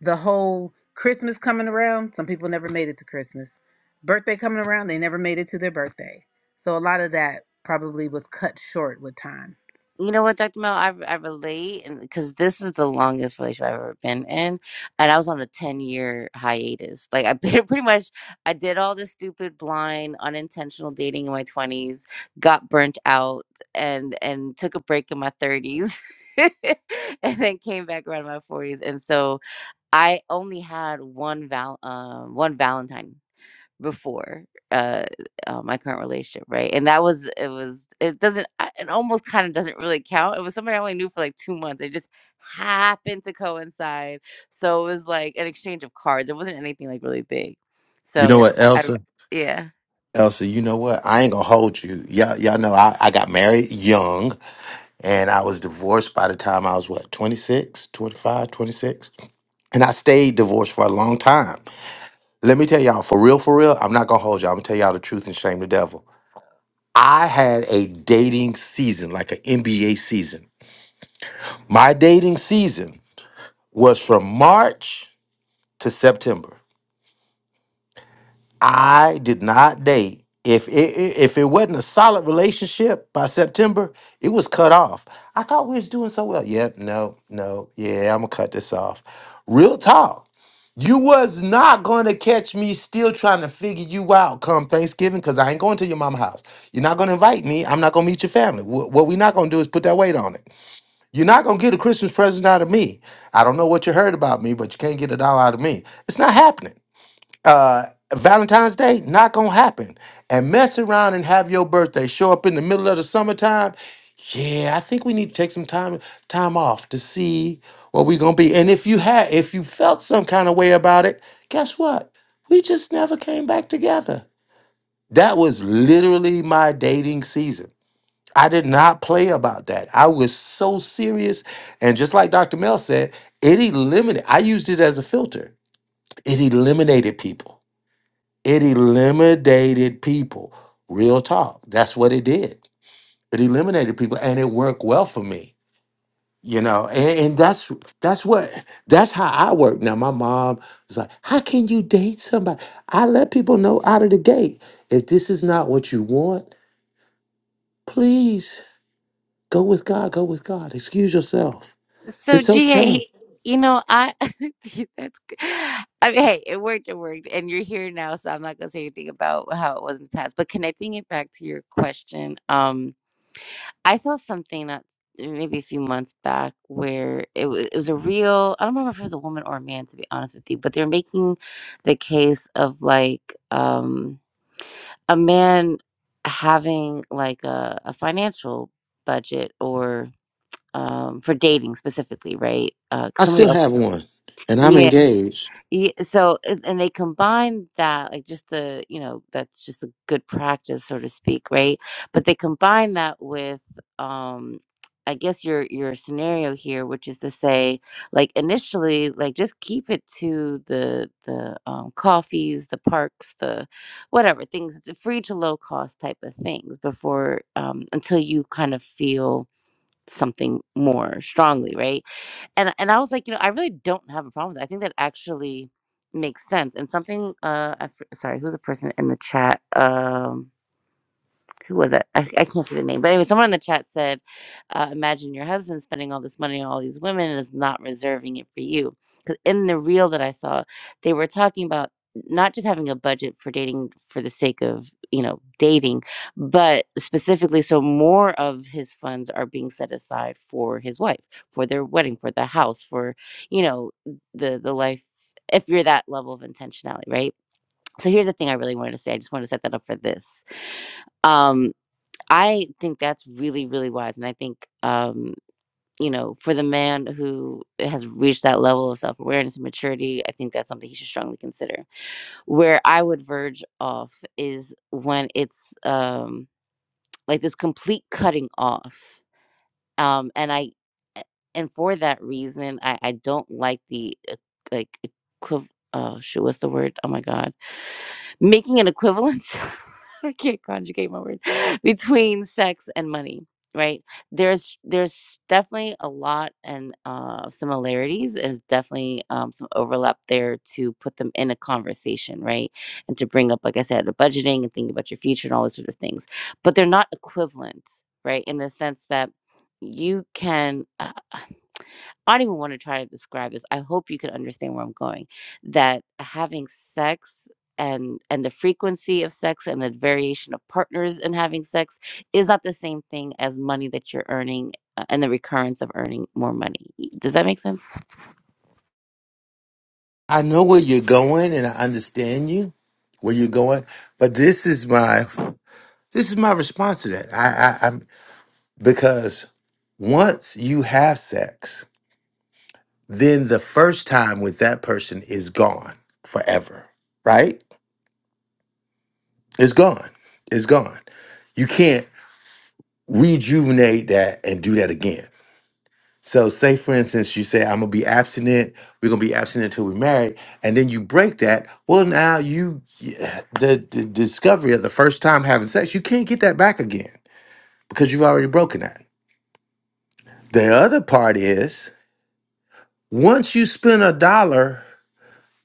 the whole Christmas coming around, some people never made it to Christmas birthday coming around, they never made it to their birthday. So a lot of that probably was cut short with time.
You know what, Dr. Mel? I, I relate because this is the longest relationship I've ever been in. And I was on a 10 year hiatus. Like, I <laughs> pretty pretty much I did all this stupid, blind, unintentional dating in my 20s, got burnt out, and and took a break in my 30s, <laughs> and then came back around in my 40s. And so, I only had one val um, one Valentine before, uh, uh, my current relationship, right? And that was it was it doesn't I- it almost kind of doesn't really count. It was somebody I only knew for like two months. It just happened to coincide, so it was like an exchange of cards. It wasn't anything like really big.
You know
So
what,
I, I-
Elsa?
yeah.
Elsa, you know what? I ain't gonna hold you. Y'all, y'all know I, I got married young and I was divorced by the time I was what, 26, 25, 26, And I stayed divorced for a long time. Let me tell y'all, for real, for real, I'm not gonna hold y'all. I'm gonna tell y'all the truth and shame the devil. I had a dating season, like an NBA season. My dating season was from March to September. I did not date. If it it- if it wasn't a solid relationship by September, it was cut off. I thought we was doing so well. Yep, no, no, yeah, I'm gonna cut this off. Real talk. You was not gonna catch me still trying to figure you out come Thanksgiving because I ain't going to your mama's house. You're not gonna invite me. I'm not gonna meet your family. Wh- What we not gonna do is put that weight on it. You're not gonna get a Christmas present out of me. I don't know what you heard about me, but you can't get a dollar out of me. It's not happening uh, Valentine's Day, not gonna happen. And mess around and have your birthday show up in the middle of the summertime. Yeah, I think we need to take some time time off to see what we're gonna be. And if you had, if you felt some kind of way about it, guess what? We just never came back together. That was literally my dating season. I did not play about that. I was so serious. And just like Dr. Mel said, it eliminated, I used it as a filter. It eliminated people it eliminated people. Real talk. That's what it did. It eliminated people and it worked well for me. You know, and, and that's that's what that's how I work. Now my mom was like, How can you date somebody? I let people know out of the gate. If this is not what you want, please go with God, go with God. Excuse yourself.
So
It's okay.
GA, you know, I <laughs> that's good. I mean, hey, it worked, it worked, and you're here now, so I'm not gonna say anything about how it was in the past. But connecting it back to your question, um, I saw something not maybe a few months back where it was it was a real I don't remember if it was a woman or a man to be honest with you, but they're making the case of like um a man having like a, a financial budget or um, for dating specifically, right?
I
Because somebody
still
else.
have one and I'm
Yeah.
engaged.
Yeah. So, and and they combine that, like just the, you know, that's just a good practice, so to speak, right? But they combine that with, um, I guess your your scenario here, which is to say, like initially, like just keep it to the the um, coffees, the parks, the whatever things, it's a free to low cost type of things before um, until you kind of feel something more strongly, right? And and I was like, you know, I really don't have a problem with that. I think that actually makes sense. And something, uh, I f- sorry, who's the person in the chat? Um, who was it? I, I can't see the name. But anyway, someone in the chat said, uh, imagine your husband spending all this money on all these women and is not reserving it for you." Because in the reel that I saw, they were talking about not just having a budget for dating for the sake of, you know, dating, but specifically so more of his funds are being set aside for his wife, for their wedding, for the house, for, you know, the the life if you're that level of intentionality, right? So here's the thing I really wanted to say. I just want to set that up for this Um I think that's really, really wise, and I think, um, you know, for the man who has reached that level of self-awareness and maturity, I think that's something he should strongly consider. Where I would verge off is when it's, um, like this complete cutting off, um, and I a and for that reason, I I don't like the, uh, like, equiv oh shoot, what's the word? Oh my god making an equivalence <laughs> i can't conjugate my words between sex and money right there's there's definitely a lot and uh similarities is definitely um, some overlap there to put them in a conversation right and to bring up like i said the budgeting and thinking about your future and all those sort of things but they're not equivalent right in the sense that you can Uh, I don't even want to try to describe this. I hope you can understand where I'm going. That having sex and and the frequency of sex and the variation of partners in having sex is not the same thing as money that you're earning uh, and the recurrence of earning more money. Does that make sense?
I know where you're going and I understand you, where you're going, but this is my This is my response to that. I, I, I'm because once you have sex, then the first time with that person is gone forever, right? It's gone. It's gone. You can't rejuvenate that and do that again. So, say for instance, you say, I'm gonna be abstinent, we're gonna be abstinent until we're married, and then you break that. Well, now you, yeah, the, the discovery of the first time having sex, you can't get that back again because you've already broken that. The other part is, Once you spend a dollar,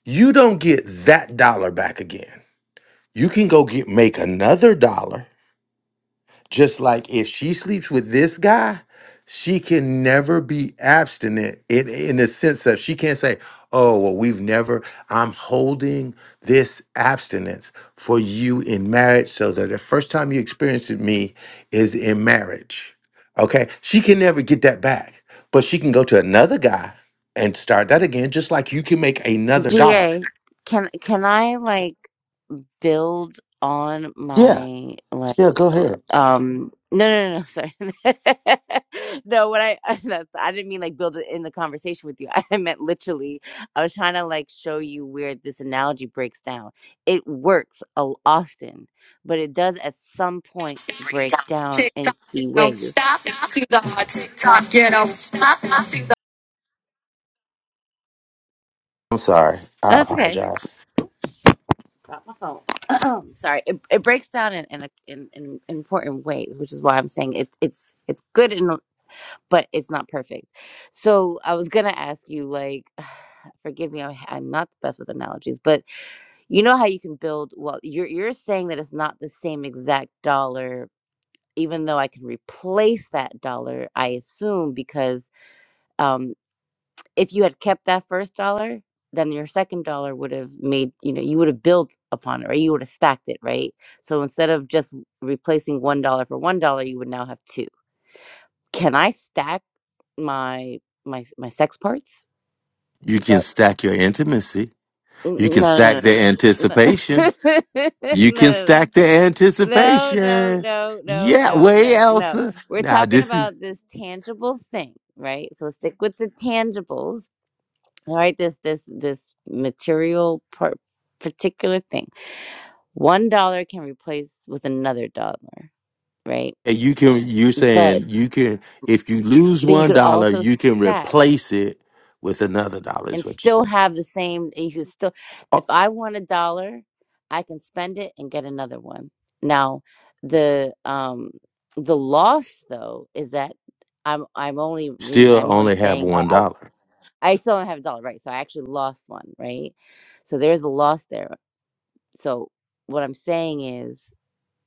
you don't get that dollar back again. You can go get make another dollar just like if she sleeps with this guy, she can never be abstinent in, in the sense of she can't say, Oh, well, we've never, I'm holding this abstinence for you in marriage so that the first time you experience it me is in marriage. Okay. She can never get that back, but she can go to another guy and start that again, just like you can make another dollar.
GA, can can I like build on
Yeah.
my like
Yeah. Go ahead.
um no no no no, sorry <laughs> no what i <laughs> that's, i didn't mean like build it in the conversation with you <laughs> i meant literally i was trying to like show you where this analogy breaks down it works a, often but it does at some point break down in
TikTok, get
key
up,
ways
stop it to the hot. TikTok, get up, stop it. to
I'm sorry. I
that's okay
apologize.
Got my phone. <clears throat> Sorry, it, it breaks down in in, a, in in important ways, which is why I'm saying it, it's it's good in but it's not perfect. So I was gonna ask you, like, <sighs> forgive me, I- I'm not the best with analogies, but you know how you can build. Well, you're you're saying that it's not the same exact dollar, even though I can replace that dollar. I assume because um, if you had kept that first dollar, then your second dollar would have made you know you would have built upon it, or You would have stacked it, right? So instead of just replacing one dollar for one dollar, you would now have two. Can I stack my my my sex parts?
You can
But
stack your intimacy You can
no,
stack the
no, no,
anticipation.
no, no, <laughs>
You can
no,
stack the
no, no, no,
anticipation.
no, no, no,
Yeah,
no,
way
no. no.
Elsa.
We're
Now
talking
this is
about this tangible thing, right? So stick with the tangibles, all right? This this this material part, particular thing. One dollar can replace with another dollar, right?
and you can you're
But
saying you can if you lose
but you
one
could
dollar,
also
you can
stack.
replace it with another dollar, is
and
what you're
still
saying.
have the same you could still if
Oh,
i want a dollar i can spend it and get another one now the um the loss though is that i'm i'm only rem-
still
i'm only
only have
staying i
one
i,
dollar.
I still don't have a dollar right so i actually lost one right so there's a loss there so what i'm saying is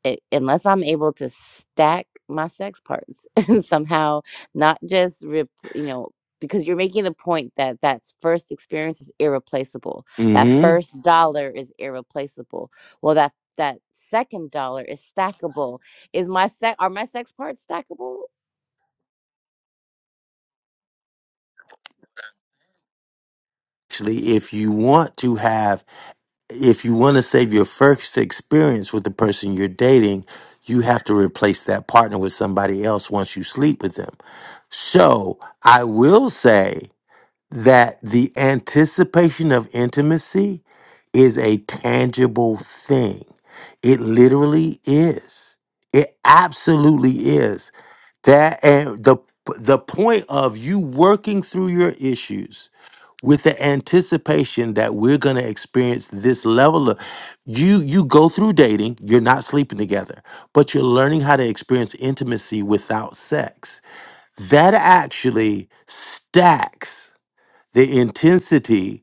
i- unless I'm able to stack my sex parts <laughs> and somehow not just rip, you know, because you're making the point that that first experience is irreplaceable. That
Mm-hmm.
1st dollar is irreplaceable. Well, that that second dollar is stackable. Is my sex are my sex parts stackable?
Actually, if you want to have if you want to save your first experience with the person you're dating, you have to replace that partner with somebody else once you sleep with them. So I will say that the anticipation of intimacy is a tangible thing. It literally is. It absolutely is. That and the the point of you working through your issues with the anticipation that we're going to experience this level of you you go through dating you're not sleeping together but you're learning how to experience intimacy without sex that actually stacks the intensity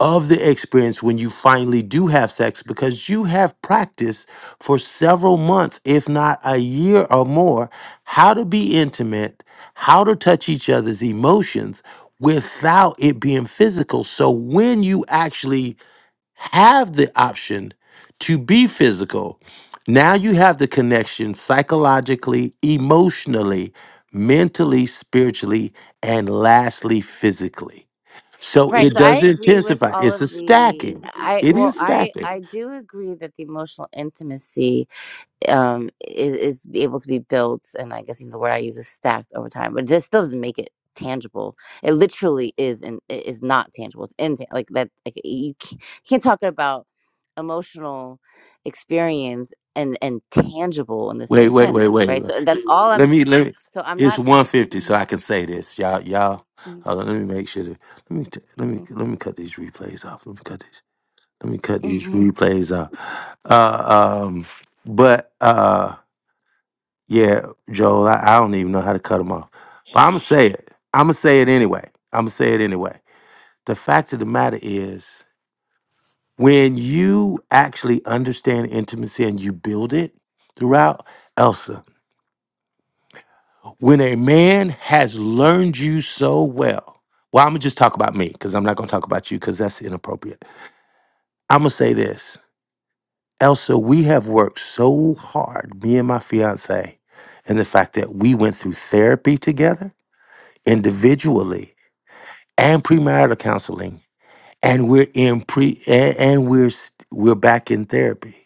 of the experience when you finally do have sex because you have practiced for several months, if not a year or more, how to be intimate, how to touch each other's emotions without it being physical. So when you actually have the option to be physical, now you have the connection psychologically, emotionally, mentally, spiritually, and lastly, physically. So
Right.
it
So I
does
agree with
intensify.
all
It's a
of the
stacking.
I
It
well
is
I
stacking.
I do agree that the emotional intimacy um is, is able to be built and i guess you know, the word i use is stacked over time but it just still doesn't make it tangible it literally is and it is not tangible it's intan- like that like you can't, you can't talk about emotional experience and and tangible in the
Wait,
same
wait, wait,
sentence
wait.
right
wait.
so that's all i'm
Let me
s-
let me.
so i'm
It's
not
one fifty, so
Mhm,
I can say this, y'all. Y'all,
mhm,
hold on. Let me make sure. That, let me t- let me
mhm,
let me cut these replays off. Let me cut these. Let me cut these
mhm.
replays off. Uh, um, but uh, yeah, Joel, I, I don't even know how to cut them off. But I'm gonna say it. I'm gonna say it anyway. I'm gonna say it anyway. The fact of the matter is. When you actually understand intimacy and you build it throughout, Elsa, when a man has learned you so well, well, I'm gonna just talk about me because I'm not gonna talk about you because that's inappropriate. I'm gonna say this, Elsa, we have worked so hard, me and my fiance, and the fact that we went through therapy together individually and premarital counseling, and we're in pre a- and we're st- we're back in therapy.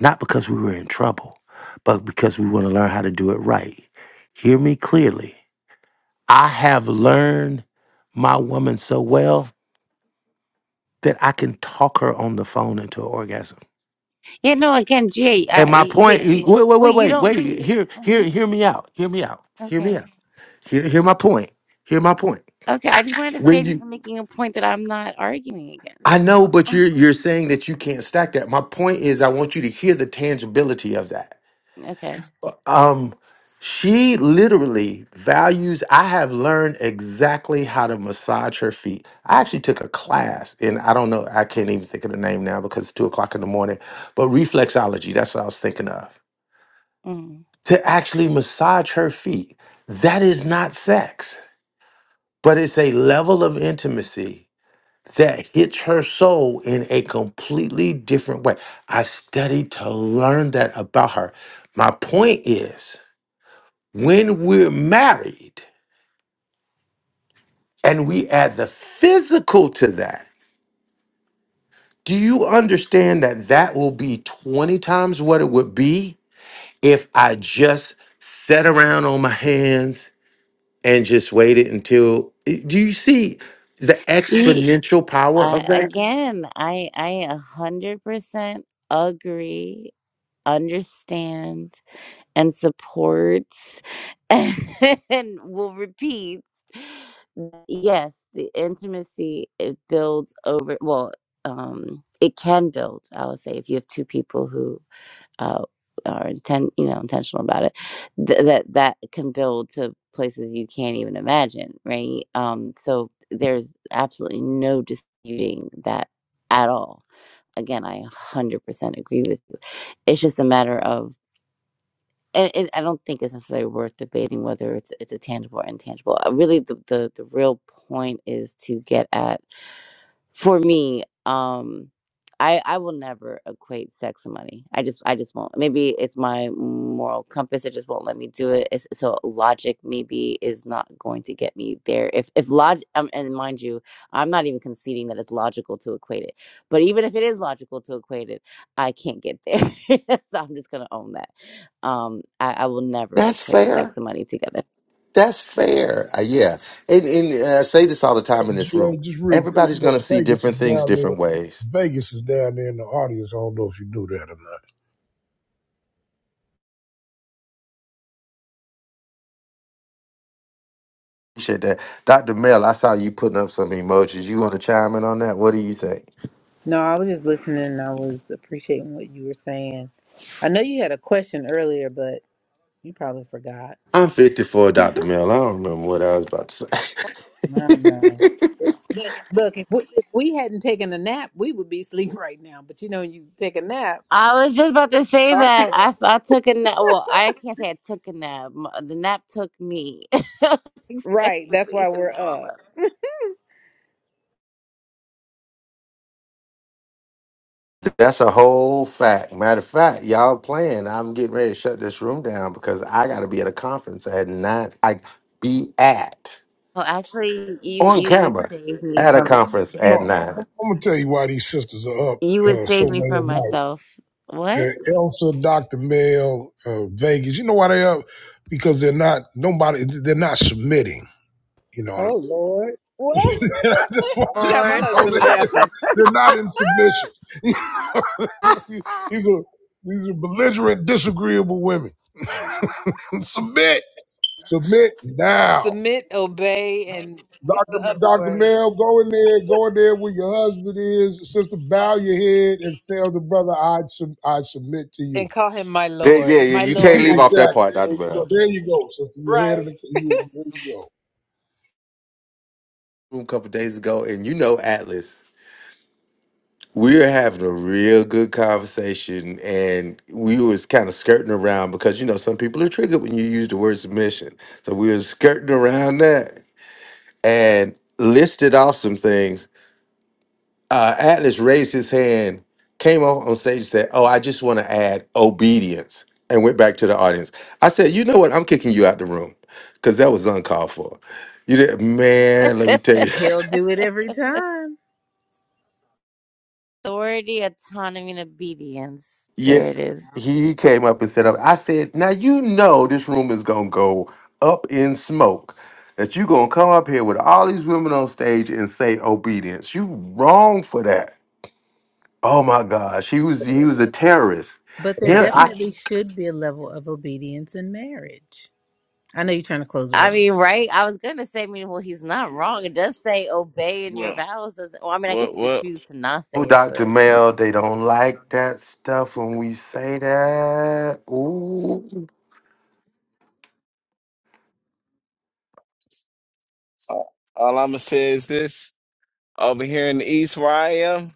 not because we were in trouble, but because we want to learn how to do it right. Hear me clearly. I have learned my woman so well that I can talk her on the phone into an orgasm.
yeah no again ga
And
uh,
my
you- you
point,
think-
wait, wait,
well
wait,
you
wait,
don't but
wait.
you
Hear, hear,
mhm,
hear me out. Hear me out. Hear
okay
me out. Hear, hear my point. Hear my point.
Okay, I just wanted to
When
save you
you,
from making a point that I'm not arguing
I
against.
know, but
<laughs>
you're you're saying that you can't stack that. My point is, I want you to hear the tangibility of that.
Okay.
um she literally values i have learned exactly how to massage her feet i actually took a class and i don't know i can't even think of the name now because it's two o'clock in the morning but reflexology that's what i was thinking of
Mm.
to actually massage her feet that is not sex but it's a level of intimacy that hits her soul in a completely different way i studied to learn that about her my point is When we're married and we add the physical to that, do you understand that that will be 20 times what it would be if I just sat around on my hands and just waited until. eh, Do you see the
He,
exponential power
I,
of that?
again, I I a hundred percent agree, understand, and supports, <laughs> and will repeat. Yes, the intimacy it builds over. Well, um, it can build. I would say if you have two people who uh, are intent, you know, intentional about it, th- that that can build to places you can't even imagine, right? Um, so there's absolutely no disputing that at all. Again, I 100% agree with you. It's just a matter of, and, and I don't think it's necessarily worth debating whether it's it's a tangible or intangible. Uh, Really, the, the the real point is to get at for me um i i will never equate sex and money i just i just won't maybe it's my moral compass it just won't let me do it it's, so logic maybe is not going to get me there if if log um, and mind you i'm not even conceding that it's logical to equate it but even if it is logical to equate it i can't get there <laughs> so i'm just gonna own that um i, I will never
That's
equate
fair.
sex and money together
That's fair. Uh, yeah. And, and uh, I say this all the time in this room.
just real quick,
Everybody's
you
going to
know,
see
Vegas
different
is
things
down there.
different ways.
Vegas is down there in the audience. I don't know if you knew that or not.
Appreciate that. Dr. Mel, I saw you putting up some emojis. You want to chime in on that? What do you think?
No, I was just listening and I was appreciating what you were saying. I know you had a question earlier, but you probably forgot.
I'm 54, Dr. Mel. I don't remember what I was about to
I don't know.
say.
It's- Look, if we, if we hadn't taken a nap, we would be <laughs> asleep right now. But you know, you take a nap.
I was just about to say
Sorry.
that I, f- I took a nap. Well, I can't say I took a nap. M- The nap took me <laughs>
Right. That's why
unexpectedly, and
we're
now I'm
up.
up.
<laughs> That's a whole fact. Matter of fact, y'all playing. I'm getting ready to shut this room down because I got to be at a conference at nine. I be at
Oh, actually, you
on
you would
camera
save me
at a
from
conference
You
at
know, I'm,
nine.
I'm gonna tell you why these sisters are up
you would
uh, so
save
late
me from
at night.
myself. What?
The Elsa, Dr. Mel, uh, Vegas. You know why they up? Because they're not nobody. They're not submitting. You know what I
Oh,
mean?
Lord.
<laughs>
What?
I just want
<laughs> you got
you
my
to
Lord,
know
husband
that
laughing.
they're not in submission. <laughs> these are these are belligerent, disagreeable women. <laughs> Submit, submit now.
Submit, obey, and it's
Dr.
the other
Dr.
word.
Mel, go in there, go in there where your husband is. Sister, bow your head and tell the brother, I would I submit to you.
and call him my
Yeah,
Lord.
yeah, yeah.
My
You
<laughs>
Lord.
can't leave off that part,
exactly.
Dr.
So
Mel.
there you go, sister. You
Right.
heard it. You, there you go.
A couple days ago, and you know Atlas. we were having a real good conversation and we was kind of skirting around because you know some people are triggered when you use the word submission so we was skirting around that and listed off some things uh, atlas raised his hand came off on stage and said oh i just want to add obedience and went back to the audience i said you know what i'm kicking you out the room because that was uncalled for you did man
<laughs>
let me tell you <laughs>
He'll do it every time.
authority, autonomy, and obedience.
Yeah,
There it is.
he came up and said, I said, now you know this room is gonna go up in smoke. That you gonna come up here with all these women on stage and say obedience. You wrong for that. Oh my gosh, he was he was a terrorist.
But there
Here I
definitely should be a level of obedience in marriage. I know you're trying to close the
I
room.
mean, right? I was gonna say, I mean, well, he's not wrong. It does say obey in your
well,
vows. Doesn't? Well, I mean, I guess
what,
you could
what?
choose to not
told
say
Dr.
it,
Mel they don't like that stuff when we say that. Ooh.
All I'm gonna say is this: over here in the East, where I am,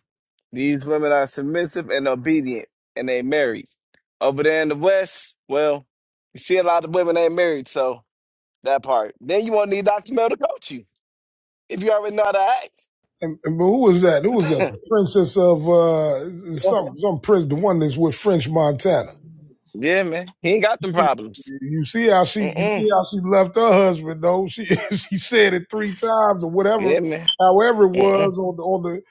these women are submissive and obedient, and they married. Over there in the West, well, you see a lot of women ain't married, so that part. Then you won't need Dr. Mel to coach you if you already know how to act.
And, and- but who was that? Who was that?
<laughs>
The princess of uh,
yeah.
some some prince, the one that's with French Montana.
yeah, man, he ain't got them problems.
You see how she you
Mm-mm.
see how she left her husband though. She <laughs> she said it three times or whatever,
Yeah, man.
however it
Mm-mm.
was on the on the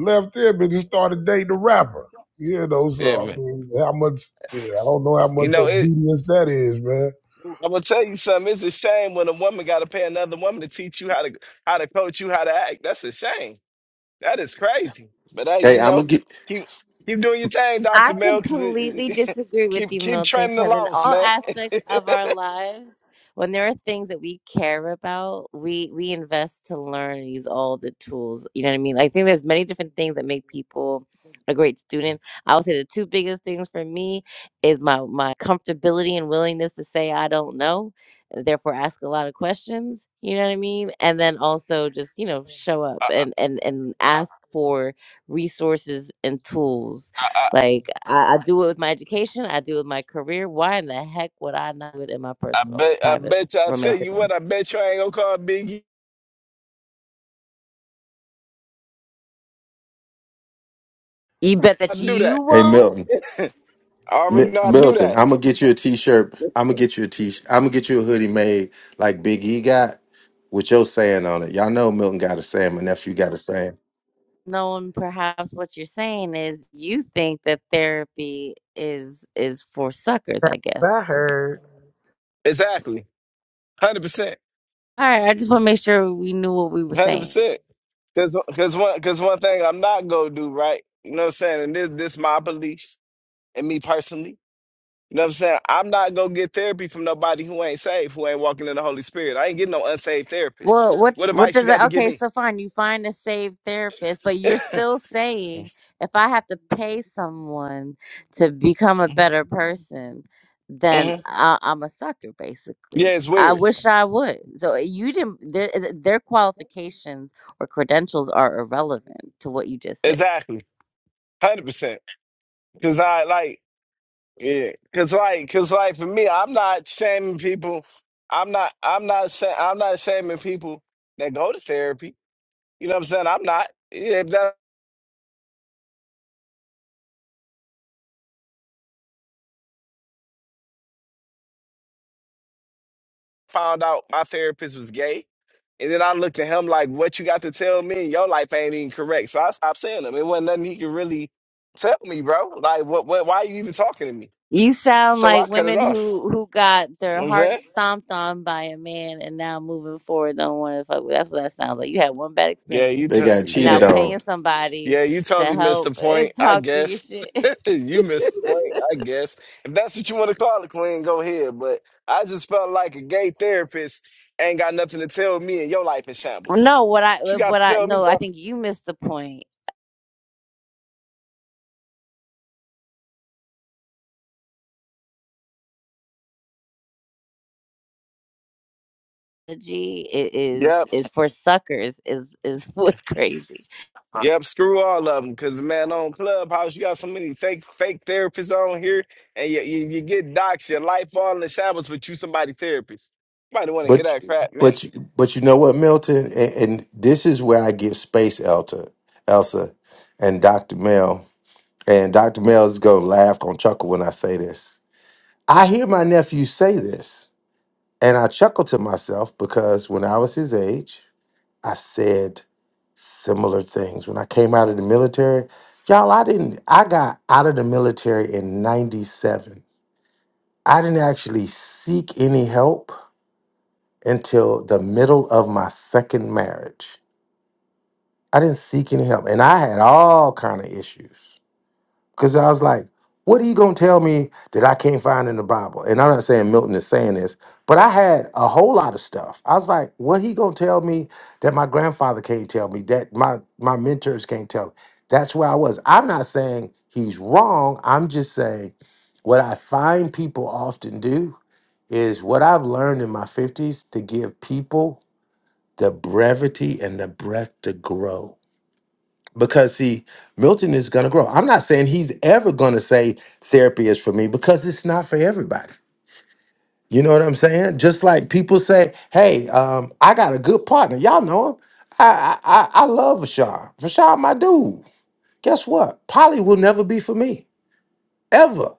left him and just started dating the rapper. You know, so
Yeah,
I
man.
mean, how much yeah, I don't know how
You
much
know it.
obedience that is, man.
I'm gonna tell you something. It's a shame when a woman got to pay another woman to teach you how to how to coach you how to act. That's a shame. That is crazy. But hey,
Hey,
you
I'm
know,
gonna get
keep keep doing your thing,
I
Doctor Mel. Cause it,
completely
it-
disagree
<laughs>
with
keep
you,
keep
Milton,
training the
because in
loss,
all
man. <laughs>
aspects of our lives, when there are things that we care about, we we invest to learn and use all the tools. You know what I mean? I think there's many different things that make people a great student. I would say the two biggest things for me is my my comfortability and willingness to say I don't know, and therefore ask a lot of questions. You know what I mean? And then also just, you know, show up
I,
and and and ask for resources and tools
I, I,
like I, I do it with my education, I do it with my career. Why in the heck would I not do it in my
I
personal,
bet I
private,
bet you. I tell you
romantic life?
what. I bet you I ain't gonna call Biggie.
You bet
I
that
do
you
that.
hey
won't.
Milton.
I
Mi-
already know I do
Milton,
that.
I'm gonna get you a t-shirt. I'm gonna get you a t. I'm gonna get you a hoodie made like Big E got with your saying on it. Y'all know Milton got a saying. My nephew got a saying.
Knowing perhaps what you're saying is you think that therapy is is for suckers,
That's
I
what I
guess.
heard.
Exactly. Hundred percent.
All right, I just want to make sure we knew what we were
Hundred
saying.
percent. Cause, cause one, cause one thing I'm not gonna do right. You know what I'm saying? And this, this monopoly. and me personally. You know what I'm saying? I'm not gonna get therapy from nobody who ain't saved, who ain't walking in the Holy Spirit. I ain't getting no unsaved therapist.
Well, what
What
what
advice you
does it?
got to give
Okay,
me?
so fine, you find a saved therapist, but you're
<laughs>
still saying
hmm
if I have to pay someone to become a better person,
Yeah,
then I, I'm a sucker, basically.
it's
I
weird.
wish I would. So you didn't. Their their qualifications or credentials are irrelevant to what you just said.
Exactly. Hundred percent. Cause I like yeah. Cause like cause like for me, I'm not shaming people. I'm not I'm not sha- I'm not shaming people that go to therapy. You know what I'm saying? I'm not. Yeah, if that I found out my therapist was gay, And then I looked at him like, what you got to tell me? Your life ain't even correct. So I stopped saying him. It wasn't nothing he could really tell me, bro. Like, what, what, why are you even talking to me?
You sound
So I
like
cut it
women
off.
who who got
You
their
know what I'm
heart
saying?
stomped on by a man and now moving forward don't want to fuck with. That's what that sounds like. You had one bad
Yeah, you,
experience
They got
t-
and now
cheated
yeah,
on.
paying somebody
yeah, you
to
totally missed
help
the
eh,
point, I
talk through your
guess.
shit.
<laughs> you missed the
<laughs>
point, I guess. If that's what you want to call it, Queen, go ahead. But I just felt like a gay therapist ain't got nothing to tell me and your life is shambles.
no, what I
What you got
what
to
I
tell me,
no,
bro?
I think you missed the point. G i-
Yeah.
is is for suckers is is <laughs> what's crazy.
Yep, screw all of them. Cause man, on Clubhouse, you got so many fake fake therapists on here, and you you, you get docs, your life all in the shadows, but you somebody therapist. Nobody want to hear
But
that crap, man.
but but you know what, Milton, and, and this is where I give space, Elta, Elsa, and Doctor Mel. And Doctor Mel is gonna laugh, gonna chuckle when I say this. I hear my nephew say this, and I chuckle to myself because when I was his age. I said similar things. When I came out of the military, y'all, I didn't, I got out of the military in 97. I didn't actually seek any help until the middle of my second marriage. I didn't seek any help. And I had all kind of issues. Because I was like, what are you going to tell me that I can't find in the Bible? And I'm not saying Milton is saying this, but I had a whole lot of stuff. I was like, what he going to tell me that my grandfather can't tell me, that my, my mentors can't tell me? That's where I was. I'm not saying he's wrong. I'm just saying what I find people often do is what I've learned in my 50s to give people the brevity and the breath to grow because see milton is going to grow i'm not saying he's ever going to say therapy is for me because it's not for everybody you know what i'm saying just like people say hey um, i got a good partner y'all know him i i, I I love vashar vashar my dude guess what polly will never be for me ever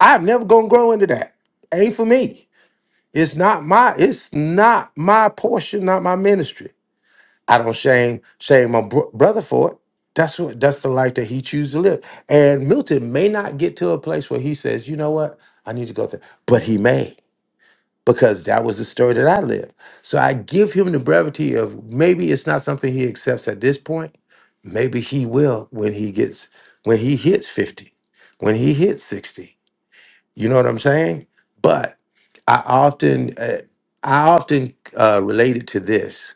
i'm never going to grow into that ain't for me it's not my it's not my portion not my ministry I don't shame shame my bro- brother for it. That's what that's the life that he chooses to live. And Milton may not get to a place where he says, you know what, I need to go there, but he may because that was the story that I lived. So I give him the brevity of maybe it's not something he accepts at this point. Maybe he will when he gets when he hits fifty, when he hits sixty. You know what I'm saying? But I often uh, I often uh, relate it to this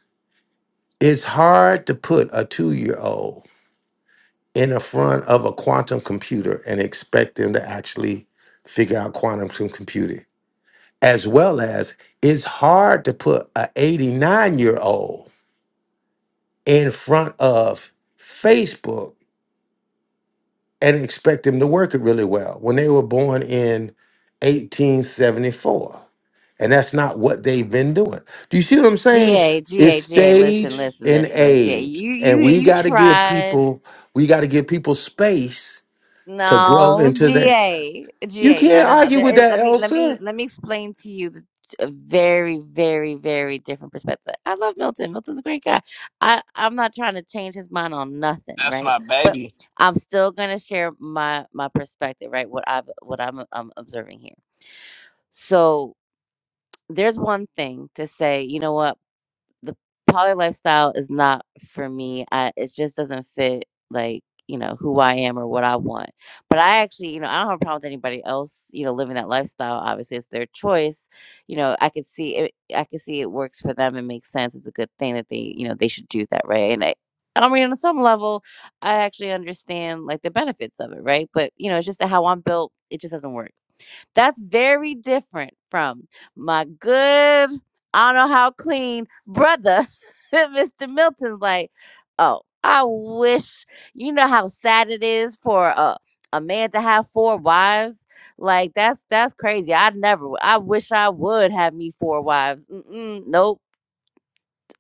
it's hard to put a two year old in the front of a quantum computer and expect them to actually figure out quantum com- computing. As well as it's hard to put an 89 year old in front of Facebook and expect them to work it really well when they were born in 1874. And that's not what they've been doing. Do you see what I'm
G
saying?
A G
It's
A G A. Listen,
stage
listen,
and
listen, listen. Ga,
age.
you you
And we
you
got to give
tried.
people, we got to give people space to grow
No,
into their.
GA,
You
GA. No,
can't
no, no.
argue
There
with
is.
that,
Let me, let me,
Elsa.
let me explain to you the, a very, very, very different perspective. I love Milton. Milton's a great guy. I, I'm not trying to change his mind on nothing,
That's
right?
my
But
baby.
I'm still gonna share my my perspective, right? What I've, what I'm, um observing here. So there's one thing to say. You know what? the poly lifestyle is not for me. I it just doesn't fit like, you know, who I am or what I want. But I actually, you know, I don't have a problem with anybody else, you know, living that lifestyle. Obviously, it's their choice. You know, I could see it I could see it works for them and makes sense. It's a good thing that they, you know, they should do that, right? And I I mean, on some level, I actually understand like the benefits of it, right? But you know, it's just that how I'm built, it just doesn't work. That's very different from my good, I don't know how clean brother, <laughs> Mr. Milton's like, oh, I wish, you know how sad it is for a, a man to have four wives? Like that's that's crazy. I never. w- I wish I would have me four wives. Mm-mm, nope,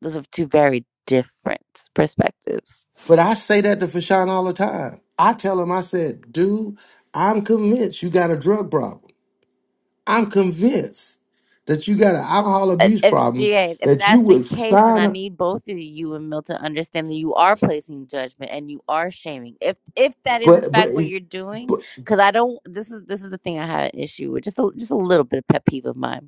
those are two very different perspectives.
But I say that to Fashawn all the time. I tell him, I said, dude, I'm convinced you got a drug problem. I'm convinced that you got an alcohol
if,
abuse
if
problem
GA, if
that you
that's the
would
case, then
sign
I
up,
need both of you and Milton to understand that you are placing judgment and you are shaming. If if that is in
but but
fact what you're doing,
but
because I don't. This is this is the thing I have an issue with. Just a, just a little bit of pet peeve of mine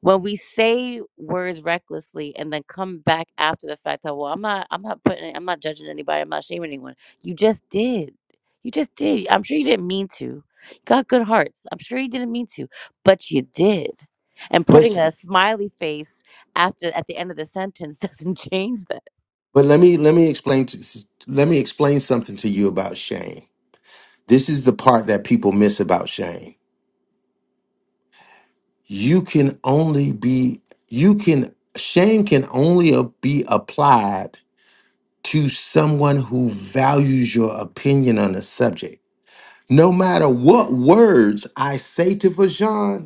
when we say words recklessly and then come back after the fact of, well i'm not i'm not putting i'm not judging anybody i'm not shaming anyone you just did you just did i'm sure you didn't mean to you got good hearts i'm sure you didn't mean to but you did and putting
but
a smiley face after at the end of the sentence <laughs> doesn't change that
but let me let me explain to let me explain something to you about shame. This is the part that people miss about shame. You can only be you can shame can only a- be applied to someone who values your opinion on a subject. No matter what words I say to Vajan,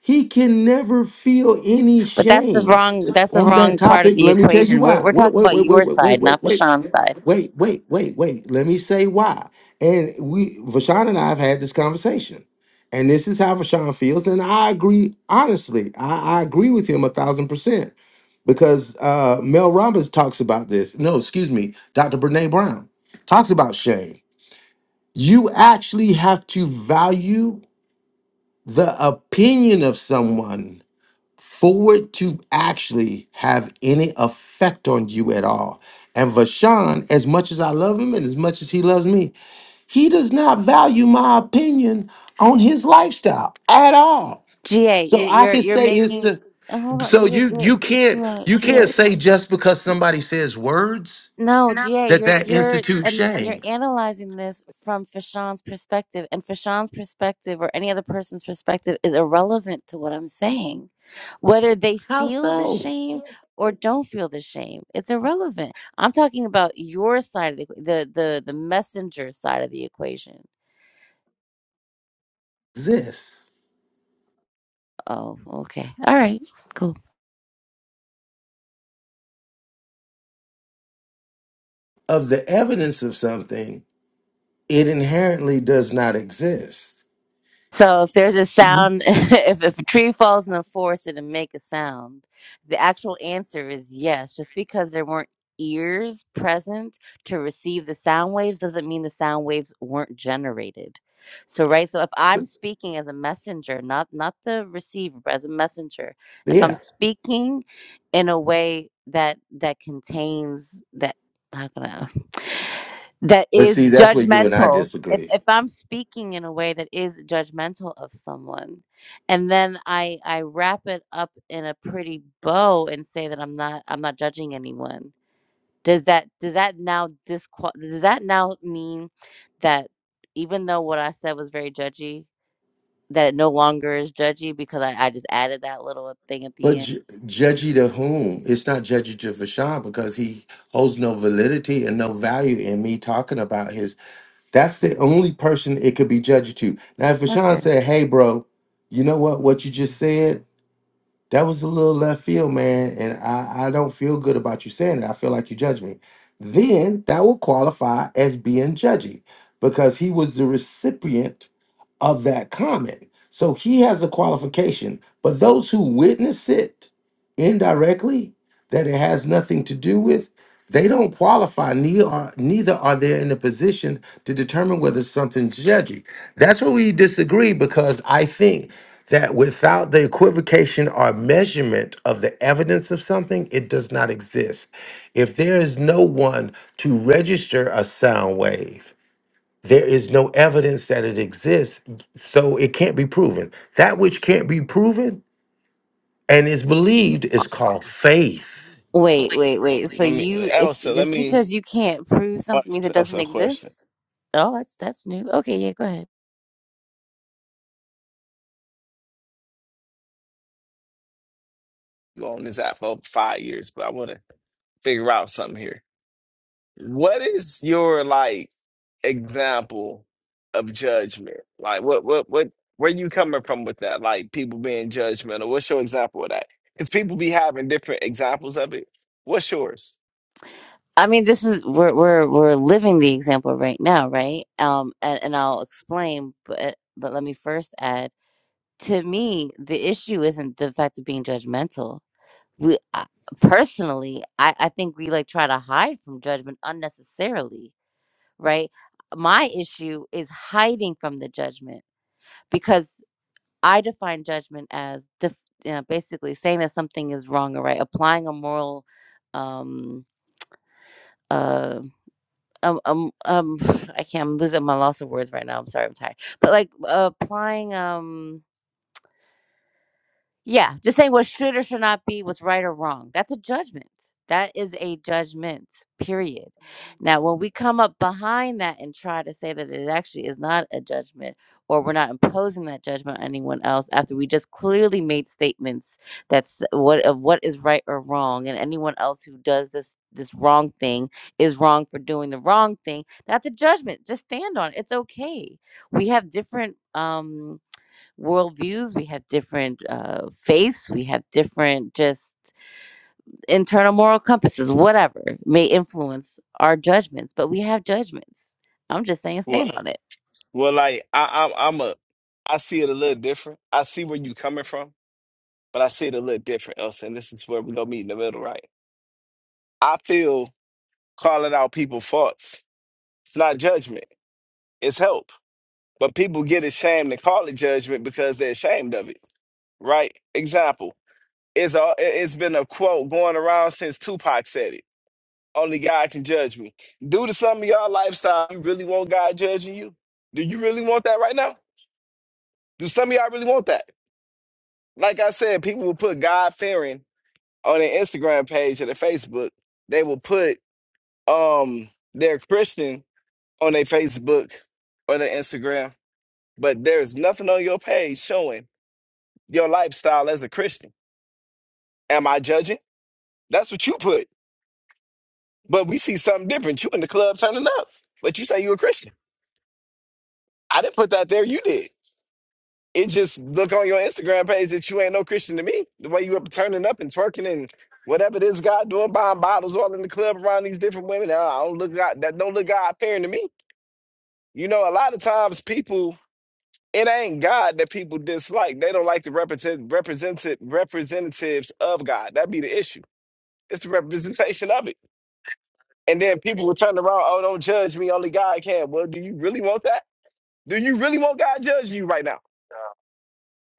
He can never feel any
but that's the
shame
wrong that's the
on that
wrong part of
topic.
the
Let me tell you
equation we're,
why.
we're
Wait,
talking
wait,
about
wait, wait,
your
wait, wait,
side
wait,
not
wait,
Fashawn's side
wait, wait, wait, wait. Let me say why. And we, Vashawn and I have had this conversation. And this is how Vashawn feels. And I agree, honestly, I, I agree with him a thousand percent. Because uh, Mel Robbins talks about this. No, excuse me, Dr. Brene Brown talks about shame. You actually have to value the opinion of someone forward to actually have any effect on you at all. And Vashan, as much as I love him and as much as he loves me, he does not value my opinion on his lifestyle at all.
ga
So
you're
I
you're,
could
you're
say it's
making
the
hold on but
so
you're,
you
you're
you can't you can't
GA,
say just because somebody says words
No, GA,
that
you're
that
you're
institutes
and you're
shame.
analyzing this from Fashawn's perspective, and Fashawn's perspective or any other person's perspective is irrelevant to what I'm saying. Whether they
How
feel the
so?
shame or don't feel the shame, it's irrelevant. I'm talking about your side of the equa- the the the messenger side of the equation.
Exists
Oh, okay, all right, cool.
of the evidence of something, it inherently does not exist.
So if there's a
You-
sound, <laughs> if, if a tree falls in the forest and it make a sound, the actual answer is yes. Just because there weren't ears present to receive the sound waves doesn't mean the sound waves weren't generated. So right, so if I'm speaking as a messenger, not not the receiver, but as a messenger, if I'm
Yeah,
speaking in a way that that contains that, how can I? that
But see,
is
that's where you and I
judgmental if
disagree.
if i'm speaking in a way that is judgmental of someone and then i i wrap it up in a pretty bow and say that i'm not i'm not judging anyone does that does that now disqual does that now mean that even though what i said was very judgy that it no longer is judgy because i, I just added that little thing at
But
the end
ju- judgy to whom? It's not judgy to Fashawn because he holds no validity and no value in me talking about his. That's the
Mm,
only person it could be judgy to. Now, if Fashawn
okay
said, "Hey, bro, you know what? What you just said that was a little left field, man, and I I don't feel good about you saying it. I feel like you judge me." Then that will qualify as being judgy because he was the recipient of that comment. So he has a qualification, but those who witness it indirectly, that it has nothing to do with, they don't qualify, neither are, neither are they in a position to determine whether something's judgy. That's where we disagree because I think that without the equivocation or measurement of the evidence of something, it does not exist. If there is no one to register a sound wave, there is no evidence that it exists, so it can't be proven. That which can't be proven and is believed is called faith.
So,
wait wait
so
wait so
let me,
you if
Elsa. Let
just
me
because you can't prove something means
ask
it
Elsa
doesn't
a question.
exist Oh, that's that's new. Okay, yeah, go ahead.
You on this app for over five years, but I want to figure out something here. What is your like example of judgment? Like what what what where you coming from with that? Like people being judgmental. What's your example of that? Because people be having different examples of it. What's yours?
I mean, this is we're we're we're living the example right now, right? Um, and, and I'll explain, but but let me first add. To me, the issue isn't the fact of being judgmental. We I, personally, I I think we like try to hide from judgment unnecessarily, right? My issue is hiding from the judgment because I define judgment as def- you know, basically saying that something is wrong or right, applying a moral. Um, uh um um um <sighs> I can't I'm losing my loss of words right now. I'm sorry, I'm tired. But like uh, applying um yeah, just saying what should or should not be, what's right or wrong. That's a judgment. That is a judgment, period. Now, when we come up behind that and try to say that it actually is not a judgment or we're not imposing that judgment on anyone else after we just clearly made statements that's what of what is right or wrong and anyone else who does this this wrong thing is wrong for doing the wrong thing, that's a judgment. Just stand on it. It's okay. We have different um worldviews, we have different uh, faiths, we have different just internal moral compasses, whatever may influence our judgments, but we have judgments. I'm just saying,
Well,
stand on it.
well, like I, I'm I'm a I see it a little different. I see where you coming from, but I see it a little different, Elsa. And this is where we gonna meet in the middle, right? I feel calling out people faults. It's not judgment. It's help. But people get ashamed to call it judgment because they're ashamed of it right? Example. It's a, it's been a quote going around since Tupac said it. Only God can judge me. Due to some of y'all lifestyle, you really want God judging you? Do you really want that right now? Do some of y'all really want that? Like I said, people will put God fearing on their Instagram page or their Facebook. They will put um their Christian on their Facebook or their Instagram. But there's nothing on your page showing your lifestyle as a Christian. Am I judging? That's what you put. But we see something different. You in the club turning up, but you say you a Christian. I didn't put that there. You did. It just look on your Instagram page that you ain't no Christian to me. The way you up turning up and twerking and whatever this guy doing, buying bottles all in the club around these different women. uh, I don't look God, that don't look God appearing to me. You know, a lot of times people, it ain't God that people dislike. They don't like the represent represented representatives of God. That'd be the issue. It's the representation of it. And then people will turn around, oh, don't judge me, only God can. Well, do you really want that? do you really want God judging you right now?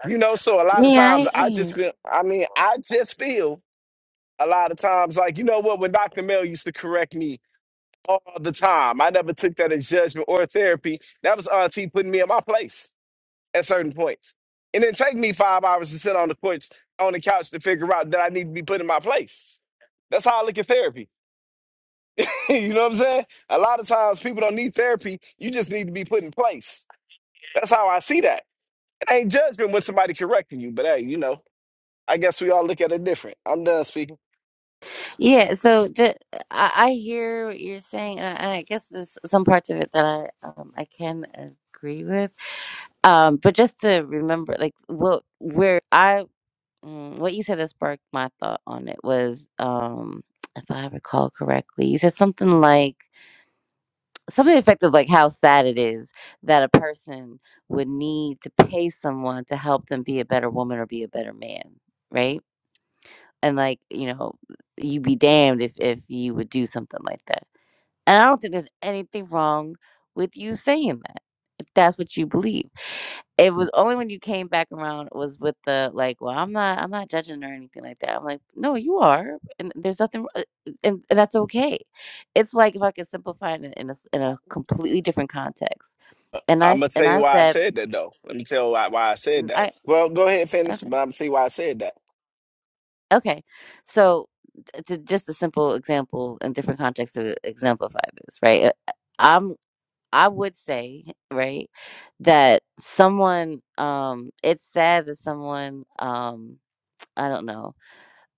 You know, so a lot of
Yeah,
times
I, I
I
hear
just feel, I mean, I just feel a lot of times like, you know what, when Dr. Mel used to correct me all the time, I never took that as judgment or therapy. That was Auntie putting me in my place at certain points. It didn't take me five hours to sit on the porch, on the couch to figure out that I need to be put in my place. That's how I look at therapy. <laughs> you know what I'm saying? A lot of times people don't need therapy. You just need to be put in place. That's how I see that. I ain't judging when somebody correcting you, but hey, you know, I guess we all look at it different. I'm done speaking.
Yeah, so ju- I, I hear what you're saying, and I, I guess there's some parts of it that I um, I can agree with. Um, but just to remember, like what where I mm, what you said that sparked my thought on it was, um, if I recall correctly, you said something like something effective, like how sad it is that a person would need to pay someone to help them be a better woman or be a better man, right? and like, you know, you'd be damned if if you would do something like that. And I don't think there's anything wrong with you saying that if that's what you believe. It was only when you came back around was with the like, well, I'm not I'm not judging or anything like that. I'm like, no, you are, and there's nothing, uh, and, and that's okay. It's like if I could simplify it in, in a s- in a completely different context. And I
I'm
s-
gonna tell
and
you
I
why I
said,
said that though. Let me tell why why I said
and
that.
I
Well, go ahead and
okay.
finish, but I'm gonna tell you why I said that.
Okay, so uh, to just a simple example in different contexts to exemplify this, right? Uh, I'm I would say, <laughs> right, that someone um it's sad that someone um I don't know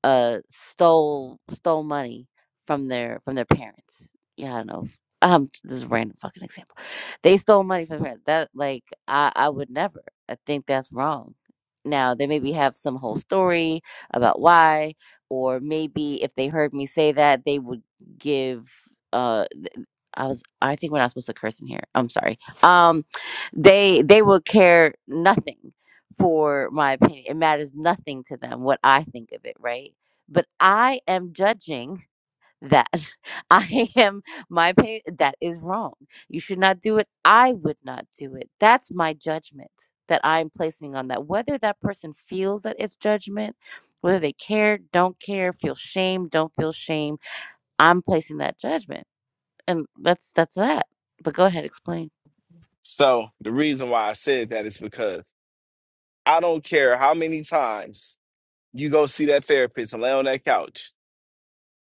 uh, stole stole money from their from their parents. Yeah, I don't know. if- Um, this is a random fucking example. They stole money from parents. That like I I would never. I think that's wrong. Now they maybe have some whole story about why, or maybe if they heard me say that, they would give. Uh, th- I was I think we're not supposed to curse in here. I'm sorry. Um, they they would care nothing for my opinion. It matters nothing to them what I think of it, right? But I am judging that. <laughs> I am, my opinion, that is wrong. You should not do it. I would not do it. That's my judgment that I'm placing on that. Whether that person feels that it's judgment, whether they care, don't care, feel shame, don't feel shame, I'm placing that judgment. And that's that's that. But go ahead, explain.
So the reason why I said that is because I don't care how many times you go see that therapist and lay on that couch.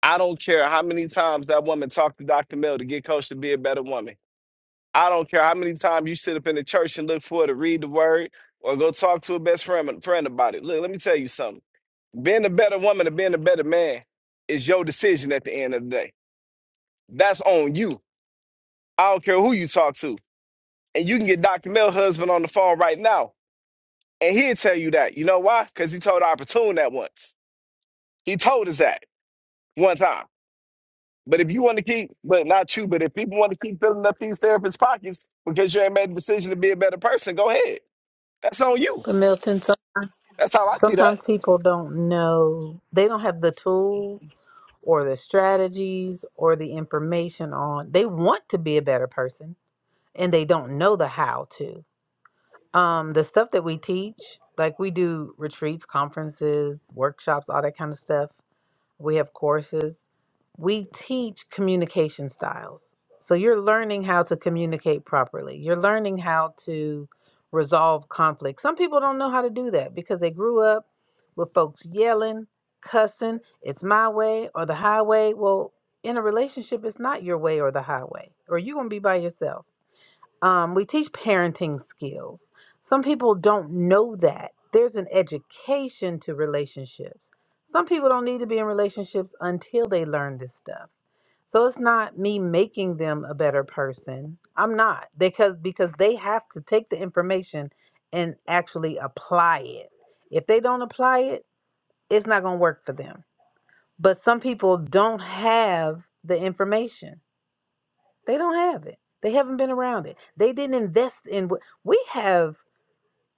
I don't care how many times that woman talked to Dr. Mill to get coached to be a better woman. I don't care how many times you sit up in the church and look for her to read the word or go talk to a best friend friend about it. Look, let me tell you something. Being a better woman or being a better man is your decision at the end of the day. That's on you. I don't care who you talk to. And you can get Dr. Mel husband on the phone right now. And he'll tell you that. You know why? Because he told Opportune that once. He told us that one time. But if you want to keep, but not you, but if people want to keep filling up these therapists' pockets because you ain't made the decision to be a better person, go ahead. That's on you.
But Milton, sometimes,
That's how I see that.
sometimes people don't know, they don't have the tools or the strategies or the information on. They want to be a better person and they don't know the how to. Um, the stuff that we teach, like we do retreats, conferences, workshops, all that kind of stuff. We have courses. We teach communication styles. So you're learning how to communicate properly. You're learning how to resolve conflict. Some people don't know how to do that because they grew up with folks yelling, cussing, it's my way or the highway. Well, in a relationship, it's not your way or the highway, or you're going to be by yourself. Um, we teach parenting skills. Some people don't know that. There's an education to relationships. Some people don't need to be in relationships until they learn this stuff. So it's not me making them a better person. I'm not because because they have to take the information and actually apply it. If they don't apply it, it's not going to work for them. But some people don't have the information. They don't have it. They haven't been around it. They didn't invest in what we have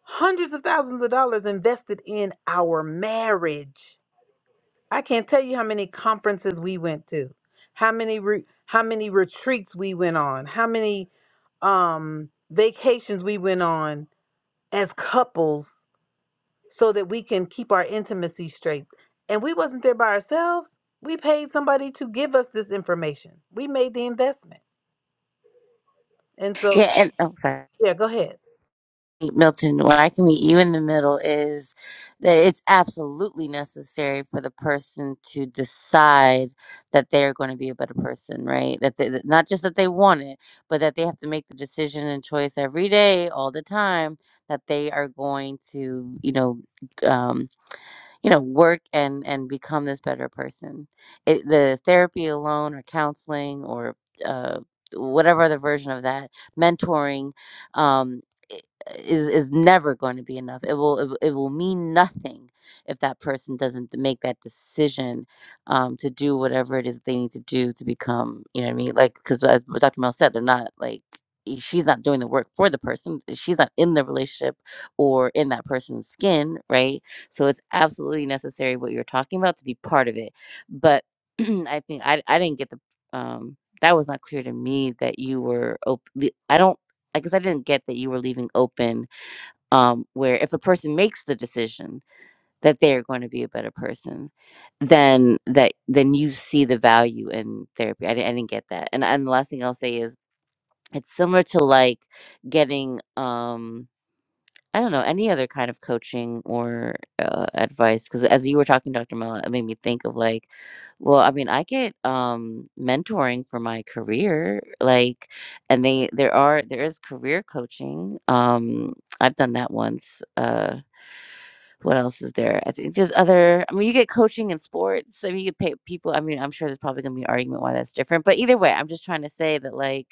hundreds of thousands of dollars invested in our marriage. I can't tell you how many conferences we went to, how many re, how many retreats we went on, how many um vacations we went on as couples so that we can keep our intimacy straight. And we wasn't there by ourselves. We paid somebody to give us this information. We made the investment. And so,
Yeah, and oh, sorry.
yeah, go ahead.
Milton, where I can meet you in the middle is that it's absolutely necessary for the person to decide that they are going to be a better person, right? That they, that- not just that they want it, but that they have to make the decision and choice every day, all the time, that they are going to, you know, um, you know work and and become this better person it, the therapy alone or counseling or uh, whatever other version of that mentoring um, i- is is never going to be enough it will it, will- it will mean nothing if that person doesn't make that decision um, to do whatever it is they need to do to become you know what i mean like because as dr mel said they're not like i- she's not doing the work for the person she's not in the relationship or in that person's skin right so it's absolutely necessary what you're talking about to be part of it. But <clears throat> I think I I didn't get the um that was not clear to me that you were open. I don't I guess I didn't get that you were leaving open um where if a person makes the decision that they're going to be a better person, then that then you see the value in therapy. I didn't, I didn't get that. And and the last thing I'll say is it's similar to like getting um I don't know, any other kind of coaching or, uh, advice? because as you were talking, Dr. Mala, it made me think of, like, well, I mean, I get, um, mentoring for my career, like, and they there are there is career coaching, um, I've done that once, uh, what else is there? I think there's other I mean, you get coaching in sports, I mean, you get paid people I mean, I'm sure there's probably gonna be an argument why that's different, but either way, I'm just trying to say that, like,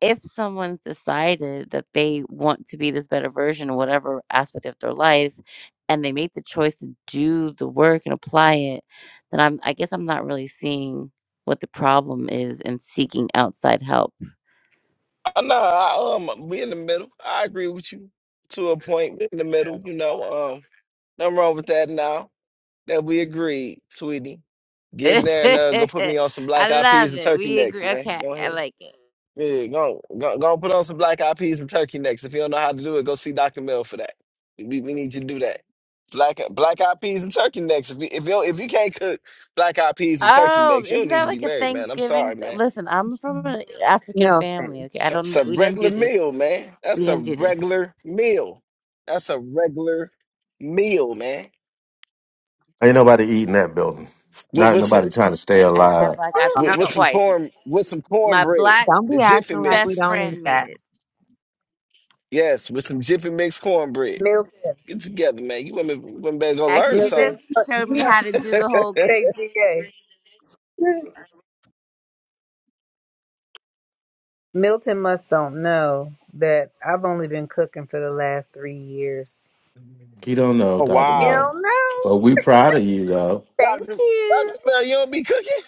if someone's decided that they want to be this better version in whatever aspect of their life and they make the choice to do the work and apply it then i'm i guess i'm not really seeing what the problem is in seeking outside help
I know I um we in the middle. I agree with you to a point. We in the middle, you know. um, Nothing wrong with that now that we agreed, sweetie.
<laughs> i
Get in there and uh, go put me on some black eyed peas
love
and
it
turkey
we
necks,
agree
man.
okay
Go
i
ahead.
like it
Yeah, go, go, go put on some black eyed peas and turkey necks. If you don't know how to do it, go see Dr. Mill for that. We, we need you to do that. Black black eyed peas and turkey necks. If you if you if you can't cook black eyed peas and turkey
oh
necks, you don't
isn't
need
that
to be
like a
married, man. I'm
thanksgiving
sorry, man.
listen i'm from an african family
Milton,
okay i
That's
don't
a
we didn't
regular
do
meal,
this
man.
we
That's a
didn't do this
regular meal. That's a regular meal, man.
Ain't nobody eating that building.
With
Not
with some
nobody trying to stay
i'd, I'd had
alive.
black eyed
with,
peas
with some
twice
corn with some
My
cornbread,
black
don't
the
be
Jiffy
acting like we
best
mix.
don't need
friend made
that.
it.
Yes, with some Jiffy mix cornbread.
Milton.
Get together, man. You women, women better go
Actually,
learn
she
Milton,
something.
just showed
you
me how
must
to
<laughs>
do the whole.
say GA. Milton must don't know that I've only been cooking for the last three years.
He don't know,
oh
Dr.
wow,
Mel.
Hell no!
But we proud of you though.
Thank
Doctor
you.
Doctor Bell, you don't be cooking.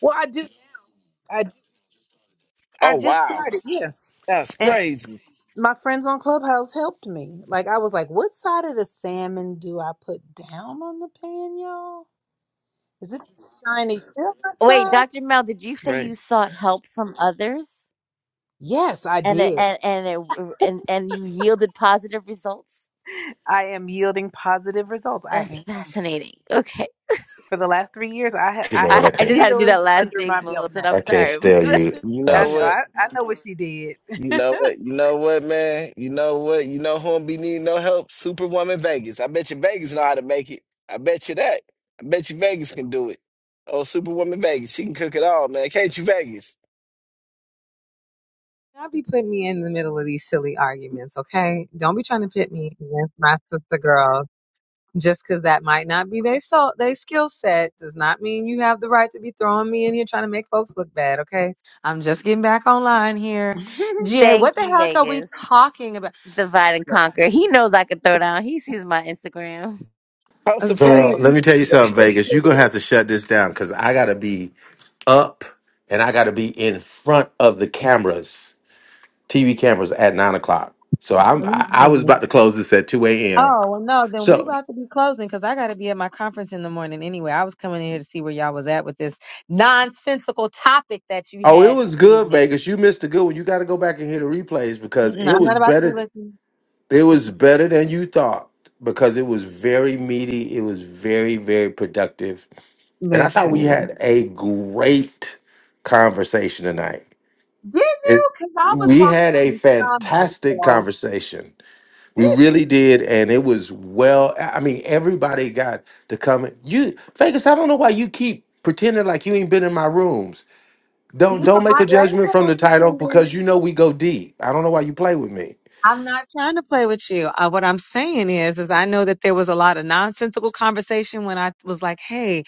Well, I do. I
Oh
I just
wow,
started. Yeah,
that's
and
crazy.
my friends on Clubhouse helped me. Like I was like, what side of the salmon do I put down on the pan, y'all? Is it the shiny silver
Wait,
side?
Dr. Mel, did you say
Right.
you sought help from others
Yes, I
and it,
did.
and and it, and and you yielded positive results?
I am yielding positive results.
That's
I am.
fascinating. Okay,
For the last three years, I ha-
You
I
know what
have
I
I
<laughs>
I
can't
just had to do
meals
that last
under my
dig,
belt
Milton.
now.
I'm
I can't
sorry.
steal you
You
I
know
know.
Elsa.
what?
I, I know what she did.
You
<laughs>
know what? You know what, man? You know what? You know who'll be needing no help? Superwoman Vegas. I bet you Vegas know how to make it. I bet you that. I bet you Vegas can do it. Oh, Superwoman Vegas, she can cook it all, man. Can't you, Vegas?
Y'all be putting me in the middle of these silly arguments, okay? Don't be trying to pit me against my sister girls. Just 'cause that might not be their so they skill set does not mean you have the right to be throwing me in here trying to make folks look bad, okay? I'm just getting back online here.
<laughs>
GA, what
Thank
the
you,
heck are we
Vegas.
talking about?
Divide and
Sure.
conquer. He knows I can throw down. He sees my Instagram.
Post
Uh,
the
See,
plate.
Girl, let me tell you something, Vegas. You're gonna have to shut this down because I gotta be up and I gotta be in front of the cameras. TV cameras at nine o'clock. So I'm
let me
I, I was
see.
about to close this at two a.m.
Oh, well, no, then we
So
about to be closing 'cause I got to be at my conference in the morning anyway. I was coming in here to see where y'all was at with this nonsensical topic that you
oh, it
had this
was good,
evening.
Vegas. You missed a good one. You got to go back and hear the replays because
Mm-mm,
it
I'm
was
not about to be
better.
listening.
It was
Mm-mm.
better than you thought because it was very meaty. It was very very productive, and I thought we
Listen.
had a great conversation tonight.
Did
It
you? Because I was
we had
watching
a
the comments.
fantastic
So,
conversation
did
We really
you?
did, and it was well. I I mean, everybody got to come. You Vegas, I don't know why you keep pretending like you ain't been in my rooms.
No,
Don't don't make
I,
a
that ain't
judgment
what
from
I'm
the title
pretending.
because you know we go deep. I don't know why you play with me.
I'm not trying to play with you. Uh, what I'm saying is, is I know that there was a lot of nonsensical conversation when I was like, "Hey,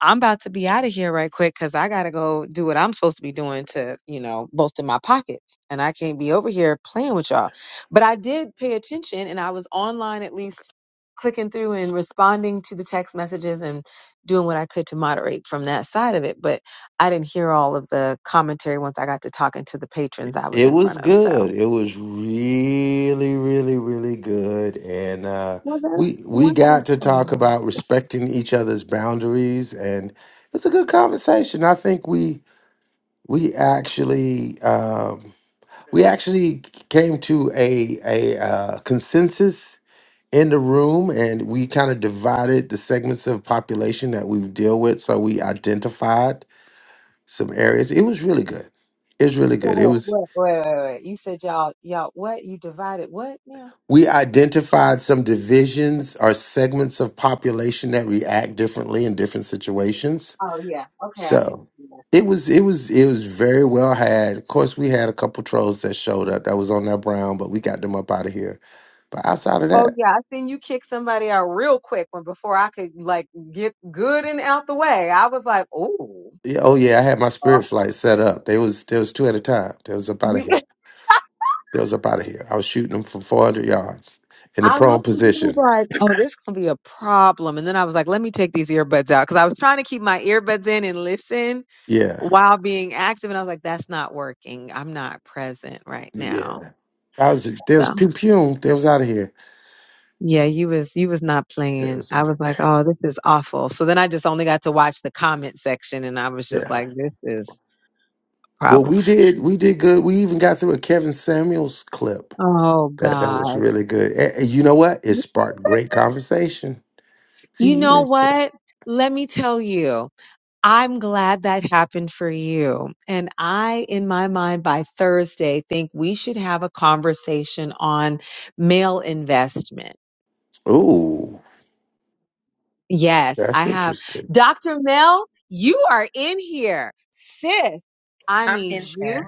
I'm about to be out of here right quick because I got to go do what I'm supposed to be doing to, you know, bolster my pockets. And I can't be over here playing with y'all. But I did pay attention and I was online at least clicking through and responding to the text messages and doing what I could to moderate from that side of it. But I didn't hear all of the commentary once I got to talking to the patrons I was
It
in
was
front of. So,
good. It was really, really, really good, and uh,
well, that's
we we got to talk
wonderful.
about respecting each other's boundaries, and it's a good conversation. I think we we actually. Um,
So
we actually came to a a uh, consensus in the room, and we kind of divided the segments of population that we deal with. So we identified some areas. It was really good. It was really good. It
wait,
was
wait, wait, wait, wait. You said y'all, y'all, what? You divided what now?
we identified some divisions or segments of population that react differently in different situations.
Oh yeah. Okay, I could
So
see that.
it was it was it was very well had. Of course, we had a couple trolls that showed up that was on that brown, but we got them up out of here. But outside of
Oh
that.
yeah, I seen you kick somebody out real quick when before I could like get good and out the way. I was like, oh,
Yeah, oh yeah, I had my spirit
oh.
flight set up. There was there was two at a time. There was up out of
You,
here.
<laughs>
There was up out of here. I was shooting them from four hundred yards in the
I
prone
looked at you
position.
like, oh, this gonna be a problem. And then I was like, let me take these earbuds out because I was trying to keep my earbuds in and listen
Yeah,
while being active. And I was like, that's not working. I'm not present right now.
yeah. I was there
So
was pew pew. There was out of here.
Yeah, you was you was not
There
playing.
was
I was
outta-
like, oh, this is awful. So then I just only got to watch the comment section, and I was just
yeah.
like, this is a
Well,
problem.
we did we did good. We even got through a Kevin Samuels clip.
Oh
That that was
God.
really good. And, and you know what? It sparked great conversation. See,
You
you
know
missed it.
what? Let me tell you, I'm glad that happened for you. And I, in my mind, by Thursday, think we should have a conversation on male investment.
Ooh,
Yes, I
that's
have.
interesting.
Dr. Mel, you are in here. Sis, I
I'm
need
in
you.
there.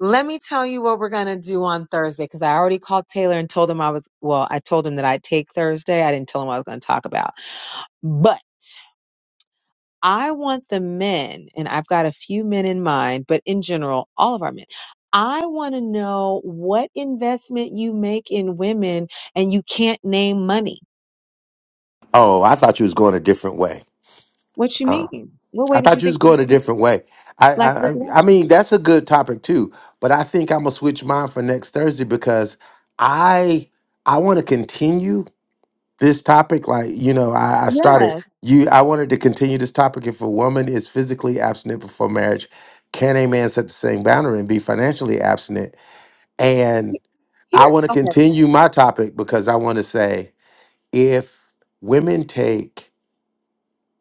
Let me tell you what we're going to do on Thursday because I already called Taylor and told him I was, well, I told him that I'd take Thursday. I didn't tell him what I was going to talk about. But I want the men, and I've got a few men in mind, but in general, all of our men. I want to know what investment you make in women and you can't name money.
Oh, I thought you was going a different way.
What you
Uh,
mean? What
I
way did you
thought you was
think?
going a different way. I,
Like,
I,
what
I I
direction?
mean, that's a good topic too. But I think I'm gonna switch mine for next Thursday because I, I want to continue this topic like you know I, I started
Yes.
you i wanted to continue this topic if a woman is physically abstinent before marriage can a man set the same boundary and be financially abstinent and i
Here,
want to
okay.
continue my topic because i want to say if women take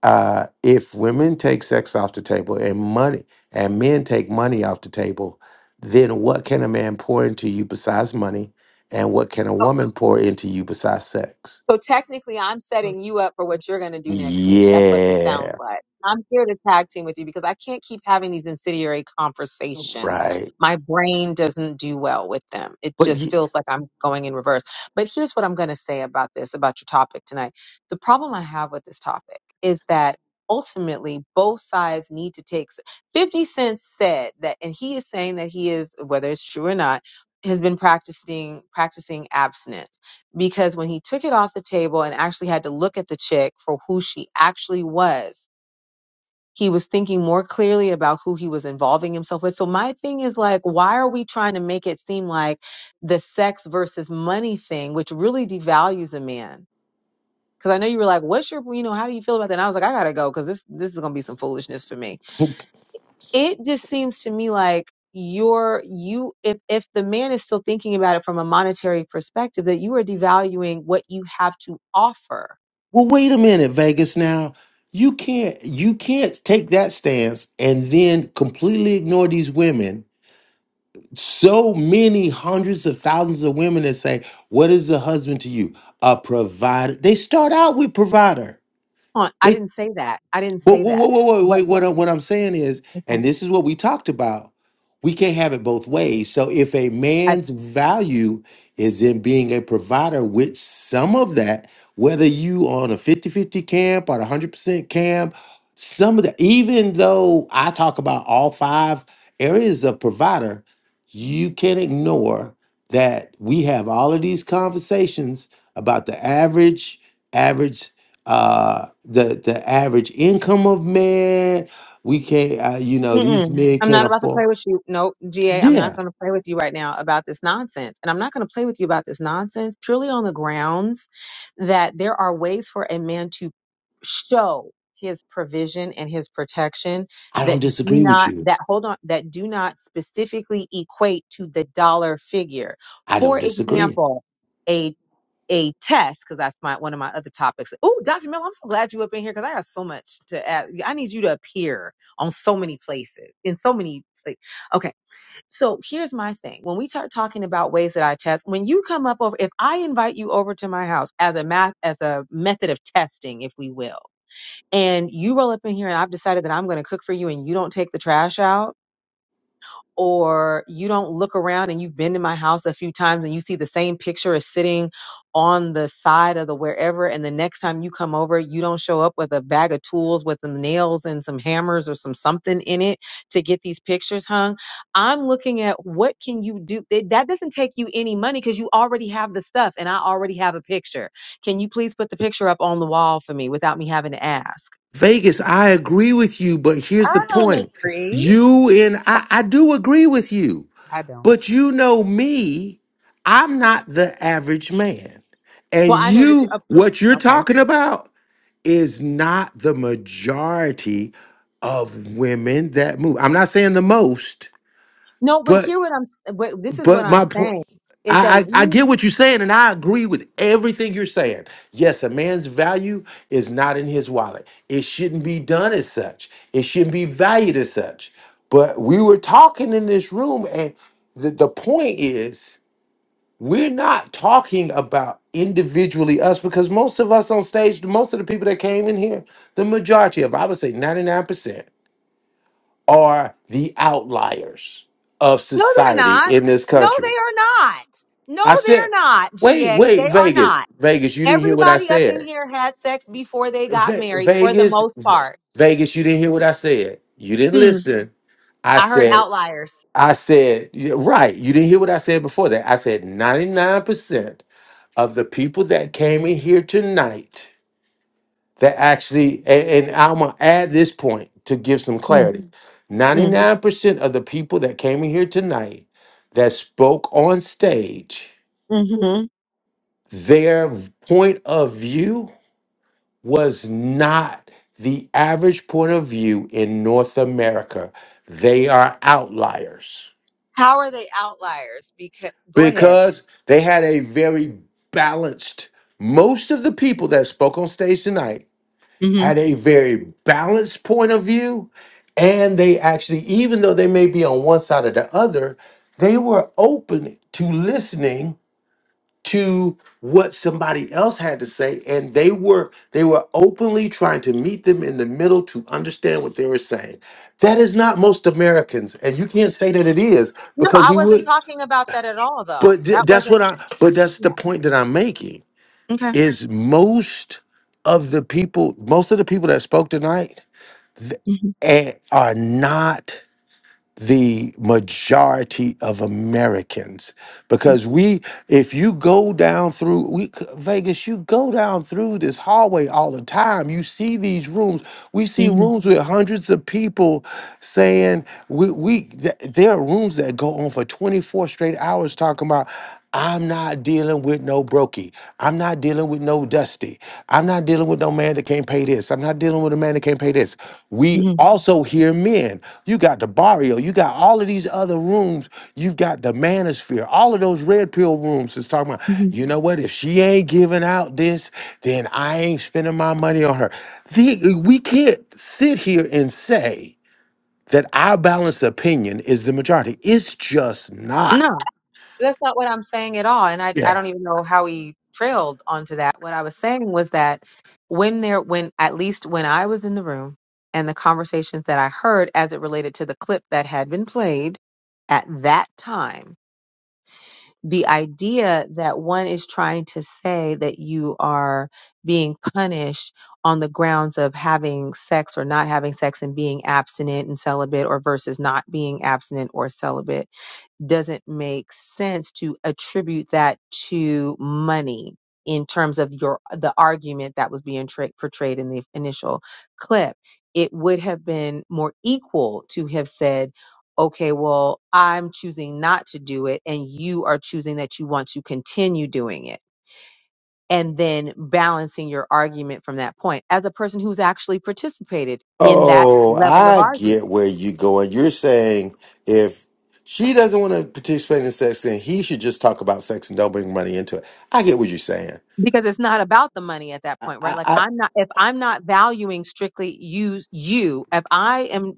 uh if women take sex off the table and money and men take money off the table then what can a man pour into you besides money and what can a
oh,
woman pour into you besides sex
So technically, I'm setting you up for what you're going to do next week. That's what this
yeah
sounds like. I'm here to tag team with you because I can't keep having these incendiary conversations.
Right.
My brain doesn't do well with them. It
But
just
you,
feels like I'm going in reverse. But here's what I'm going to say about this, about your topic tonight. The problem I have with this topic is that ultimately both sides need to take 50 Cent said that, and he is saying that he is, whether it's true or not, has been practicing practicing abstinence because when he took it off the table and actually had to look at the chick for who she actually was, he was thinking more clearly about who he was involving himself with. So my thing is like, why are we trying to make it seem like the sex versus money thing, which really devalues a man? Because I know you were like, what's your, you know, how do you feel about that? And I was like, I gotta go because this this is gonna be some foolishness for me. It just seems to me like you're you if if the man is still thinking about it from a monetary perspective that you are devaluing what you have to offer
well, wait a minute, Vegas. Now you can't you can't take that stance and then completely ignore these women. So many hundreds of thousands of women that say, "What is a husband to you? A provider." They start out with provider.
on. I didn't say that. I didn't
But
say
whoa, whoa,
that.
whoa, whoa,
What?
wait,
what-
what, I, what I'm saying is,
Okay.
and this is what we talked about, we can't have it both ways. So if a
I,
man's value is in being a provider with some of that, whether you on a fifty-fifty camp or a 100% camp, some of that, even though I talk about all five areas of provider, you can't ignore that we have all of these conversations about the average, average uh the the average income of man we can't uh, you know these
mm-mm.
men
I'm
can't
not about to
afford
play with you. No, G. am not
yeah
going to play with you right now about this nonsense. And I'm not going to play with you about this nonsense purely on the grounds that there are ways for a man to show his provision and his protection
i don't
that do
disagree with
not
you
that hold on that do not specifically equate to the dollar figure.
i don't
For
disagree
example, a a test because that's my one of my other topics. Oh, Dr. Miller, I'm so glad you up in here because I got so much to add. yeah, I need you to appear on so many places in so many. Like, okay, so here's my thing. When we start talking about ways that I test, when you come up over, if I invite you over to my house as a math as a method of testing, if we will, and you roll up in here and I've decided that I'm going to cook for you and you don't take the trash out or you don't look around and you've been to my house a few times and you see the same picture is sitting on the side of the wherever and the next time you come over you don't show up with a bag of tools with some nails and some hammers or some something in it to get these pictures hung i'm looking at what can you do that that doesn't take you any money because you already have the stuff and i already have a picture can you please put the picture up on the wall for me without me having to ask
vegas i agree with you but here's the
I don't
point
agree.
you and i i do agree with you
I don't.
But you know me, I'm not the average man. And
well i know that
you,
you're
what you're
okay
talking about is not the majority of women that move. I'm not saying the most,
No, but
but
hear what I'm. What, this is what
but
I'm
my point
saying is that
I,
we.
I, I get what you're saying, and I agree with everything you're saying. Yes, a man's value is not in his wallet. It shouldn't be done as such. It shouldn't be valued as such. But we were talking in this room, and the, the point is we're not talking about individually us because most of us on stage, most of the people that came in here, the majority of, I would say 99%, are the outliers of
No, they're
society
not.
in this
No, they
country.
are not. No,
I
they're
said,
not.
wait,
Ga,
wait,
they are
Vegas,
not.
Vegas, you didn't hear what I
Everybody up in
said.
here had sex before they got
Ve-
married, for the
Vegas,
most
Ve-
part.
Vegas, you didn't hear what I said. You didn't
Hmm.
listen. I
I heard
said,
outliers.
I said, yeah, right. You didn't hear what I said before that. I said 99% of the people that came in here tonight that actually, and, and I'm gonna add this point to give some
Mm,
clarity.
mm,
Ninety-nine percent of the people that came in here tonight that spoke on stage,
hmm
their v- point of view was not the average point of view in North America. They are outliers
How are they outliers? Because go ahead.
because they had a very balanced. Most of the people that spoke on stage tonight
hmm
had a very balanced point of view. And they actually, even though they may be on one side or the other, they were open to listening to what somebody else had to say. And they were they were openly trying to meet them in the middle to understand what they were saying. That is not most Americans. And you can't say that it is
No,
because
I
we
wasn't
would
talking about that at all, though.
but
That
th- that's
wasn't.
what I but that's the
Yeah.
point that I'm making
Okay.
is most of the people, most of the people that spoke tonight th-
hmm
eh, are not the majority of Americans because we if you go down through we c- Vegas you go down through this hallway all the time you see these rooms we see
hmm
rooms with hundreds of people saying we we th- there are rooms that go on for 24 straight hours talking about I'm not dealing with no brokey. I'm not dealing with no dusty. I'm not dealing with no man that can't pay this. I'm not dealing with a man that can't pay this. We
hmm
also hear men. You got the barrio. You got all of these other rooms. You've got the manosphere. All of those red pill rooms is talking about, you know what? If she ain't giving out this, then I ain't spending my money on her. The, we can't sit here and say that our balanced opinion is the majority. It's just
hmm
not.
That's not what I'm saying at all. And I, I don't even know how he trailed onto that. What I was saying was that when there, when at least when I was in the room and the conversations that I heard as it related to the clip that had been played at that time, the idea that one is trying to say that you are being punished on the grounds of having sex or not having sex and being abstinent and celibate or versus not being abstinent or celibate doesn't make sense to attribute that to money in terms of your the argument that was being tra- portrayed in the initial clip it would have been more equal to have said okay well i'm choosing not to do it and you are choosing that you want to continue doing it and then balancing your argument from that point as a person who's actually participated in that
Oh,
level of
I
argument
get where you're going. You're saying if she doesn't want to participate in sex, then he should just talk about sex and don't bring money into it. I get what you're saying.
because it's not about the money at that point right like i'm not if i'm not valuing strictly you you if i am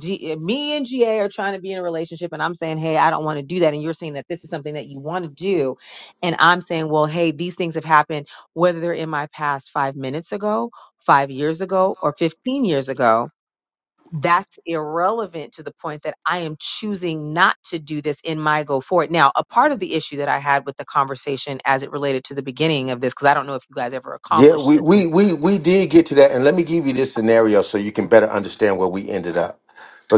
G, me and ga are trying to be in a relationship and i'm saying hey i don't want to do that and you're saying that this is something that you want to do and i'm saying well hey these things have happened whether they're in my past five minutes ago five years ago or 15 years ago that's irrelevant to the point that I am choosing not to do this in my go forward. Now, a part of the issue that I had with the conversation as it related to the beginning of this, because I don't know if you guys ever
Yeah,
accomplished
we,
this.
we
and-
we we did get to that, and let me give you this scenario so you can better understand where we ended up,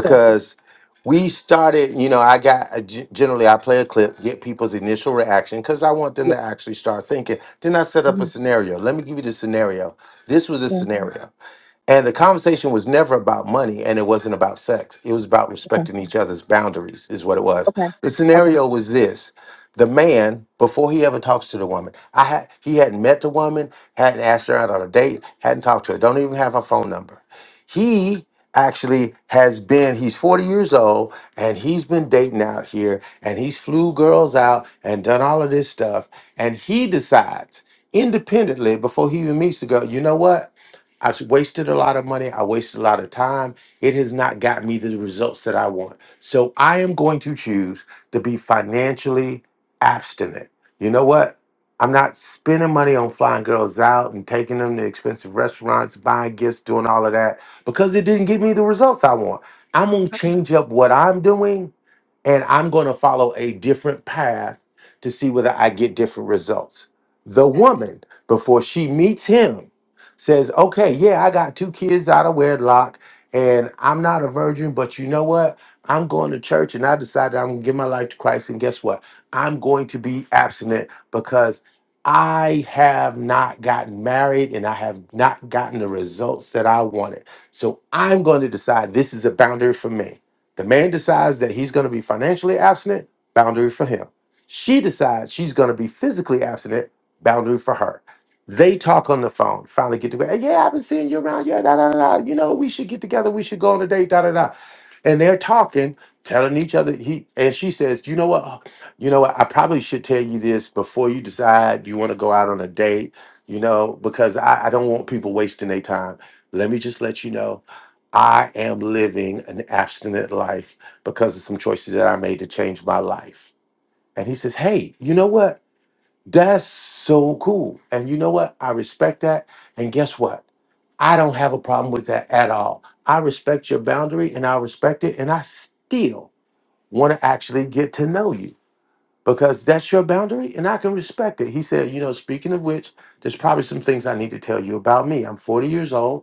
Sure.
we started. You know, I got I g- generally I play a clip, get people's initial reaction, because I want them
Yeah.
to actually start thinking. Then I set up a
hmm
scenario. Let me give you the scenario. This was a
yeah.
scenario, and the conversation was never about money, and it wasn't about sex. It was about
Okay.
respecting each other's boundaries, is what it was.
Okay.
The
Okay.
scenario was this the man before he ever talks to the woman. I had he hadn't met the woman, hadn't asked her out on a date, hadn't talked to her, don't even have her phone number. He actually has been he's 40 years old and he's been dating out here and he's flew girls out and done all of this stuff and he decides independently before he even meets the girl you know what i wasted a lot of money i wasted a lot of time it has not got me the results that i want so i am going to choose to be financially abstinent. You know what? I'm not spending money on flying girls out and taking them to expensive restaurants, buying gifts, doing all of that because it didn't give me the results I want. I'm going to change up what I'm doing and I'm going to follow a different path to see whether I get different results. The woman, before she meets him, says, Okay, yeah, I got two kids out of wedlock and I'm not a virgin, but you know what? I'm going to church and I decided I'm going to give my life to Christ. And guess what? I'm going to be abstinent because I have not gotten married and I have not gotten the results that I wanted. So I'm going to decide this is a boundary for me. The man decides that he's going to be financially abstinent, boundary for him. She decides she's going to be physically abstinent, boundary for her. They talk on the phone, finally get together. Yeah, I've been seeing you around. Yeah, da da da. da. You know, we should get together. We should go on a date, da da da. And they're talking, telling each other. He and she says, "You know what? Oh, You know what? I probably should tell you this before you decide you want to go out on a date. You know, because I, I don't want people wasting their time. Let me just let you know. I am living an abstinent life because of some choices that I made to change my life. And he says, Hey, you know what? That's so cool. And you know what? I respect that. And guess what? I don't have a problem with that at all. I respect your boundary and I respect it. And I still want to actually get to know you because that's your boundary and I can respect it. He said, You know, speaking of which, there's probably some things I need to tell you about me. I'm 40 years old.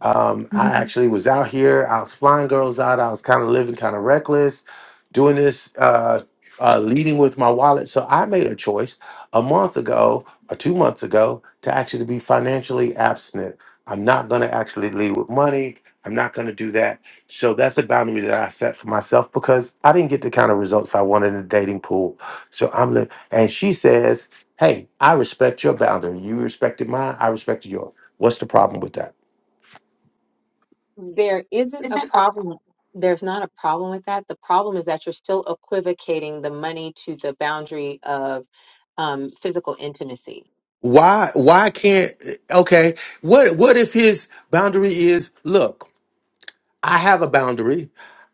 Um, I
Mhm.
actually was out here. I was flying girls out. I was kind of living kind of reckless, doing this, uh, uh, leading with my wallet. So I made a choice a month ago or two months ago to actually be financially abstinent. I'm not going to actually lead with money. I'm not going to do that. So that's a boundary that I set for myself because I didn't get the kind of results I wanted in the dating pool. So I'm, li- and she says, Hey, I respect your boundary. You respected mine. I respected yours. What's the problem with that?
There isn't a problem. There's not a problem with that. The problem is that you're still equivocating the money to the boundary of um, physical intimacy.
why why can't okay what what if his boundary is look i have a boundary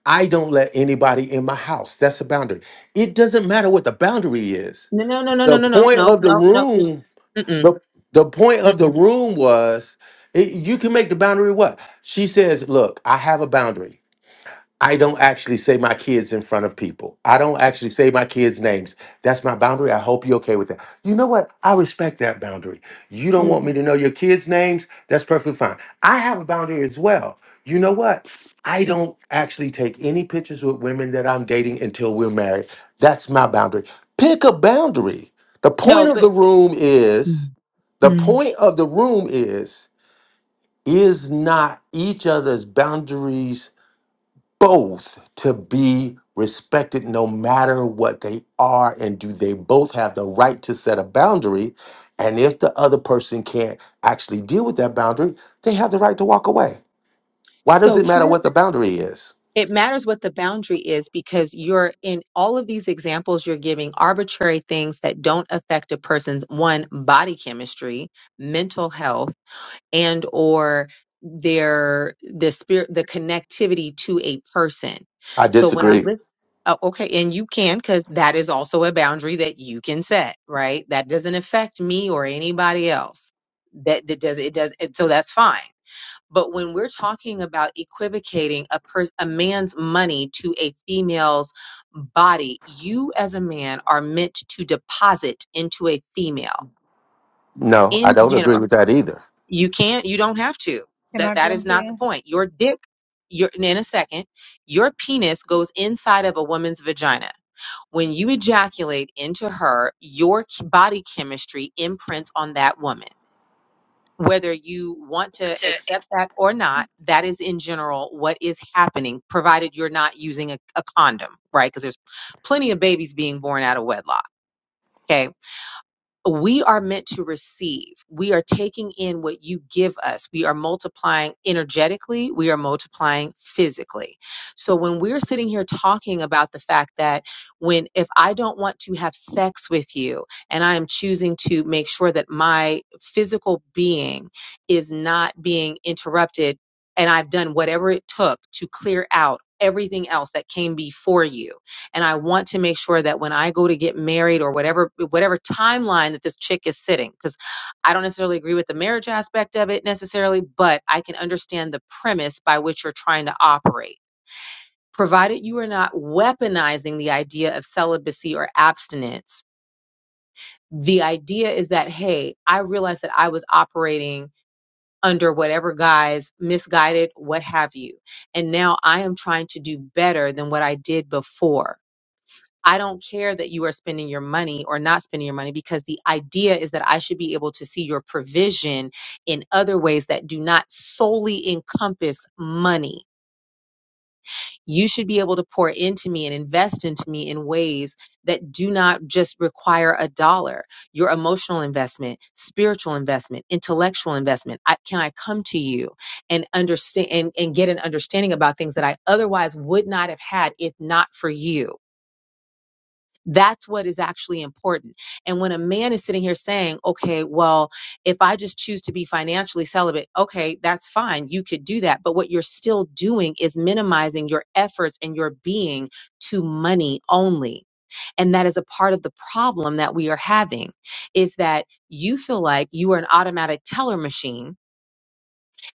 i don't let anybody in my house that's a boundary it doesn't matter what the boundary is
No, no, no, no, no,
the
no, no,
point
no,
of the
no, no,
room
mm, mm-mm,
the, the point of the
mm-mm,
room was it, you can make the boundary what she says look i have a boundary I don't actually say my kids in front of people. I don't actually say my kids' names. That's my boundary. I hope you're okay with that. You know what? I respect that boundary. You don't
mm.
want me to know your kids' names? That's perfectly fine. I have a boundary as well. You know what? I don't actually take any pictures with women that I'm dating until we're married. That's my boundary. Pick a boundary. The point
no.
of
But
the room is the
Mm.
point of the room is is not each other's boundaries both to be respected no matter what they are and do they both have the right to set a boundary and if the other person can't actually deal with that boundary they have the right to walk away why does
so
it matter
here,
what the boundary is
it matters what the boundary is because you're in all of these examples, you're giving arbitrary things that don't affect a person's one, body chemistry, mental health and or their the spirit the connectivity to a person
i
so when i'm
disagree
listening okay and you can because that is also a boundary that you can set right that doesn't affect me or anybody else that, that does it does it, so that's fine but when we're talking about equivocating a per, a man's money to a female's body you as a man are meant to deposit into a female
no i
in
don't
general
agree with that either
you can't, you don't have to.
Can I
That that is
jump
not the
in?
point. Your dick, your in a second, your penis goes inside of a woman's vagina. When you ejaculate into her, your ch- body chemistry imprints on that woman. Whether you want to accept that or not, that is in general what is happening, provided you're not using a, a condom, right? Because there's plenty of babies being born out of wedlock. Okay we are meant to receive. We are taking in what you give us. We are multiplying energetically. We are multiplying physically. So when we're sitting here talking about the fact that when, if I don't want to have sex with you and I am choosing to make sure that my physical being is not being interrupted and I've done whatever it took to clear out everything else that came before you and I want to make sure that when I go to get married or whatever whatever timeline that this chick is sitting cuz I don't necessarily agree with the marriage aspect of it necessarily, but I can understand the premise by which you're trying to operate. Provided you are not weaponizing the idea of celibacy or abstinence, the idea is that, hey, I realized that I was operating under whatever guise, misguided, what have you. And now I am trying to do better than what I did before I don't care that you are spending your money or not spending your money because the idea is that I should be able to see your provision in other ways that do not solely encompass money. You should be able to pour into me and invest into me in ways that do not just require a dollar. Your emotional investment, spiritual investment, intellectual investment. I, can I come to you and understand and, and get an understanding about things that I otherwise would not have had if not for you? That's what is actually important. And when a man is sitting here saying, okay, well, if I just choose to be financially celibate, okay, that's fine. You could do that. But what you're still doing is minimizing your efforts and your being to money only. And that is a part of the problem that we are having is that you feel like you are an automatic teller machine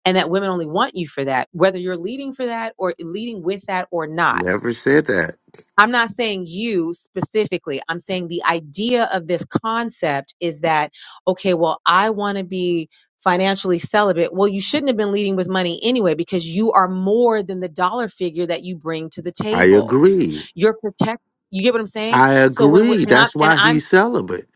and that women only want you for that, whether you're leading for that or leading with that or not
never said that
I'm not saying you specifically. I'm saying the idea of this concept is that, okay, well, I want to be financially celibate. Well, you shouldn't have been leading with money anyway because you are more than the dollar figure that you bring to the
i
table.
agree
You're protect. You get what I'm saying?
I
So when we're,
agree.
and I'm,
That's
and
why
I'm,
he's celibate.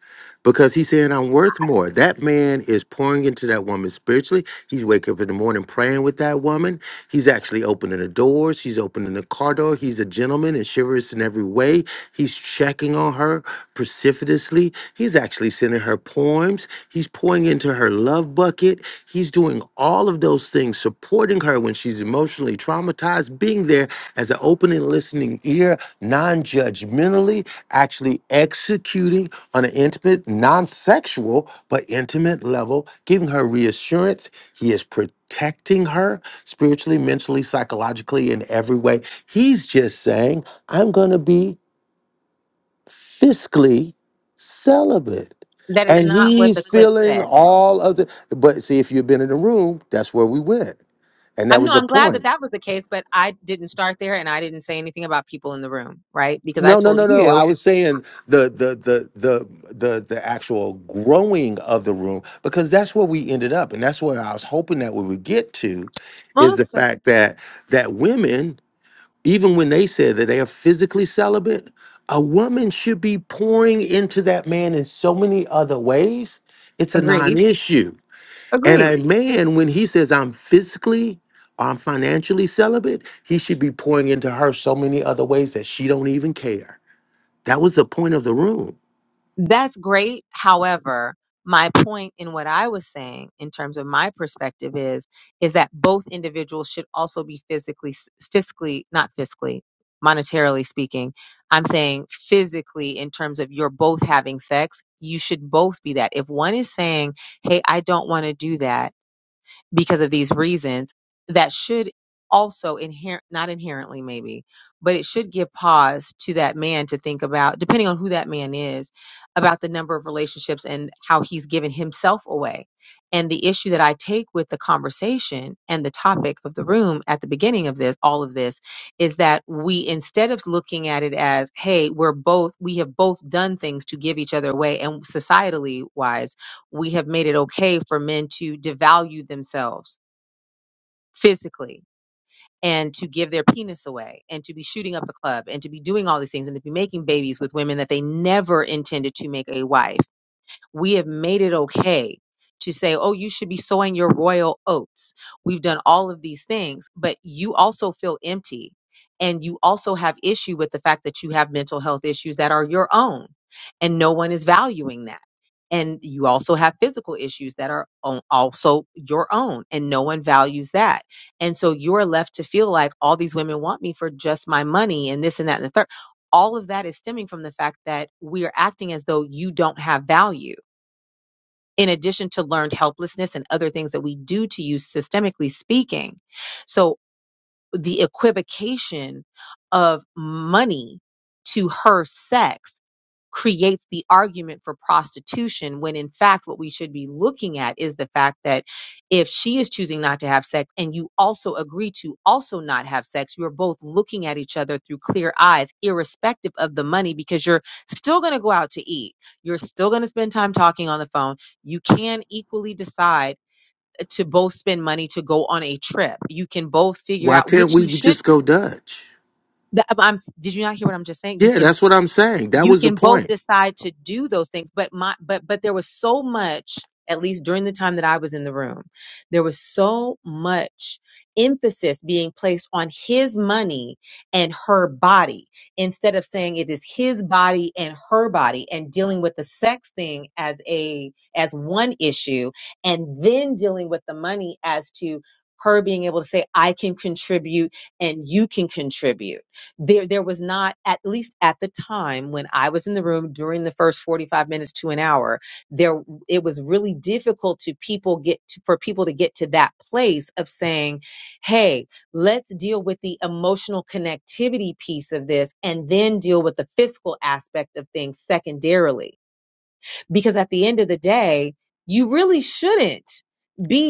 Because he's saying, I'm worth more. That man is pouring into that woman spiritually. He's waking up in the morning praying with that woman. He's actually opening the doors. He's opening the car door. He's a gentleman and chivalrous in every way. He's checking on her precipitously. He's actually sending her poems. He's pouring into her love bucket. He's doing all of those things, supporting her when she's emotionally traumatized, being there as an open and listening ear, non judgmentally actually executing on an intimate, non sexual, but intimate level, giving her reassurance. He is protecting her spiritually, mentally, psychologically, in every way. He's just saying, I'm going to be fiscally celibate.
that is
And
not what
he's
the clip
feeling
said though.
all of the. But see, if you've been in the room, that's where we went. And that
I'm no,
was a
I'm glad
point.
that that was the case, but I didn't start there and I didn't say anything about people in the room, right? Because I
No, no,
told
no, no. I
you,
was saying the the the the the the actual growing of the room because that's where we ended up, and that's where I was hoping that we would get to,
well,
is the
okay,
fact that that women, even when they say that they are physically celibate, a woman should be pouring into that man in so many other ways. It's a
agreed,
non-issue, and
agreed.
a man when he says I'm physically or I'm financially celibate, he should be pouring into her so many other ways that she don't even care. That was the point of the room.
That's great. However, my point in what I was saying in terms of my perspective is is that both individuals should also be physically fiscally not fiscally monetarily speaking. I'm saying physically in terms of you're both having sex, you should both be that. If one is saying, "Hey, I don't want to do that." because of these reasons that should also inherent not inherently maybe but it should give pause to that man to think about depending on who that man is about the number of relationships and how he's given himself away and the issue that i take with the conversation and the topic of the room at the beginning of this all of this is that we instead of looking at it as hey we're both we have both done things to give each other away and societally wise we have made it okay for men to devalue themselves physically and to give their penis away and to be shooting up the club and to be doing all these things and to be making babies with women that they never intended to make a wife we have made it okay to say, oh, you should be sowing your royal oats. We've done all of these things, but you also feel empty and you also have issue with the fact that you have mental health issues that are your own and no one is valuing that. And you also have physical issues that are o- also your own and no one values that. And so you're left to feel like all these women want me for just my money and this and that and the third all of that is stemming from the fact that we are acting as though you don't have value in addition to learned helplessness and other things that we do to you systemically speaking. So the equivocation of money to her sex creates the argument for prostitution when in fact what we should be looking at is the fact that if she is choosing not to have sex and you also agree to also not have sex you're both looking at each other through clear eyes irrespective of the money because you're still going to go out to eat you're still going to spend time talking on the phone you can equally decide to both spend money to go on a trip you can both figure
Why
out
can't
which you
we
should
just go Dutch?
the- I'm, did you not hear what I'm just saying? You
Yeah,
can
that's what I'm saying. That
you
was the
can both
point.
decide to do those things but my but but there was so much at least during the time that I was in the room there was so much emphasis being placed on his money and her body instead of saying it is his body and her body and dealing with the sex thing as a as one issue and then dealing with the money as to her being able to say I can contribute and you can contribute there there was not at least at the time when I was in the room during the first 45 minutes to an hour there it was really difficult to people get to, for people to get to that place of saying hey let's deal with the emotional connectivity piece of this and then deal with the fiscal aspect of things secondarily because at the end of the day you really shouldn't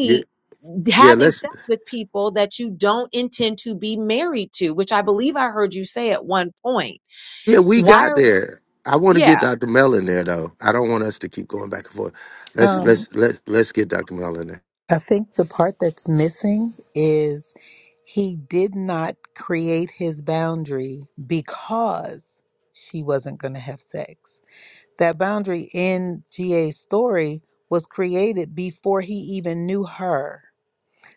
Yeah, yeah,
having
let's
sex with people that you don't intend to be married to, which I believe I heard you say at one point.
yeah, we
Why
got
are,
there. I want to get
yeah,
Dr. Mel in there though. I don't want us to keep going back and forth. Let's
no.
Um,
let's let's let's get Dr. Mel in there.
I think the part that's missing is he did not create his boundary because she wasn't going to have sex. That boundary in GA's story was created before he even knew her.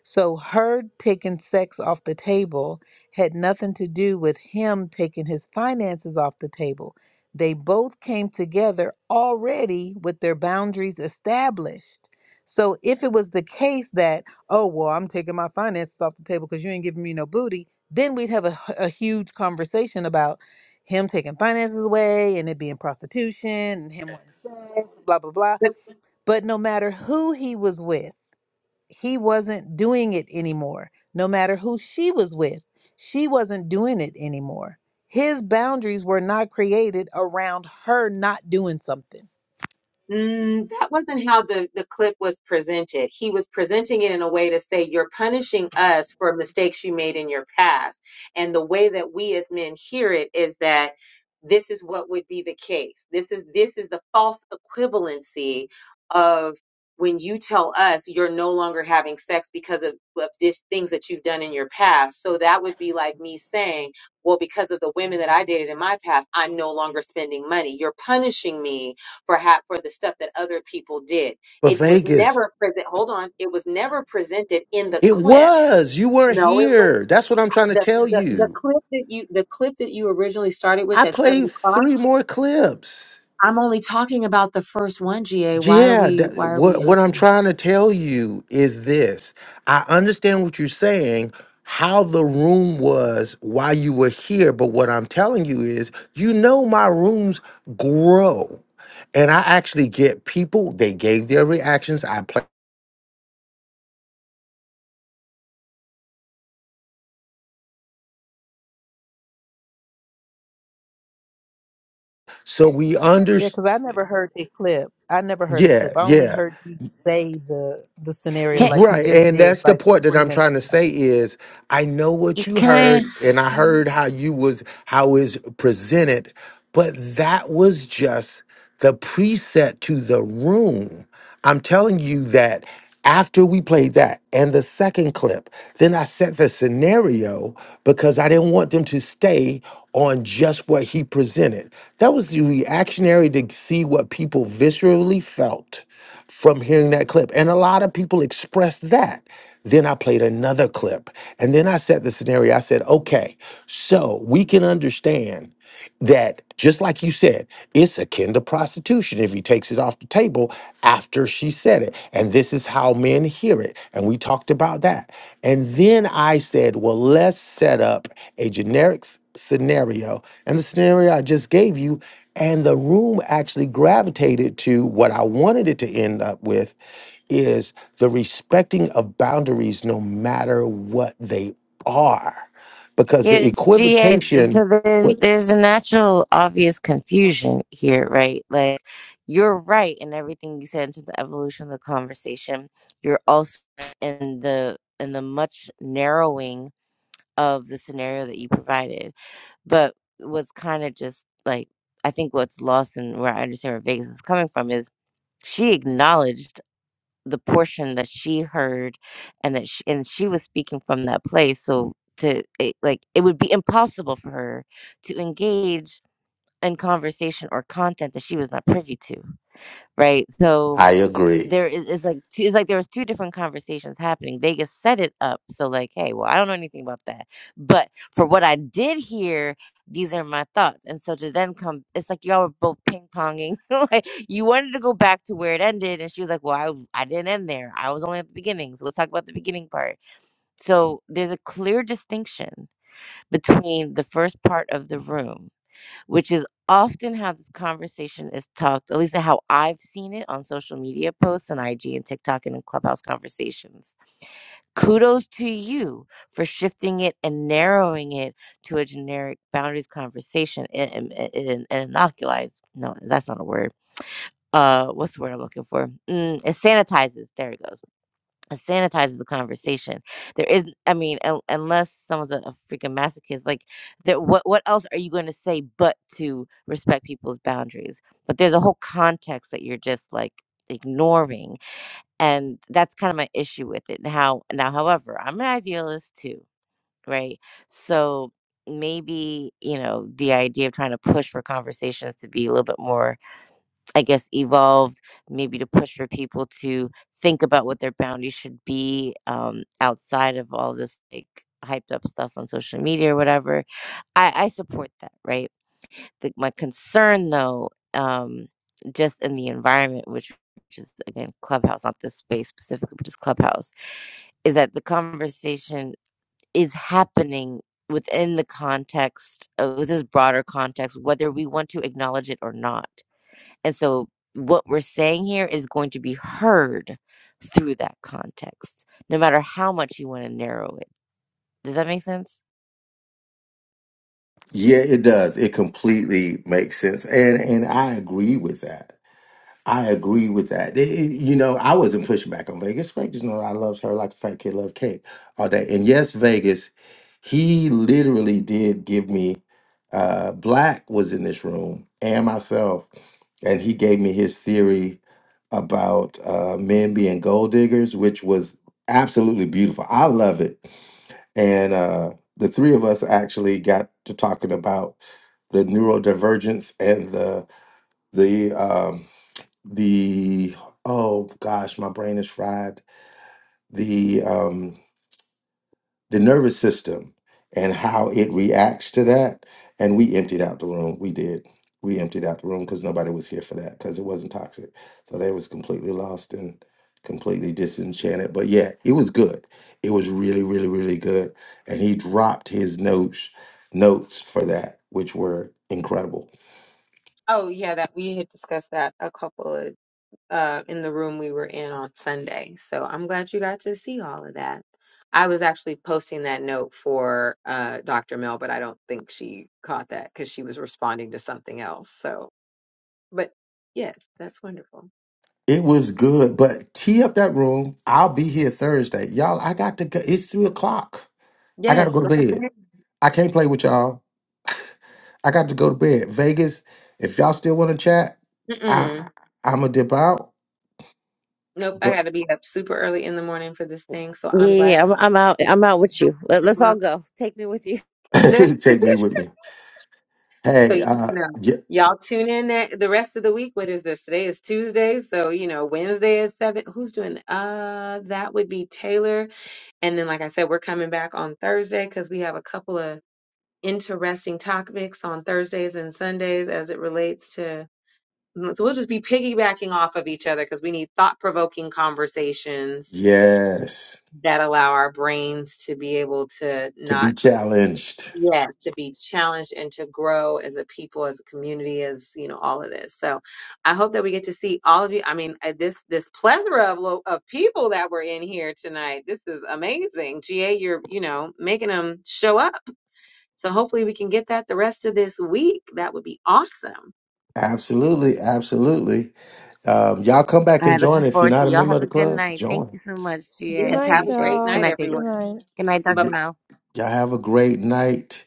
So her taking sex off the table had nothing to do with him taking his finances off the table. They both came together already with their boundaries established. So if it was the case that, oh, well, I'm taking my finances off the table because you ain't giving me no booty, then we'd have a, h- a huge conversation about him taking finances away and it being prostitution and him wanting sex, blah, blah, blah. But no matter who he was with, he wasn't doing it anymore. No matter who she was with, she wasn't doing it anymore. His boundaries were not created around her not doing something.
Mm, that wasn't how the, the clip was presented. He was presenting it in a way to say, You're punishing us for mistakes you made in your past. And the way that we as men hear it is that this is what would be the case. This is this is the false equivalency of when you tell us you're no longer having sex because of, of this things that you've done in your past. So that would be like me saying, Well, because of the women that I dated in my past, I'm no longer spending money. You're punishing me for how, for the stuff that other people did.
But
It was
Vegas,
never present. Hold on, it was never presented in the
it
clip.
was. You weren't
No, it was
here. That's what I'm trying to
the,
tell
the the
you.
clip that you the clip that you originally started
I
with at
played
seven o'clock.
three more clips.
I'm only talking about the first one, GA. Why are
Yeah,
we
that,
why are we
what what I'm
huffing?
trying to tell you is this. I understand what you're saying, how the room was while you were here, but what I'm telling you is, you know my rooms grow. And I actually get people, they gave their reactions. I play so we under
Yeah, because I never heard a clip. I never heard a
yeah,
clip. I only
yeah.
heard you say the the scenario
Can,
like you
Right.
just
And
did
that's the
like
point that
20
I'm
minutes
trying to
ago.
say is I know what you
can
heard and I
I?
heard how you was how is presented, but that was just the preset to the room. I'm telling you that after we played that and the second clip, then I set the scenario because I didn't want them to stay on just what he presented. That was the reactionary to see what people viscerally felt from hearing that clip. And a lot of people expressed that. Then I played another clip. And then I set the scenario. I said, okay, so we can understand that just like you said, it's akin to prostitution if he takes it off the table after she said it. And this is how men hear it. And we talked about that. And then I said, well, let's set up a generic s- scenario. And the scenario I just gave you and the room actually gravitated to what I wanted it to end up with is the respecting of boundaries no matter what they are. Because the
It's GA.
equivocation,
So there's
w-
there's a natural obvious confusion here, right? Like you're right in everything you said into the evolution of the conversation. You're also in the in the much narrowing of the scenario that you provided. But what's kind of just like I think what's lost and where I understand where Vegas is coming from is she acknowledged the portion that she heard and that she and she was speaking from that place, so to it, like, it would be impossible for her to engage in conversation or content that she was not privy to, right? So
I agree.
there is it's like two it's like there was 2 different conversations happening. Vegas set it up, so like, "Hey, well, I don't know anything about that, but for what I did hear, these are my thoughts." And so to then come it's like y'all were both ping-ponging, <laughs> like, you wanted to go back to where it ended, and she was like, "Well, I I w I didn't end there. I was only at the beginning, so let's talk about the beginning part." So, there's a clear distinction between the first part of the room which is often how this conversation is talked, at least how I've seen it on social media posts and IG and TikTok and in clubhouse conversations. Kudos to you for shifting it and narrowing it to a generic boundaries conversation and, and, and and inoculates. No, that's not a word. Uh, what's the word I'm looking for? Mm, it sanitizes. There it goes it sanitizes the conversation. There isn't, I mean, un- unless someone's a, a freaking masochist, like, that. What what else are you going to say but to respect people's boundaries? But there's a whole context that you're just like ignoring, and that's kind of my issue with it. How now, however, I'm an idealist too, right? So maybe you know the idea of trying to push for conversations to be a little bit more I guess, evolved maybe to push for people to think about what their boundaries should be um, outside of all this like hyped up stuff on social media or whatever. I, I support that, right? The, my concern though, um, just in the environment, which which is again Clubhouse, not this space specifically, but just Clubhouse, is that the conversation is happening within the context of this broader context, whether we want to acknowledge it or not and so what we're saying here is going to be heard through that context, no matter how much you want to narrow it. Does that make sense?
Yeah, it does. It completely makes sense. And and I agree with that. I agree with that. It- it- you know, I wasn't pushing back on Vegas. Vegas know I loves her like a fat kid loves cake all day. And yes, Vegas, he literally did give me. Uh, Black was in this room and myself, and he gave me his theory about uh, men being gold diggers, which was absolutely beautiful. I love it. And uh, the three of us actually got to talking about the neurodivergence and the the um, the oh gosh, my brain is fried. The um the nervous system and how it reacts to that. And we emptied out the room. We did. We emptied out the room because nobody was here for that because it wasn't toxic. So they was completely lost and completely disenchanted. But yeah, it was good. It was really, really, really good. And he dropped his notes notes for that, which were incredible
Oh yeah, that we had discussed that a couple of uh, in the room we were in on Sunday. So I'm glad you got to see all of that. I was actually posting that note for uh, Dr. Mel, but I don't think she caught that because she was responding to something else. So, but yes, that's wonderful.
It was good, but tee up that room. I'll be here Thursday, y'all. I got to go. It's three o'clock. I got to
Yes,
go to
go
bed.
ahead.
I can't play with y'all. <laughs> I got to go to bed. Vegas. If y'all still want to chat,
Mm-mm.
I I'm gonna dip out.
Nope, I
But
got to be up super early in the morning for this thing. So
Yeah,
I'm
yeah,
glad.
yeah, I'm, I'm out. I'm out with you. Let, let's all go. Take me with you.
<laughs> take
<laughs>
me with me.
So,
Hey,
you
uh,
know,
y-
y'all tune in that, the rest of the week. What is this? Today is Tuesday. So, you know, Wednesday is seven. Who's doing? Uh, that would be Taylor. And then, like I said, we're coming back on Thursday because we have a couple of interesting topics on Thursdays and Sundays as it relates to. mm, So we'll just be piggybacking off of each other because we need thought provoking conversations
yes,
that allow our brains to be able to
to
not
be challenged.
yeah to be challenged and to grow as a people as a community as you know all of this so i hope that we get to see all of you i mean uh, this this plethora of lo- of people that were in here tonight this is amazing ga you're you know making them show up so hopefully we can get that the rest of this week that would be awesome
Absolutely, absolutely. Um, y'all come
<laughs>
back
All
and
right,
join
looking
if you're
forward to
not
it.
a
y'all.
member of
Have a
the
good
club.
night. Thank
Join.
you so much,
Good
GA.
yes
night,
have a
Appreciate it.
great
Good
y'all.
night
night, Vegas.
Good
everyone
night.
Good night,
bye bye.
Y'all
Dr. Mel.
have a great night.